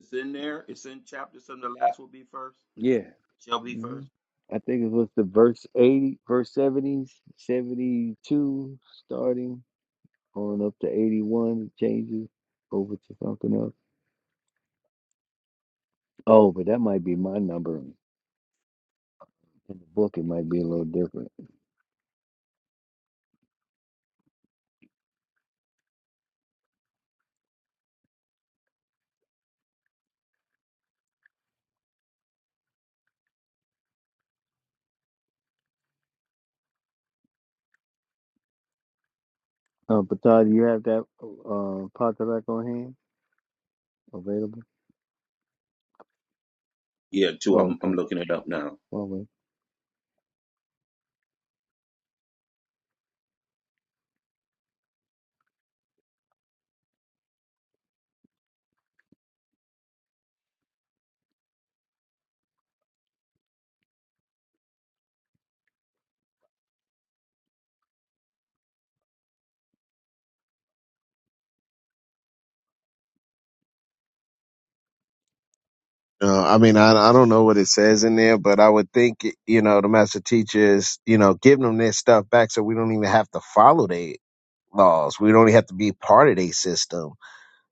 Speaker 9: It's in there. It's in chapter seven. The last will be first.
Speaker 1: Yeah.
Speaker 9: Shall be first.
Speaker 1: Mhm. I think it was the verse 80, verse 70, 72, starting on up to 81, changes over to something else. Oh, but that might be my number. In the book, it might be a little different. Uh, but Todd, do you have that uh, Potterack on hand available?
Speaker 9: Yeah, two.
Speaker 1: Oh,
Speaker 9: I'm I'm
Speaker 1: okay.
Speaker 9: looking it up now.
Speaker 1: All right.
Speaker 5: Uh, I mean, I I don't know what it says in there, but I would think you know the master teachers, you know, giving them their stuff back, so we don't even have to follow their laws. We don't have to be part of their system,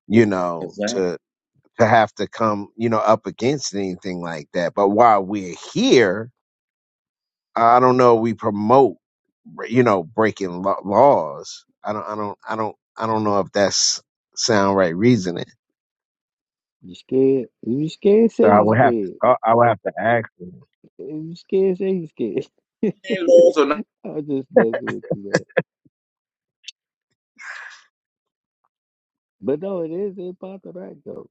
Speaker 5: you know,
Speaker 9: Exactly.
Speaker 5: to to have to come, you know, up against anything like that. But while we're here, I don't know. We promote, you know, breaking lo- laws. I don't, I don't, I don't, I don't know if that's sound right reasoning.
Speaker 1: You scared? If you scared,
Speaker 5: So
Speaker 1: say
Speaker 5: I
Speaker 1: you
Speaker 5: would have to,
Speaker 1: scared.
Speaker 5: I I would have to ask. Them.
Speaker 1: If you scared, say you scared.
Speaker 9: They Laws are not,
Speaker 1: I was just messing with you there. But no, it is in Potterack, though.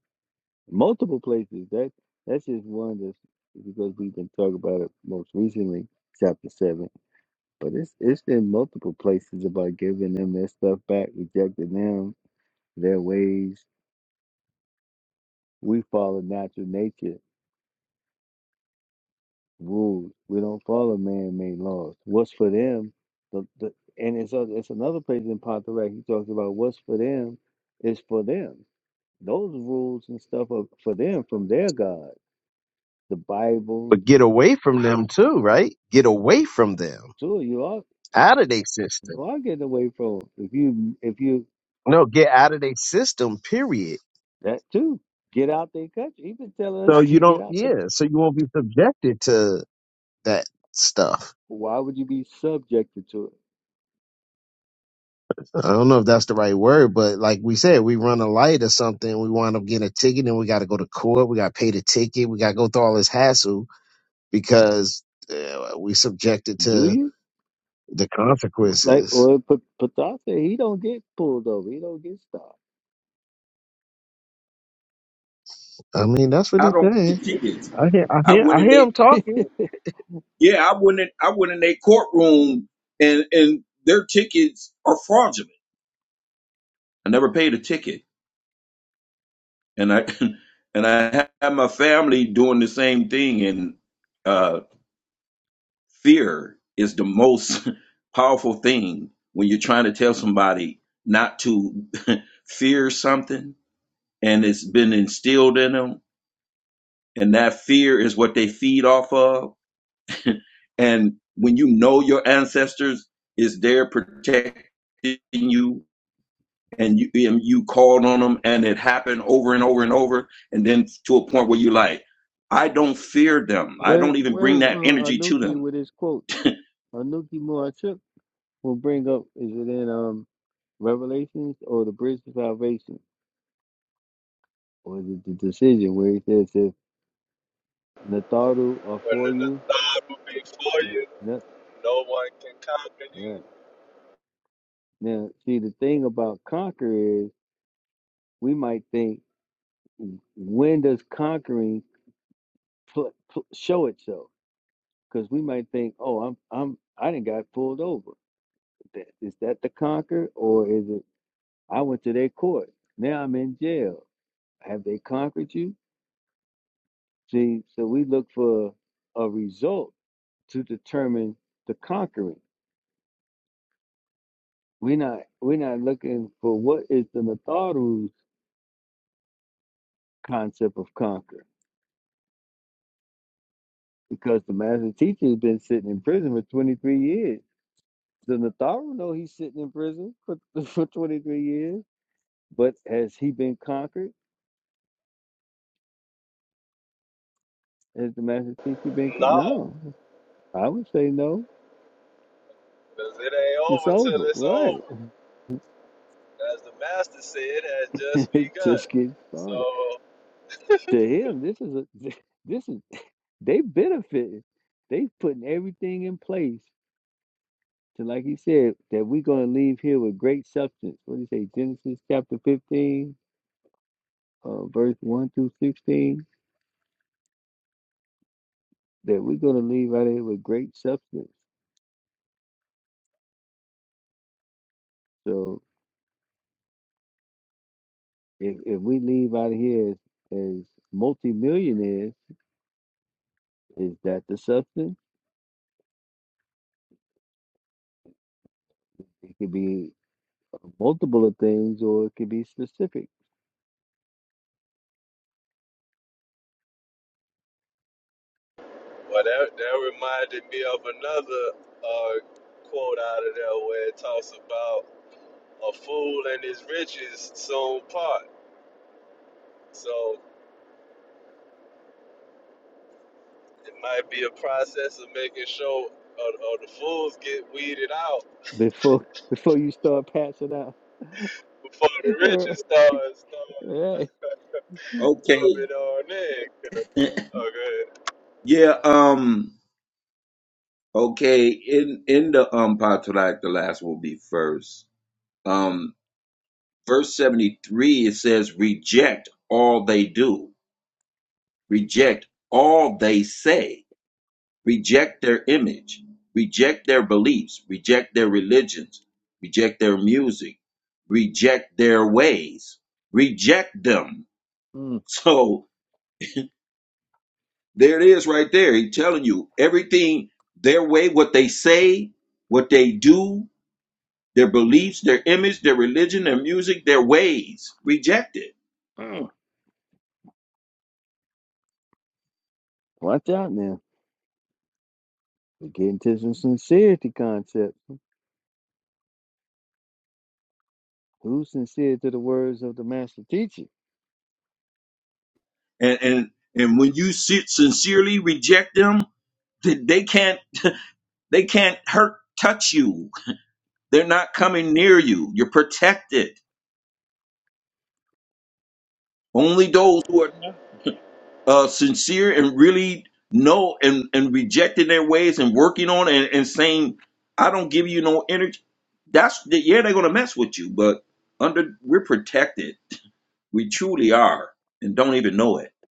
Speaker 1: multiple places. That that's just one that's because we've been talking about it most recently, chapter seven. But it's it's in multiple places about giving them their stuff back, rejecting them, their ways. We follow natural nature rules. We don't follow man-made laws. What's for them, the, the and it's oth- it's another place in Pontarac. He talks about what's for them is for them. Those rules and stuff are for them from their God. The Bible,
Speaker 5: but get away from them too, right? Get away from them,
Speaker 1: sure, you are.
Speaker 5: out of their system.
Speaker 1: You are getting away from it. if you if you
Speaker 5: No, get out of their system. Period.
Speaker 1: that too get out their country. he been telling
Speaker 5: So
Speaker 1: us
Speaker 5: you
Speaker 1: you get
Speaker 5: don't,
Speaker 1: out the.
Speaker 5: yeah. So you won't be subjected to that stuff.
Speaker 1: Why would you be subjected to it?
Speaker 5: I don't know if that's the right word, but like we said, we run a light or something, we wind up getting a ticket, and we got to go to court, we got to pay the ticket, we got to go through all this hassle because uh, we subjected
Speaker 1: Do
Speaker 5: to
Speaker 1: you
Speaker 5: the
Speaker 1: like
Speaker 5: consequences.
Speaker 1: or P- Pata said he don't get pulled over. He don't get stopped.
Speaker 5: I mean, that's what
Speaker 9: I
Speaker 5: he's
Speaker 9: don't
Speaker 5: saying.
Speaker 9: get it.
Speaker 5: I hear, I
Speaker 9: I
Speaker 5: hear,
Speaker 9: went
Speaker 5: I
Speaker 9: in
Speaker 5: hear
Speaker 9: they.
Speaker 5: him talking.
Speaker 9: Yeah, I went in. I went in their courtroom, and and their tickets are fraudulent. I never paid a ticket, and I and I had my family doing the same thing, and fear is the most powerful thing when you're trying to tell somebody not to fear something and it's been instilled in them and that fear is what they feed off of and when you know your ancestors is there protecting you and you and you called on them and it happened over and over and over and then to a point where you're like i don't fear them i
Speaker 1: Where's
Speaker 9: don't even bring
Speaker 1: where's uh,
Speaker 9: that energy to
Speaker 1: Anuki
Speaker 9: them
Speaker 1: with his quote? Anuki Muachuk will bring up. Is it in um Revelations or the Bridge to Salvation or is it the decision where he says if Nataru are
Speaker 3: when
Speaker 1: for
Speaker 3: the
Speaker 1: you,
Speaker 3: thought will be for
Speaker 1: right,
Speaker 3: you,
Speaker 1: No,
Speaker 3: no one can conquer
Speaker 1: right?
Speaker 3: you.
Speaker 1: Now, see, the thing about conquer is we might think, when does conquering pl- pl- show itself? Because we might think, oh, I'm, I'm, I didn't got pulled over. Th- Is that the conquer, or is it? I went to their court. Now I'm in jail. Have they conquered you? See, so we look for a result to determine the conquering. We're not, we're not looking for what is the Natharu's concept of conquer. because the master teacher has been sitting in prison for 23 years. The Natharu know he's sitting in prison for, for 23 years, but has he been conquered? Has the master teacher been? con-
Speaker 3: No,
Speaker 1: No, I would say no.
Speaker 3: because it ain't
Speaker 1: It's
Speaker 3: over till
Speaker 1: over,
Speaker 3: it's
Speaker 1: right?
Speaker 3: over. As the master said, it has just
Speaker 1: It's
Speaker 3: begun.
Speaker 1: Just getting started.
Speaker 3: So
Speaker 1: To him, this is a this is they benefiting. They putting everything in place to, like he said, that we're going to leave here with great substance. What do you say, Genesis chapter 15, uh, verse 1 through 16? that we're going to leave out of here with great substance. So if, if we leave out of here as, as multimillionaires, is that the substance? It could be multiple of things or it could be specific
Speaker 3: Well, that, that reminded me of another uh, quote out of there where it talks about a fool and his riches soon part. So it might be a process of making sure or, or the fools get weeded out
Speaker 1: before before you start passing out.
Speaker 3: before the
Speaker 1: All
Speaker 3: riches start, start
Speaker 1: right.
Speaker 9: okay
Speaker 3: coming on in. Okay.
Speaker 9: yeah um Okay, in in the um Patrak, the last will be first. Um, verse seventy three it says, "Reject all they do, reject all they say, reject their image, reject their beliefs, reject their religions, reject their music, reject their ways, reject them."
Speaker 1: Mm,
Speaker 9: So there it is, right there. He's telling you everything their way, what they say, what they do, their beliefs, their image, their religion, their music, their ways. Reject it.
Speaker 1: mm. Watch out now. We're getting to some sincerity concept. Who's sincere to the words of the master teacher?
Speaker 9: And and and when you sit sincerely reject them, they they can't they can't hurt touch you. They're not coming near you. You're protected. Only those who are uh, sincere and really know and and rejecting their ways and working on it and, and saying, I don't give you no energy. That's the, yeah, they're gonna mess with you, but under we're protected. We truly are, and don't even know it.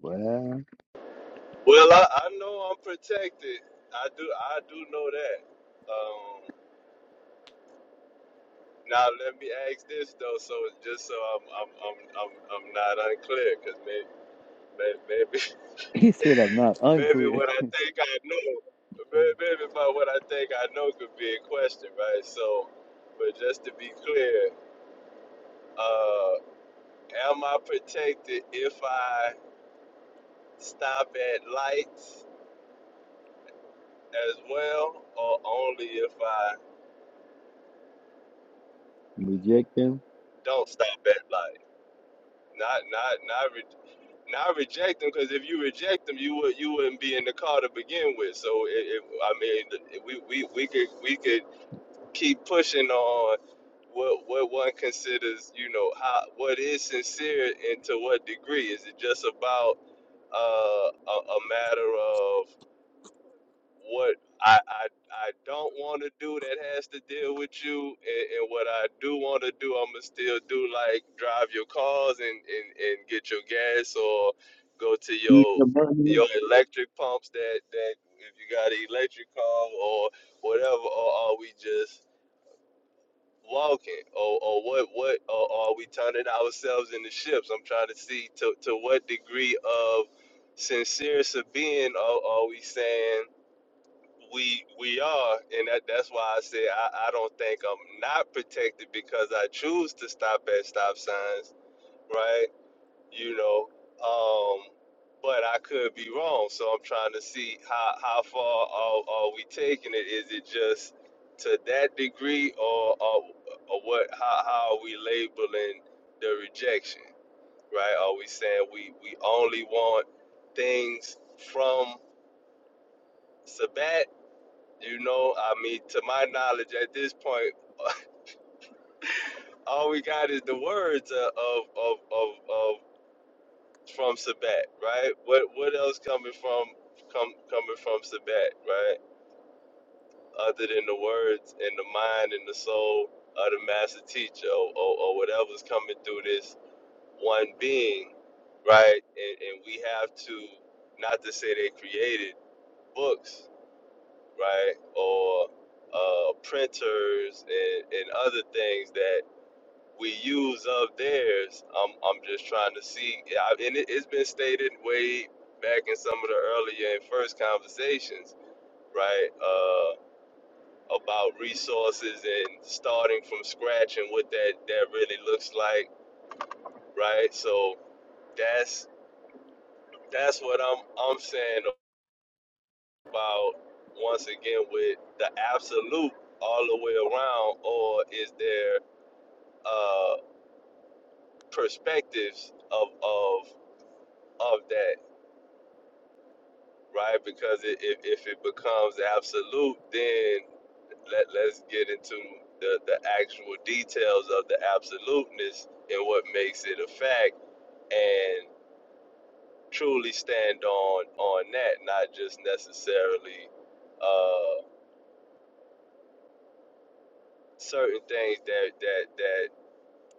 Speaker 1: Well,
Speaker 3: Well, I, I know I'm protected. I do I do know that. Um, now let me ask this though, so just so I'm I'm I'm I'm, I'm not unclear, 'cause maybe May- Maybe,
Speaker 1: he said, I'm not
Speaker 3: maybe
Speaker 1: unclear.
Speaker 3: what I think I know, may- maybe about what I think I know could be in question, right? So, but just to be clear, uh, am I protected if I stop at lights as well, or only if I
Speaker 1: Reject them.
Speaker 3: don't stop at light? Not, not, not. Re- not reject them because if you reject them, you would you wouldn't be in the car to begin with. So it, it, I mean, we, we we could we could keep pushing on what what one considers, you know, how what is sincere and to what degree. Is it just about uh, a, a matter of what I, I I don't want to do that has to deal with you, and, and what I do want to do, I'ma still do like drive your cars and, and, and get your gas or go to your your electric pumps that that if you got an electric car or whatever, or are we just walking or, or what what or are we turning ourselves into ships i'm trying to see to, to what degree of sincere being are, are we saying we we are and that that's why i said I, I don't think i'm not protected because i choose to stop at stop signs right you know. Um, but I could be wrong, so I'm trying to see how how far are, are we taking it? Is it just to that degree, or or, or what? How, how are we labeling the rejection? Right? Are we saying we we only want things from Sabat? You know, I mean, to my knowledge, at this point, all we got is the words of of of of, of from Sabat, right? What what else coming from come coming from Sabat, right? Other than the words and the mind and the soul of the master teacher or, or, or whatever's coming through this one being, right? And, and we have to not to say they created books, right? Or uh, printers and, and other things that we use of theirs. I'm I'm just trying to see, yeah, and it, it's been stated way back in some of the earlier and first conversations, right? Uh, about resources and starting from scratch and what that that really looks like, right? So that's that's what I'm I'm saying about once again with the absolute all the way around, or is there uh, perspectives of of of that? right? Because it, if, if it becomes absolute, then let, let's get into the, the actual details of the absoluteness and what makes it a fact and truly stand on on that, not just necessarily uh, certain things that, that, that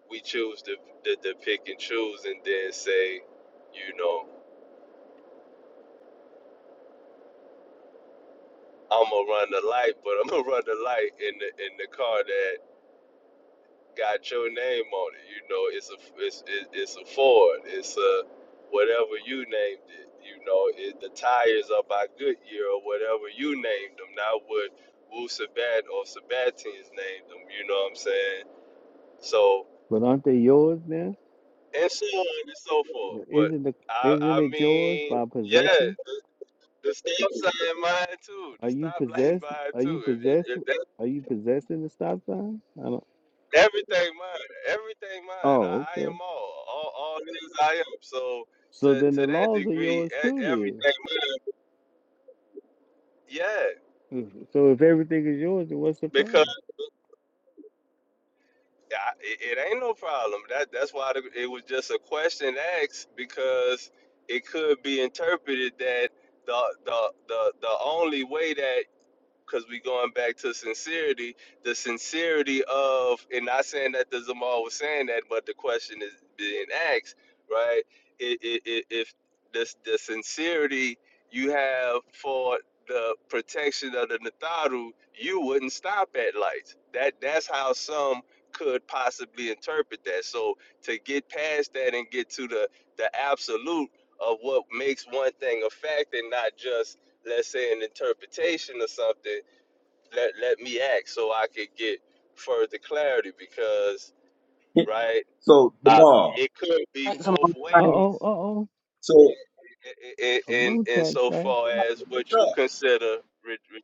Speaker 3: we choose to, to, to pick and choose and then say, you know, I'm gonna run the light, but I'm gonna run the light in the in the car that got your name on it. You know, it's a it's it, it's a Ford. It's a whatever you named it. You know, it, the tires are by Goodyear or whatever you named them. Not what Wu Sabat or Sabatins named them. You know what I'm saying? So
Speaker 1: But aren't they yours now?
Speaker 3: and so on and so forth.
Speaker 1: But
Speaker 3: But
Speaker 1: isn't the
Speaker 3: I
Speaker 1: isn't
Speaker 3: I
Speaker 1: it yours
Speaker 3: mean,
Speaker 1: by
Speaker 3: yeah,
Speaker 1: possession?
Speaker 3: the stop sign mine too. The
Speaker 1: Are you
Speaker 3: stoplight
Speaker 1: possessed?
Speaker 3: mine
Speaker 1: Are you
Speaker 3: too. If
Speaker 1: possessed?
Speaker 3: if
Speaker 1: Are you possessing the stop sign? I don't.
Speaker 3: Everything mine. Everything mine.
Speaker 1: Oh,
Speaker 3: I, I am
Speaker 1: okay.
Speaker 3: all. All all things I am. So
Speaker 1: So
Speaker 3: to
Speaker 1: then the
Speaker 3: to that
Speaker 1: laws are
Speaker 3: degree,
Speaker 1: yours
Speaker 3: e-
Speaker 1: too, then.
Speaker 3: everything mine. Yeah.
Speaker 1: If- So if everything is yours, then what's the
Speaker 3: Because
Speaker 1: problem?
Speaker 3: I, it, it ain't no problem. That that's why the, it was just a question asked because it could be interpreted that the the the the only way that because we going back to sincerity, the sincerity of, and not saying that the Zamal was saying that, but the question is being asked, right? If, if, if this, the sincerity you have for the protection of the Natharu, you wouldn't stop at lights. That that's how some could possibly interpret that. So to get past that and get to the the absolute of what makes one thing a fact and not just let's say an interpretation or something let let me act so i could get further clarity because right
Speaker 9: So
Speaker 3: uh,
Speaker 9: Jamal,
Speaker 3: it could be
Speaker 2: Right. Come
Speaker 3: both
Speaker 2: on.
Speaker 1: Uh
Speaker 2: Right.
Speaker 1: oh, uh
Speaker 3: ways
Speaker 1: oh.
Speaker 9: so
Speaker 3: i- i-
Speaker 1: A
Speaker 3: in
Speaker 1: moon
Speaker 3: in
Speaker 1: tax
Speaker 3: so
Speaker 1: back
Speaker 3: far
Speaker 9: somebody
Speaker 3: as what you consider re- re-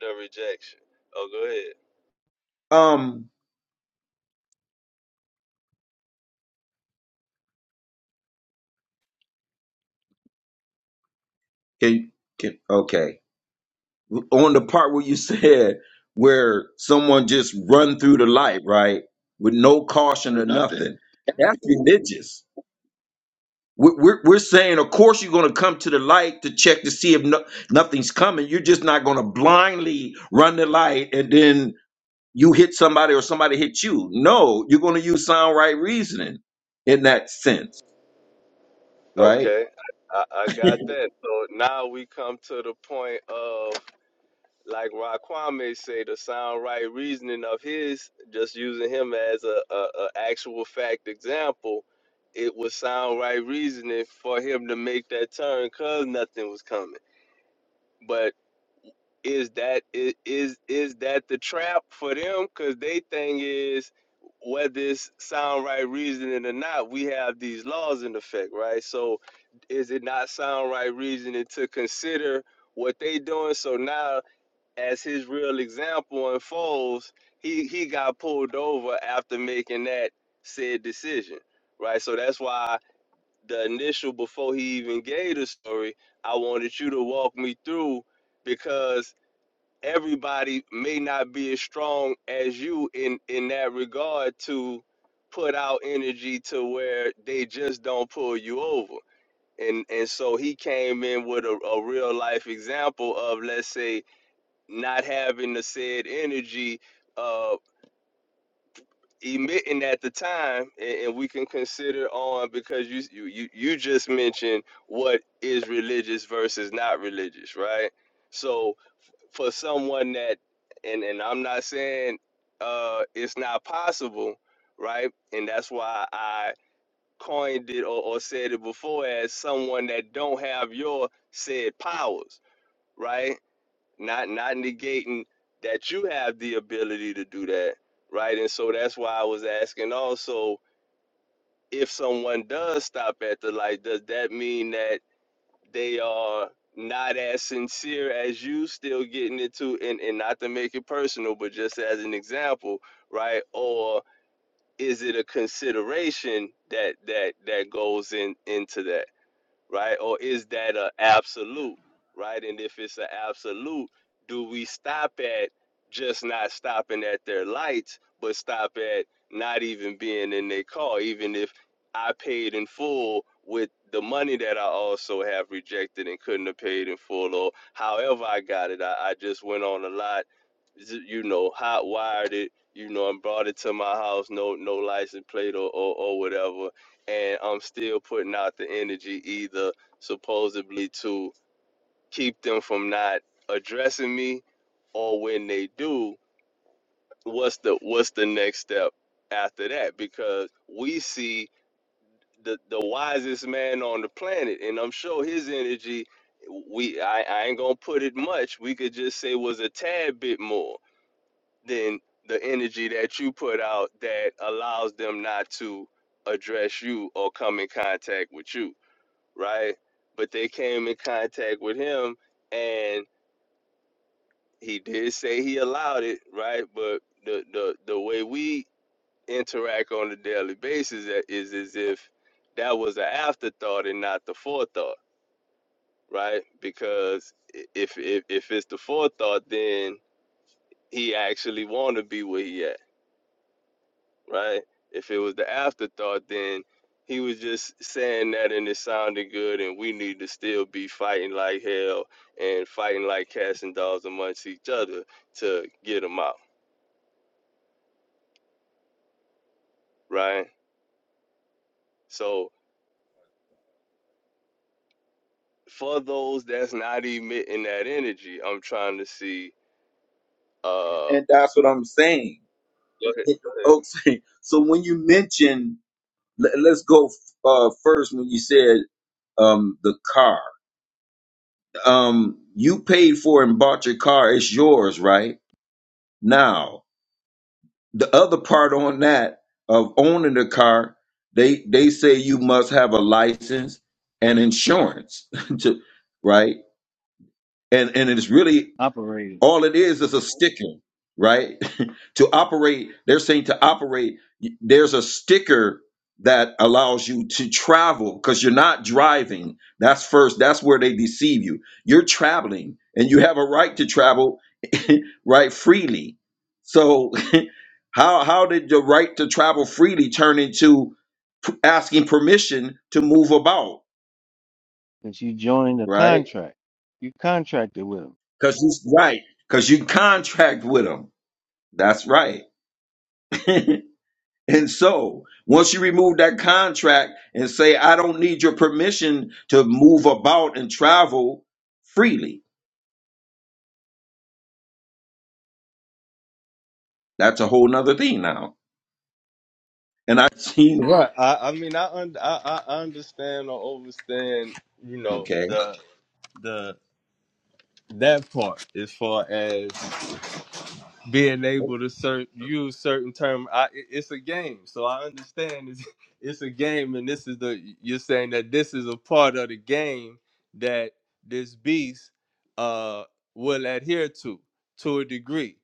Speaker 3: the rejection oh go ahead
Speaker 9: Um, can can okay on the part where you said where someone just run through the light, right, with no caution or nothing. That's religious. We're, we're, we're saying, of course, you're going to come to the light to check to see if no, nothing's coming. You're just not going to blindly run the light and then you hit somebody or somebody hit you. No, you're going to use sound right reasoning in that sense, right?
Speaker 3: okay I, I got that so now we come to the point of like Ron Kwame say, the sound right reasoning of his, just using him as a, a, a actual fact example, it was sound right reasoning for him to make that turn because nothing was coming. But is that i- is is that the trap for them? Because they thing is whether it's sound right reasoning or not, we have these laws in effect, right? So is it not sound right reasoning to consider what they doing? So now as his real example unfolds, he he got pulled over after making that said decision, right? So that's why the initial before he even gave the story, I wanted you to walk me through because everybody may not be as strong as you in in that regard to put out energy to where they just don't pull you over. And and so he came in with a, a real life example of let's say not having the said energy uh emitting at the time and, and we can consider on because you, you you just mentioned what is religious versus not religious right so for someone that and and i'm not saying uh it's not possible right and that's why i coined it or, or said it before as someone that don't have your said powers right not not negating that you have the ability to do that right and so that's why i was asking also if someone does stop at the light does that mean that they are not as sincere as you still getting it to and, and not to make it personal but just as an example right or is it a consideration that that that goes in into that right? Or is that an absolute, right? And if it's an absolute, do we stop at just not stopping at their lights, but stop at not even being in their car, even if I paid in full with the money that I also have rejected and couldn't have paid in full, or however I got it, I, I just went on a lot, you know, hot wired it, you know, and brought it to my house, no, no license plate or, or, or whatever, and I'm still putting out the energy either supposedly to keep them from not addressing me or when they do, what's the what's the next step after that? Because we see the the wisest man on the planet and I'm sure his energy we I, I ain't gonna put it much. We could just say was a tad bit more than the energy that you put out that allows them not to address you or come in contact with you right? But they came in contact with him, and he did say he allowed it, right? But the the the way we interact on a daily basis is as if that was an afterthought and not the forethought, right? Because if if if it's the forethought, then he actually want to be where he at right? If it was the afterthought, then he was just saying that and it sounded good, and we need to still be fighting like hell and fighting like cats and dogs amongst each other to get them out, right? So for those that's not emitting that energy, I'm trying to see.
Speaker 9: and,
Speaker 3: Uh,
Speaker 9: and that's what I'm saying.
Speaker 3: go ahead. Go ahead.
Speaker 9: Okay, so when you mention, let, let's go uh, first when you said um, the car. Um, you paid for and bought your car. It's yours, right? Now, the other part on that of owning the car, they they say you must have a license and insurance, to, right? And and it's really
Speaker 1: operated
Speaker 9: All it is is a sticker, right? to operate, they're saying to operate, y- there's a sticker that allows you to travel because you're not driving. That's first, that's where they deceive you. You're traveling and you have a right to travel, right, freely. So, how, how did the right to travel freely turn into p- asking permission to move about,
Speaker 1: since you joined the
Speaker 9: right?
Speaker 1: contract. You contracted with him.
Speaker 9: Because you right, because you contract with them. That's right. And so, once you remove that contract and say, I don't need your permission to move about and travel freely, that's a whole nother thing now. And I've seen,
Speaker 3: Right. I, I mean, I, un- I I understand or understand, you know,
Speaker 9: okay,
Speaker 3: the the that part as far as being able to cer- use certain term I, i- it's a game so i understand it's, it's a game and this is the you're saying that this is a part of the game that this beast uh will adhere to to a degree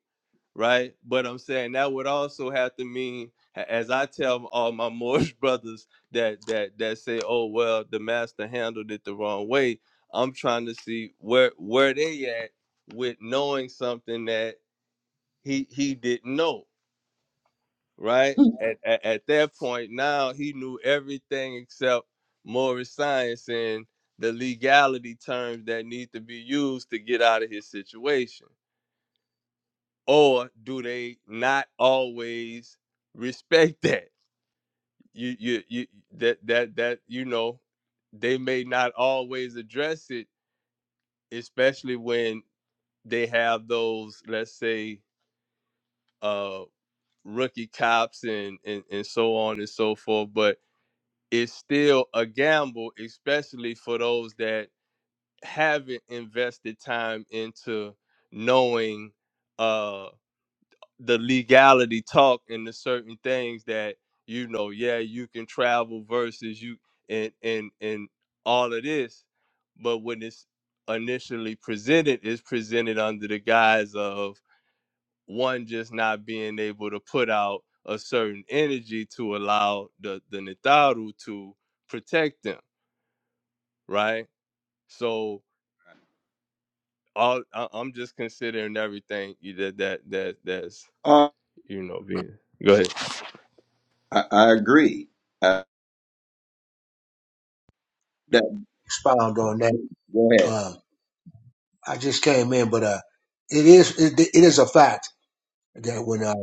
Speaker 3: right but i'm saying that would also have to mean a- as i tell all my moorish brothers that that that say oh well the master handled it the wrong way i'm trying to see where where they at with knowing something that he he didn't know right at, at at that point now he knew everything except morris science and the legality terms that need to be used to get out of his situation or do they not always respect that you you, you that that that you know they may not always address it especially when they have those let's say uh. rookie cops and, and and so on and so forth but it's still a gamble especially for those that haven't invested time into knowing uh the legality talk and the certain things that you know yeah you can travel versus you and and and all of this but when it's initially presented it's presented under the guise of one just not being able to put out a certain energy to allow the the Nitaru to protect them, right? So all I, I'm just considering everything you that that that that's
Speaker 9: uh,
Speaker 3: you know being. Go ahead.
Speaker 9: I, I agree. Uh, that,
Speaker 10: expound on that.
Speaker 9: go ahead.
Speaker 10: Uh, I just came in, but uh, it is it, it is a fact that when uh,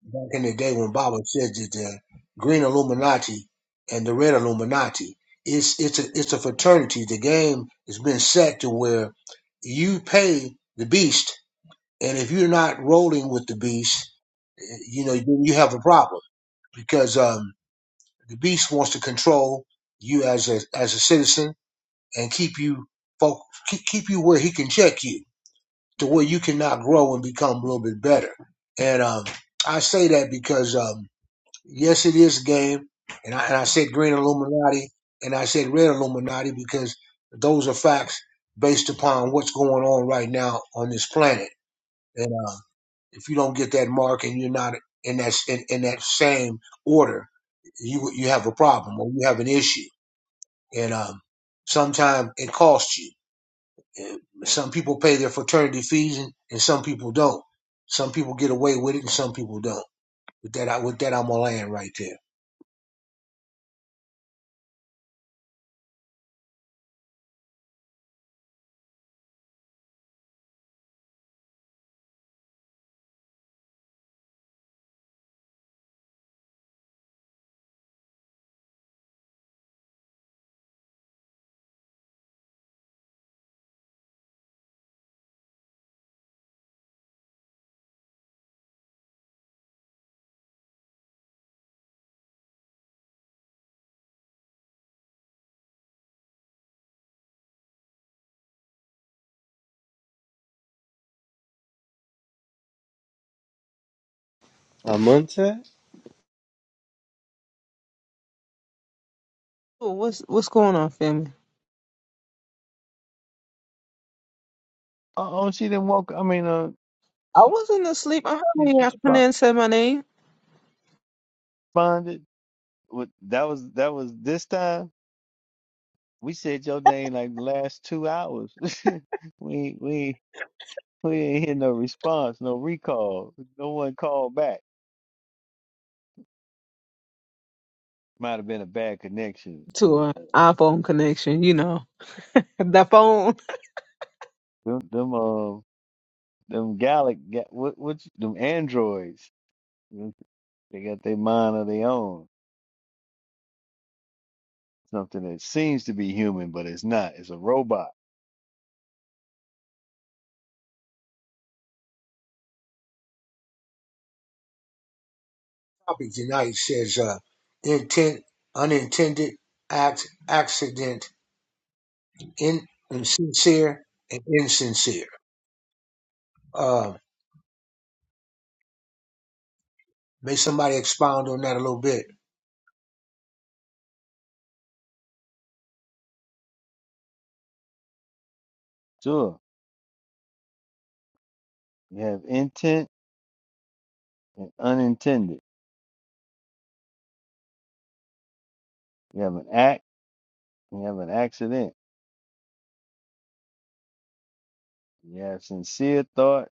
Speaker 10: back in the day when Baba said that the green Illuminati and the red Illuminati, it's it's a it's a fraternity. The game has been set to where you pay the beast, and if you're not rolling with the beast, eh, you know then you have a problem because um, the beast wants to control you as a as a citizen and keep you folk keep keep you where he can check you to where you cannot grow and become a little bit better. And um, I say that because um, yes, it is a game, and I, and I said green Illuminati and I said red Illuminati because those are facts based upon what's going on right now on this planet. And uh, if you don't get that mark and you're not in that in, in that same order, you you have a problem or you have an issue, and um, sometimes it costs you. Some people pay their fraternity fees and, and some people don't. Some people get away with it and some people don't. With that, I, with that, I'm gonna land right there.
Speaker 3: Amontet?
Speaker 2: Tua, What's what's going on, family?
Speaker 1: Uh oh, she didn't walk. I mean, uh,
Speaker 2: I
Speaker 1: she,
Speaker 2: wasn't asleep. I heard
Speaker 1: she
Speaker 2: when y'all come in and said my name.
Speaker 1: responded. What that was? That was this time. We said your name like the last two hours. we we we ain't hear no response, no recall. No one called back. Might have been a bad connection. The,
Speaker 2: Tua, iPhone connection, you know. The phone.
Speaker 1: them them uh them Gallic ga- what what you- them androids. They got their mind of their own. Something that seems to be human, but it's not. It's a robot.
Speaker 10: Topic tonight says uh, intent, unintended, act, accident, in, insincere, and insincere. Uh, may somebody expound on that a little bit.
Speaker 1: Sure, you have intent and unintended. You have an act. You have an accident. You have sincere thought.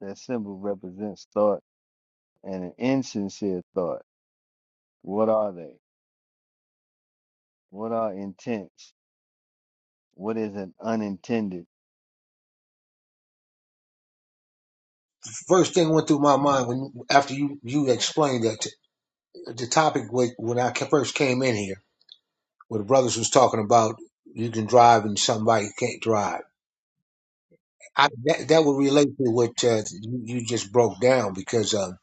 Speaker 1: That symbol represents thought and an insincere thought. What are they? What are intents? What is an unintended?
Speaker 10: First thing went through my mind when after you you explained that the topic was, when I first came in here, where the brothers was talking about you can drive and somebody can't drive. I, that, that would relate to what uh, you, you just broke down because um,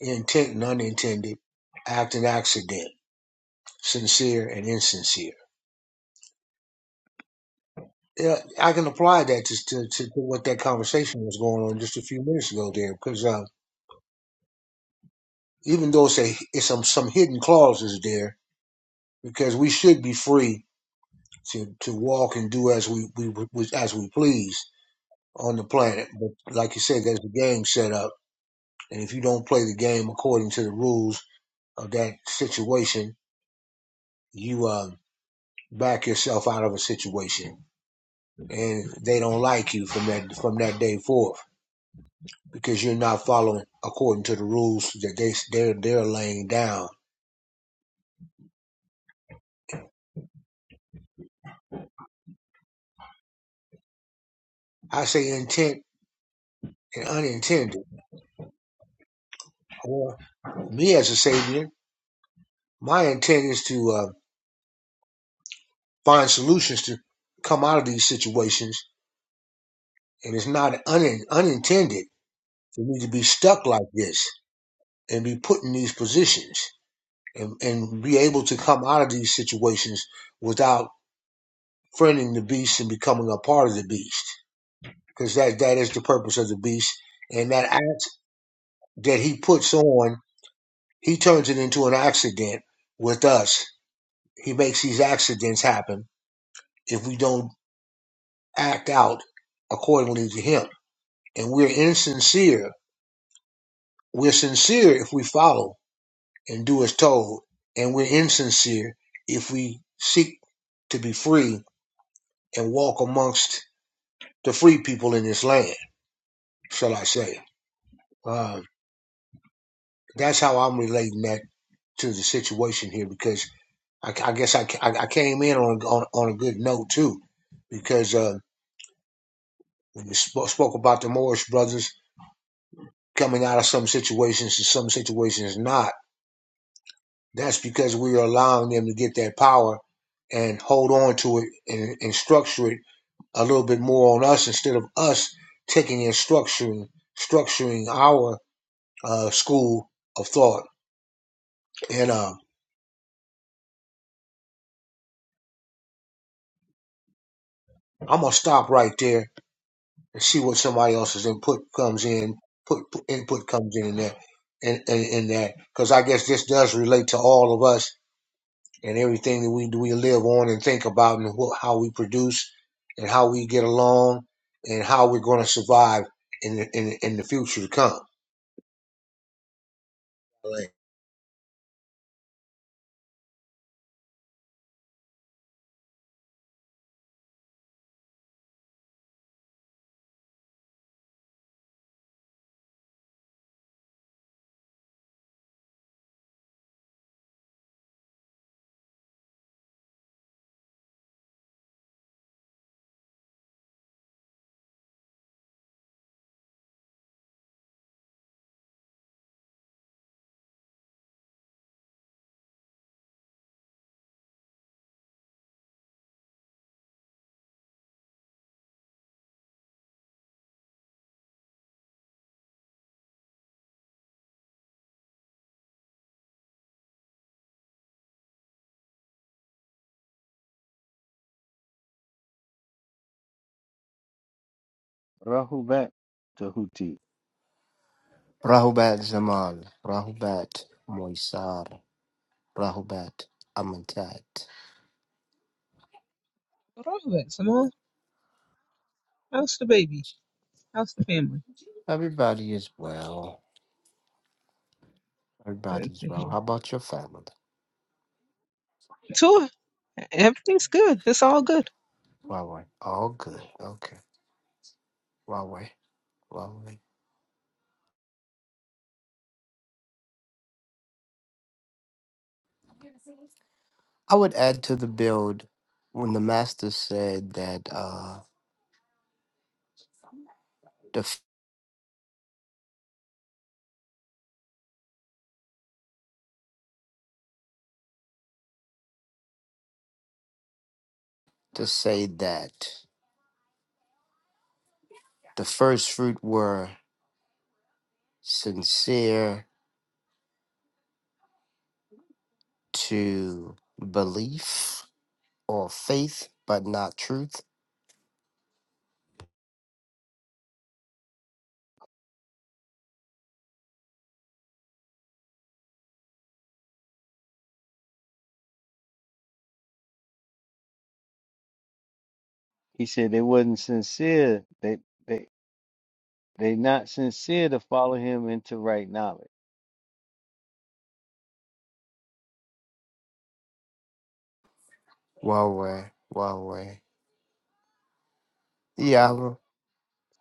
Speaker 10: intent and unintended, act and accident, sincere and insincere. Yeah, I can apply that to, to, to, to what that conversation was going on just a few minutes ago there because um, even though it's, a, it's some, some hidden clauses there because we should be free to, to walk and do as we, we we- as we please on the planet. But like you said, there's a game set up, and if you don't play the game according to the rules, of that situation you uh, back yourself out of a situation, and they don't like you from that from that day forth because you're not following according to the rules that they they're they're laying down. I say intent and unintended. Or me as a savior, my intent is to uh, find solutions to come out of these situations, and it's not un- unintended for me to be stuck like this and be put in these positions and, and be able to come out of these situations without. friending the beast and becoming a part of the beast because that that is the purpose of the beast and that act that he puts on he turns it into an accident with us he makes these accidents happen if we don't act out accordingly to him and we're insincere we're sincere if we follow and do as told and we're insincere if we seek to be free and walk amongst the free people in this land shall i say Uh, That's how I'm relating that to the situation here because I, I guess I, I I came in on, on on a good note too because uh, we sp- spoke about the Morris brothers coming out of some situations and some situations not. That's because we are allowing them to get that power and hold on to it and, and structure it a little bit more on us instead of us taking and structuring structuring our uh, school of thought. And uh, I'm gonna stop right there and see what somebody else's input comes in, put put- input comes in there, in, in, in that, because I guess this does relate to all of us and everything that we do, we live on and think about, and wh- how we produce, and how we get along, and how we're going to survive in the, in, in the future to come. Like,
Speaker 1: Rahubat Tahuti.
Speaker 6: Rahubat Zamal, Rahubat Moisar, Rahubat Amantat.
Speaker 2: What wrong with it, Simone? How's the baby? How's the family?
Speaker 6: Everybody is well. Everybody
Speaker 2: Good
Speaker 6: is
Speaker 2: to
Speaker 6: well.
Speaker 2: hear.
Speaker 6: How about your family?
Speaker 2: Tua, everything's good. It's all good.
Speaker 6: Huawei. All good. Okay. Huawei. Huawei. I would add to the build when the master said that uh the f- to say that the first fruit were sincere to belief or faith but not truth.
Speaker 1: He said they wasn't sincere. They they they not sincere to follow him into right knowledge.
Speaker 6: Yahweh, Yahweh, Yahweh,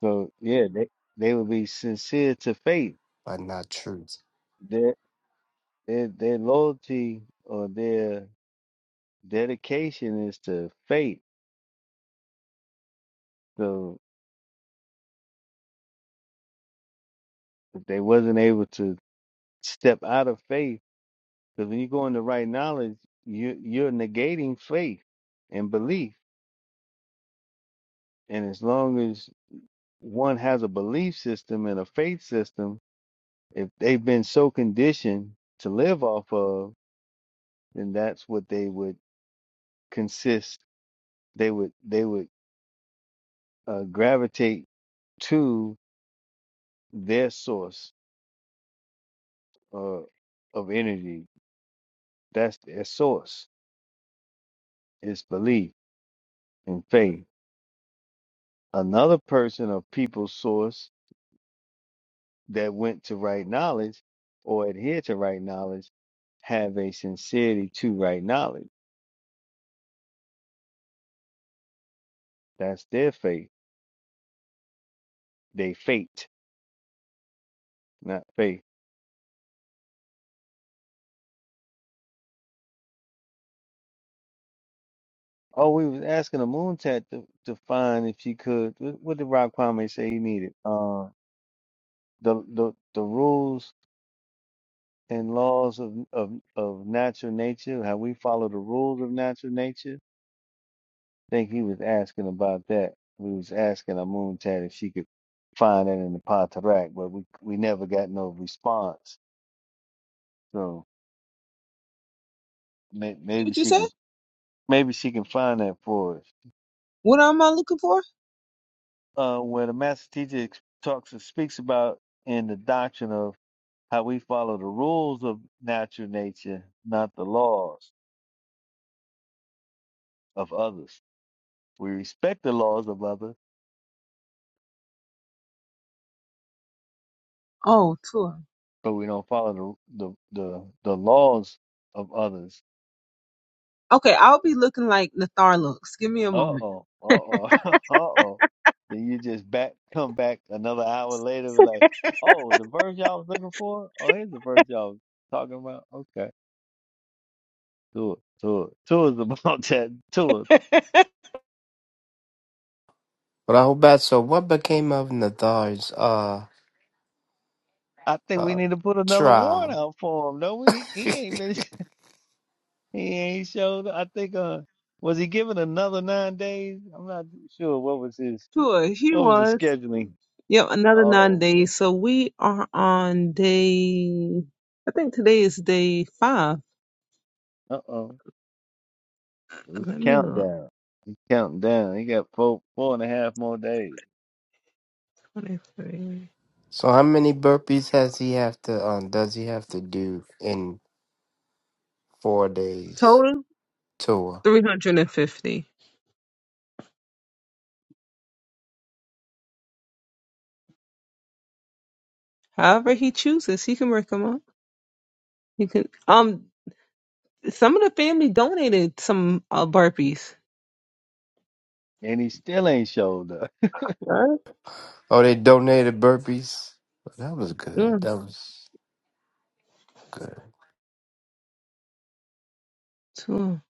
Speaker 1: So yeah, they they would be sincere to faith.
Speaker 6: but not truth.
Speaker 1: Their their their loyalty or their dedication is to faith. So if they wasn't able to step out of faith Because when you go into right knowledge, you you're negating faith and belief. And as long as one has a belief system and a faith system, if they've been so conditioned to live off of, then that's what they would consist. They would they would uh, gravitate to their source uh, of energy. That's their source. It's belief and faith. Another person or people's source that went to right knowledge or adhere to right knowledge have a sincerity to right knowledge. That's their faith. They fate, not faith. Oh, we was asking the moon tat to, to find if she could. What, what did Rob Kwame say he needed? Uh, the the the rules and laws of of of natural nature. How we follow the rules of natural nature think he was asking about that. We was asking Amuntat if she could find it in the Patarak, but we we never got no response. So may, maybe
Speaker 2: What you
Speaker 1: she
Speaker 2: said?
Speaker 1: can maybe she can find that for us.
Speaker 2: What am I looking for?
Speaker 1: Uh, where the master teacher ex- talks and speaks about in the doctrine of how we follow the rules of natural nature, not the laws of others. We respect the laws of others,
Speaker 2: Oh, Tua.
Speaker 1: but we don't follow the the the, the laws of others
Speaker 2: Okay, I'll be looking like Nathar looks. Give me a moment.
Speaker 1: Uh-oh, uh-oh, uh-oh. Then you just back come back another hour later be like, oh, the verse y'all was looking for? Oh, here's the verse y'all was talking about. Okay. Tour, tour, tours about that tour.
Speaker 6: But I hope that's so. What became of Nathar's uh
Speaker 1: I think we
Speaker 6: uh
Speaker 1: need to put another warrant
Speaker 6: trial?
Speaker 1: out for him. No, we he he ain't been he ain't showed up. I think uh was he given another nine days? I'm not sure what was his
Speaker 2: Tua, he
Speaker 1: what was the
Speaker 2: was.
Speaker 1: scheduling.
Speaker 2: Yep, another nine
Speaker 1: Oh, okay.
Speaker 2: days. So we are on day, I think today is day five.
Speaker 1: Uh-oh. It's
Speaker 2: Let me look.
Speaker 1: countdown. Counting down. He got four four and a half more days.
Speaker 2: 23.
Speaker 6: So how many burpees has he have to um does he have to do in four days
Speaker 2: Total
Speaker 6: tour?
Speaker 2: 350. However he chooses, he can work them up. He can, um, some of the family donated some uh, burpees.
Speaker 1: and he still ain't showed up.
Speaker 2: Right.
Speaker 6: Oh, they donated burpees. Well, That was good.
Speaker 2: Yeah,
Speaker 6: That was good.
Speaker 2: tour.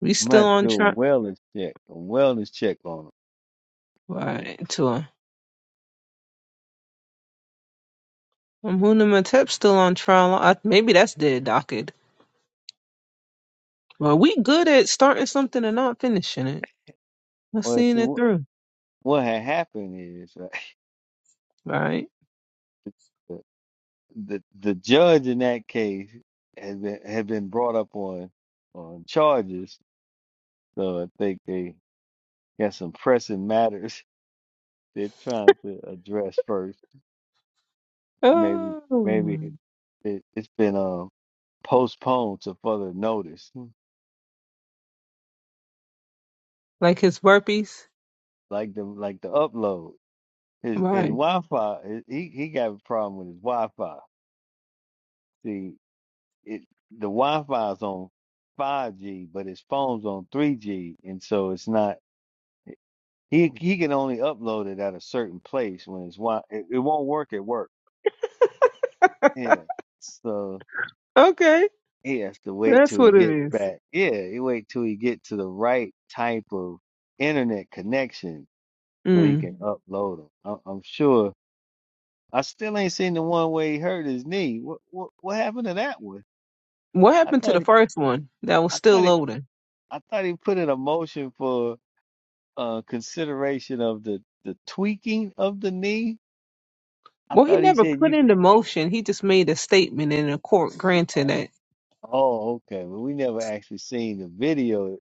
Speaker 2: We
Speaker 1: Might am
Speaker 2: still
Speaker 1: to
Speaker 2: on
Speaker 1: do a
Speaker 2: trial.
Speaker 1: wellness check, a wellness check on him.
Speaker 2: Right, tour. I'm Matep still on trial. I, maybe that's dead docket. Well, we good at starting something and not finishing it. Let's
Speaker 1: Well,
Speaker 2: seeing
Speaker 1: see,
Speaker 2: it
Speaker 1: what,
Speaker 2: through.
Speaker 1: what had happened is uh,
Speaker 2: Right.
Speaker 1: the, the the judge in that case had been had been brought up on on charges, so I think they got some pressing matters they're trying to address first. Maybe maybe
Speaker 2: Oh,
Speaker 1: it, it's been um postponed to further notice, Hmm.
Speaker 2: like his burpees?
Speaker 1: like the like the upload. His his
Speaker 2: Right.
Speaker 1: Wi-Fi, his- he he got a problem with his Wi-Fi. See, it the Wi-Fi is on 5G, but his phone's on 3G, and so it's not. He he can only upload it at a certain place when it's wi. It, it won't work at work. Yeah, so
Speaker 2: Okay.
Speaker 1: he has to wait
Speaker 2: That's
Speaker 1: till he
Speaker 2: what it
Speaker 1: gets
Speaker 2: is.
Speaker 1: back. Yeah, he wait till he get to the right type of internet connection so he
Speaker 2: Mm.
Speaker 1: can upload them. I, I'm sure. I still ain't seen the one where he hurt his knee. What what what happened to that one?
Speaker 2: What
Speaker 1: I
Speaker 2: happened to
Speaker 1: thought
Speaker 2: the
Speaker 1: he,
Speaker 2: first one that was
Speaker 1: I
Speaker 2: still
Speaker 1: thought he,
Speaker 2: loading?
Speaker 1: I thought he put in a motion for uh consideration of the the tweaking of the knee. I
Speaker 2: Well, he
Speaker 1: thought he
Speaker 2: never
Speaker 1: said
Speaker 2: put
Speaker 1: you could.
Speaker 2: into motion. He just made a statement and a court granted it.
Speaker 1: Oh, okay. Well, we never actually seen the video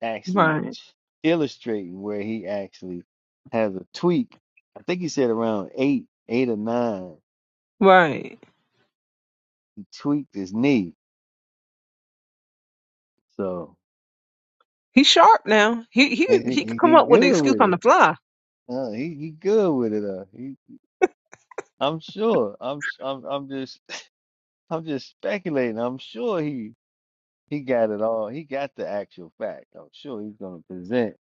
Speaker 1: actually
Speaker 2: Right.
Speaker 1: illustrating where he actually has a tweak. I think he said around eight, eight or nine,
Speaker 2: Right.
Speaker 1: he tweaked his knee. So
Speaker 2: He's sharp now. He he
Speaker 1: he,
Speaker 2: could- he could
Speaker 1: he,
Speaker 2: come
Speaker 1: he
Speaker 2: up with an
Speaker 1: good
Speaker 2: excuse
Speaker 1: with
Speaker 2: on the
Speaker 1: it.
Speaker 2: fly.
Speaker 1: Uh, he he good with it. Uh, he, I'm sure. I'm s- I'm I'm just I'm just speculating. I'm sure he he got it all. He got the actual fact. I'm sure he's going to present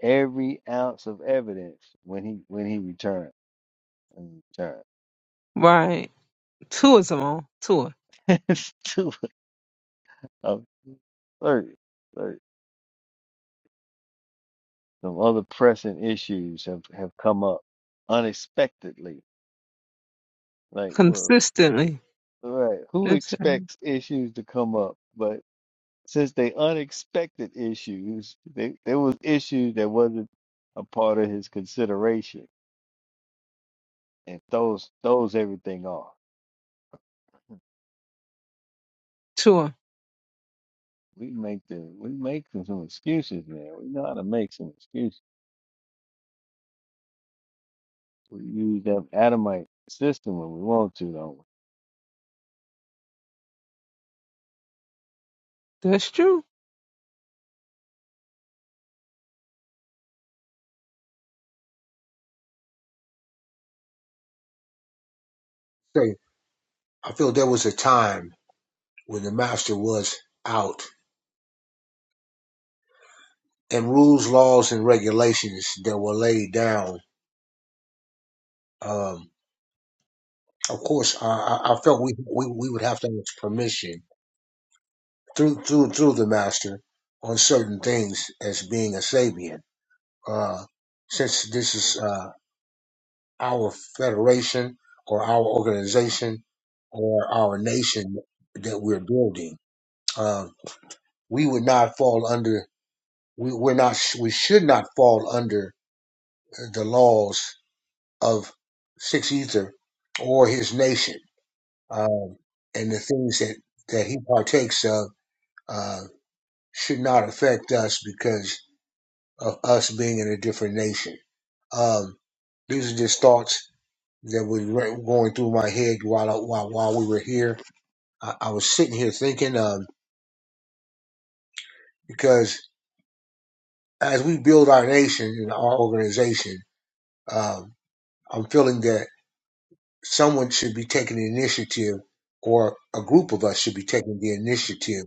Speaker 1: every ounce of evidence when he when he returns. When he
Speaker 2: Right. Tour is on tour
Speaker 1: returns to it. I'm certain, certain. Some other pressing issues have have come up unexpectedly. Like, well,
Speaker 2: consistently.
Speaker 1: all right, who
Speaker 2: That's right.
Speaker 1: expects issues to come up? But since they unexpected issues, they there was issues that wasn't a part of his consideration and throws throws everything off.
Speaker 2: tour.
Speaker 1: We make the we make some, some excuses, man. We know how to make some excuses. We use that Adamite system when we want to, don't we?
Speaker 2: That's true.
Speaker 10: I say, I feel there was a time when the master was out, and rules, laws, and regulations that were laid down. Um, of course, I, I I felt we, we we would have to ask permission through through through the master on certain things as being a Sabian. Uh, since this is uh, our federation or our organization or our nation that we're building, um, we would not fall under. We, we're not. We should not fall under the laws of Six Ether or his nation, um, and the things that that he partakes of uh, should not affect us because. of us being in a different nation. Um, these are just thoughts that were going through my head while I, while, while we were here. I, I was sitting here thinking um, because as we build our nation and our organization, um, I'm feeling that someone should be taking the initiative, or a group of us should be taking the initiative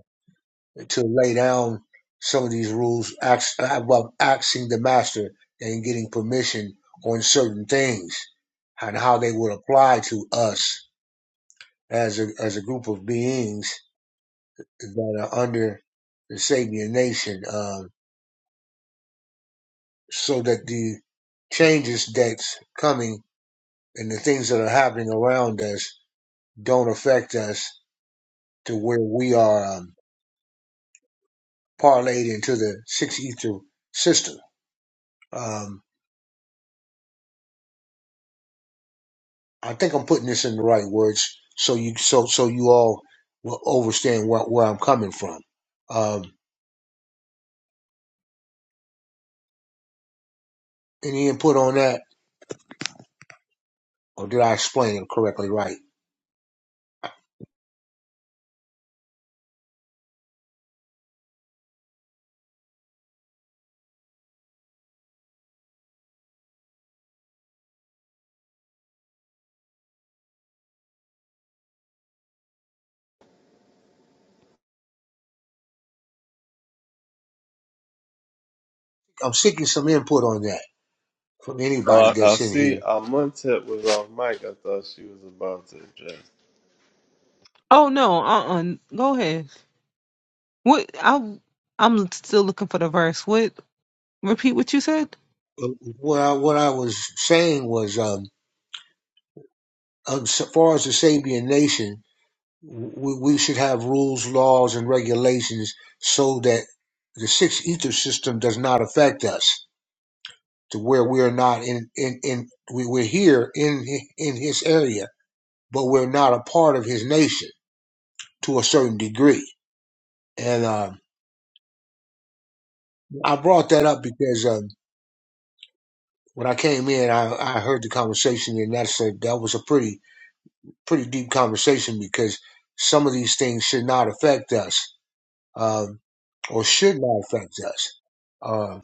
Speaker 10: to lay down some of these rules ax- about asking the master and getting permission on certain things and how they would apply to us as a, as a group of beings that are under the Sabian nation um, so that the changes that's coming and the things that are happening around us don't affect us to where we are um, parlayed into the six ether system. Um, I think I'm putting this in the right words so you so so you all will understand where, where I'm coming from. Um, any input on that, or did I explain it correctly? Right. I'm seeking some input on that from
Speaker 3: Oh,
Speaker 10: anybody
Speaker 3: I, I
Speaker 10: that's in
Speaker 3: see
Speaker 10: here.
Speaker 3: Amontet was off mic. I thought she was about to address.
Speaker 2: Oh no. Uh. uh Go ahead. What I I'm still looking for the verse. What? Repeat what you said.
Speaker 10: But what I, what I was saying was, um, um, as far as the Sabian nation, we, we should have rules, laws, and regulations so that the sixth ether system does not affect us to where we are not in in in we, we're here in in his area, but we're not a part of his nation to a certain degree. And um, I brought that up because um, when I came in, I, I heard the conversation, and that's a, that was a pretty pretty deep conversation because some of these things should not affect us um, or should not affect us. Um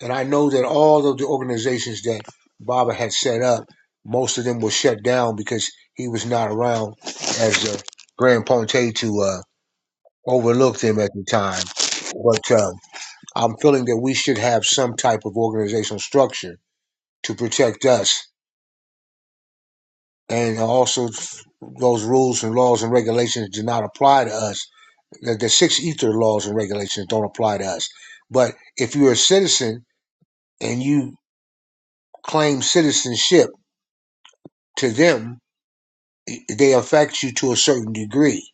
Speaker 10: And I know that all of the organizations that Baba had set up, most of them were shut down because he was not around as the Grand Ponte to uh, overlook them at the time. But um, I'm feeling that we should have some type of organizational structure to protect us. And also, those rules and laws and regulations do not apply to us. The, the six ether laws and regulations don't apply to us. But if you're a citizen and you claim citizenship to them, they affect you to a certain degree.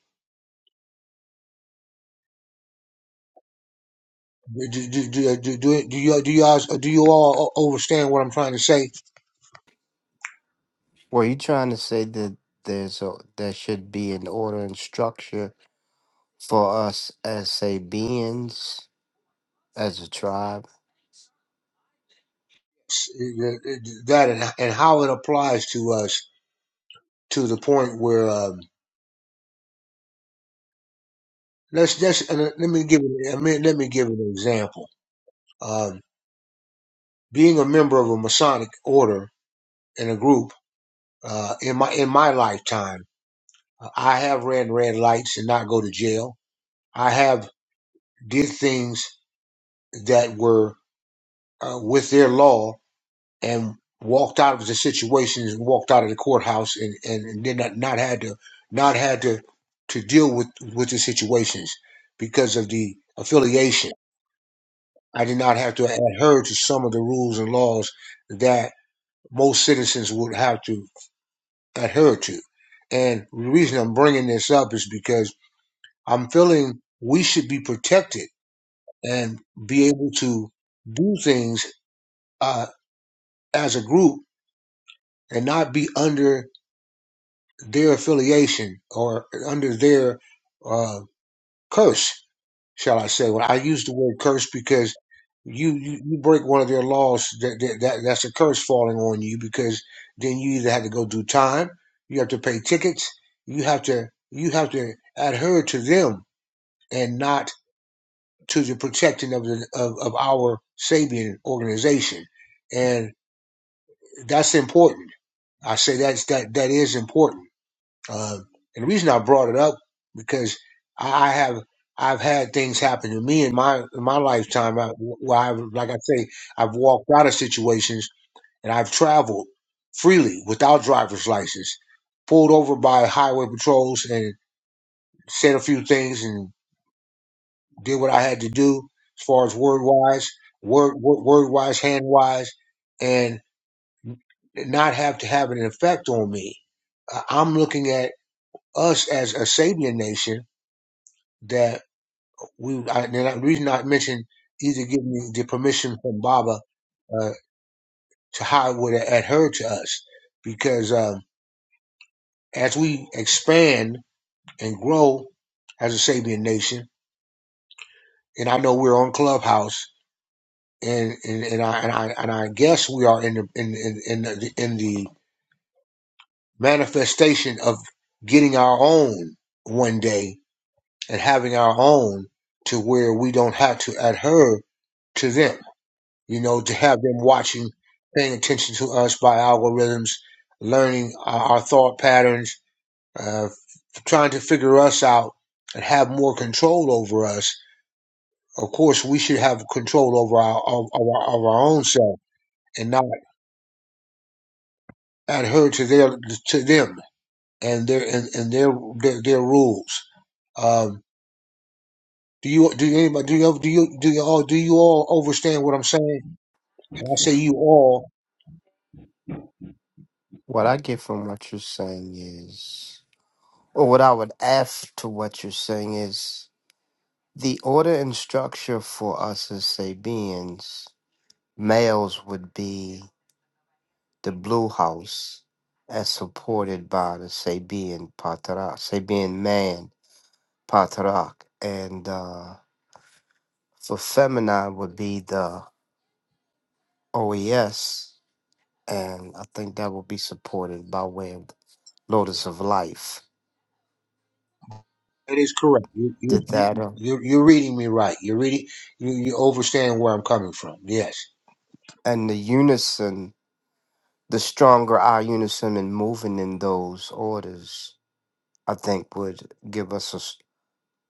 Speaker 10: Do, do, do, do, do, do you do you all do you all understand what I'm trying to say?
Speaker 6: Were you trying to say that there's a there should be an order and structure for us as a beings? as a tribe.
Speaker 10: That and, and how it applies to us to the point where um, let's just and let me give it- I mean, let me give an example. Um, being a member of a Masonic order and a group uh, in my in my lifetime, I have ran red lights and not go to jail. I have did things that were uh, with their law and walked out of the situations, walked out of the courthouse, and and, and did not not had to not had to to deal with with the situations because of the affiliation. I did not have to adhere to some of the rules and laws that most citizens would have to adhere to. And the reason I'm bringing this up is because I'm feeling we should be protected and be able to do things uh, as a group and not be under their affiliation or under their uh, curse, shall I say? Well, I use the word curse because you, you, you break one of their laws, that, that, that that's a curse falling on you because then you either have to go do time, you have to pay tickets, you have to you have to adhere to them and not to the protecting of the of, of our Sabian organization, and that's important. I say that's that that is important Uh, and the reason I brought it up because I I have I've had things happen to me in my in my lifetime I- where I've like I say I've walked out of situations and I've traveled freely without driver's license, pulled over by highway patrols and said a few things and did what I had to do as far as word wise, word word, word wise, hand wise, and not have to have an effect on me. Uh, I'm looking at us as a Sabian nation that we I, and the reason I mentioned either getting the permission from Baba uh, to how it would adhere to us, because um, as we expand and grow as a Sabian nation, and I know we're on Clubhouse, and and, and I and I and I guess we are in the in in in the, in the manifestation of getting our own one day and having our own to where we don't have to adhere to them you know, to have them watching, paying attention to us by algorithms, learning our, our thought patterns, uh, trying to figure us out and have more control over us. Of course, we should have control over our of, of our, of our own self and not adhere to their to them and their and, and their, their their rules. Um, do you do you- anybody do you do you do you all do you all understand what I'm saying? And I say you all
Speaker 6: What I get from what you're saying is, or what I would add to what you're saying is, the order and structure for us as Sabians, males would be the blue house, as supported by the Sabian Patarak, Sabian man Patarak, and uh, for feminine would be the OES, and I think that would be supported by way of Lotus of Life.
Speaker 10: It is correct. You, you,
Speaker 6: Did that? Uh,
Speaker 10: you're, you're reading me right. You're reading. You, you understand where I'm coming from. Yes.
Speaker 6: and the unison, the stronger our unison in moving in those orders, I think would give us a, s-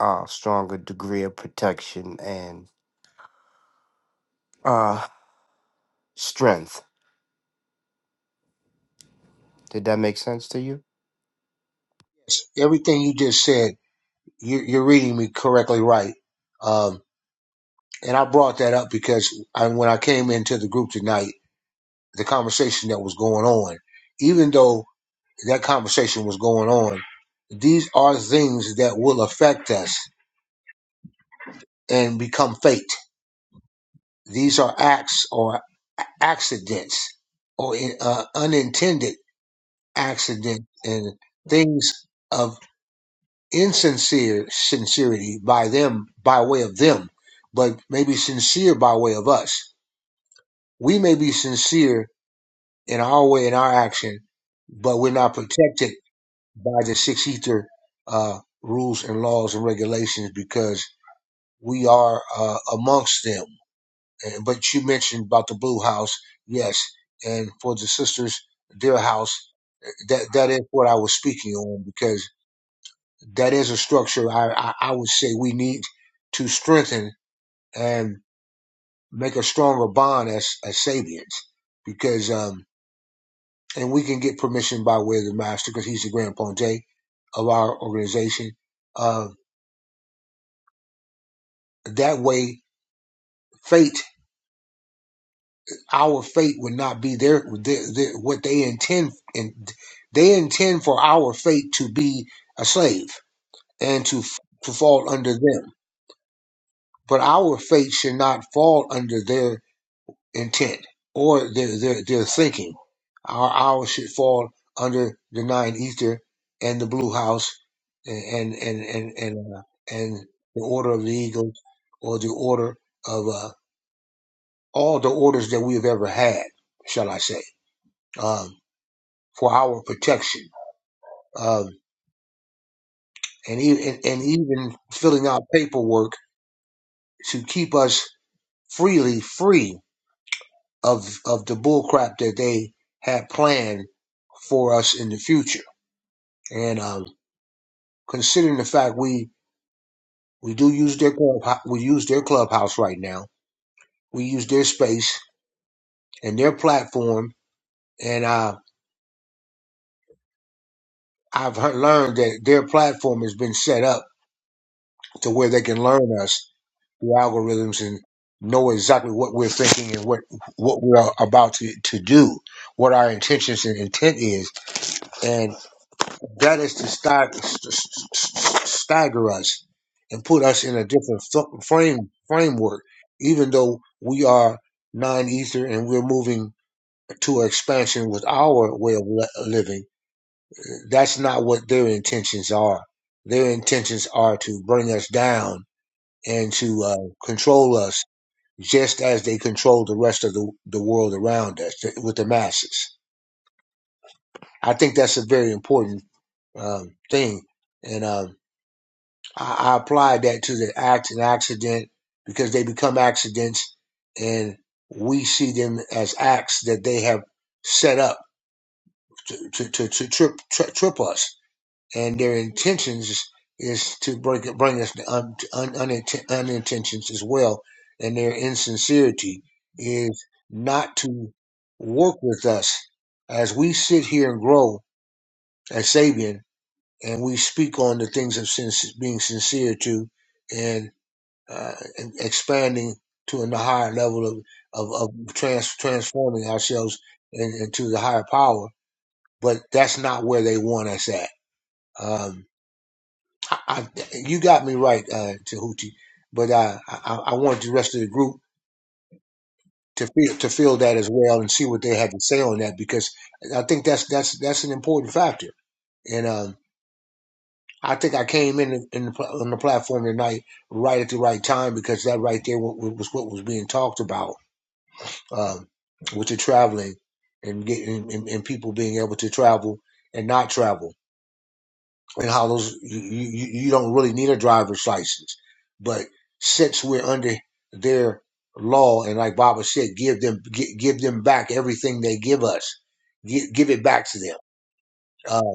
Speaker 6: a stronger degree of protection and uh, strength. Did that make sense to you?
Speaker 10: Yes. Everything you just said, you, you're reading me correctly right. Um, and I brought that up because I, when I came into the group tonight, the conversation that was going on, even though that conversation was going on, these are things that will affect us and become fate. These are acts or accidents or uh, unintended accident and things of insincere sincerity by them by way of them but maybe sincere by way of us we may be sincere in our way in our action but we're not protected by the six ether uh, rules and laws and regulations because we are uh, amongst them and, but you mentioned about the blue house yes and for the sisters their house that that is what i was speaking on because that is a structure I, I, I would say we need to strengthen and make a stronger bond as, as Sabians because, um, and we can get permission by way of the master because he's the grand ponte of our organization. Uh, that way, fate, our fate would not be their, their, their what they intend, and they intend for our fate to be a slave and to, to fall under them. But our fate should not fall under their intent or their, their, their thinking. Our hours should fall under the nine ether and the blue house and and and and, uh, and the order of the eagles or the order of uh, all the orders that we have ever had, shall I say, um, for our protection um, and, e- and and even filling out paperwork to keep us freely free of of the bullcrap that they had planned for us in the future And um, considering the fact we we do use their club, we use their clubhouse right now. We use their space and their platform. And uh, I've heard, learned that their platform has been set up to where they can learn us through algorithms and know exactly what we're thinking and what what we're about to, to do, what our intentions and intent is. and. That is to stag- st- st- st- stagger us and put us in a different fu- frame framework, even though we are non-ether and we're moving to expansion with our way of li- living. That's not what their intentions are. Their intentions are to bring us down and to uh, control us, just as they control the rest of the, the world around us with the masses. I think that's a very important um, thing, and um, I, I applied that to the act and accident because they become accidents and we see them as acts that they have set up to, to, to, to trip, tri- trip us. And their intentions is to bring, bring us to un, un, uninten- unintentions as well. And their insincerity is not to work with us as we sit here and grow as Sabian and we speak on the things of sin- being sincere to. and uh, and expanding to a higher level of of, of trans, transforming ourselves in, into the higher power. But that's not where they want us at. Um, I, I, you got me right, uh, Tahuti. But I, I, I want the rest of the group to feel to feel that as well and see what they have to say on that because I think that's that's that's an important factor. And um, I think I came in in the, on the platform tonight right at the right time because that right there was what was being talked about um, with your traveling and getting and, and people being able to travel and not travel and how those you, you, you don't really need a driver's license but since we're under their law and like baba said give them gi- give them back everything they give us give, give it back to them uh,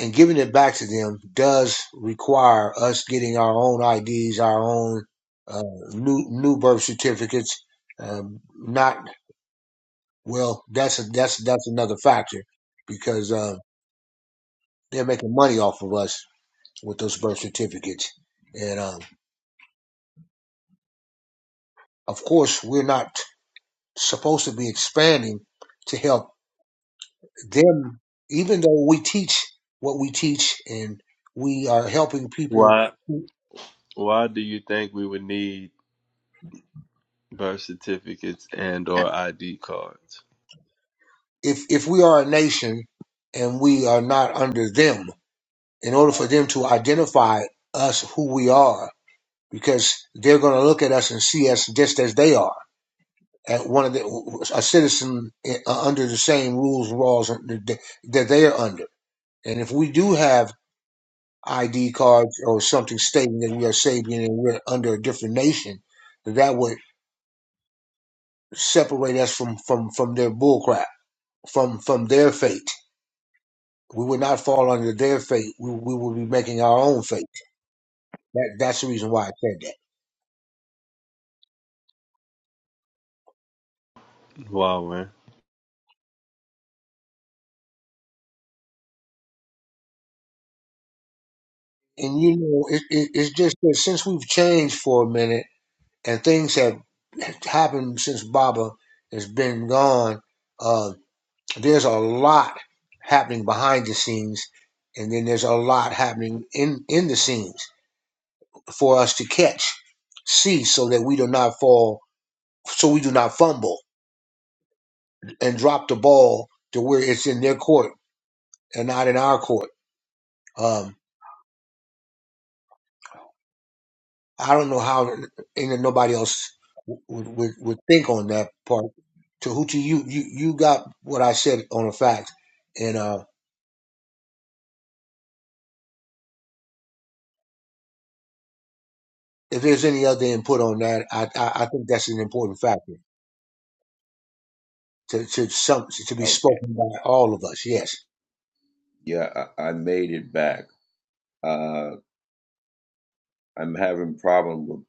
Speaker 10: and giving it back to them does require us getting our own ids our own uh, new new birth certificates um, not Well, that's a, that's that's another factor because um, they're making money off of us with those birth certificates, and um, of course we're not supposed to be expanding to help them. Even though we teach what we teach, and we are helping people,
Speaker 3: Why
Speaker 10: who-
Speaker 3: why do you think we would need birth certificates and or ID cards?
Speaker 10: if if we are a nation and we are not under them, in order for them to identify us who we are, because they're going to look at us and see us just as they are at one of the a citizen uh, under the same rules and laws that they that they are under. And if we do have ID cards or something stating that we are Sabian and we're under a different nation, that would separate us from from from their bullcrap, from from their fate. We would not fall under their fate. We, we would be making our own fate. That, that's the reason why I said that.
Speaker 3: Why, man?
Speaker 10: And you know, it, it, it's just that since we've changed for a minute and things have happened since Baba has been gone. Uh, there's a lot happening behind the scenes, and then there's a lot happening in in the scenes for us to catch, see, so that we do not fall, so we do not fumble and drop the ball to where it's in their court and not in our court. Um, I don't know how any nobody else would, would would think on that part. Tahuti, you you you got what I said on the fact, and uh, if there's any other input on that, I I, I think that's an important factor to to some to be
Speaker 9: Okay.
Speaker 10: spoken by all of us. Yes.
Speaker 9: Yeah, I, I made it back. Uh, I'm having problem with,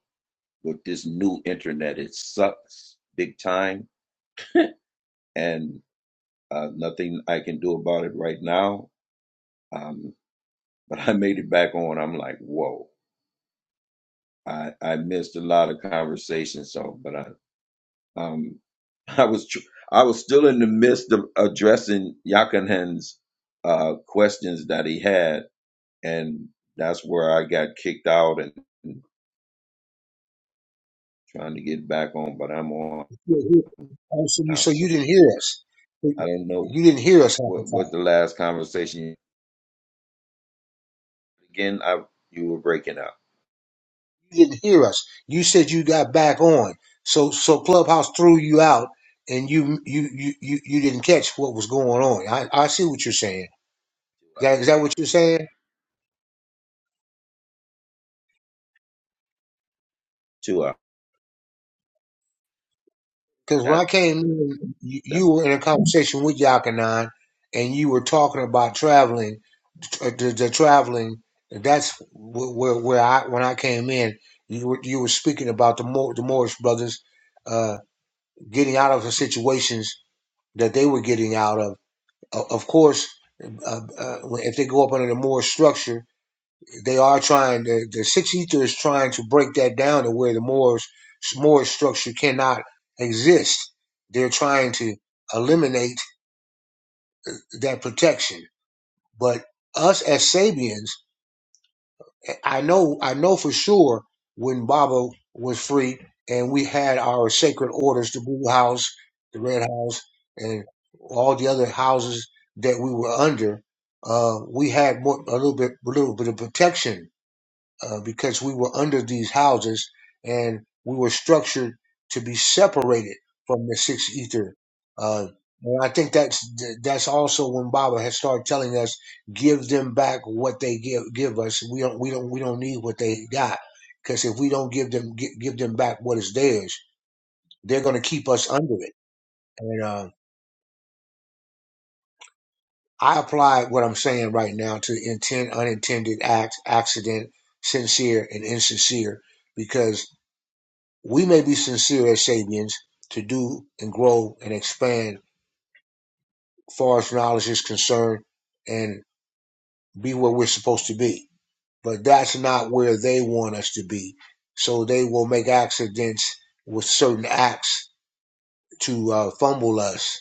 Speaker 9: with this new internet. It sucks big time and uh, nothing I can do about it right now. Um, but I made it back on. I'm like, whoa. I I missed a lot of conversations, so but I um I was tr- I was still in the midst of addressing Yakanen's uh questions that he had, and that's where I got kicked out and trying to get back on, but I'm on
Speaker 10: Oh, so you
Speaker 9: now,
Speaker 10: so you
Speaker 9: so
Speaker 10: didn't hear us.
Speaker 9: I don't know
Speaker 10: You didn't hear us half the
Speaker 9: what
Speaker 10: time.
Speaker 9: what the last conversation again. I you were breaking up
Speaker 10: you didn't hear us. You said you got back on. So so Clubhouse threw you out and you you you you, you didn't catch what was going on. I, I see what you're saying. Is that, is that what you're saying?
Speaker 9: two hours.
Speaker 10: Because when
Speaker 9: That,
Speaker 10: I came in, you,
Speaker 9: that,
Speaker 10: you were in a conversation with Yakanan and you were talking about traveling, uh, the, the traveling. That's wh- where where I when I came in, you were you were speaking about the Mor- the Morris brothers uh, getting out of the situations that they were getting out of O- Of course, uh, uh, if they go up under the Moorish structure, they are trying. The, the Six Ether is trying to break that down to where the Moors Moorish structure cannot exist. They're trying to eliminate that protection. But us as Sabians I know I know for sure when Baba was free and we had our sacred orders, the Blue House, the Red House, and all the other houses that we were under, uh, we had more, a little bit a little bit of protection uh, because we were under these houses and we were structured to be separated from the sixth ether. Uh, and I think that's that's also when Baba has started telling us, give them back what they give give us. We don't we don't we don't need what they got because if we don't give them gi- give them back what is theirs, they're going to keep us under it. And uh, I apply what I'm saying right now to intent, unintended act, accident, sincere, and insincere because We may be sincere as Sabians to do and grow and expand as far as knowledge is concerned and be where we're supposed to be. But that's not where they want us to be. So they will make accidents with certain acts to uh, fumble us.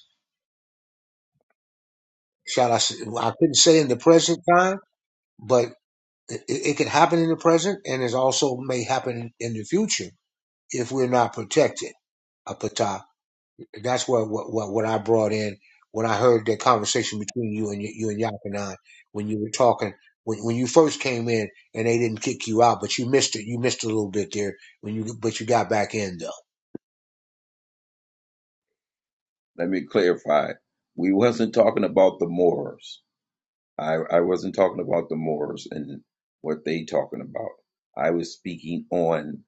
Speaker 10: Shall I? I s- I couldn't say in the present time, but it, it could happen in the present, and it also may happen in the future if we're not protected. That's what what what, what I brought in when I heard the conversation between you and you and Yakanan when you were talking when when you first came in and they didn't kick you out, but you missed it. You missed a little bit there when you but you got back in though.
Speaker 9: let me clarify. We wasn't talking about the Moors. I, I wasn't talking about the Moors and what they talking about. I was speaking on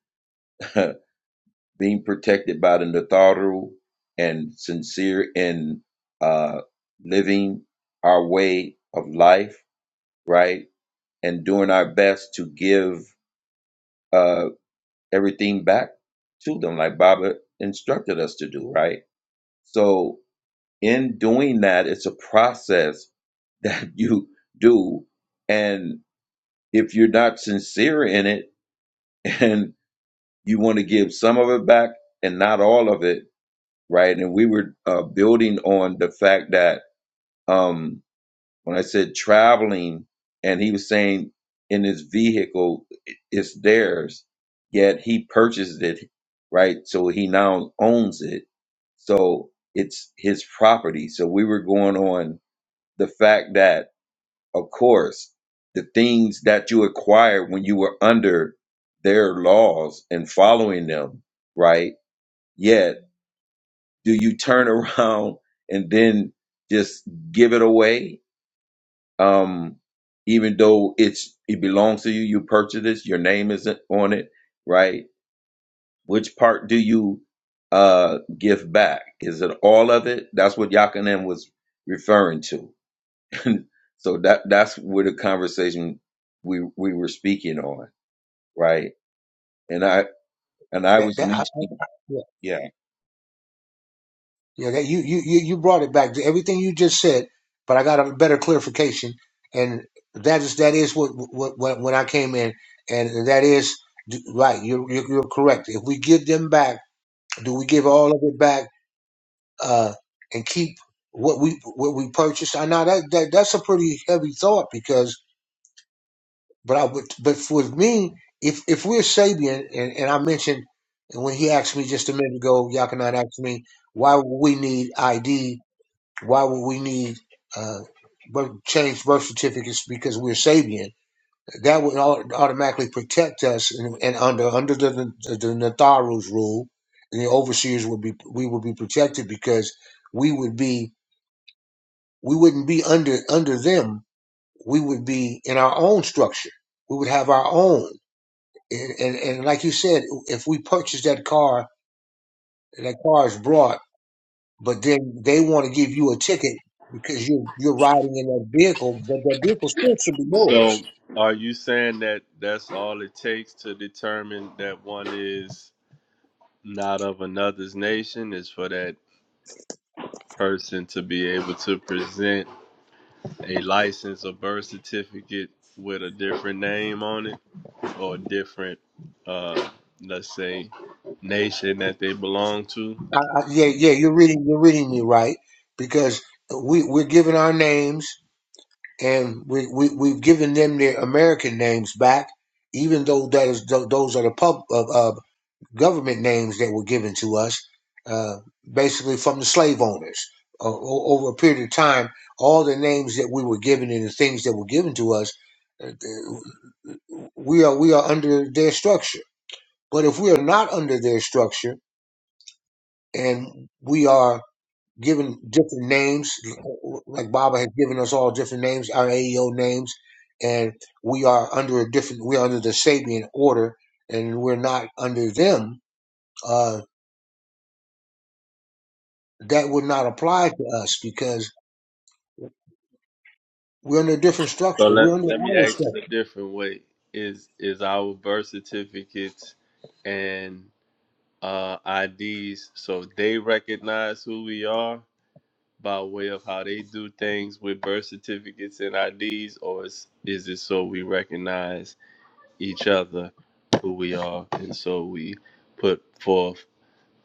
Speaker 9: being protected by the Natharu and sincere in uh, living our way of life, right? And doing our best to give uh, everything back to them, like Baba instructed us to do, right? So, in doing that, it's a process that you do. and. if you're not sincere in it and you want to give some of it back and not all of it, right? And we were uh, building on the fact that um, when I said traveling, and he was saying in his vehicle, i- it's theirs, yet he purchased it, right? So he now owns it. So it's his property. So we were going on the fact that of course, the things that you acquired when you were under their laws and following them, right? Yet, do you turn around and then just give it away? Um, even though it's it belongs to you, you purchased it, your name isn't on it, right? Which part do you uh give back? Is it all of it? That's what Yakanen was referring to so that that's where the conversation we we were speaking on, right? And I and I
Speaker 10: That,
Speaker 9: was
Speaker 10: that, I,
Speaker 9: mentioning,
Speaker 10: I- yeah,
Speaker 9: yeah,
Speaker 10: yeah. That you you you you brought it back. Everything you just said, but I got a better clarification, and that is that is what what, what when I came in, and that is right. You're you're you're correct. If we give them back, do we give all of it back? uh, and keep what we what we purchased. I know that, that that's a pretty heavy thought because, but I would, but for me, if if we're Sabian, and, and I mentioned when he asked me just a minute ago, Yakanan asked me why would we need ID? Why would we need uh, birth, change birth certificates because we're Sabian? That would au- automatically protect us, and, and under under the the, the Natharu's rule, the overseers would be we would be protected because we would be we wouldn't be under under them. We would be in our own structure. We would have our own. And and, and like you said, if we purchase that car, and that car is brought, but then they want to give you a ticket because you're you're riding in that vehicle, but that vehicle still should be
Speaker 3: So,
Speaker 10: yours.
Speaker 3: are you saying that that's all it takes to determine that one is not of another's nation is for that person to be able to present a license or birth certificate with a different name on it or a different, uh, let's say, nation that they belong to?
Speaker 10: I, I, yeah, yeah, you're reading you're reading me right because we we're giving our names and we, we we've given them their American names back, even though that is tho- those are the pub uh, uh, government names that were given to us, uh, basically from the slave owners. Uh, O- over a period of time, all the names that we were given and the things that were given to us, uh, we are we are under their structure. But if we are not under their structure and we are given different names, like Baba has given us all different names, our AEO names, and we are under a different, we are under the Sabian order, and we're not under them. Uh, that would not apply to us because we're under a different structure.
Speaker 3: So let
Speaker 10: We're under
Speaker 3: let me
Speaker 10: our
Speaker 3: ask it
Speaker 10: structure.
Speaker 3: a different way: Is is our birth certificates and uh, IDs, so they recognize who we are by way of how they do things with birth certificates and IDs, or is, is it so we recognize each other, who we are, and so we put forth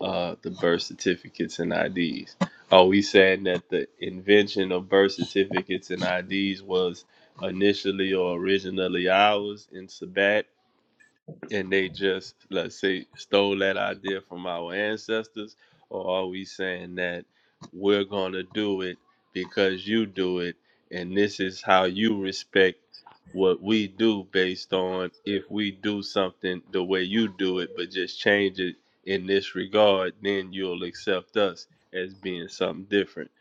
Speaker 3: uh, the birth certificates and IDs? Are we saying that the invention of birth certificates and IDs was initially or originally ours in Sabat? and they just let's say stole that idea from our ancestors or are we saying that we're going to do it because you do it and this is how you respect what we do based on if we do something the way you do it but just change it in this regard then you'll accept us as being something different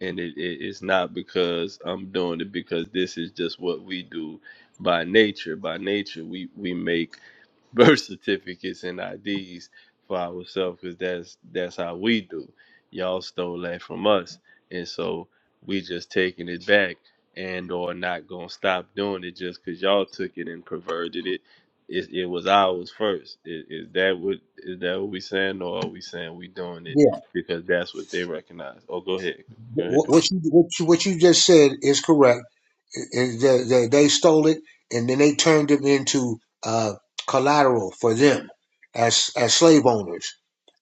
Speaker 3: and it, it, it's not because i'm doing it because this is just what we do by nature by nature we we make birth certificates and IDs for ourselves because that's that's how we do. Y'all stole that from us, and so we just taking it back and or not gonna stop doing it just because y'all took it and perverted it. It, it was ours first. Is, is that what is that what we saying, or are we saying we doing it
Speaker 10: Yeah,
Speaker 3: because that's what they recognize? Oh, go ahead, go ahead.
Speaker 10: what what you what you, what you just said is correct. Is that that they stole it and then they turned it into uh, collateral for them as as slave owners,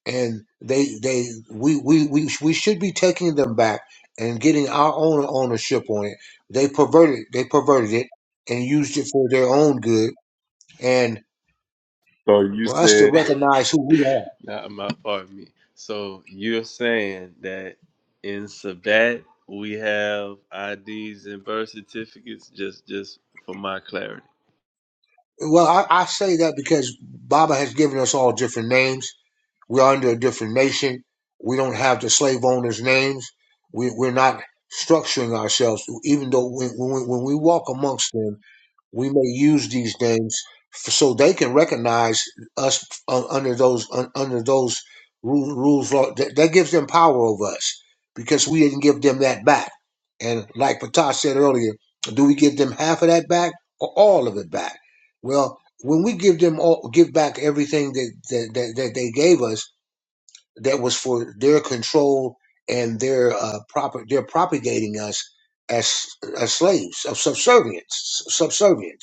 Speaker 10: and they they we we we, we should be taking them back and getting our own ownership on it. They perverted they perverted it and used it for their own good, and
Speaker 3: So you
Speaker 10: for us to
Speaker 3: said.
Speaker 10: recognize who we are.
Speaker 3: Not my part, me. So you're saying that in Sabat we have IDs and birth certificates, just just for my clarity.
Speaker 10: Well, I, I say that because Baba has given us all different names. We're under a different nation. We don't have the slave owners' names. We, we're not structuring ourselves, even though when, when, when we walk amongst them we may use these names f so they can recognize us uh, under those un, under those rules. rules law. That, that gives them power over us because we didn't give them that back. And like Patash said earlier, do we give them half of that back or all of it back? Well, when we give them all, give back everything that that, that, that they gave us that was for their control and their uh, proper they're propagating us as as slaves of subservience subservience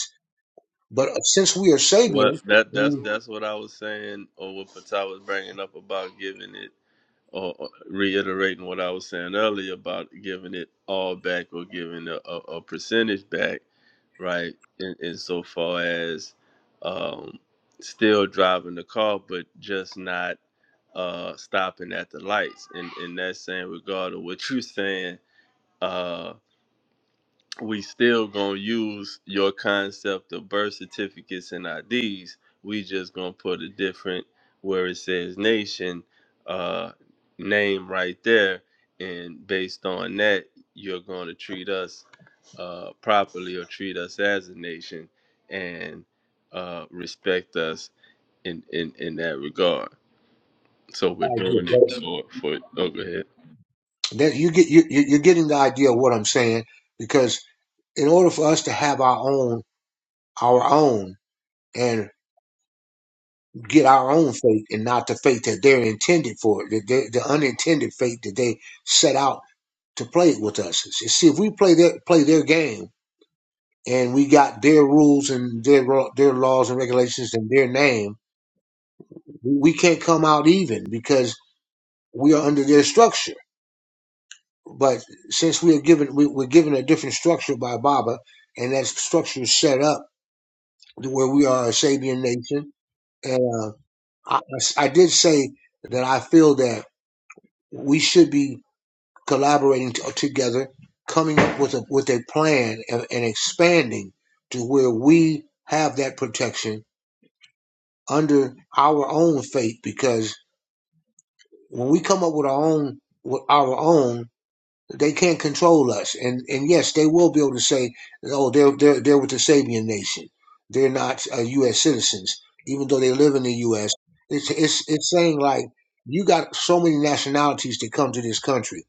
Speaker 10: but uh, since we are Sabian,
Speaker 3: What that that's
Speaker 10: we
Speaker 3: that's what I was saying, or what Patah was bringing up about giving it, or, or reiterating what I was saying earlier about giving it all back or giving a, a, a percentage back, right? In in so far as um, still driving the car, but just not. uh stopping at the lights and in that same regard of what you're saying uh we still gonna use your concept of birth certificates and ids we just gonna put a different where it says nation uh name right there and based on that you're gonna treat us uh properly or treat us as a nation and uh respect us in in in that regard so we're
Speaker 10: idea
Speaker 3: doing it
Speaker 10: that,
Speaker 3: for for oh go ahead.
Speaker 10: that you get you, you- are getting the idea of what I'm saying because in order for us to have our own our own and get our own faith and not the faith that they're intended for the, the, the unintended faith that they set out to play with us. S- See if we play their play their game and we got their rules and their ro- their laws and regulations and their name, we can't come out even because we are under their structure but since we are given we, we're given a different structure by Baba, and that structure is set up where we are a Sabian nation. And uh, I, I s- I did say that I feel that we should be collaborating t- together, coming up with a with a plan and, and expanding to where we have that protection under our own faith. Because when we come up with our own with our own They can't control us. And and yes, they will be able to say, oh, they're they're they're with the Sabian nation. They're not uh, U.S. citizens, even though they live in the U.S. It's it's it's saying like you got so many nationalities that come to this country,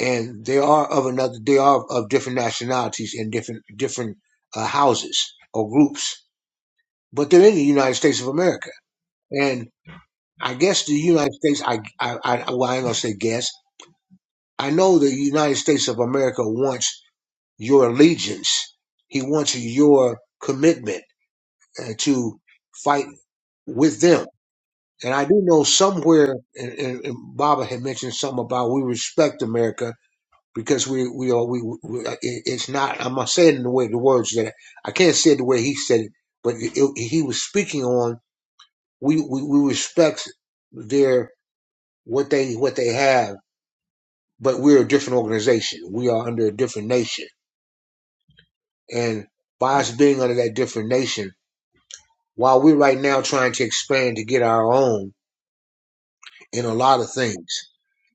Speaker 10: and they are of another. They are of different nationalities in different different uh, houses or groups, but they're in the United States of America. And I guess the United States, I I, I well, I ain't gonna say guess. I know the United States of America wants your allegiance. He wants your commitment uh, to fight with them. And I do know somewhere, and, and, and Baba had mentioned something about we respect America because we we are we, we it- it's not. I'm not saying it in the way the words that I can't say it the way he said it, but it, it- he was speaking on we, we we respect their what they what they have, but we're a different organization. We are under a different nation, and by us being under that different nation. while we're right now trying to expand to get our own in a lot of things.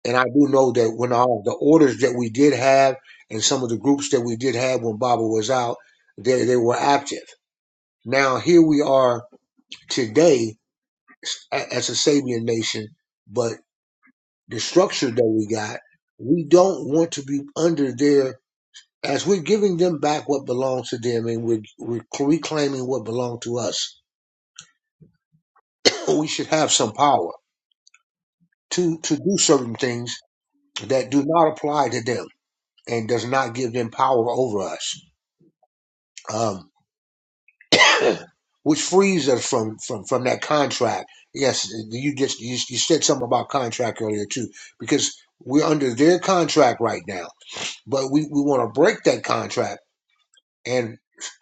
Speaker 10: And I do know that when all the orders that we did have and some of the groups that we did have when Baba was out, they, they were active. Now, here we are today as a Sabian nation, but the structure that we got, we don't want to be under their, as we're giving them back what belongs to them and we're, we're reclaiming what belonged to us. We should have some power to, to do certain things that do not apply to them and does not give them power over us, um, which frees us from, from from that contract. Yes, you just you, you said something about contract earlier too, because we're under their contract right now, but we, we want to break that contract and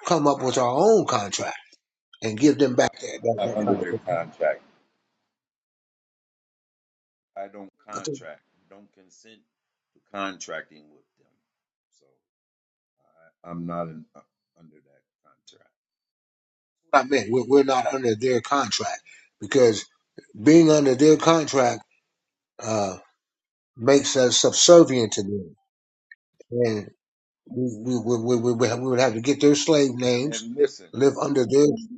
Speaker 10: come up with our own contract and give them back that that,
Speaker 9: I- I'm
Speaker 10: that
Speaker 9: under their
Speaker 10: contract.
Speaker 9: contract. I don't
Speaker 10: I think
Speaker 9: contract, don't consent to contracting with them. So I, I'm not in, uh, under that contract.
Speaker 10: that's what I meant. We're, we're not under their contract because being under their contract uh, makes us subservient to them and. We, we, we, we, we would have we would have to get their slave names,
Speaker 9: And listen,
Speaker 10: live under their.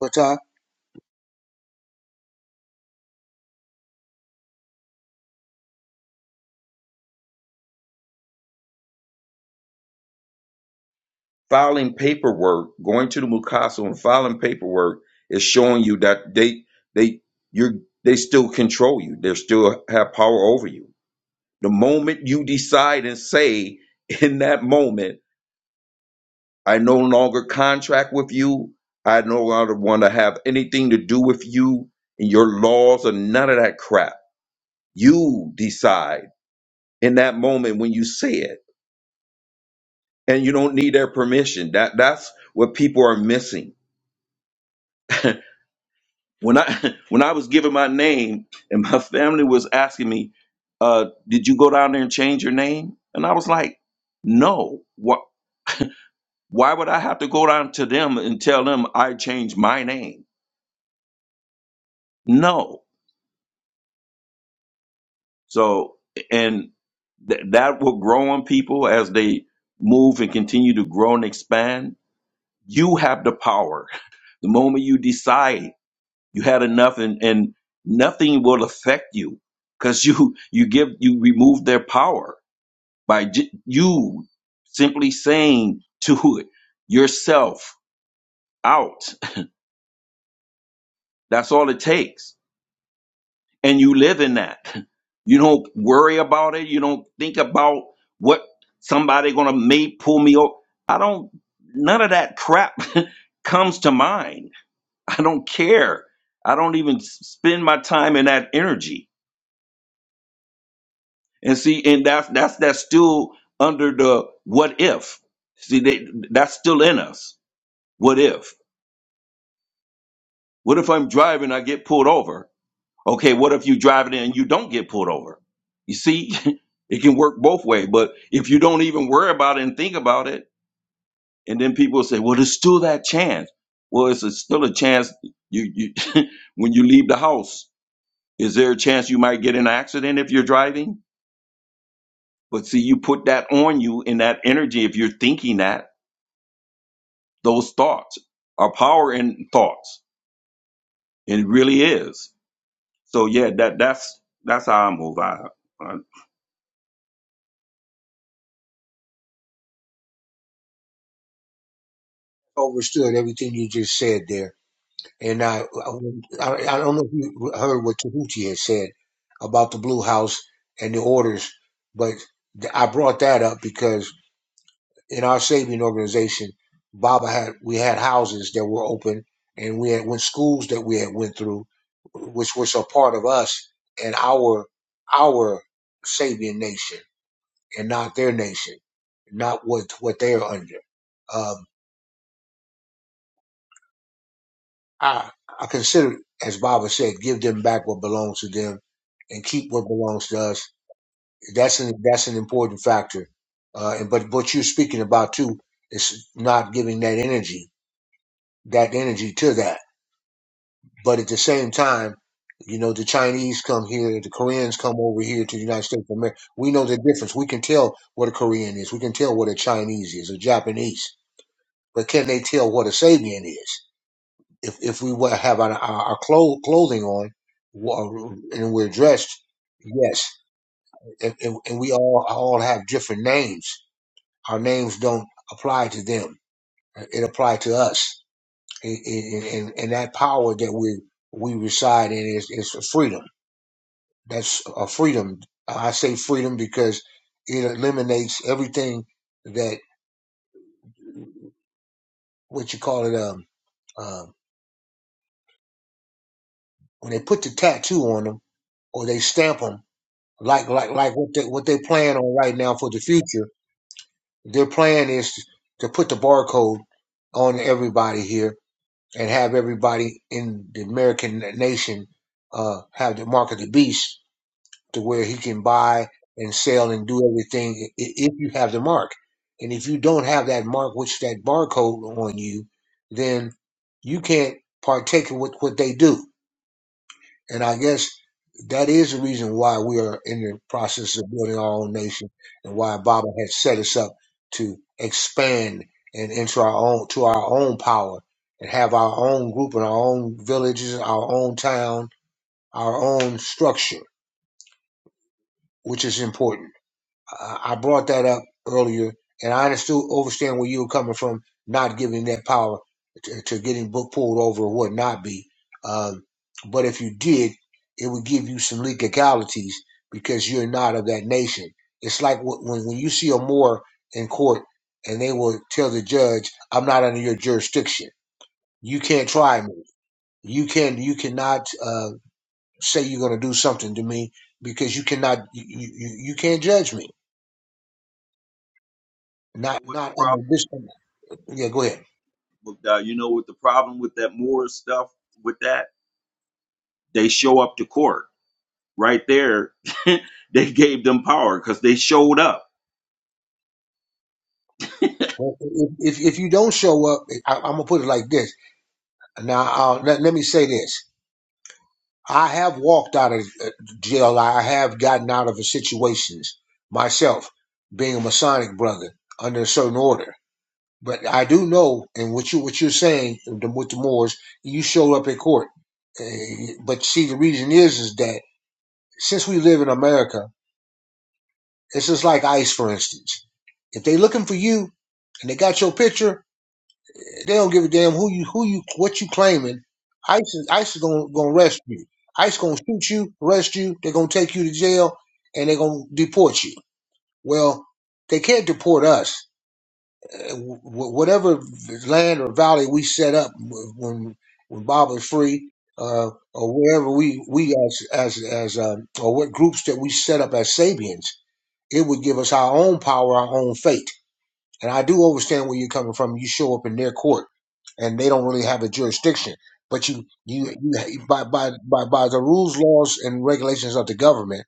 Speaker 10: But I
Speaker 9: filing paperwork, going to the Mukaso and filing paperwork is showing you that they they you're they still control you. They still have power over you The moment you decide and say, in that moment, I no longer contract with you, I no longer want to have anything to do with you and your laws or none of that crap. You decide in that moment when you say it. And you don't need their permission. That that's what people are missing. when I when I was giving my name and my family was asking me, uh, did you go down there and change your name? And I was like, no. Why? Why would I have to go down to them and tell them I changed my name? No. So, and th- that will grow on people as they move and continue to grow and expand. You have the power. The moment you decide you had enough and, and nothing will affect you because you, you give, you remove their power by j- you simply saying to yourself out. That's all it takes and you live in that. You don't worry about it. You don't think about what somebody gonna may pull me over. I don't. None of that crap comes to mind. I don't care. I don't even s- spend my time in that energy. And see, and that's that's that's still under the what if. See, they, that's still in us. What if? What if I'm driving? I get pulled over Okay, what if you drive it and you don't get pulled over? You see, it can work both ways. But if you don't even worry about it and think about it, and then people say, "Well, there's still that chance." Well, it's a, still a chance. You, you when you leave the house, is there a chance you might get in an accident if you're driving? But see, you put that on you in that energy. If you're thinking that, those thoughts are power in thoughts. It really is. So yeah, that that's that's how I move. I, I
Speaker 10: overstood everything you just said there, and I I, I don't know if you heard what Tahuti had said about the Blue House and the orders, but I brought that up because in our saving organization, Baba had we had houses that were open, and we had went schools that we had went through, which was a part of us and our our Sabian nation and not their nation, not what what they're under. Um, I I consider, as Baba said, give them back what belongs to them and keep what belongs to us. That's an that's an important factor. Uh, and but what you're speaking about too is not giving that energy that energy to that. But at the same time, you know, the Chinese come here, the Koreans come over here to the United States of America. We know the difference. We can tell what a Korean is. We can tell what a Chinese is, a Japanese but can they tell what a Sabian is? If if we were have our, our, our clo- clothing on wa- and we're dressed, yes, and, and, and we all all have different names. Our names don't apply to them; it applies to us. And, and, and and that power that we we reside in is is freedom. That's a freedom. I say freedom because it eliminates everything that what you call it um, um when they put the tattoo on them or they stamp 'em like like like what they what they plan on right now for the future. Their plan is to put the barcode on everybody here and have everybody in the American nation uh, have the mark of the beast to where he can buy and sell and do everything i- if you have the mark. And if you don't have that mark, which that barcode on you, then you can't partake in what, what they do. And I guess that is the reason why we are in the process of building our own nation and why Baba has set us up to expand and into our own to our own power and have our own group and our own villages, our own town, our own structure, which is important. I brought that up earlier, and I understood, understand where you were coming from, not giving that power to, to getting bu- pulled over or would not be. Um, but if you did, it would give you some legalities because you're not of that nation. It's like wh- when when you see a Moor in court and they will tell the judge, "I'm not under your jurisdiction. You can't try me. You can you cannot uh, say you're going to do something to me because you cannot you, you you you can't judge me." not
Speaker 9: know what the
Speaker 10: not
Speaker 9: problem
Speaker 10: an additional. Yeah, go ahead.
Speaker 9: uh, you know what the problem with that Moore stuff with that they show up to court right there they gave them power because they showed up
Speaker 10: Well, If if, if you don't show up, I, I'm gonna put it like this. Now, uh, let, let me say this. I have walked out of uh, jail. I have gotten out of situations myself, being a Masonic brother under a certain order. But I do know, and what you what you're saying the- with the Moors, you showed up at court. Uh, but see, the reason is is that since we live in America, it's just like ICE, for instance. If they looking for you and they got your picture, They don't give a damn who you who you what you claiming. ICE is ICE is gonna gonna arrest you. ICE gonna shoot you, arrest you. They're gonna take you to jail, and they're gonna deport you. Well, they can't deport us. Uh, wh- Whatever land or valley we set up when when Bob is free, uh, or wherever we we as as as um, or what groups that we set up as Sabians, it would give us our own power, our own fate and I do understand where you're coming from. You show up in their court, and they don't really have a jurisdiction. But you, you, you by, by by by the rules, laws, and regulations of the government,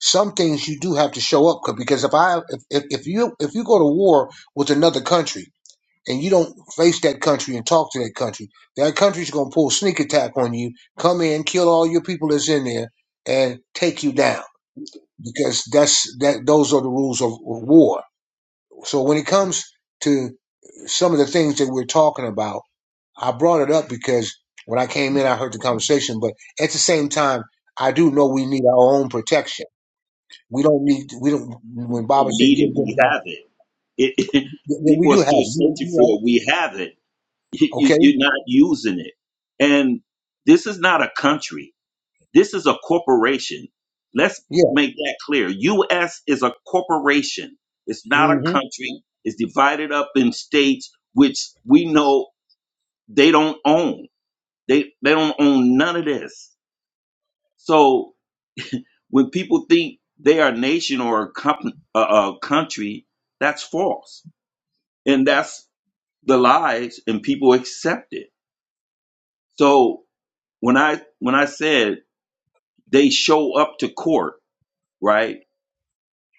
Speaker 10: some things you do have to show up 'cause- because if I if, if if you if you go to war with another country and you don't face that country and talk to that country, that country's gonna pull sneak attack on you, come in, kill all your people that's in there, and take you down because that's that those are the rules of war. So when it comes to some of the things that we're talking about, I brought it up because when I came in, I heard the conversation, but at the same time, I do know we need our own protection. We don't need, we don't, when
Speaker 9: we
Speaker 10: Baba
Speaker 9: don't
Speaker 10: said
Speaker 9: need it
Speaker 10: give them
Speaker 9: we
Speaker 10: back,
Speaker 9: have it. It, it
Speaker 10: th- we
Speaker 9: people are
Speaker 10: do have
Speaker 9: still
Speaker 10: it. You, you
Speaker 9: searching
Speaker 10: know,
Speaker 9: for it we have it you,
Speaker 10: okay?
Speaker 9: you're not using it and this is not a country this is a corporation let's
Speaker 10: Yeah.
Speaker 9: make that clear us is a corporation it's not
Speaker 10: hmm
Speaker 9: a country it's divided up in states which we know they don't own They they don't own none of this. So when people think they are a nation or a, comp- a, a country, that's false, and that's the lies, and people accept it. So when I when I said they show up to court, right,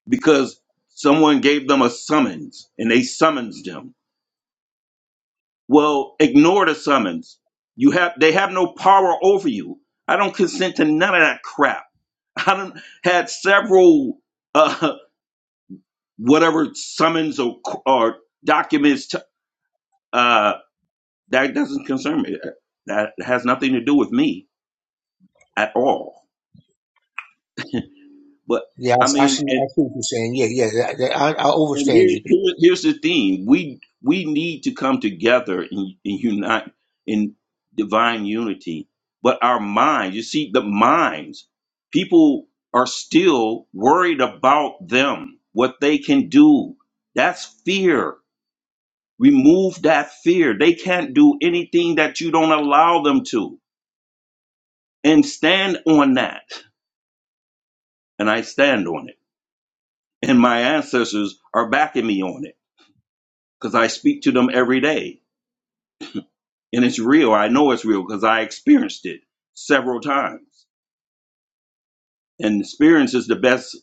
Speaker 9: because someone gave them a summons and they summons them Well, ignore the summons. You have they have no power over you. I don't consent to none of that crap. I don't had several uh whatever summons or or documents to, uh that doesn't concern me. That has nothing to do with me at all. But
Speaker 10: Yeah, I
Speaker 9: I
Speaker 10: I see,
Speaker 9: mean, and
Speaker 10: I see what you're saying. Yeah, yeah, I, I
Speaker 9: and
Speaker 10: overstand
Speaker 9: here,
Speaker 10: you.
Speaker 9: here, here's the thing we we need to come together and, and unite in divine unity but our minds you see the minds people are still worried about them what they can do that's fear remove that fear they can't do anything that you don't allow them to and stand on that and i stand on it and my ancestors are backing me on it because i speak to them every day and it's real. I know it's real because I experienced it several times. And experience is the best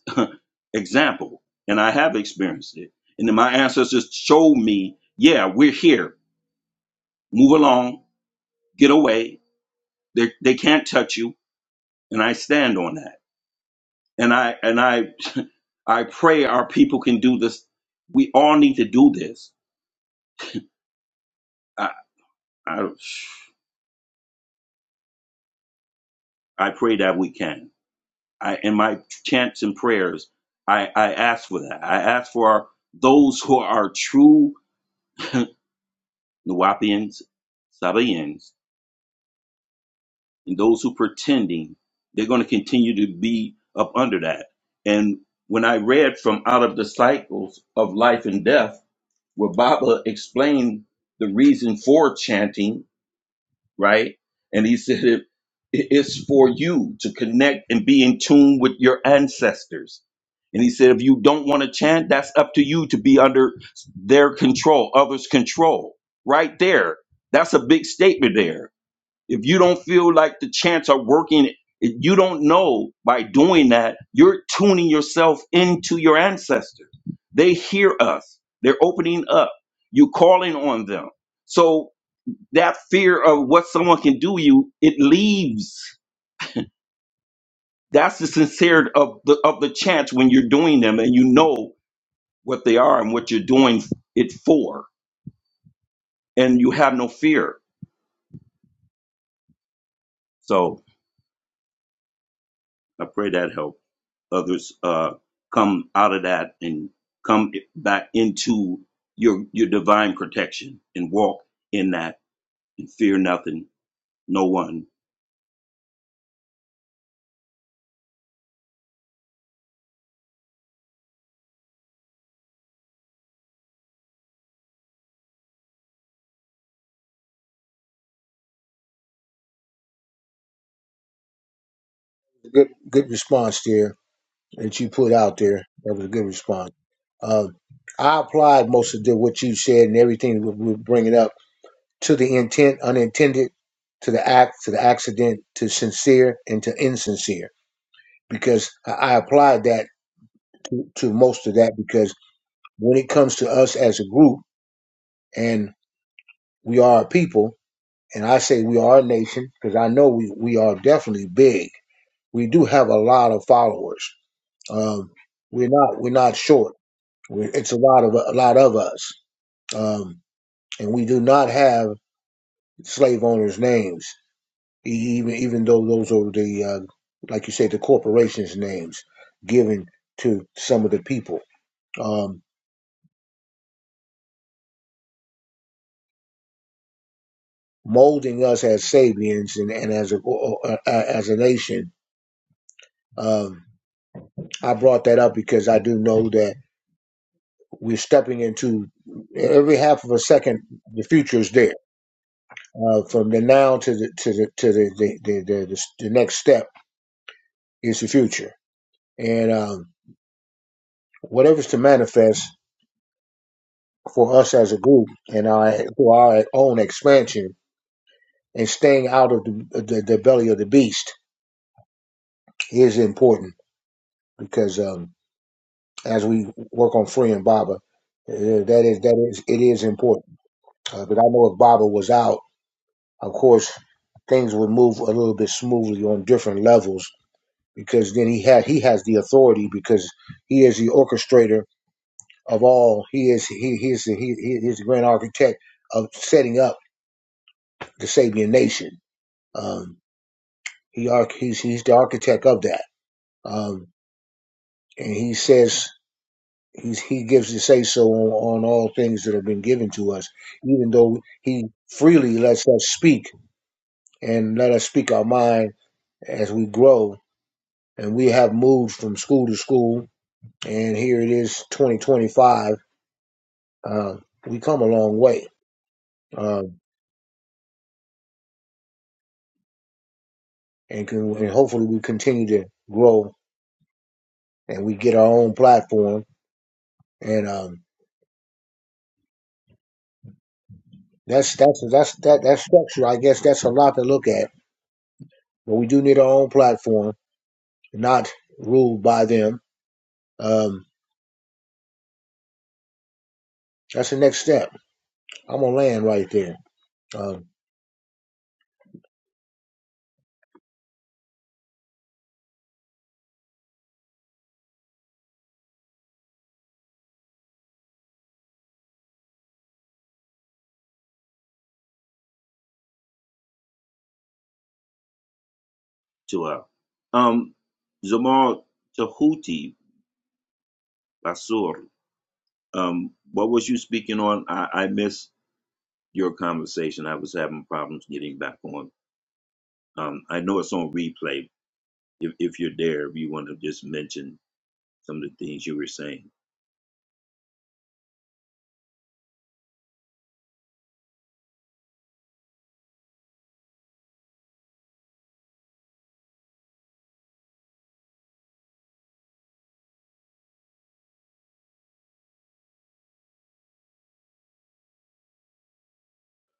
Speaker 9: example, and I have experienced it. And then my ancestors showed me, yeah, we're here. Move along, get away. They they can't touch you, and I stand on that. And I and I I pray our people can do this. We all need to do this. I I, I pray that we can. I, in my chants and prayers, I, I ask for that. I ask for our, those who are true Nawapians, Sabaeans, and those who pretending they're going to continue to be up under that. And when I read from Out of the Cycles of Life and Death, where Baba explained the reason for chanting right? And he said, it, It's for you to connect and be in tune with your ancestors. And he said, If you don't want to chant, that's up to you to be under their control, others' control. Right there. That's a big statement there. If you don't feel like the chants are working, if you don't know by doing that, you're tuning yourself into your ancestors. They hear us, they're opening up, you're calling on them. So that fear of what someone can do you it leaves that's the sincerity of the of the chants when you're doing them and you know what they are and what you're doing it for and you have no fear so i pray that help others uh come out of that and come back into your your divine protection and walk in that and fear nothing no one
Speaker 10: Good, good response there that you put out there. That was a good response. Um, I applied most of the, what you said and everything we- we're bringing up to the intent unintended, to the act, to the accident, to sincere, and to insincere. Because I I applied that to, to most of that because when it comes to us as a group, and we are a people, and I say we are a nation because I know we, we are definitely big. We do have a lot of followers. Um, we're not we're not short. We're, it's a lot of a lot of us, um, and we do not have slave owners' names even even though those are the uh, like you say the corporations names given to some of the people um, molding us as Sabians and, and as a uh, uh, as a nation. Um, I brought that up because I do know that we're stepping into every half of a second the future is there uh, from the now to the to the to the the, the, the, the, the next step is the future and um, whatever's to manifest for us as a group and our for our own expansion and staying out of the, the, the belly of the beast is important because um, as we work on freeing Baba, uh, that is that is it is important. Uh, but I know if Baba was out, of course, things would move a little bit smoothly on different levels because then he had he has the authority because he is the orchestrator of all. He is he he is the, he, he is the grand architect of setting up the Sabian nation. Um, He arch- he's he's the architect of that. Um, and he says he's he gives the say so on, on all things that have been given to us, even though he freely lets us speak and let us speak our mind as we grow. And we have moved from school to school, and here it is, 2025. Uh, we come a long way, um, and can and hopefully we continue to grow and we get our own platform. And um, that's that's that's that that structure. I guess that's a lot to look at but we do need our own platform, not ruled by them. Um, that's the next step. I'm gonna land right there. Um,
Speaker 9: to uh um zamal tahuti basur Um, what was you speaking on? I, I missed your conversation. I was having problems getting back on. Um, I know it's on replay. If, if you're there, if you want to just mention some of the things you were saying.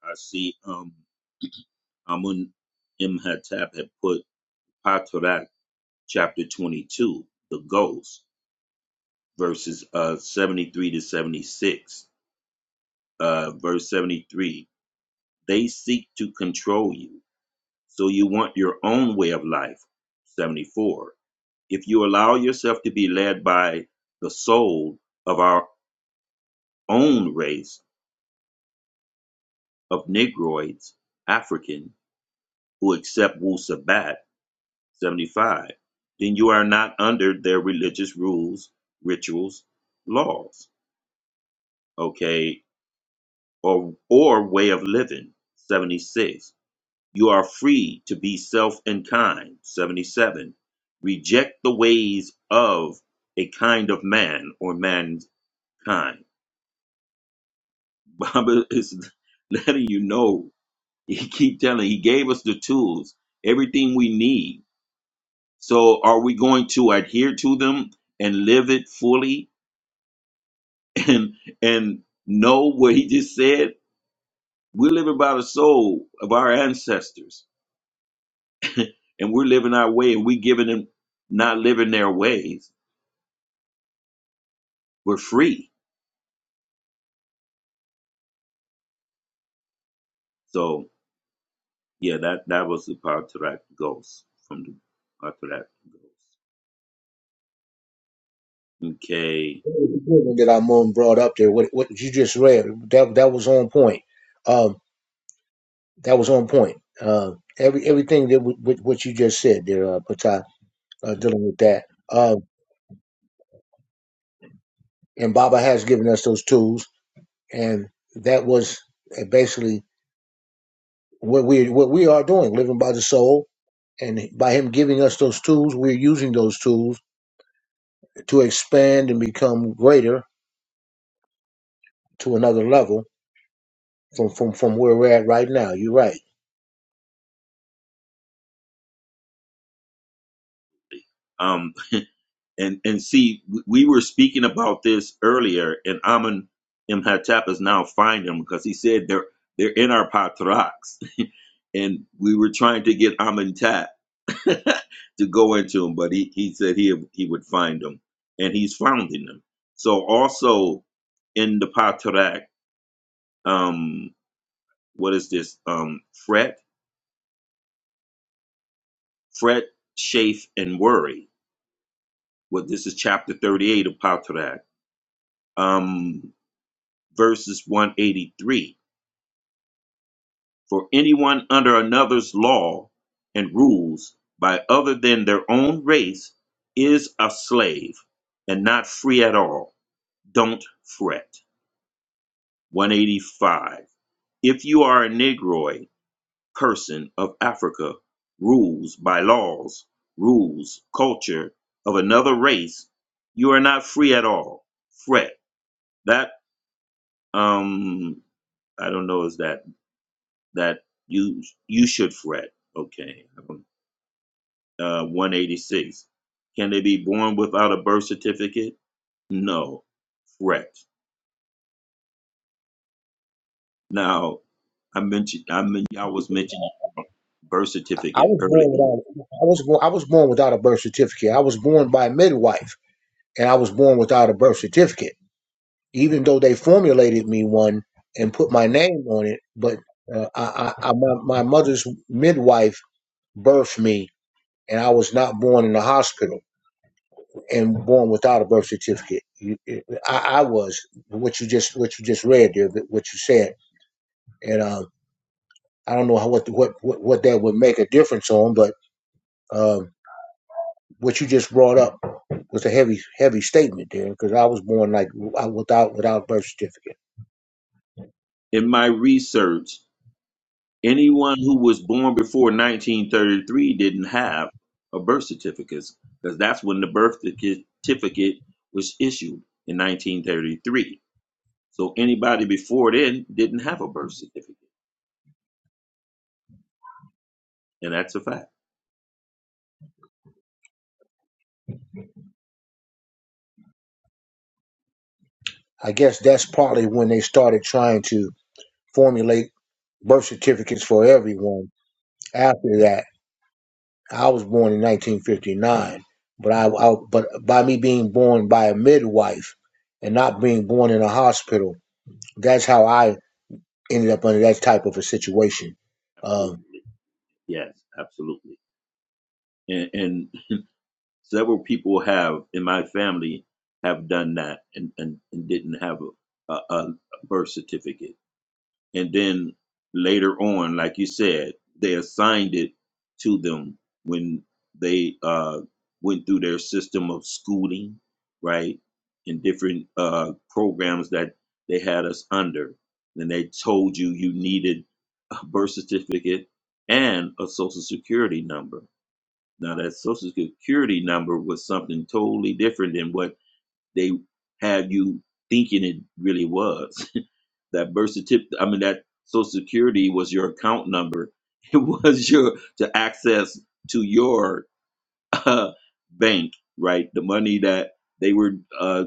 Speaker 9: I see um, Amun Imhotep had put Patarak chapter 22, the Ghost, verses uh, 73 to 76. Uh, verse 73 They seek to control you, so you want your own way of life. 74. If you allow yourself to be led by the soul of our own race of Negroids, African, who accept Wu Sabat 75, then you are not under their religious rules, rituals, laws, okay, or, or way of living 76. You are free to be self and kind 77. Reject the ways of a kind of man or mankind Baba is letting you know. He keep telling. He gave us the tools, everything we need. So are we going to adhere to them and live it fully and and know what he just said? We're living by the soul of our ancestors, and we're living our way, and we're giving them not living their ways. We're free. So yeah, that that was the Patrak Ghost from the Patrak Ghost. Okay.
Speaker 10: that our mom brought up there, what what you just read, that that was on point. Um, that was on point. Um, every everything that w- w- what you just said there, uh, Patai, uh, dealing with that. Um, and Baba has given us those tools, and that was uh, basically what we what we are doing, living by the soul, and by Him giving us those tools, we're using those tools to expand and become greater to another level from from from where we're at right now. You're right.
Speaker 9: um. and and see we were speaking about this earlier and Amun Imhotep is now finding them because he said they're they're in our patriarchs and we were trying to get Amentat to go into them but he, he said he he would find them and he's finding them so also in the patriarch um what is this um fret fret chafe and worry well this is chapter 38 of patriarch um verses 183. For anyone under another's law and rules by other than their own race is a slave and not free at all. Don't fret. 185. If you are a Negroid person of Africa, rules by laws, rules, culture of another race, you are not free at all. Fret. That, um, I don't know, is that that you you should fret. Okay. Uh, 186. Can they be born without a birth certificate? No. Fret. Now I mentioned I mean I was mentioning birth
Speaker 10: I
Speaker 9: certificate
Speaker 10: was
Speaker 9: earlier.
Speaker 10: born without, I was born I was born without a birth certificate. I was born by a midwife, and I was born without a birth certificate. Even though they formulated me one and put my name on it, but uh, I, I, I my, my mother's midwife birthed me, and I was not born in the hospital and born without a birth certificate. You, I, I was what you just what you just read there, what you said, and um I don't know how, what, what what what that would make a difference on, but um, what you just brought up was a heavy heavy statement there because I was born like without without birth certificate.
Speaker 9: In my research, anyone who was born before 1933 didn't have a birth certificate because that's when the birth certificate was issued in 1933. So anybody before then didn't have a birth certificate. and that's a fact.
Speaker 10: I guess that's partly when they started trying to formulate birth certificates for everyone. After that, I was born in 1959, but I, I but by me being born by a midwife and not being born in a hospital, that's how I ended up under that type of a situation. Um,
Speaker 9: Absolutely, yes, absolutely. And, and several people have in my family have done that and and, and didn't have a, a, a birth certificate. and then later on, like you said, they assigned it to them when they uh, went through their system of schooling, right, and different uh, programs that they had us under. Then they told you you needed a birth certificate and a social security number. Now that social security number was something totally different than what they had you thinking it really was. that birth certificate, I mean, that social security was your account number. It was your to access to your uh, bank, right? The money that they were uh,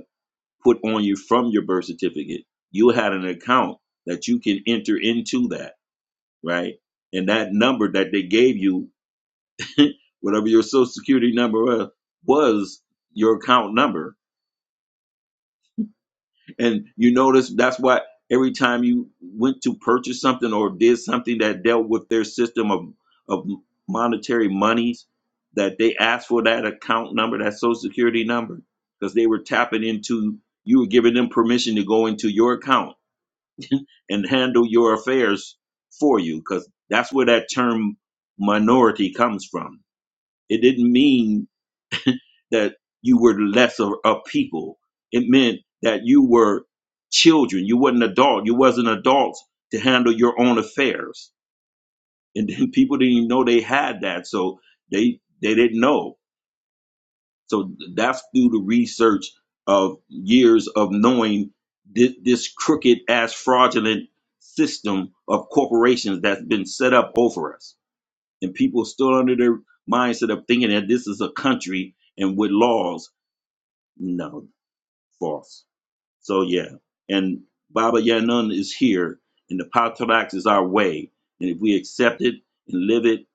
Speaker 9: put on you from your birth certificate. You had an account that you can enter into that, right? And that number that they gave you, whatever your social security number was, was your account number And you notice that's why every time you went to purchase something or did something that dealt with their system of, of monetary monies, that they asked for that account number, that social security number, because they were tapping into, you were giving them permission to go into your account and handle your affairs for you, because that's where that term minority comes from. It didn't mean that you were lesser of people. It meant that you were children. You wasn't adult. You wasn't adults to handle your own affairs. And then people didn't even know they had that, so they they didn't know. So that's through the research of years of knowing this, this crooked ass fraudulent system of corporations that's been set up over us, and people still under their mindset of thinking that this is a country and with laws. No, false. So yeah, and Baba Yanun is here, and the Patrax is our way, and if we accept it and live it,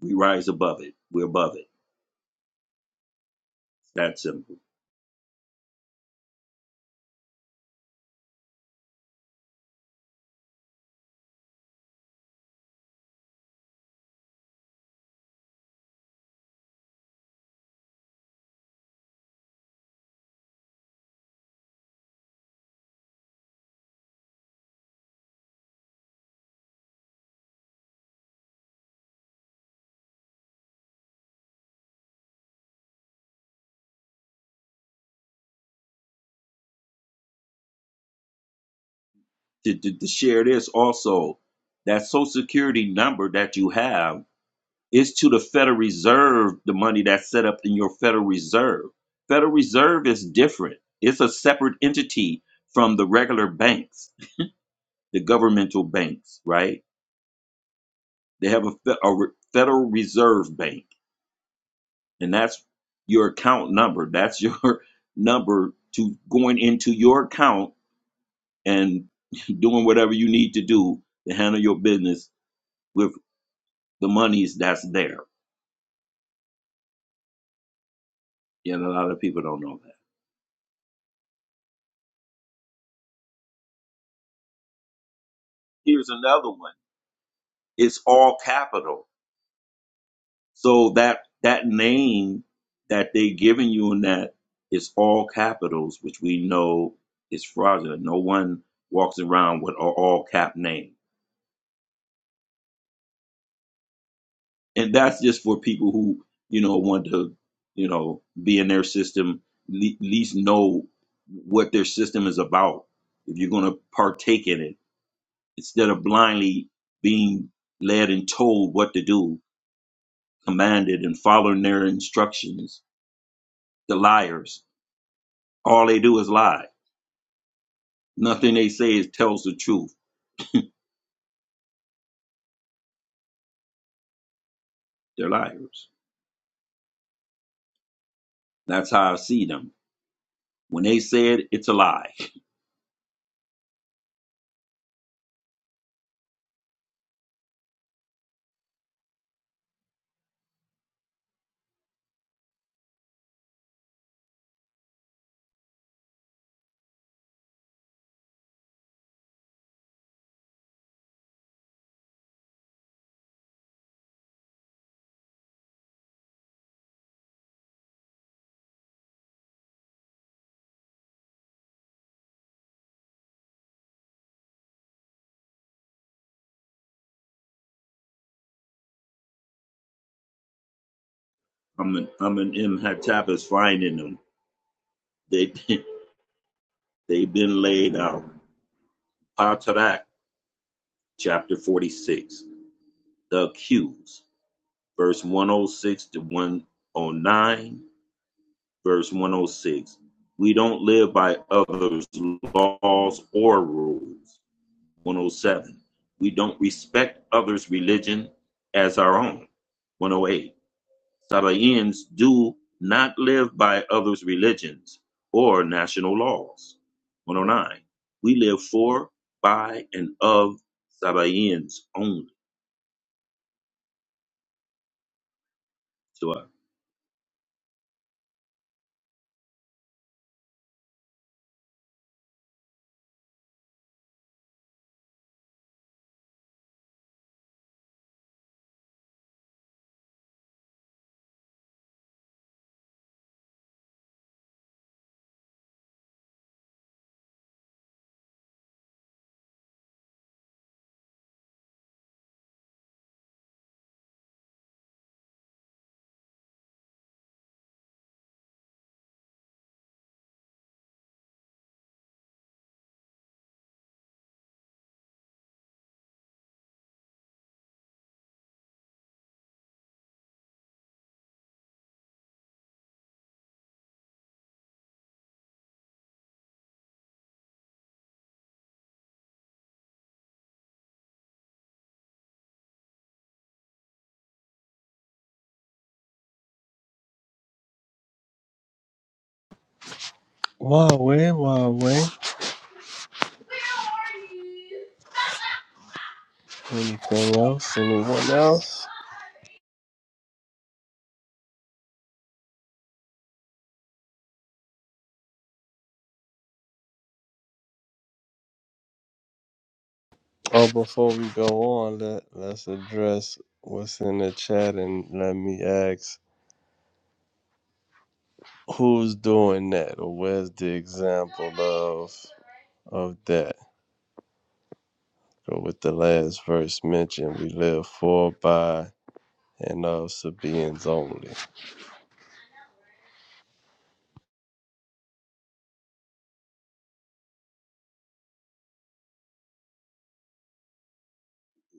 Speaker 9: we rise above it. We're above it. That simple. To, to, to share this also, that Social Security number that you have is to the Federal Reserve the money that's set up in your Federal Reserve. Federal Reserve is different. It's a separate entity from the regular banks, the governmental banks, right? They have a, fe- a re- Federal Reserve Bank and that's your account number. That's your number to going into your account and doing whatever you need to do to handle your business with the monies that's there. Yeah, And a lot of people don't know that. Here's another one. It's all capital. So that that name that they giving you in that is all capitals, which we know is fraudulent. No one walks around with an all cap name. and that's just for people who you know want to you know be in their system le- least know what their system is about if you're going to partake in it instead of blindly being led and told what to do commanded and following their instructions the liars all they do is lie nothing they say is tells the truth they're liars that's how i see them when they say it it's a lie i'm an i'm an imhatap is finding them they They've been laid out. Patarak, chapter 46. The accused, verse 106 to 109, verse 106. We don't live by others' laws or rules. 107. We don't respect others' religion as our own. 108. Sabaeans do not live by others' religions or national laws. 109. We live for, by, and of Sabaeans only. So, uh,
Speaker 3: Huawei, Huawei. Anything else? Anyone else? Oh, before we go on, let, let's address what's in the chat and let me ask who's doing that or where's the example of of that? So with the last verse mentioned, we live for, by, and of Sabaeans only.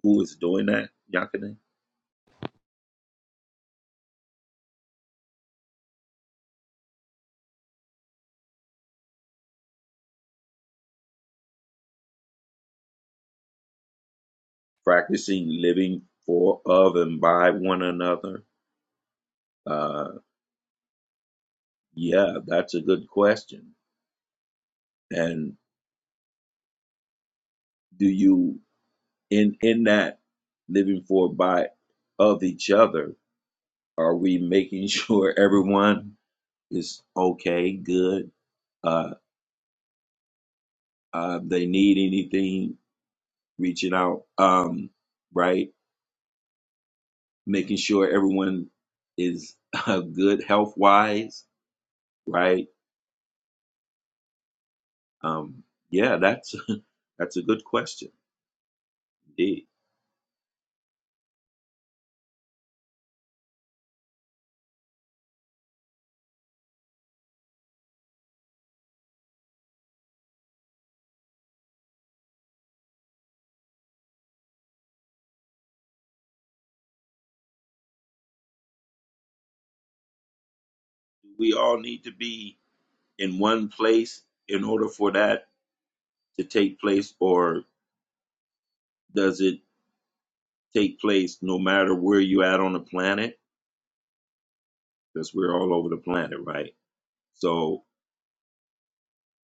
Speaker 9: who is doing that, Yakane? Practicing living for, of, and by one another? Uh, yeah, that's a good question. And do you, in in that living for, by, of each other, are we making sure everyone is okay, good. Uh, uh, they need anything, reaching out, um, right? Making sure everyone is uh, good health wise, right? Um, yeah, that's that's a good question indeed. We all need to be in one place in order for that to take place, or does it take place no matter where you at on the planet? Because we're all over the planet, right? So.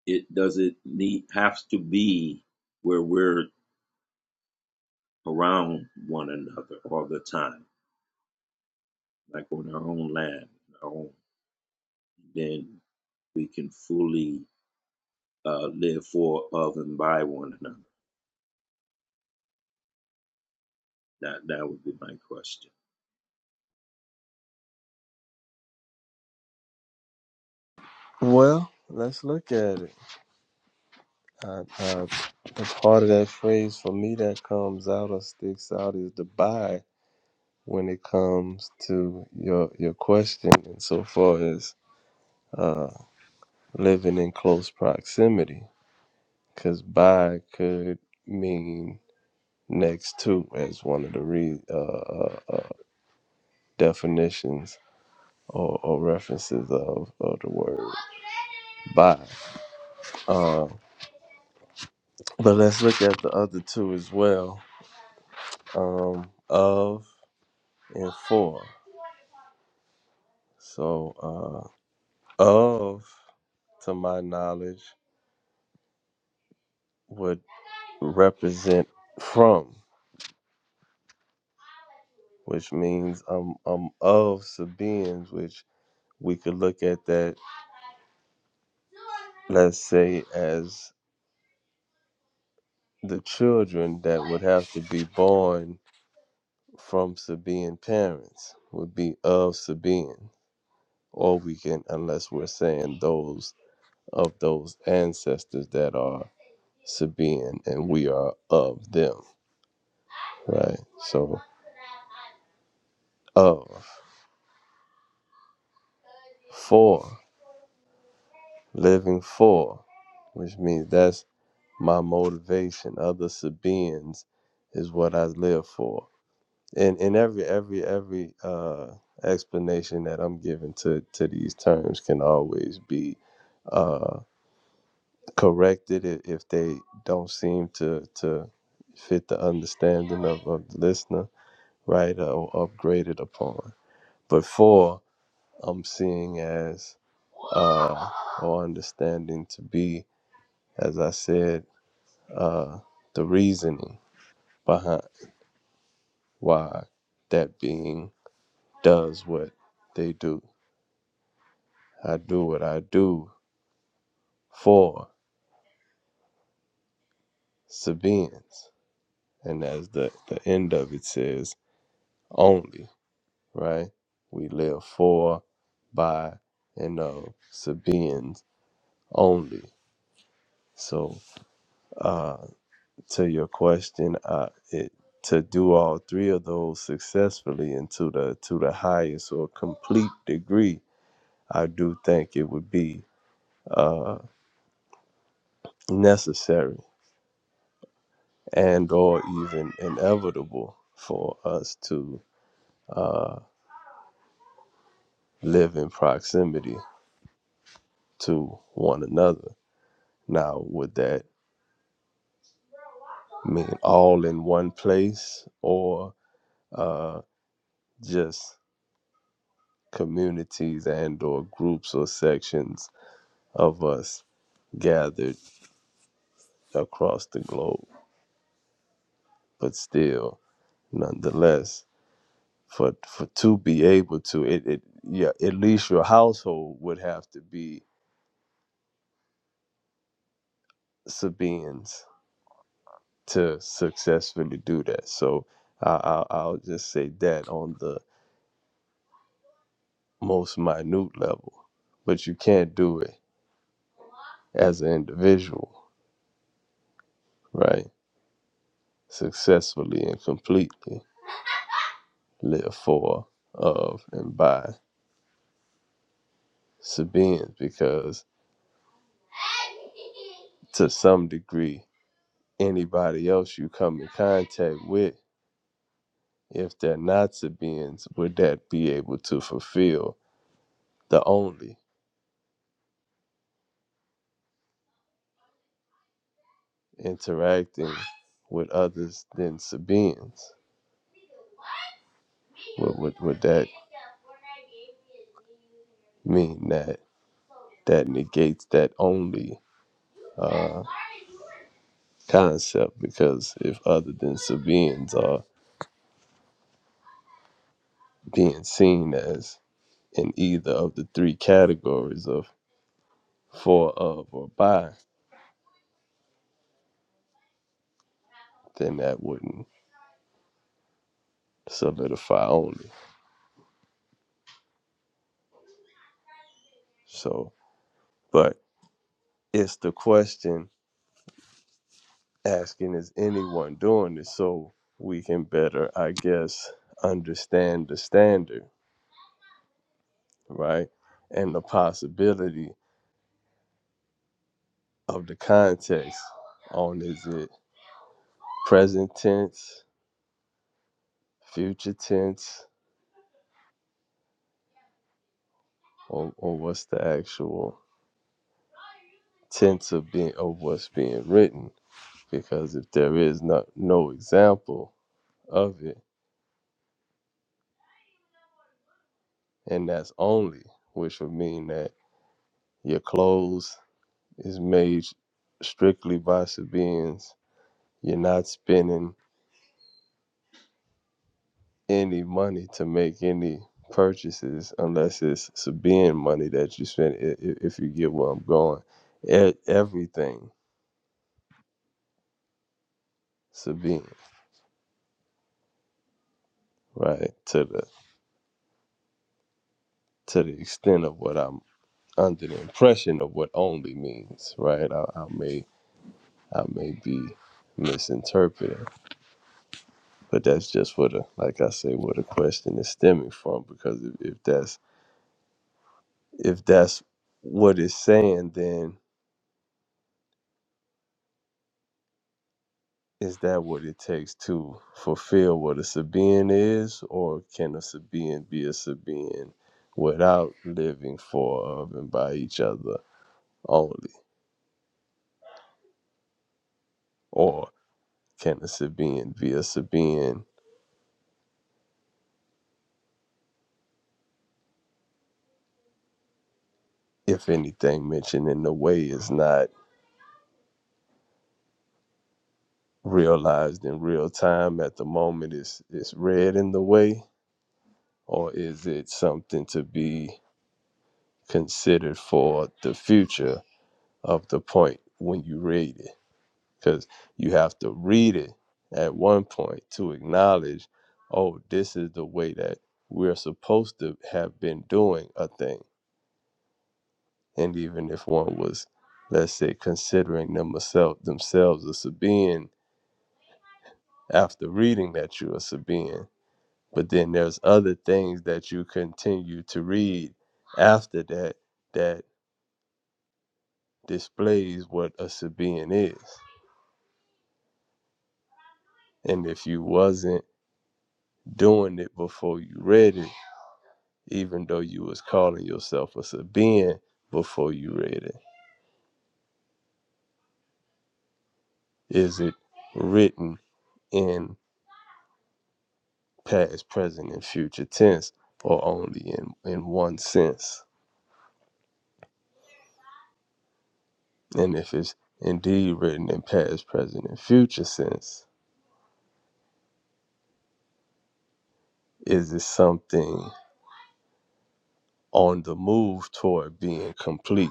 Speaker 9: it doesn't need have to be where we're around one another all the time, like on our own land, our own. Then we can fully uh, live for, of, and by one another. That that would be my question.
Speaker 3: Well, let's look at it. I, I, a part of that phrase for me that comes out or sticks out is the buy when it comes to your your question insofar as uh, living in close proximity because by could mean next to as one of the re, uh, uh, uh, definitions or, or references of, of the word by uh, but let's look at the other two as well um, of and for So, uh, of, to my knowledge, would represent from, which means I'm, I'm of Sabaeans, which we could look at that, let's say, as the children that would have to be born from Sabaean parents would be of Sabaean, or we can, unless we're saying those of those ancestors that are Sabaean and we are of them, right? So, of. for living for which means that's my motivation other sabians is what i live for and in every every every uh explanation that i'm giving to to these terms can always be uh corrected if they don't seem to to fit the understanding of, of the listener right uh, or upgraded upon but for i'm seeing as uh or understanding to be as I said, uh, the reasoning behind why that being does what they do. I do what I do for Sabians. And as the, the end of it says, only, right? We live for, by, and of Sabians only. So, uh, to your question, uh, it, to do all three of those successfully and to the to the highest or complete degree I do think it would be uh, necessary and or even inevitable for us to uh, live in proximity to one another. Now, would that mean all in one place or uh, just communities and or groups or sections of us gathered across the globe? But still, nonetheless, for for to be able to it, it yeah at least your household would have to be Sabians to successfully do that. So I, I I'll just say that on the most minute level, but you can't do it as an individual, right? Successfully and completely live for of and by Sabians because to some degree anybody else you come in contact with if they're not Sabaeans, would that be able to fulfill the only interacting with others than Sabaeans? Would, would, would that mean that that negates that only uh, concept? Because if other than Sabaeans are being seen as in either of the three categories of for, of, or by, then that wouldn't solidify only. So, but it's the question asking is anyone doing this so we can better i guess understand the standard right and the possibility of the context on is it present tense future tense or, or what's the actual tense of being of what's being written because if there is not no example of it and that's only which would mean that your clothes is made strictly by Sabians. You're not spending any money to make any purchases unless it's Sabian money that you spend, if you get where I'm going. E- Everything Sabian, right? To the to the extent of what I'm under the impression of what only means, right? I, I may I may be misinterpreting, but that's just what, the, like I say, where the question is stemming from. Because if, if that's if that's what it's saying, then is that what it takes to fulfill what a Sabean is, or can a Sabean be a Sabean without living for of and by each other only? Or can a Sabean be a Sabean if anything mentioned in the way is not realized in real time at the moment it's it's read in the way, or is it something to be considered for the future of the point when you read it because you have to read it at one point to acknowledge oh this is the way that we're supposed to have been doing a thing and even if one was let's say considering themselves themselves a Sabean after reading that you're a Sabean but then there's other things that you continue to read after that that displays what a Sabean is and if you wasn't doing it before you read it, even though you was calling yourself a Sabian before you read it? Is it written in past, present, and future tense, or only in, in one sense? And if it's indeed written in past, present, and future sense, is it something on the move toward being complete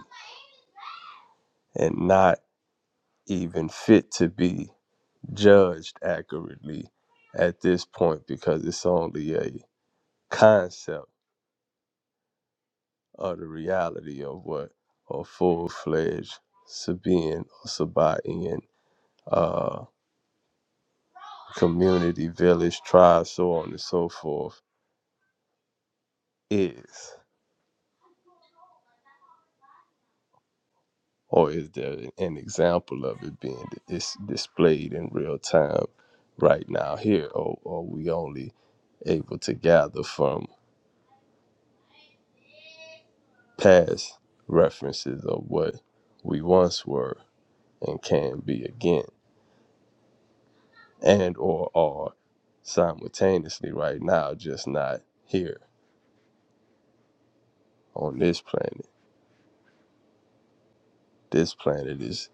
Speaker 3: and not even fit to be judged accurately at this point because it's only a concept of the reality of what a full fledged Sabian or Sabaean uh, community, village, tribe, so on and so forth is. Or is there an example of it being dis- displayed in real time right now here? Or are we only able to gather from past references of what we once were and can be again and or are simultaneously right now, just not here on this planet. This planet is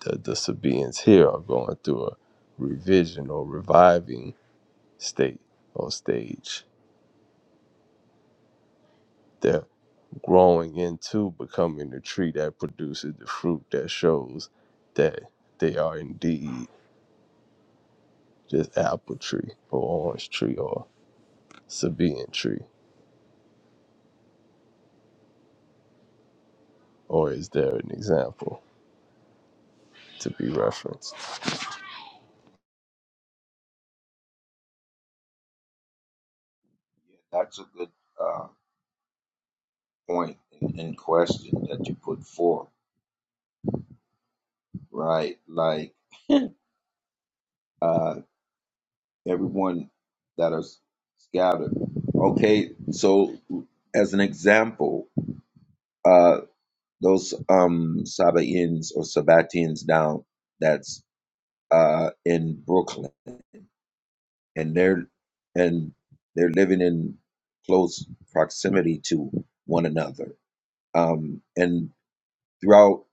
Speaker 3: the, the Sabians here are going through a revision or reviving state or stage. They're growing into becoming the tree that produces the fruit that shows that they are indeed this apple tree or orange tree or Sabian tree. Or is there an example to be referenced?
Speaker 9: Yeah, that's a good uh, point and, and question that you put forth, right? Like uh, everyone that is scattered. Okay, so as an example, uh, those um Sabaeans or Sabbateans down that's uh in Brooklyn and they're and they're living in close proximity to one another. Um and throughout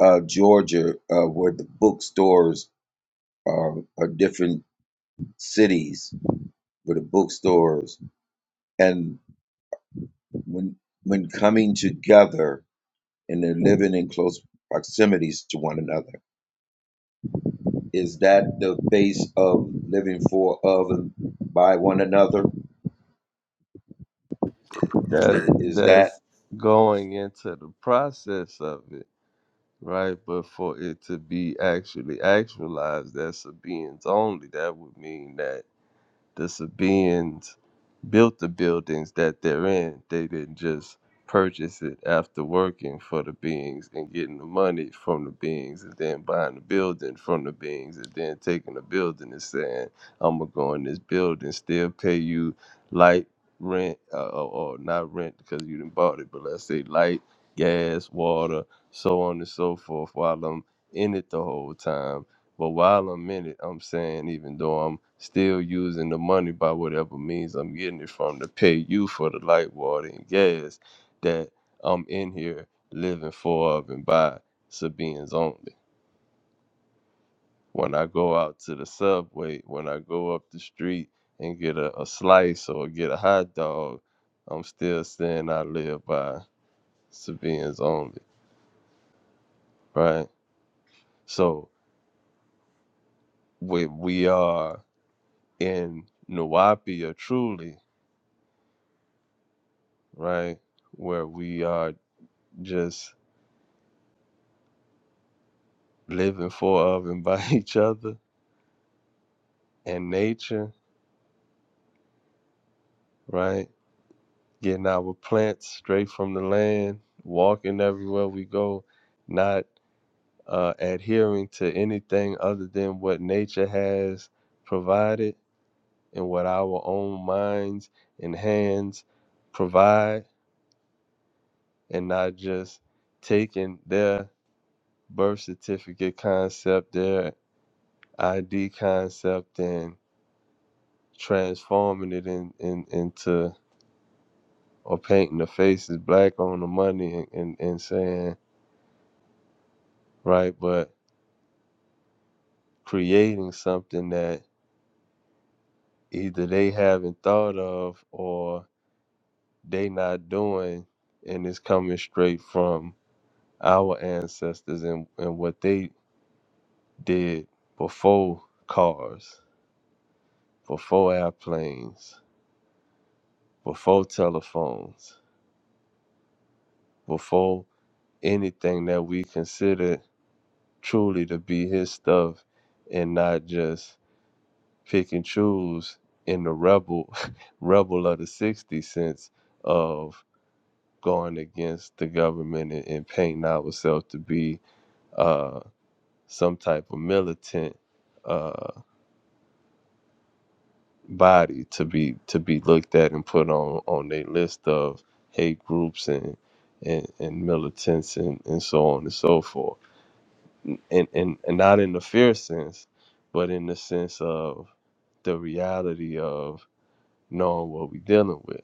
Speaker 9: uh Georgia uh where the bookstores are are different cities where the bookstores and when when coming together and they're living in close proximities to one another Is that the base of living for, of, and by one another? I-
Speaker 3: that
Speaker 9: Is that
Speaker 3: that's going into the process of it, right? But for it to be actually actualized, that's a beings only. That would mean that the Sabaeans built the buildings that they're in. They didn't just purchase it after working for the beings and getting the money from the beings and then buying the building from the beings and then taking the building and saying, I'm going to go in this building, still pay you light, rent, uh, or, or not rent because you didn't bought it, but let's say light, gas, water, so on and so forth while I'm in it the whole time but while I'm in it, I'm saying even though I'm still using the money by whatever means I'm getting it from to pay you for the light, water, and gas that I'm in here living for of and by Sabine's only. When I go out to the subway, when I go up the street and get a, a slice or get a hot dog, I'm still saying I live by Sabine's only, right? So when we are in Nuapia truly right? Where we are just living for of and by each other and nature, right? Getting our plants straight from the land, walking everywhere we go, not uh, adhering to anything other than what nature has provided and what our own minds and hands provide, and not just taking their birth certificate concept, their ID concept, and transforming it in, in into or painting the faces black on the money and, and, and saying right but creating something that either they haven't thought of or they not doing and it's coming straight from our ancestors and, and what they did before cars before airplanes before telephones before anything that we consider truly to be his stuff and not just pick and choose in the rebel rebel of the 60 cents of going against the government and, and painting ourselves to be uh, some type of militant uh, body to be to be looked at and put on on their list of hate groups and and, and militants and, and so on and so forth and, and and not in the fear sense but in the sense of the reality of knowing what we're dealing with.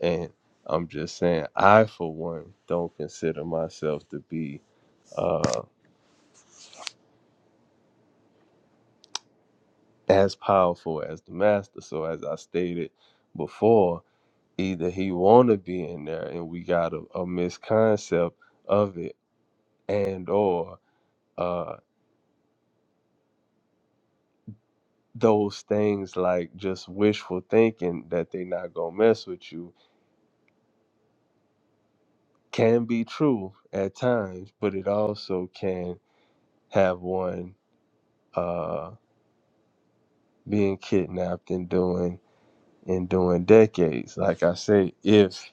Speaker 3: And I'm just saying, I for one don't consider myself to be uh, as powerful as the master. So as I stated before, either he want to be in there, and we got a, a misconcept of it, and or uh, those things like just wishful thinking that they not gonna mess with you can be true at times, but it also can have one uh, being kidnapped and doing and doing decades. Like I say, if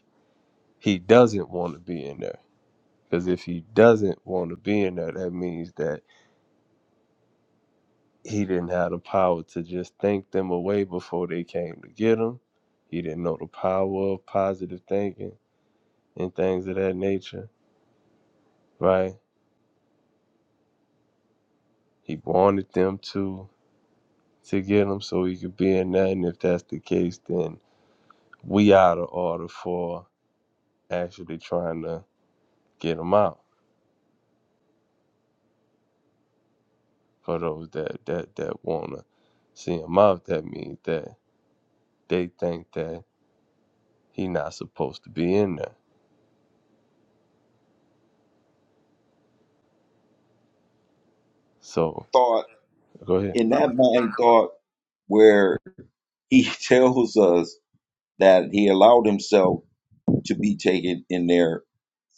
Speaker 3: he doesn't want to be in there, because if he doesn't want to be in there, that means that he didn't have the power to just think them away before they came to get him. He didn't know the power of positive thinking and things of that nature, right? He wanted them to to get him so he could be in there, and if that's the case, then we out of order for actually trying to get him out for those that that that wanna see him out. That means that they think that he not supposed to be in there. So
Speaker 9: thought
Speaker 3: go ahead.
Speaker 9: in that mind thought where he tells us that he allowed himself to be taken in there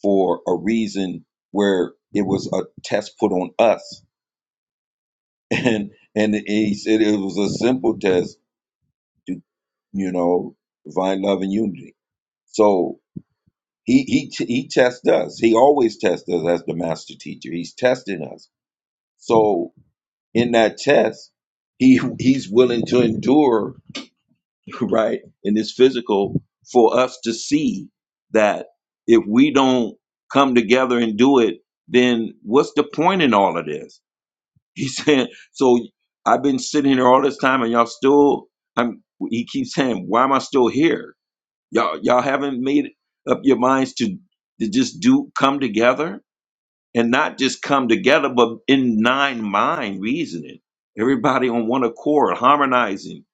Speaker 9: for a reason where it was a test put on us, and and he said it was a simple test to you know divine love and unity. So He he t- he tests us. He always tests us as the master teacher. He's testing us. So in that test, he he's willing to endure, right, in this physical for us to see that if we don't come together and do it, then what's the point in all of this? He said, so I've been sitting here all this time and y'all still I'm he keeps saying, why am I still here? Y'all y'all haven't made up your minds to to just do come together and not just come together, but in nine mind reasoning. Everybody on one accord, harmonizing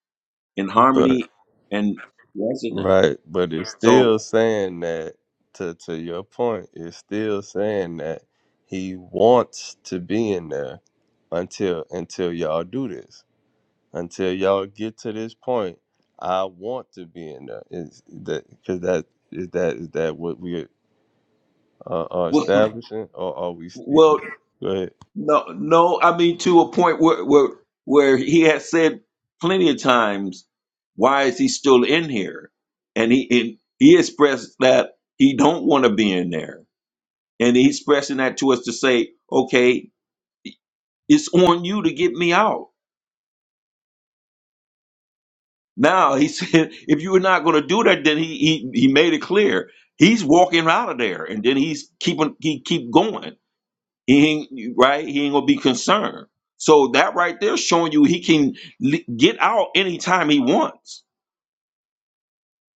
Speaker 9: in
Speaker 3: But
Speaker 9: harmony and resonance.
Speaker 3: right, but it's still
Speaker 9: So
Speaker 3: saying that to to your point, it's still saying that he wants to be in there until until y'all do this. Until y'all get to this point, I want to be in there. Is that because that is that is that what we? uh, are
Speaker 9: well,
Speaker 3: establishing, or are we?
Speaker 9: well,
Speaker 3: Go ahead.
Speaker 9: no, no. I mean to a point where where where he has said plenty of times, why is he still in here? And he and he expressed that he don't want to be in there And he's expressing that to us to say, okay, it's on you to get me out. Now he said, if you were not going to do that, then he, he he made it clear he's walking out of there, and then he's keeping he keep going. He ain't, right, he ain't gonna be concerned. So that right there showing you he can li- get out anytime he wants,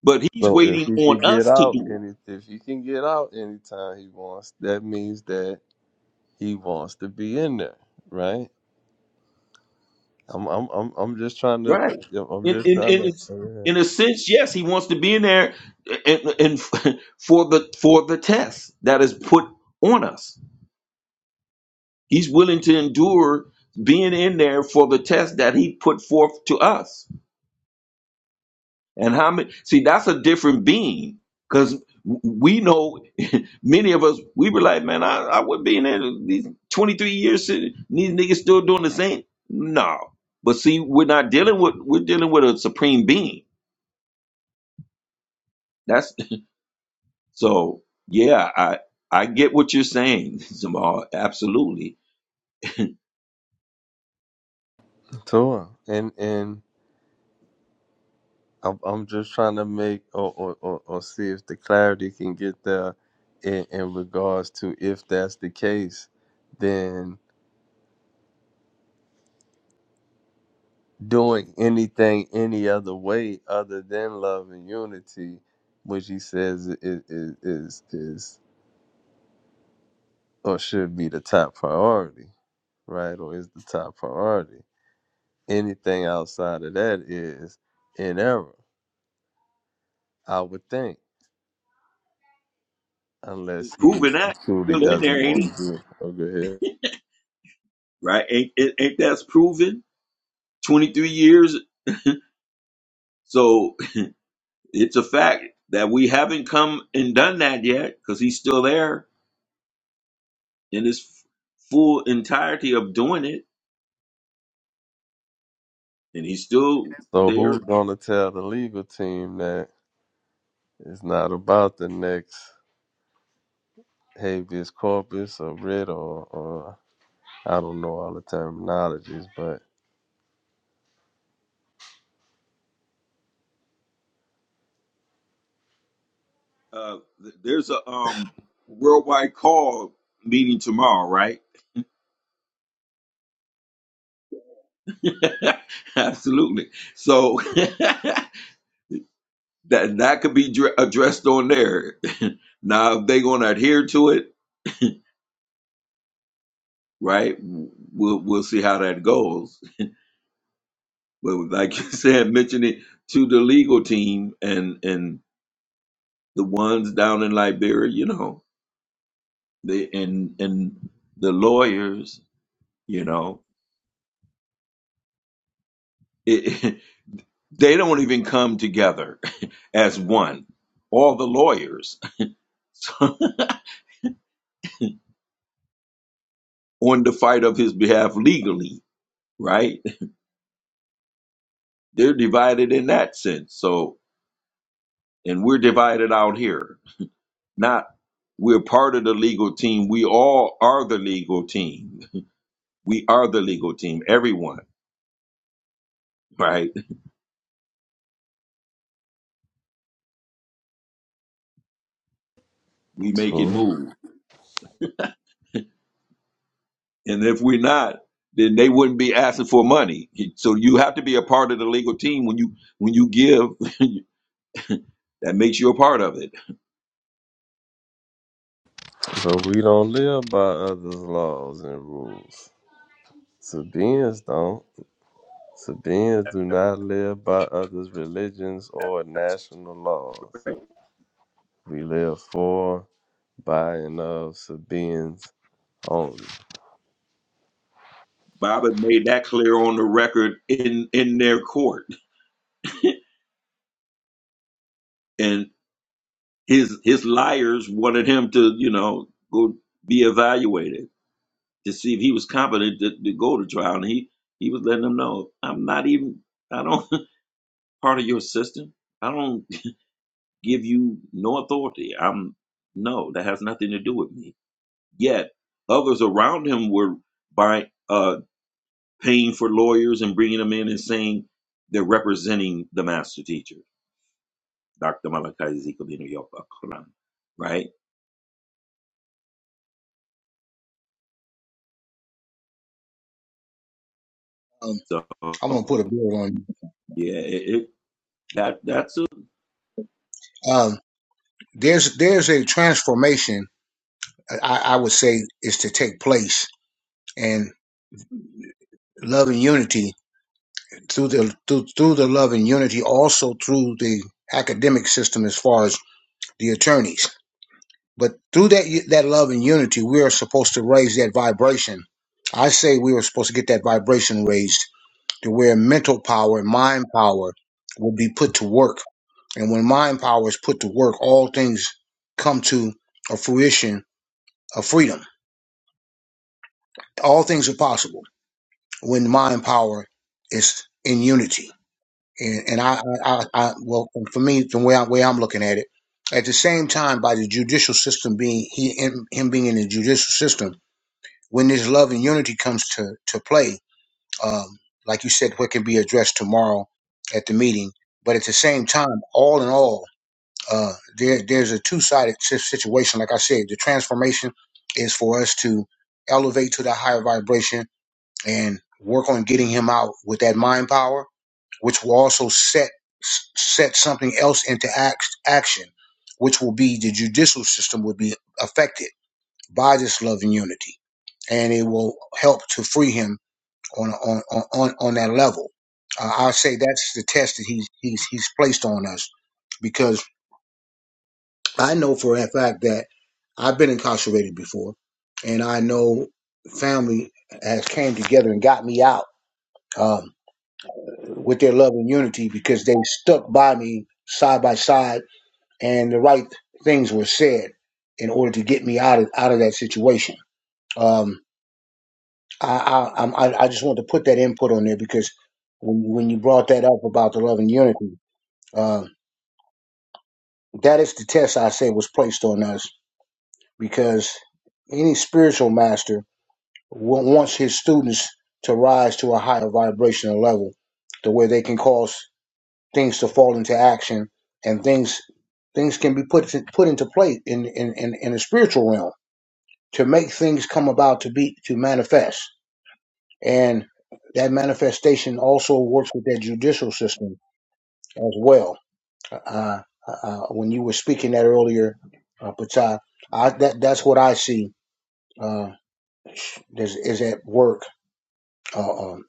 Speaker 9: but he's
Speaker 3: So if
Speaker 9: waiting
Speaker 3: he can
Speaker 9: on
Speaker 3: get
Speaker 9: us to
Speaker 3: out,
Speaker 9: do it.
Speaker 3: and if if he can get out anytime he wants, that means that he wants to be in there, right? I'm I'm I'm I'm just trying to
Speaker 9: Right.
Speaker 3: yep, I'm
Speaker 9: In
Speaker 3: just
Speaker 9: in
Speaker 3: trying
Speaker 9: in
Speaker 3: to
Speaker 9: a-
Speaker 3: yeah.
Speaker 9: in a sense, yes, he wants to be in there, and, and for the for the test that is put on us, he's willing to endure being in there for the test that he put forth to us. And how many? See, that's a different being because we know many of us we were like, man, I I would be in there these twenty three years, these niggas still doing the same. No, but see, we're not dealing with we're dealing with a supreme being. That's So yeah, I I get what you're saying, Zamal. Absolutely,
Speaker 3: To him, and and I'm I'm just trying to make or or, or or see if the clarity can get there in, in regards to if that's the case, then doing anything any other way other than love and unity, which he says i- is is, is or should be the top priority, right? Or is the top priority. Anything outside of that is in error, I would think, unless he
Speaker 9: proven that
Speaker 3: truly
Speaker 9: still in
Speaker 3: doesn't
Speaker 9: there, ain't
Speaker 3: want
Speaker 9: he?
Speaker 3: to do it. Oh, go ahead.
Speaker 9: Right? Ain't, ain't ain't that's proven? Twenty three years. So it's a fact that we haven't come and done that yet because he's still there in his f- full entirety of doing it, and he's still
Speaker 3: So who's
Speaker 9: there.
Speaker 3: gonna tell the legal team that it's not about the next habeas corpus or writ or, or I don't know all the terminologies, but
Speaker 9: Uh, th- there's a um worldwide call meeting tomorrow, right? Absolutely. So. that and that could be dr- addressed on there. now, if they're going to adhere to it, right? We'll we'll see how that goes. But like you said, mention it to the legal team and and the ones down in Liberia, you know, they and and the lawyers, you know, it, they don't even come together as one. All the lawyers on the fight of his behalf legally, right? They're divided in that sense. So and we're divided out here. Not we're part of the legal team. We all are the legal team. We are the legal team. Everyone, right? We make it
Speaker 3: True.
Speaker 9: move. And if we're not, then they wouldn't be asking for money. So you have to be a part of the legal team when you when you give. That makes you a part of it.
Speaker 3: But we don't live by others' laws and rules. Sabians don't. Sabians do not live by others' religions or national laws. We live for, by, and of Sabians only.
Speaker 9: Bob had made that clear on the record in in their court, and his his liars wanted him to you know go be evaluated to see if he was competent to, to go to trial. And he, he was letting them know, I'm not even, I don't part of your system. I don't give you no authority. I'm, no, that has nothing to do with me. Yet others around him were by uh, paying for lawyers and bringing them in and saying they're representing the master teacher, Dr. Malachi Ezekiel Ben Yopa right?
Speaker 10: um,
Speaker 9: So
Speaker 10: I'm gonna put a bill on.
Speaker 9: yeah, it, it that that's a,
Speaker 10: Um, there's there's a transformation I, I would say is to take place, and love and unity through the through, through the love and unity also through the academic system as far as the attorneys. But through that that love and unity, we are supposed to raise that vibration. I say we were supposed to get that vibration raised to where mental power and mind power will be put to work. And when mind power is put to work, all things come to a fruition of freedom All things are possible when mind power is in unity. And, and I, I, I, I- well, for me, the way, I, way I'm looking at it, at the same time, by the judicial system being he him, him being in the judicial system, when this love and unity comes to to play, um, like you said, what can be addressed tomorrow at the meeting. But at the same time, all in all, uh, there there's a two sided situation. Like I said, the transformation is for us to elevate to the higher vibration and work on getting him out with that mind power, which will also set set something else into act, action, which will be the judicial system will be affected by this love and unity, and it will help to free him on on on on that level. Uh, I say that's the test that he's he's he's placed on us because I know for a fact that I've been incarcerated before, and I know family has came together and got me out. Um, with their love and unity because they stuck by me side by side and the right things were said in order to get me out of out of that situation. Um, I, I I'm- I I just want to put that input on there because when when you brought that up about the love and unity, uh, that is the test I say was placed on us because any spiritual master wa- wants his students to rise to a higher vibrational level to where they can cause things to fall into action and things things can be put to, put into play in, in in in the spiritual realm to make things come about to be to manifest and that manifestation also works with that judicial system as well uh, uh, when you were speaking that earlier uh, Patai, I, that that's what I see uh, is, is at work uh, um,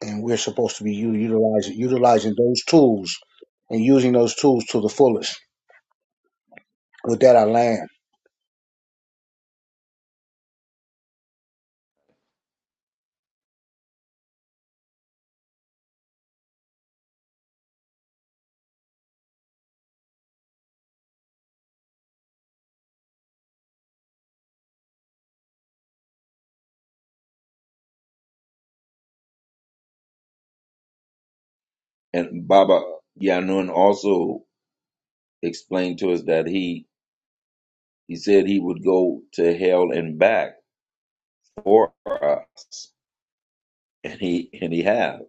Speaker 10: and we're supposed to be u- utilizing utilizing those tools and using those tools to the fullest with that I land.
Speaker 9: and Baba Yanun also. explained to us that he he said he would go to hell and back for us, and he and he have.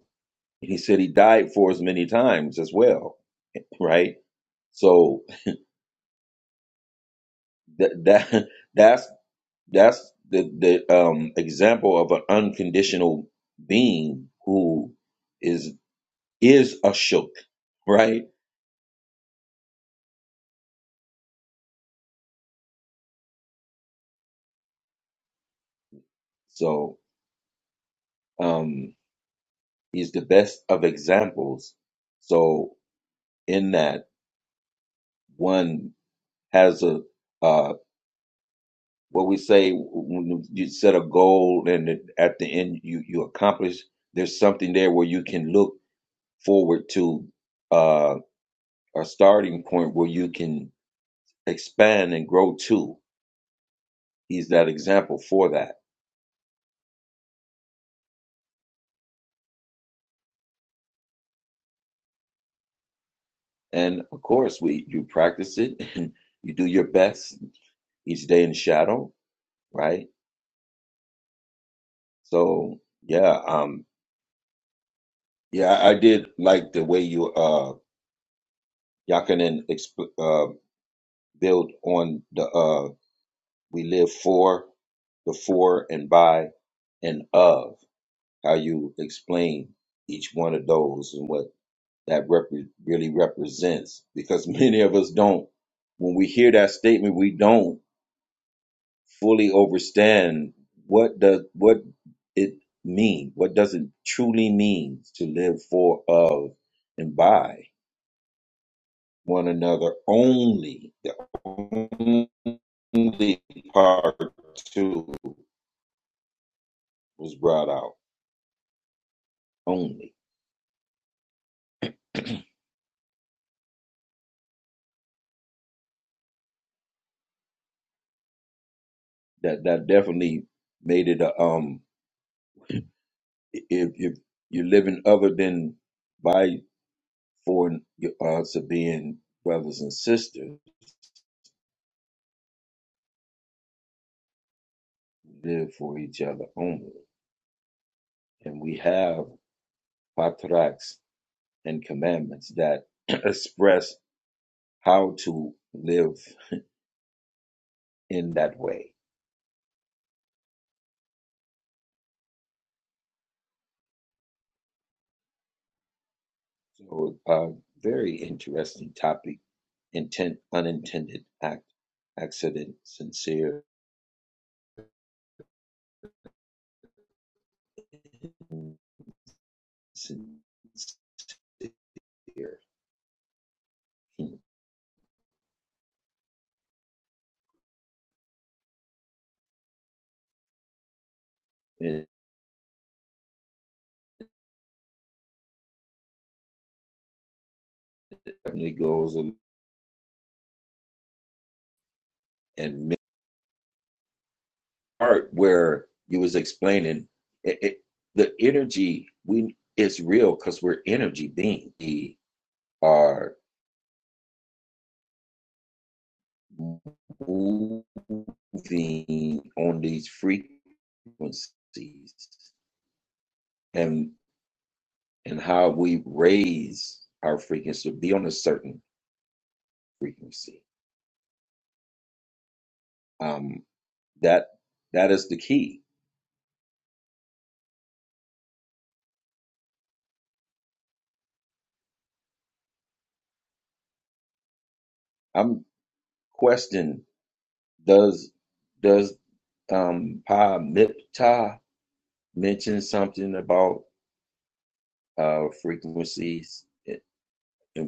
Speaker 9: And he said he died for us many times as well, right? So that that that's that's the the um, example of an unconditional being who is is a shook, right? So um, he's the best of examples. So in that one has a a what we say when you set a goal and at the end you you accomplish there's something there where you can look forward to uh a starting point where you can expand and grow to he's that example for that and of course we you practice it and you do your best each day in the shadow right so yeah um yeah i, did like the way you uh y'all can then exp- uh build on the uh We live for the for and by and of, how you explain each one of those and what that repre- really represents. Because many of us don't, when we hear that statement, we don't fully understand what does what it mean, what does it truly mean to live for, of, and by one another only. The only part too was brought out. only. That that definitely made it a um if if you're living other than by for your odds of being brothers and sisters, live for each other only. And we have patraks and commandments that express how to live in that way. So a very interesting topic. Intent unintended act accident sincere sincere. and it definitely goes and part where you was explaining it, it the energy we is real because we're energy beings. We are moving on these frequencies and and how we raise our frequency to be on a certain frequency. Um, that that is the key. I'm questioning Does does um Pa Miptah mention something about uh frequencies and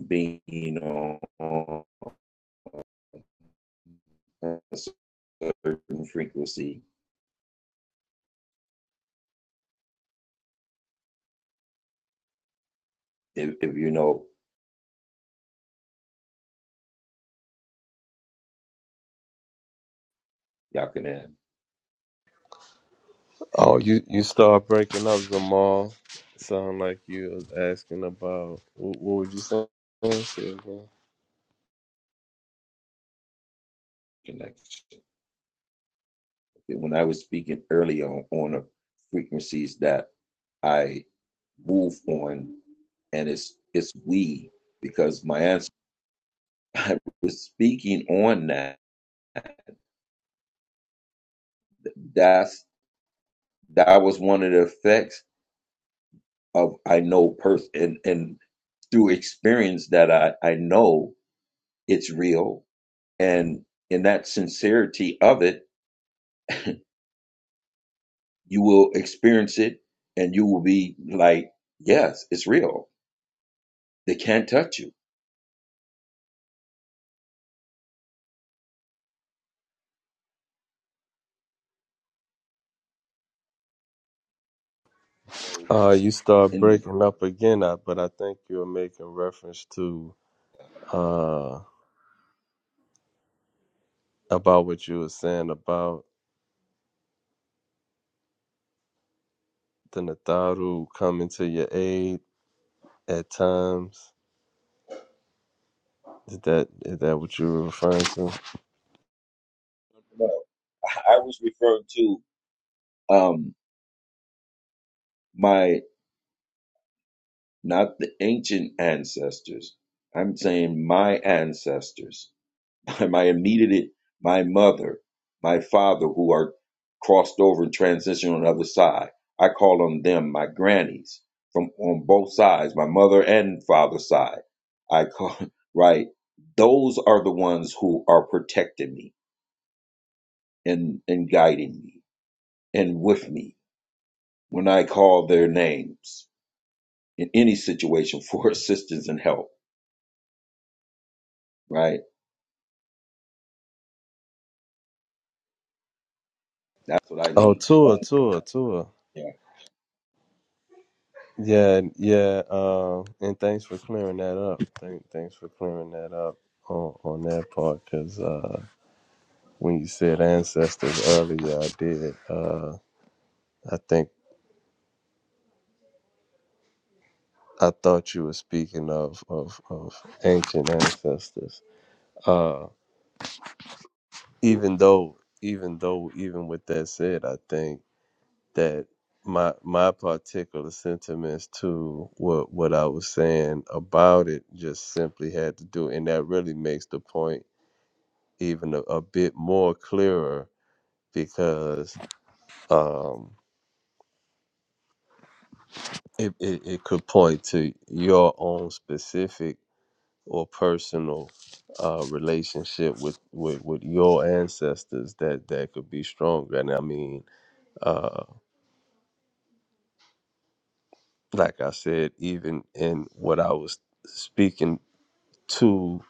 Speaker 9: being on a certain frequency? If, if you know, y'all can have
Speaker 3: Oh, you, you start breaking up, Jamal. Sound like you was asking about what, what were you saying? Say again.
Speaker 9: connection. When I was speaking earlier on, on the frequencies that I move on, and it's it's we because my answer I was speaking on that. that's. That was one of the effects of I know person and, and through experience that I, I know it's real. And in that sincerity of it, you will experience it and you will be like, yes, it's real. They can't touch you. So
Speaker 3: Uh, you start
Speaker 9: in the,
Speaker 3: breaking up again, I- but I think you're making reference to. about what you were saying about the Nataru coming to your aid at times. Is that is that what you were referring to?
Speaker 9: well, I was referring to um, my, not the ancient ancestors. I'm saying my ancestors My immediate, my mother, my father, who are crossed over and transitioned on the other side. I call on them my grannies from on both sides, my mother and father's side. I call right. Those are the ones who are protecting me and and guiding me and with me when I call their names in any situation for assistance and help. Right. That's what I
Speaker 3: Oh,
Speaker 9: mean.
Speaker 3: Tua, Tua, Tua.
Speaker 9: Yeah.
Speaker 3: Yeah, yeah. Um, and thanks for clearing that up. Thank, thanks for clearing that up on on that part. Cause uh, when you said ancestors earlier, I did. Uh, I think I thought you were speaking of of, of ancient ancestors. Uh, even though even though even with that said i think that my my particular sentiments to what what i was saying about it just simply had to do and that really makes the point even a, a bit more clearer because um it, it, it could point to your own specific or personal uh, relationship with, with, with your ancestors that, that could be stronger. And I mean, uh, like I said, even in what I was speaking to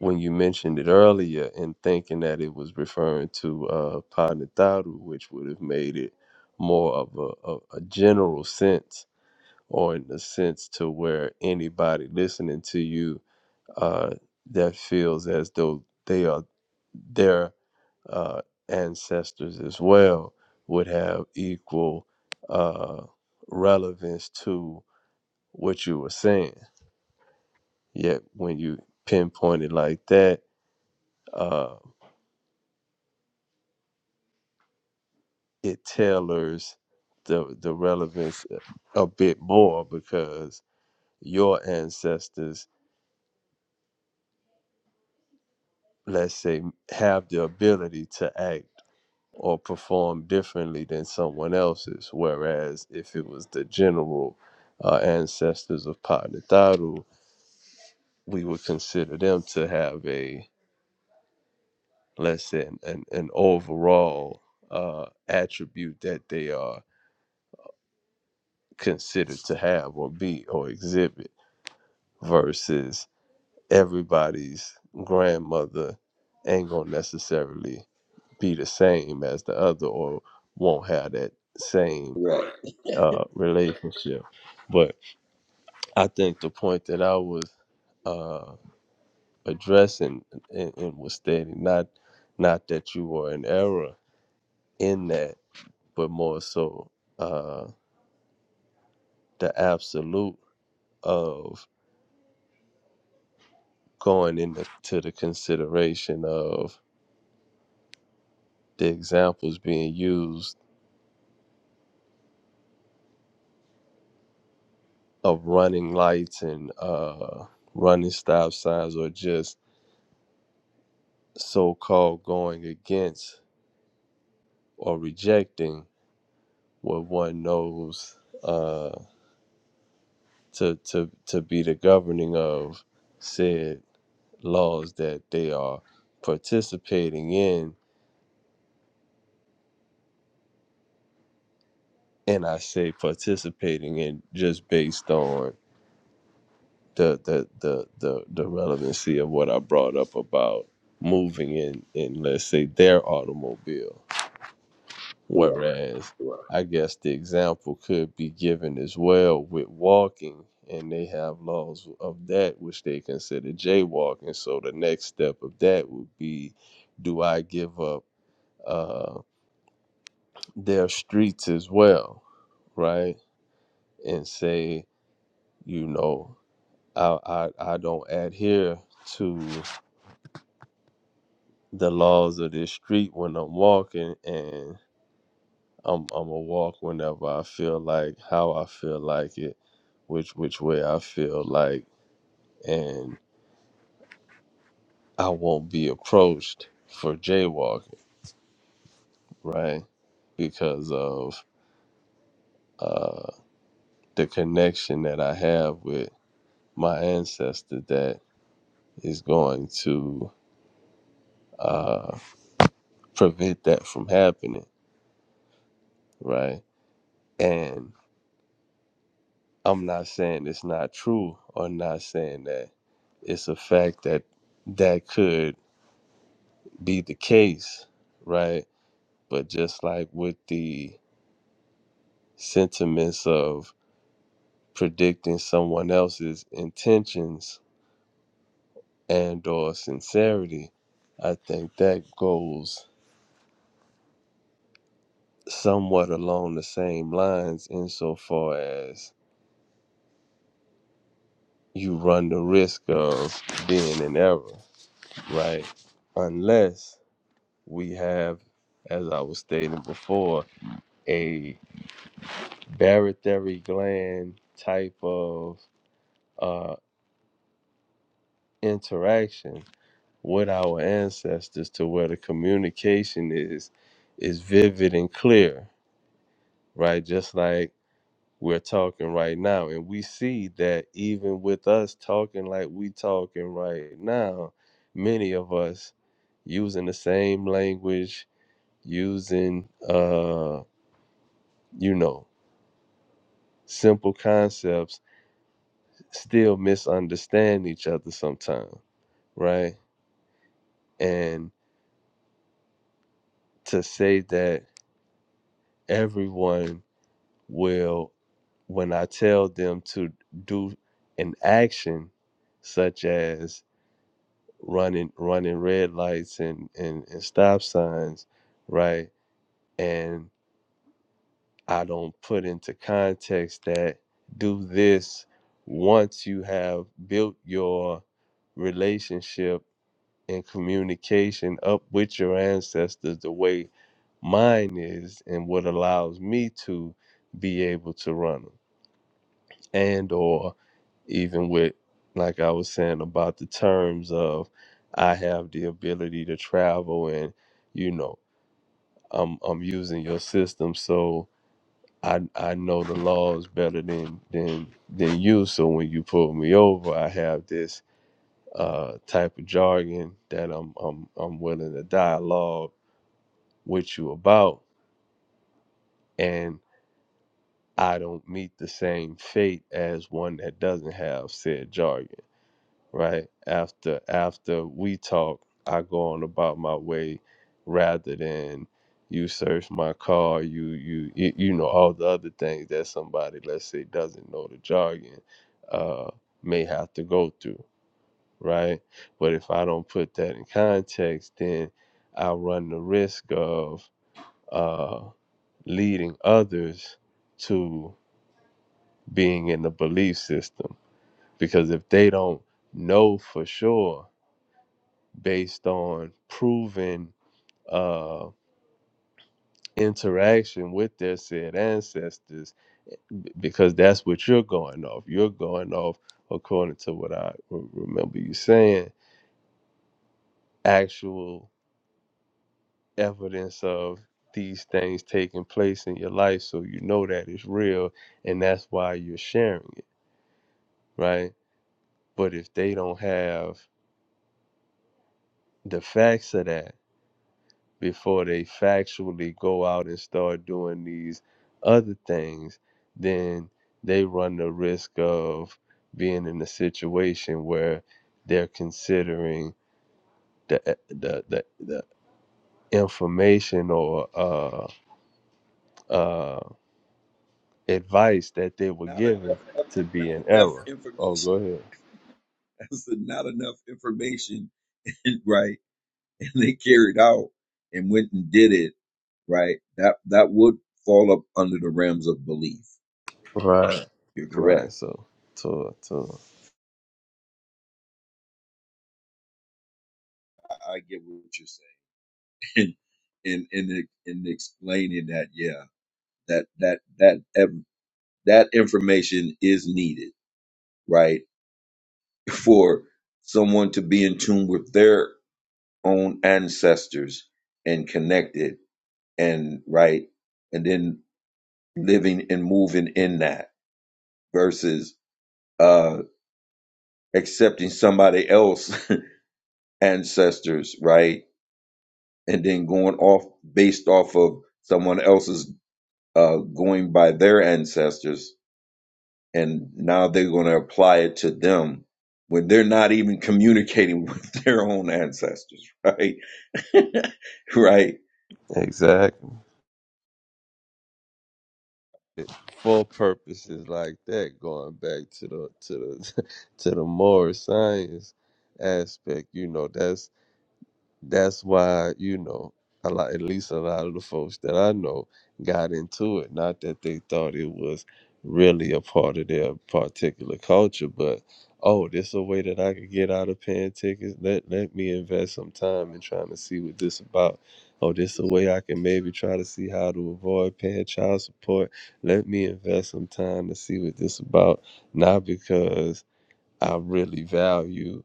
Speaker 3: when you mentioned it earlier, and thinking that it was referring to uh, Panataru, which would have made it more of a, a, a general sense, or in the sense to where anybody listening to you uh, that feels as though they are their uh, ancestors as well would have equal uh, relevance to what you were saying. Yet when you pinpoint it like that, uh, it tailors the the relevance a bit more because your ancestors, let's say, have the ability to act or perform differently than someone else's. Whereas if it was the general uh, ancestors of Padnataru, we would consider them to have a let's say an, an, overall uh, attribute that they are considered to have or be or exhibit versus everybody's grandmother ain't gonna necessarily be the same as the other or won't have that same
Speaker 9: Correct.
Speaker 3: uh, relationship. But I think the point that I was uh, addressing and, and was stating not not that you were in error in that, but more so uh, the absolute of going into the consideration of the examples being used of running lights and uh, running stop signs or just so-called going against or rejecting what one knows uh, to, to, to be the governing of said laws that they are participating in and i say participating in just based on the the the the, the relevancy of what I brought up about moving in in let's say their automobile.
Speaker 9: Correct.
Speaker 3: Whereas
Speaker 9: Correct.
Speaker 3: I guess the example could be given as well with walking and they have laws of that which they consider jaywalking. So the next step of that would be do I give up uh, their streets as well, right? And say, you know, I I, I don't adhere to the laws of this street when I'm walking, and I'm I'm a walk whenever I feel like, how I feel like it, which which way I feel like, and I won't be approached for jaywalking, right? Because of uh, the connection that I have with my ancestor that is going to uh, prevent that from happening, right? And. I'm not saying it's not true or not saying that it's a fact that that could be the case, right? But just like with the sentiments of predicting someone else's intentions and or sincerity, I think that goes somewhat along the same lines insofar as you run the risk of being in error, right? Unless we have, as I was stating before, a barytheric gland type of uh, interaction with our ancestors to where the communication is is vivid and clear, right? Just like we're talking right now. And we see that even with us talking like we talking right now, many of us using the same language, using uh, you know, simple concepts still misunderstand each other sometimes, right? And to say that everyone will, when I tell them to do an action such as running running red lights and, and, and stop signs, right? And I don't put into context that do this once you have built your relationship in communication up with your ancestors the way mine is and what allows me to be able to run them and or even with like i was saying about the terms of i have the ability to travel and you know i'm i'm using your system so i i know the laws better than than than you so when you pull me over i have this uh type of jargon that i'm i'm i'm willing to dialogue what you about and I don't meet the same fate as one that doesn't have said jargon, right? After after we talk, I go on about my way rather than you search my car, you you you you know all the other things that somebody let's say doesn't know the jargon uh may have to go through, right? But if I don't put that in context, then I run the risk of uh. leading others to being in the belief system. Because if they don't know for sure, based on proven uh, interaction with their said ancestors, because that's what you're going off. You're going off, according to what I re- remember you saying, actual evidence of these things taking place in your life. So you know that it's real, and that's why you're sharing it, right? But if they don't have the facts of that before they factually go out and start doing these other things, then they run the risk of being in a situation where they're considering the eh, the the, the information or uh, uh, advice that they were
Speaker 9: Not
Speaker 3: given
Speaker 9: enough,
Speaker 3: to be
Speaker 9: not
Speaker 3: in
Speaker 9: enough
Speaker 3: error. Oh, go
Speaker 9: information.
Speaker 3: ahead.
Speaker 9: That's not enough information, right? And they carried out and went and did it, right? That that would fall up under the realms of belief.
Speaker 3: Right.
Speaker 9: You're correct.
Speaker 3: Right. So, to to
Speaker 9: I, I get what you're saying, and and and and explaining that, yeah, that that that ev- that information is needed, right, for someone to be in tune with their own ancestors and connected and right and then living and moving in that versus uh accepting somebody else ancestors right and then going off based off of someone else's uh going by their ancestors and now they're going to apply it to them when they're not even communicating with their own ancestors right right
Speaker 3: exactly. for purposes like that, going back to the to the to the moral science aspect, you know, that's that's why you know a lot at least a lot of the folks that i know got into it not that they thought it was really a part of their particular culture but oh this a way that i could get out of paying tickets let let me invest some time in trying to see what this about oh this a way i can maybe try to see how to avoid paying child support let me invest some time to see what this about not because i really value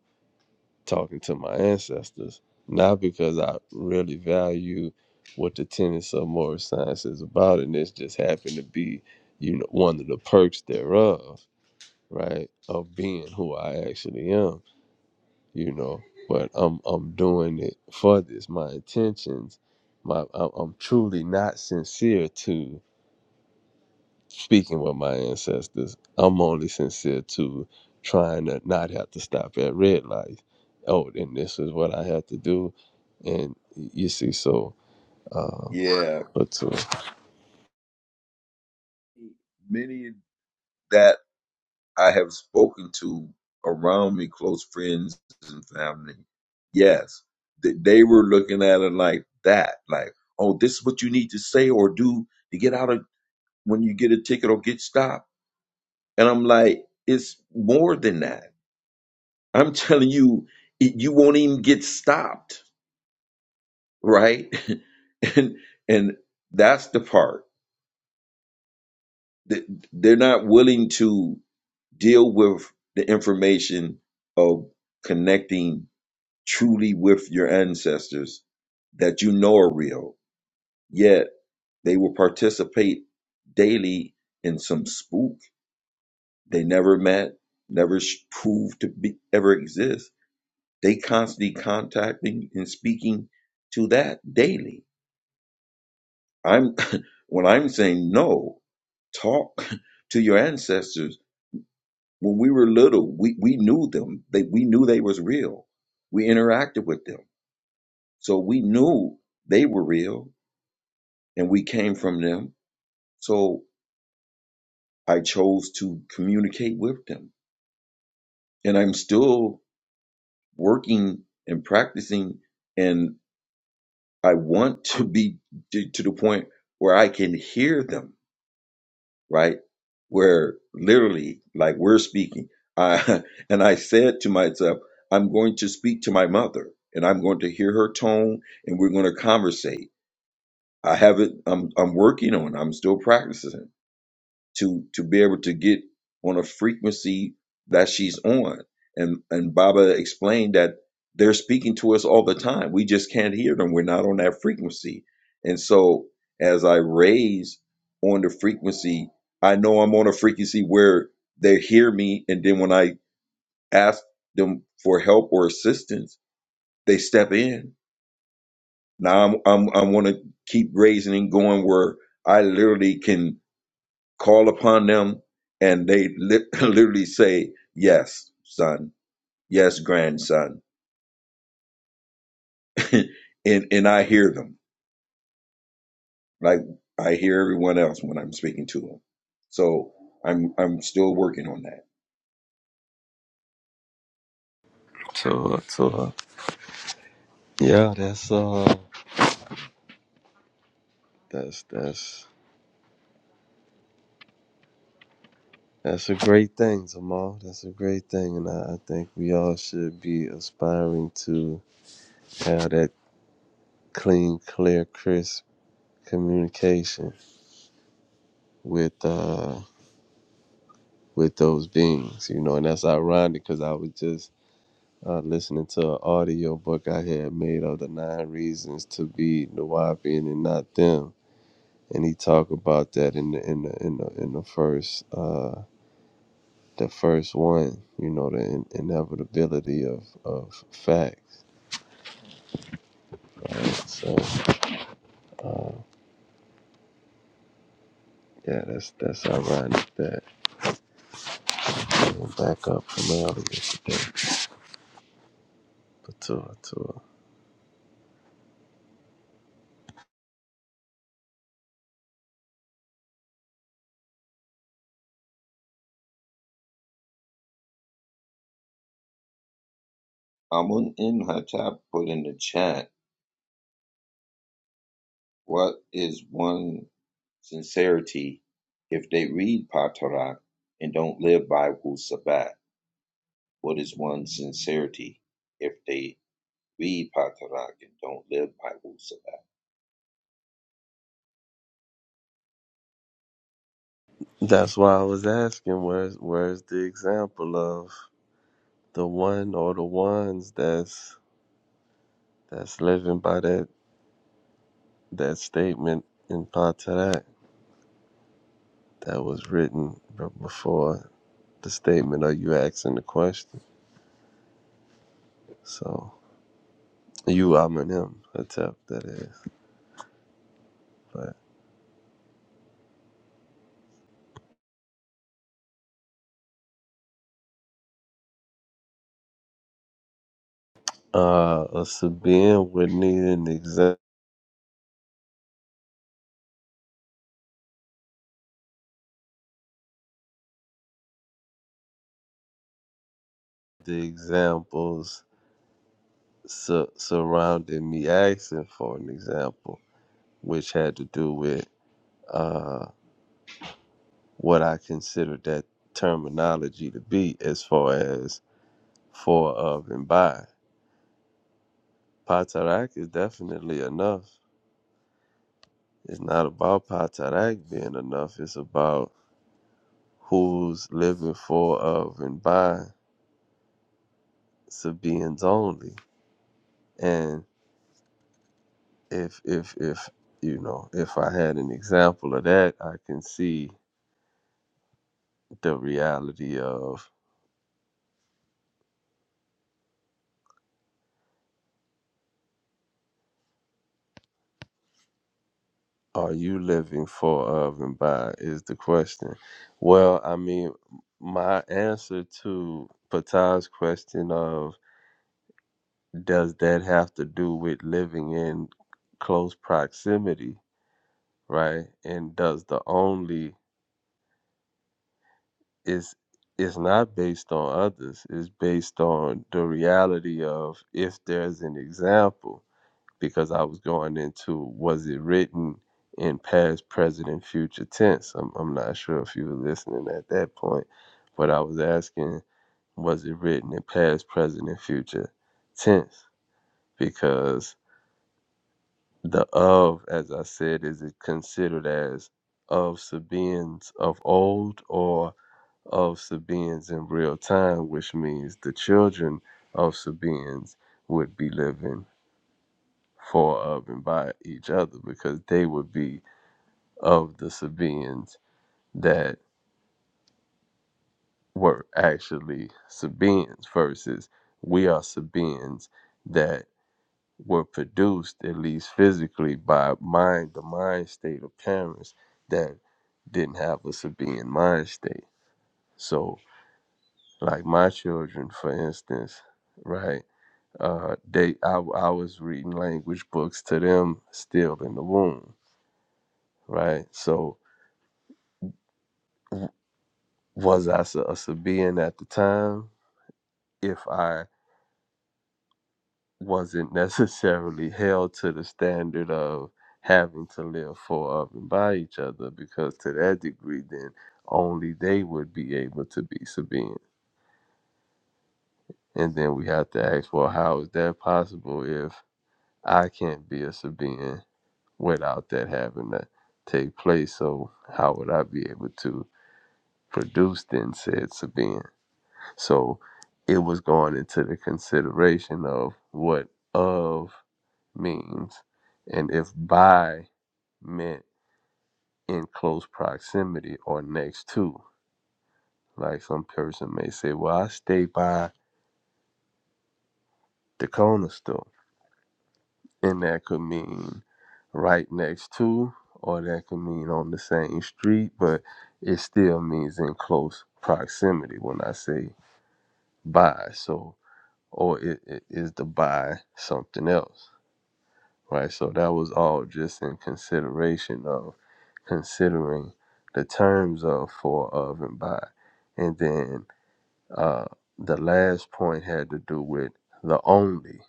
Speaker 3: talking to my ancestors, not because I really value what the tenets of moral science is about, and this just happened to be, you know, one of the perks thereof, right, of being who I actually am, you know. But I'm I'm doing it for this. My intentions, my I'm I'm truly not sincere to speaking with my ancestors, I'm only sincere to trying to not have to stop at red lights. Oh, and this is what I have to do, and you see, so uh,
Speaker 9: yeah
Speaker 3: but so
Speaker 9: many that I have spoken to around me, close friends and family. Yes, th- they were looking at it like that, like, oh, this is what you need to say or do to get out of when you get a ticket or get stopped. And I'm like, it's more than that. I'm telling you, it, you won't even get stopped, right? and and that's the part that they're not willing to deal with the information of connecting truly with your ancestors that you know are real, yet they will participate daily in some spook they never met, never sh- proved to be, ever exist. They constantly contacting and speaking to that daily. I'm when I'm saying no, talk to your ancestors. When we were little, we, we knew them. They, we knew they was real. We interacted with them. So we knew they were real and we came from them. So I chose to communicate with them. And I'm still working and practicing and I want to be to to the point where I can hear them, right? Where literally like we're speaking. I and I said to myself, I'm going to speak to my mother and I'm going to hear her tone and we're going to conversate. I haven't I'm I'm working on, it. I'm still practicing to to be able to get on a frequency that she's on. And and Baba explained that they're speaking to us all the time. We just can't hear them. We're not on that frequency. And so as I raise on the frequency, I know I'm on a frequency where they hear me and then when I ask them for help or assistance, they step in. Now I'm I'm I want to keep raising and going where I literally can call upon them and they li- literally say yes son yes grandson and and i hear them like i hear everyone else when i'm speaking to them so i'm i'm still working on that
Speaker 3: so so uh, yeah, that's uh, that's that's that's a great thing, Jamal. That's a great thing, and I, I think we all should be aspiring to have that clean, clear, crisp communication with uh with those beings, you know, and that's ironic because I was just uh, listening to an audio book I had made of the nine reasons to be Nawabian and not them, and he talked about that in the in the in the, in the first uh, the first one, you know, the in- inevitability of of facts, right? So uh, yeah, that's that's ironic that it went back up from earlier today, but to to.
Speaker 9: amun imhotep put in the chat what is one sincerity if they read patarak and don't live by wu sabat what is one sincerity if they read patarak and don't live by wu sabat
Speaker 3: That's why I was asking, where's where's the example of? the one or the ones that's that's living by that that statement in Patarak that was written b- before the statement of you asking the question. So you I'm in him attempt that is. But uh a Sabian would need an exa- the examples su- surrounding me asking for an example, which had to do with uh what I considered that terminology to be as far as for of and by. Patarak is definitely enough. It's not about Patarak being enough. It's about who's living for of and by Sabians only. And if if if you know, if I had an example of that, I can see the reality of are you living for of and by is the question. Well, I mean, my answer to Patai's question of does that have to do with living in close proximity right and does the only is it's not based on others it's based on the reality of if there's an example because i was going into was it written in past present and future tense i'm, I'm not sure if you were listening at that point but i was asking was it written in past present and future tense because The of, as I said, is it considered as of Sabaeans of old or of Sabaeans in real time, which means the children of Sabaeans would be living for, of, and by each other because they would be of the Sabaeans that were actually Sabaeans versus we are Sabaeans that were produced at least physically by mind the mind state of parents that didn't have a Sabian mind state. So like my children, for instance, right? Uh, they I, I was reading language books to them still in the womb, right? So w- was I a Sabian at the time? If I wasn't necessarily held to the standard of having to live for of and by each other because to that degree then only they would be able to be Sabine. And then we have to ask, well, how is that possible if I can't be a Sabine without that having to take place? So how would I be able to produce then said Sabine? So it was going into the consideration of what of means, and if by meant in close proximity or next to. Like some person may say, Well, I stay by the corner store. And that could mean right next to, or that could mean on the same street, but it still means in close proximity when I say by. So, or it, it is the by something else. right? So that was all just in consideration of considering the terms of for of and by, and then uh, the last point had to do with the only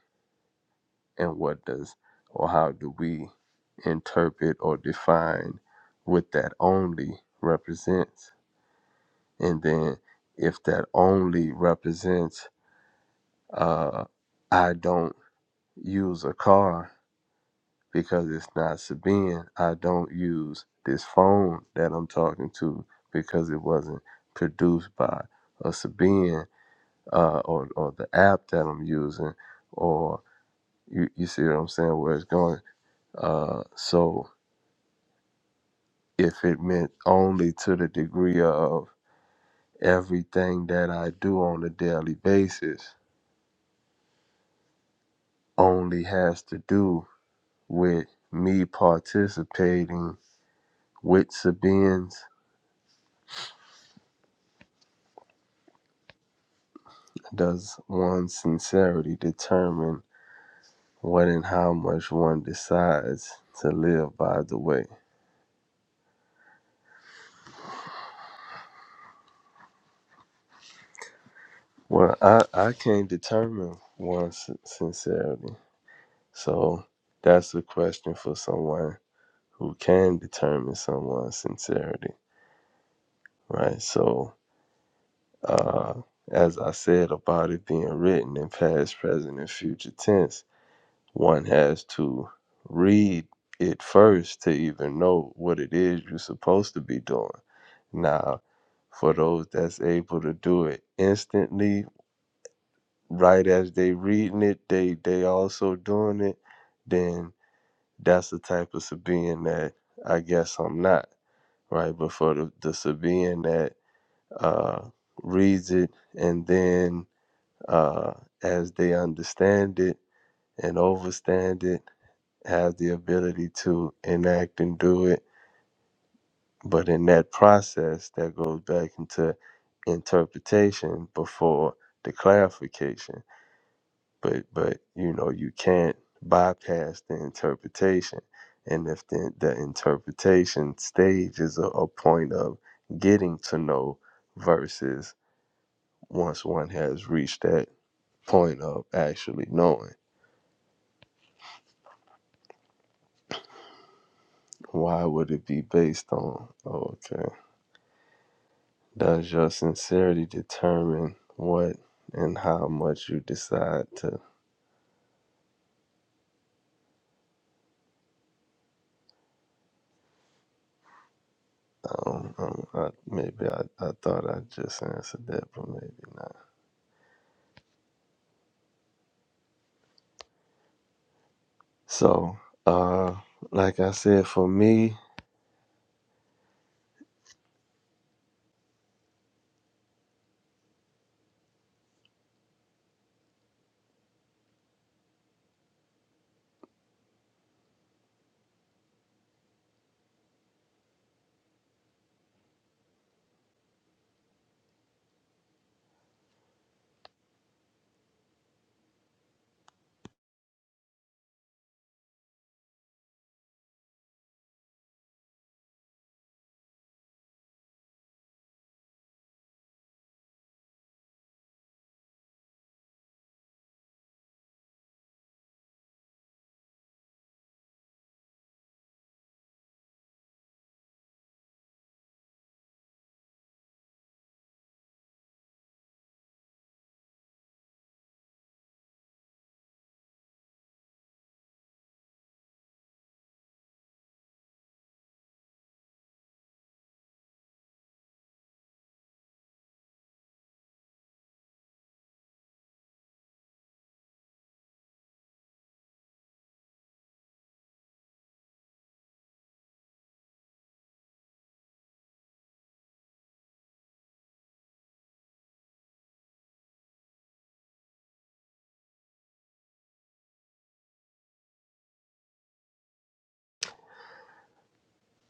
Speaker 3: and what does or how do we interpret or define what that only represents, and then if that only represents uh, I don't use a car because it's not Sabine. I don't use this phone that I'm talking to because it wasn't produced by a Sabine uh, or, or the app that I'm using, or you, you see what I'm saying, where it's going. Uh, so if it meant only to the degree of everything that I do on a daily basis only has to do with me participating with Sabine's Does one's sincerity determine what and how much one decides to live by the way? Well, I, I can't determine one's sin- sincerity. So that's a question for someone who can determine someone's sincerity, right? So, uh, as I said about it being written in past, present, and future tense, one has to read it first to even know what it is you're supposed to be doing. Now, for those that's able to do it instantly, right as they reading it, they they also doing it, then that's the type of Sabian that I guess I'm not, right? But for the, the Sabian that uh, reads it and then uh, as they understand it and overstand it, has the ability to enact and do it But in that process, that goes back into interpretation before the clarification. But but you know you can't bypass the interpretation, and if the the interpretation stage is a, a point of getting to know, versus once one has reached that point of actually knowing, why would it be based on? okay? Does your sincerity determine what and how much you decide to? Um, um, I, maybe I, I thought I just answered that, but maybe not. So, uh, like I said, for me,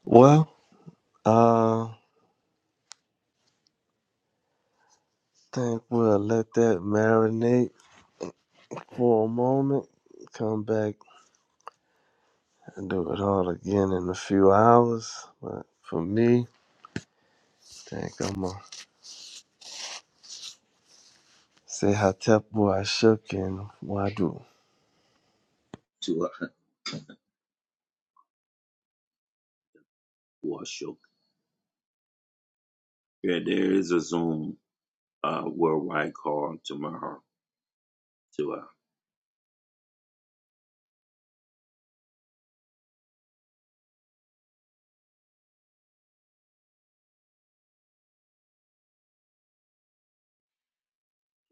Speaker 3: well, uh, I think we'll let that marinate for a moment. Come back and do it all again in a few hours. But for me, I think I'm gonna say how Tepu I shook and why do.
Speaker 9: To uh, Washuk. Yeah, there is a Zoom uh, worldwide call tomorrow to uh,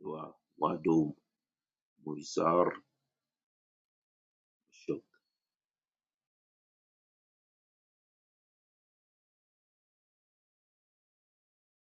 Speaker 9: to uh, Wadum Muizar Shuk.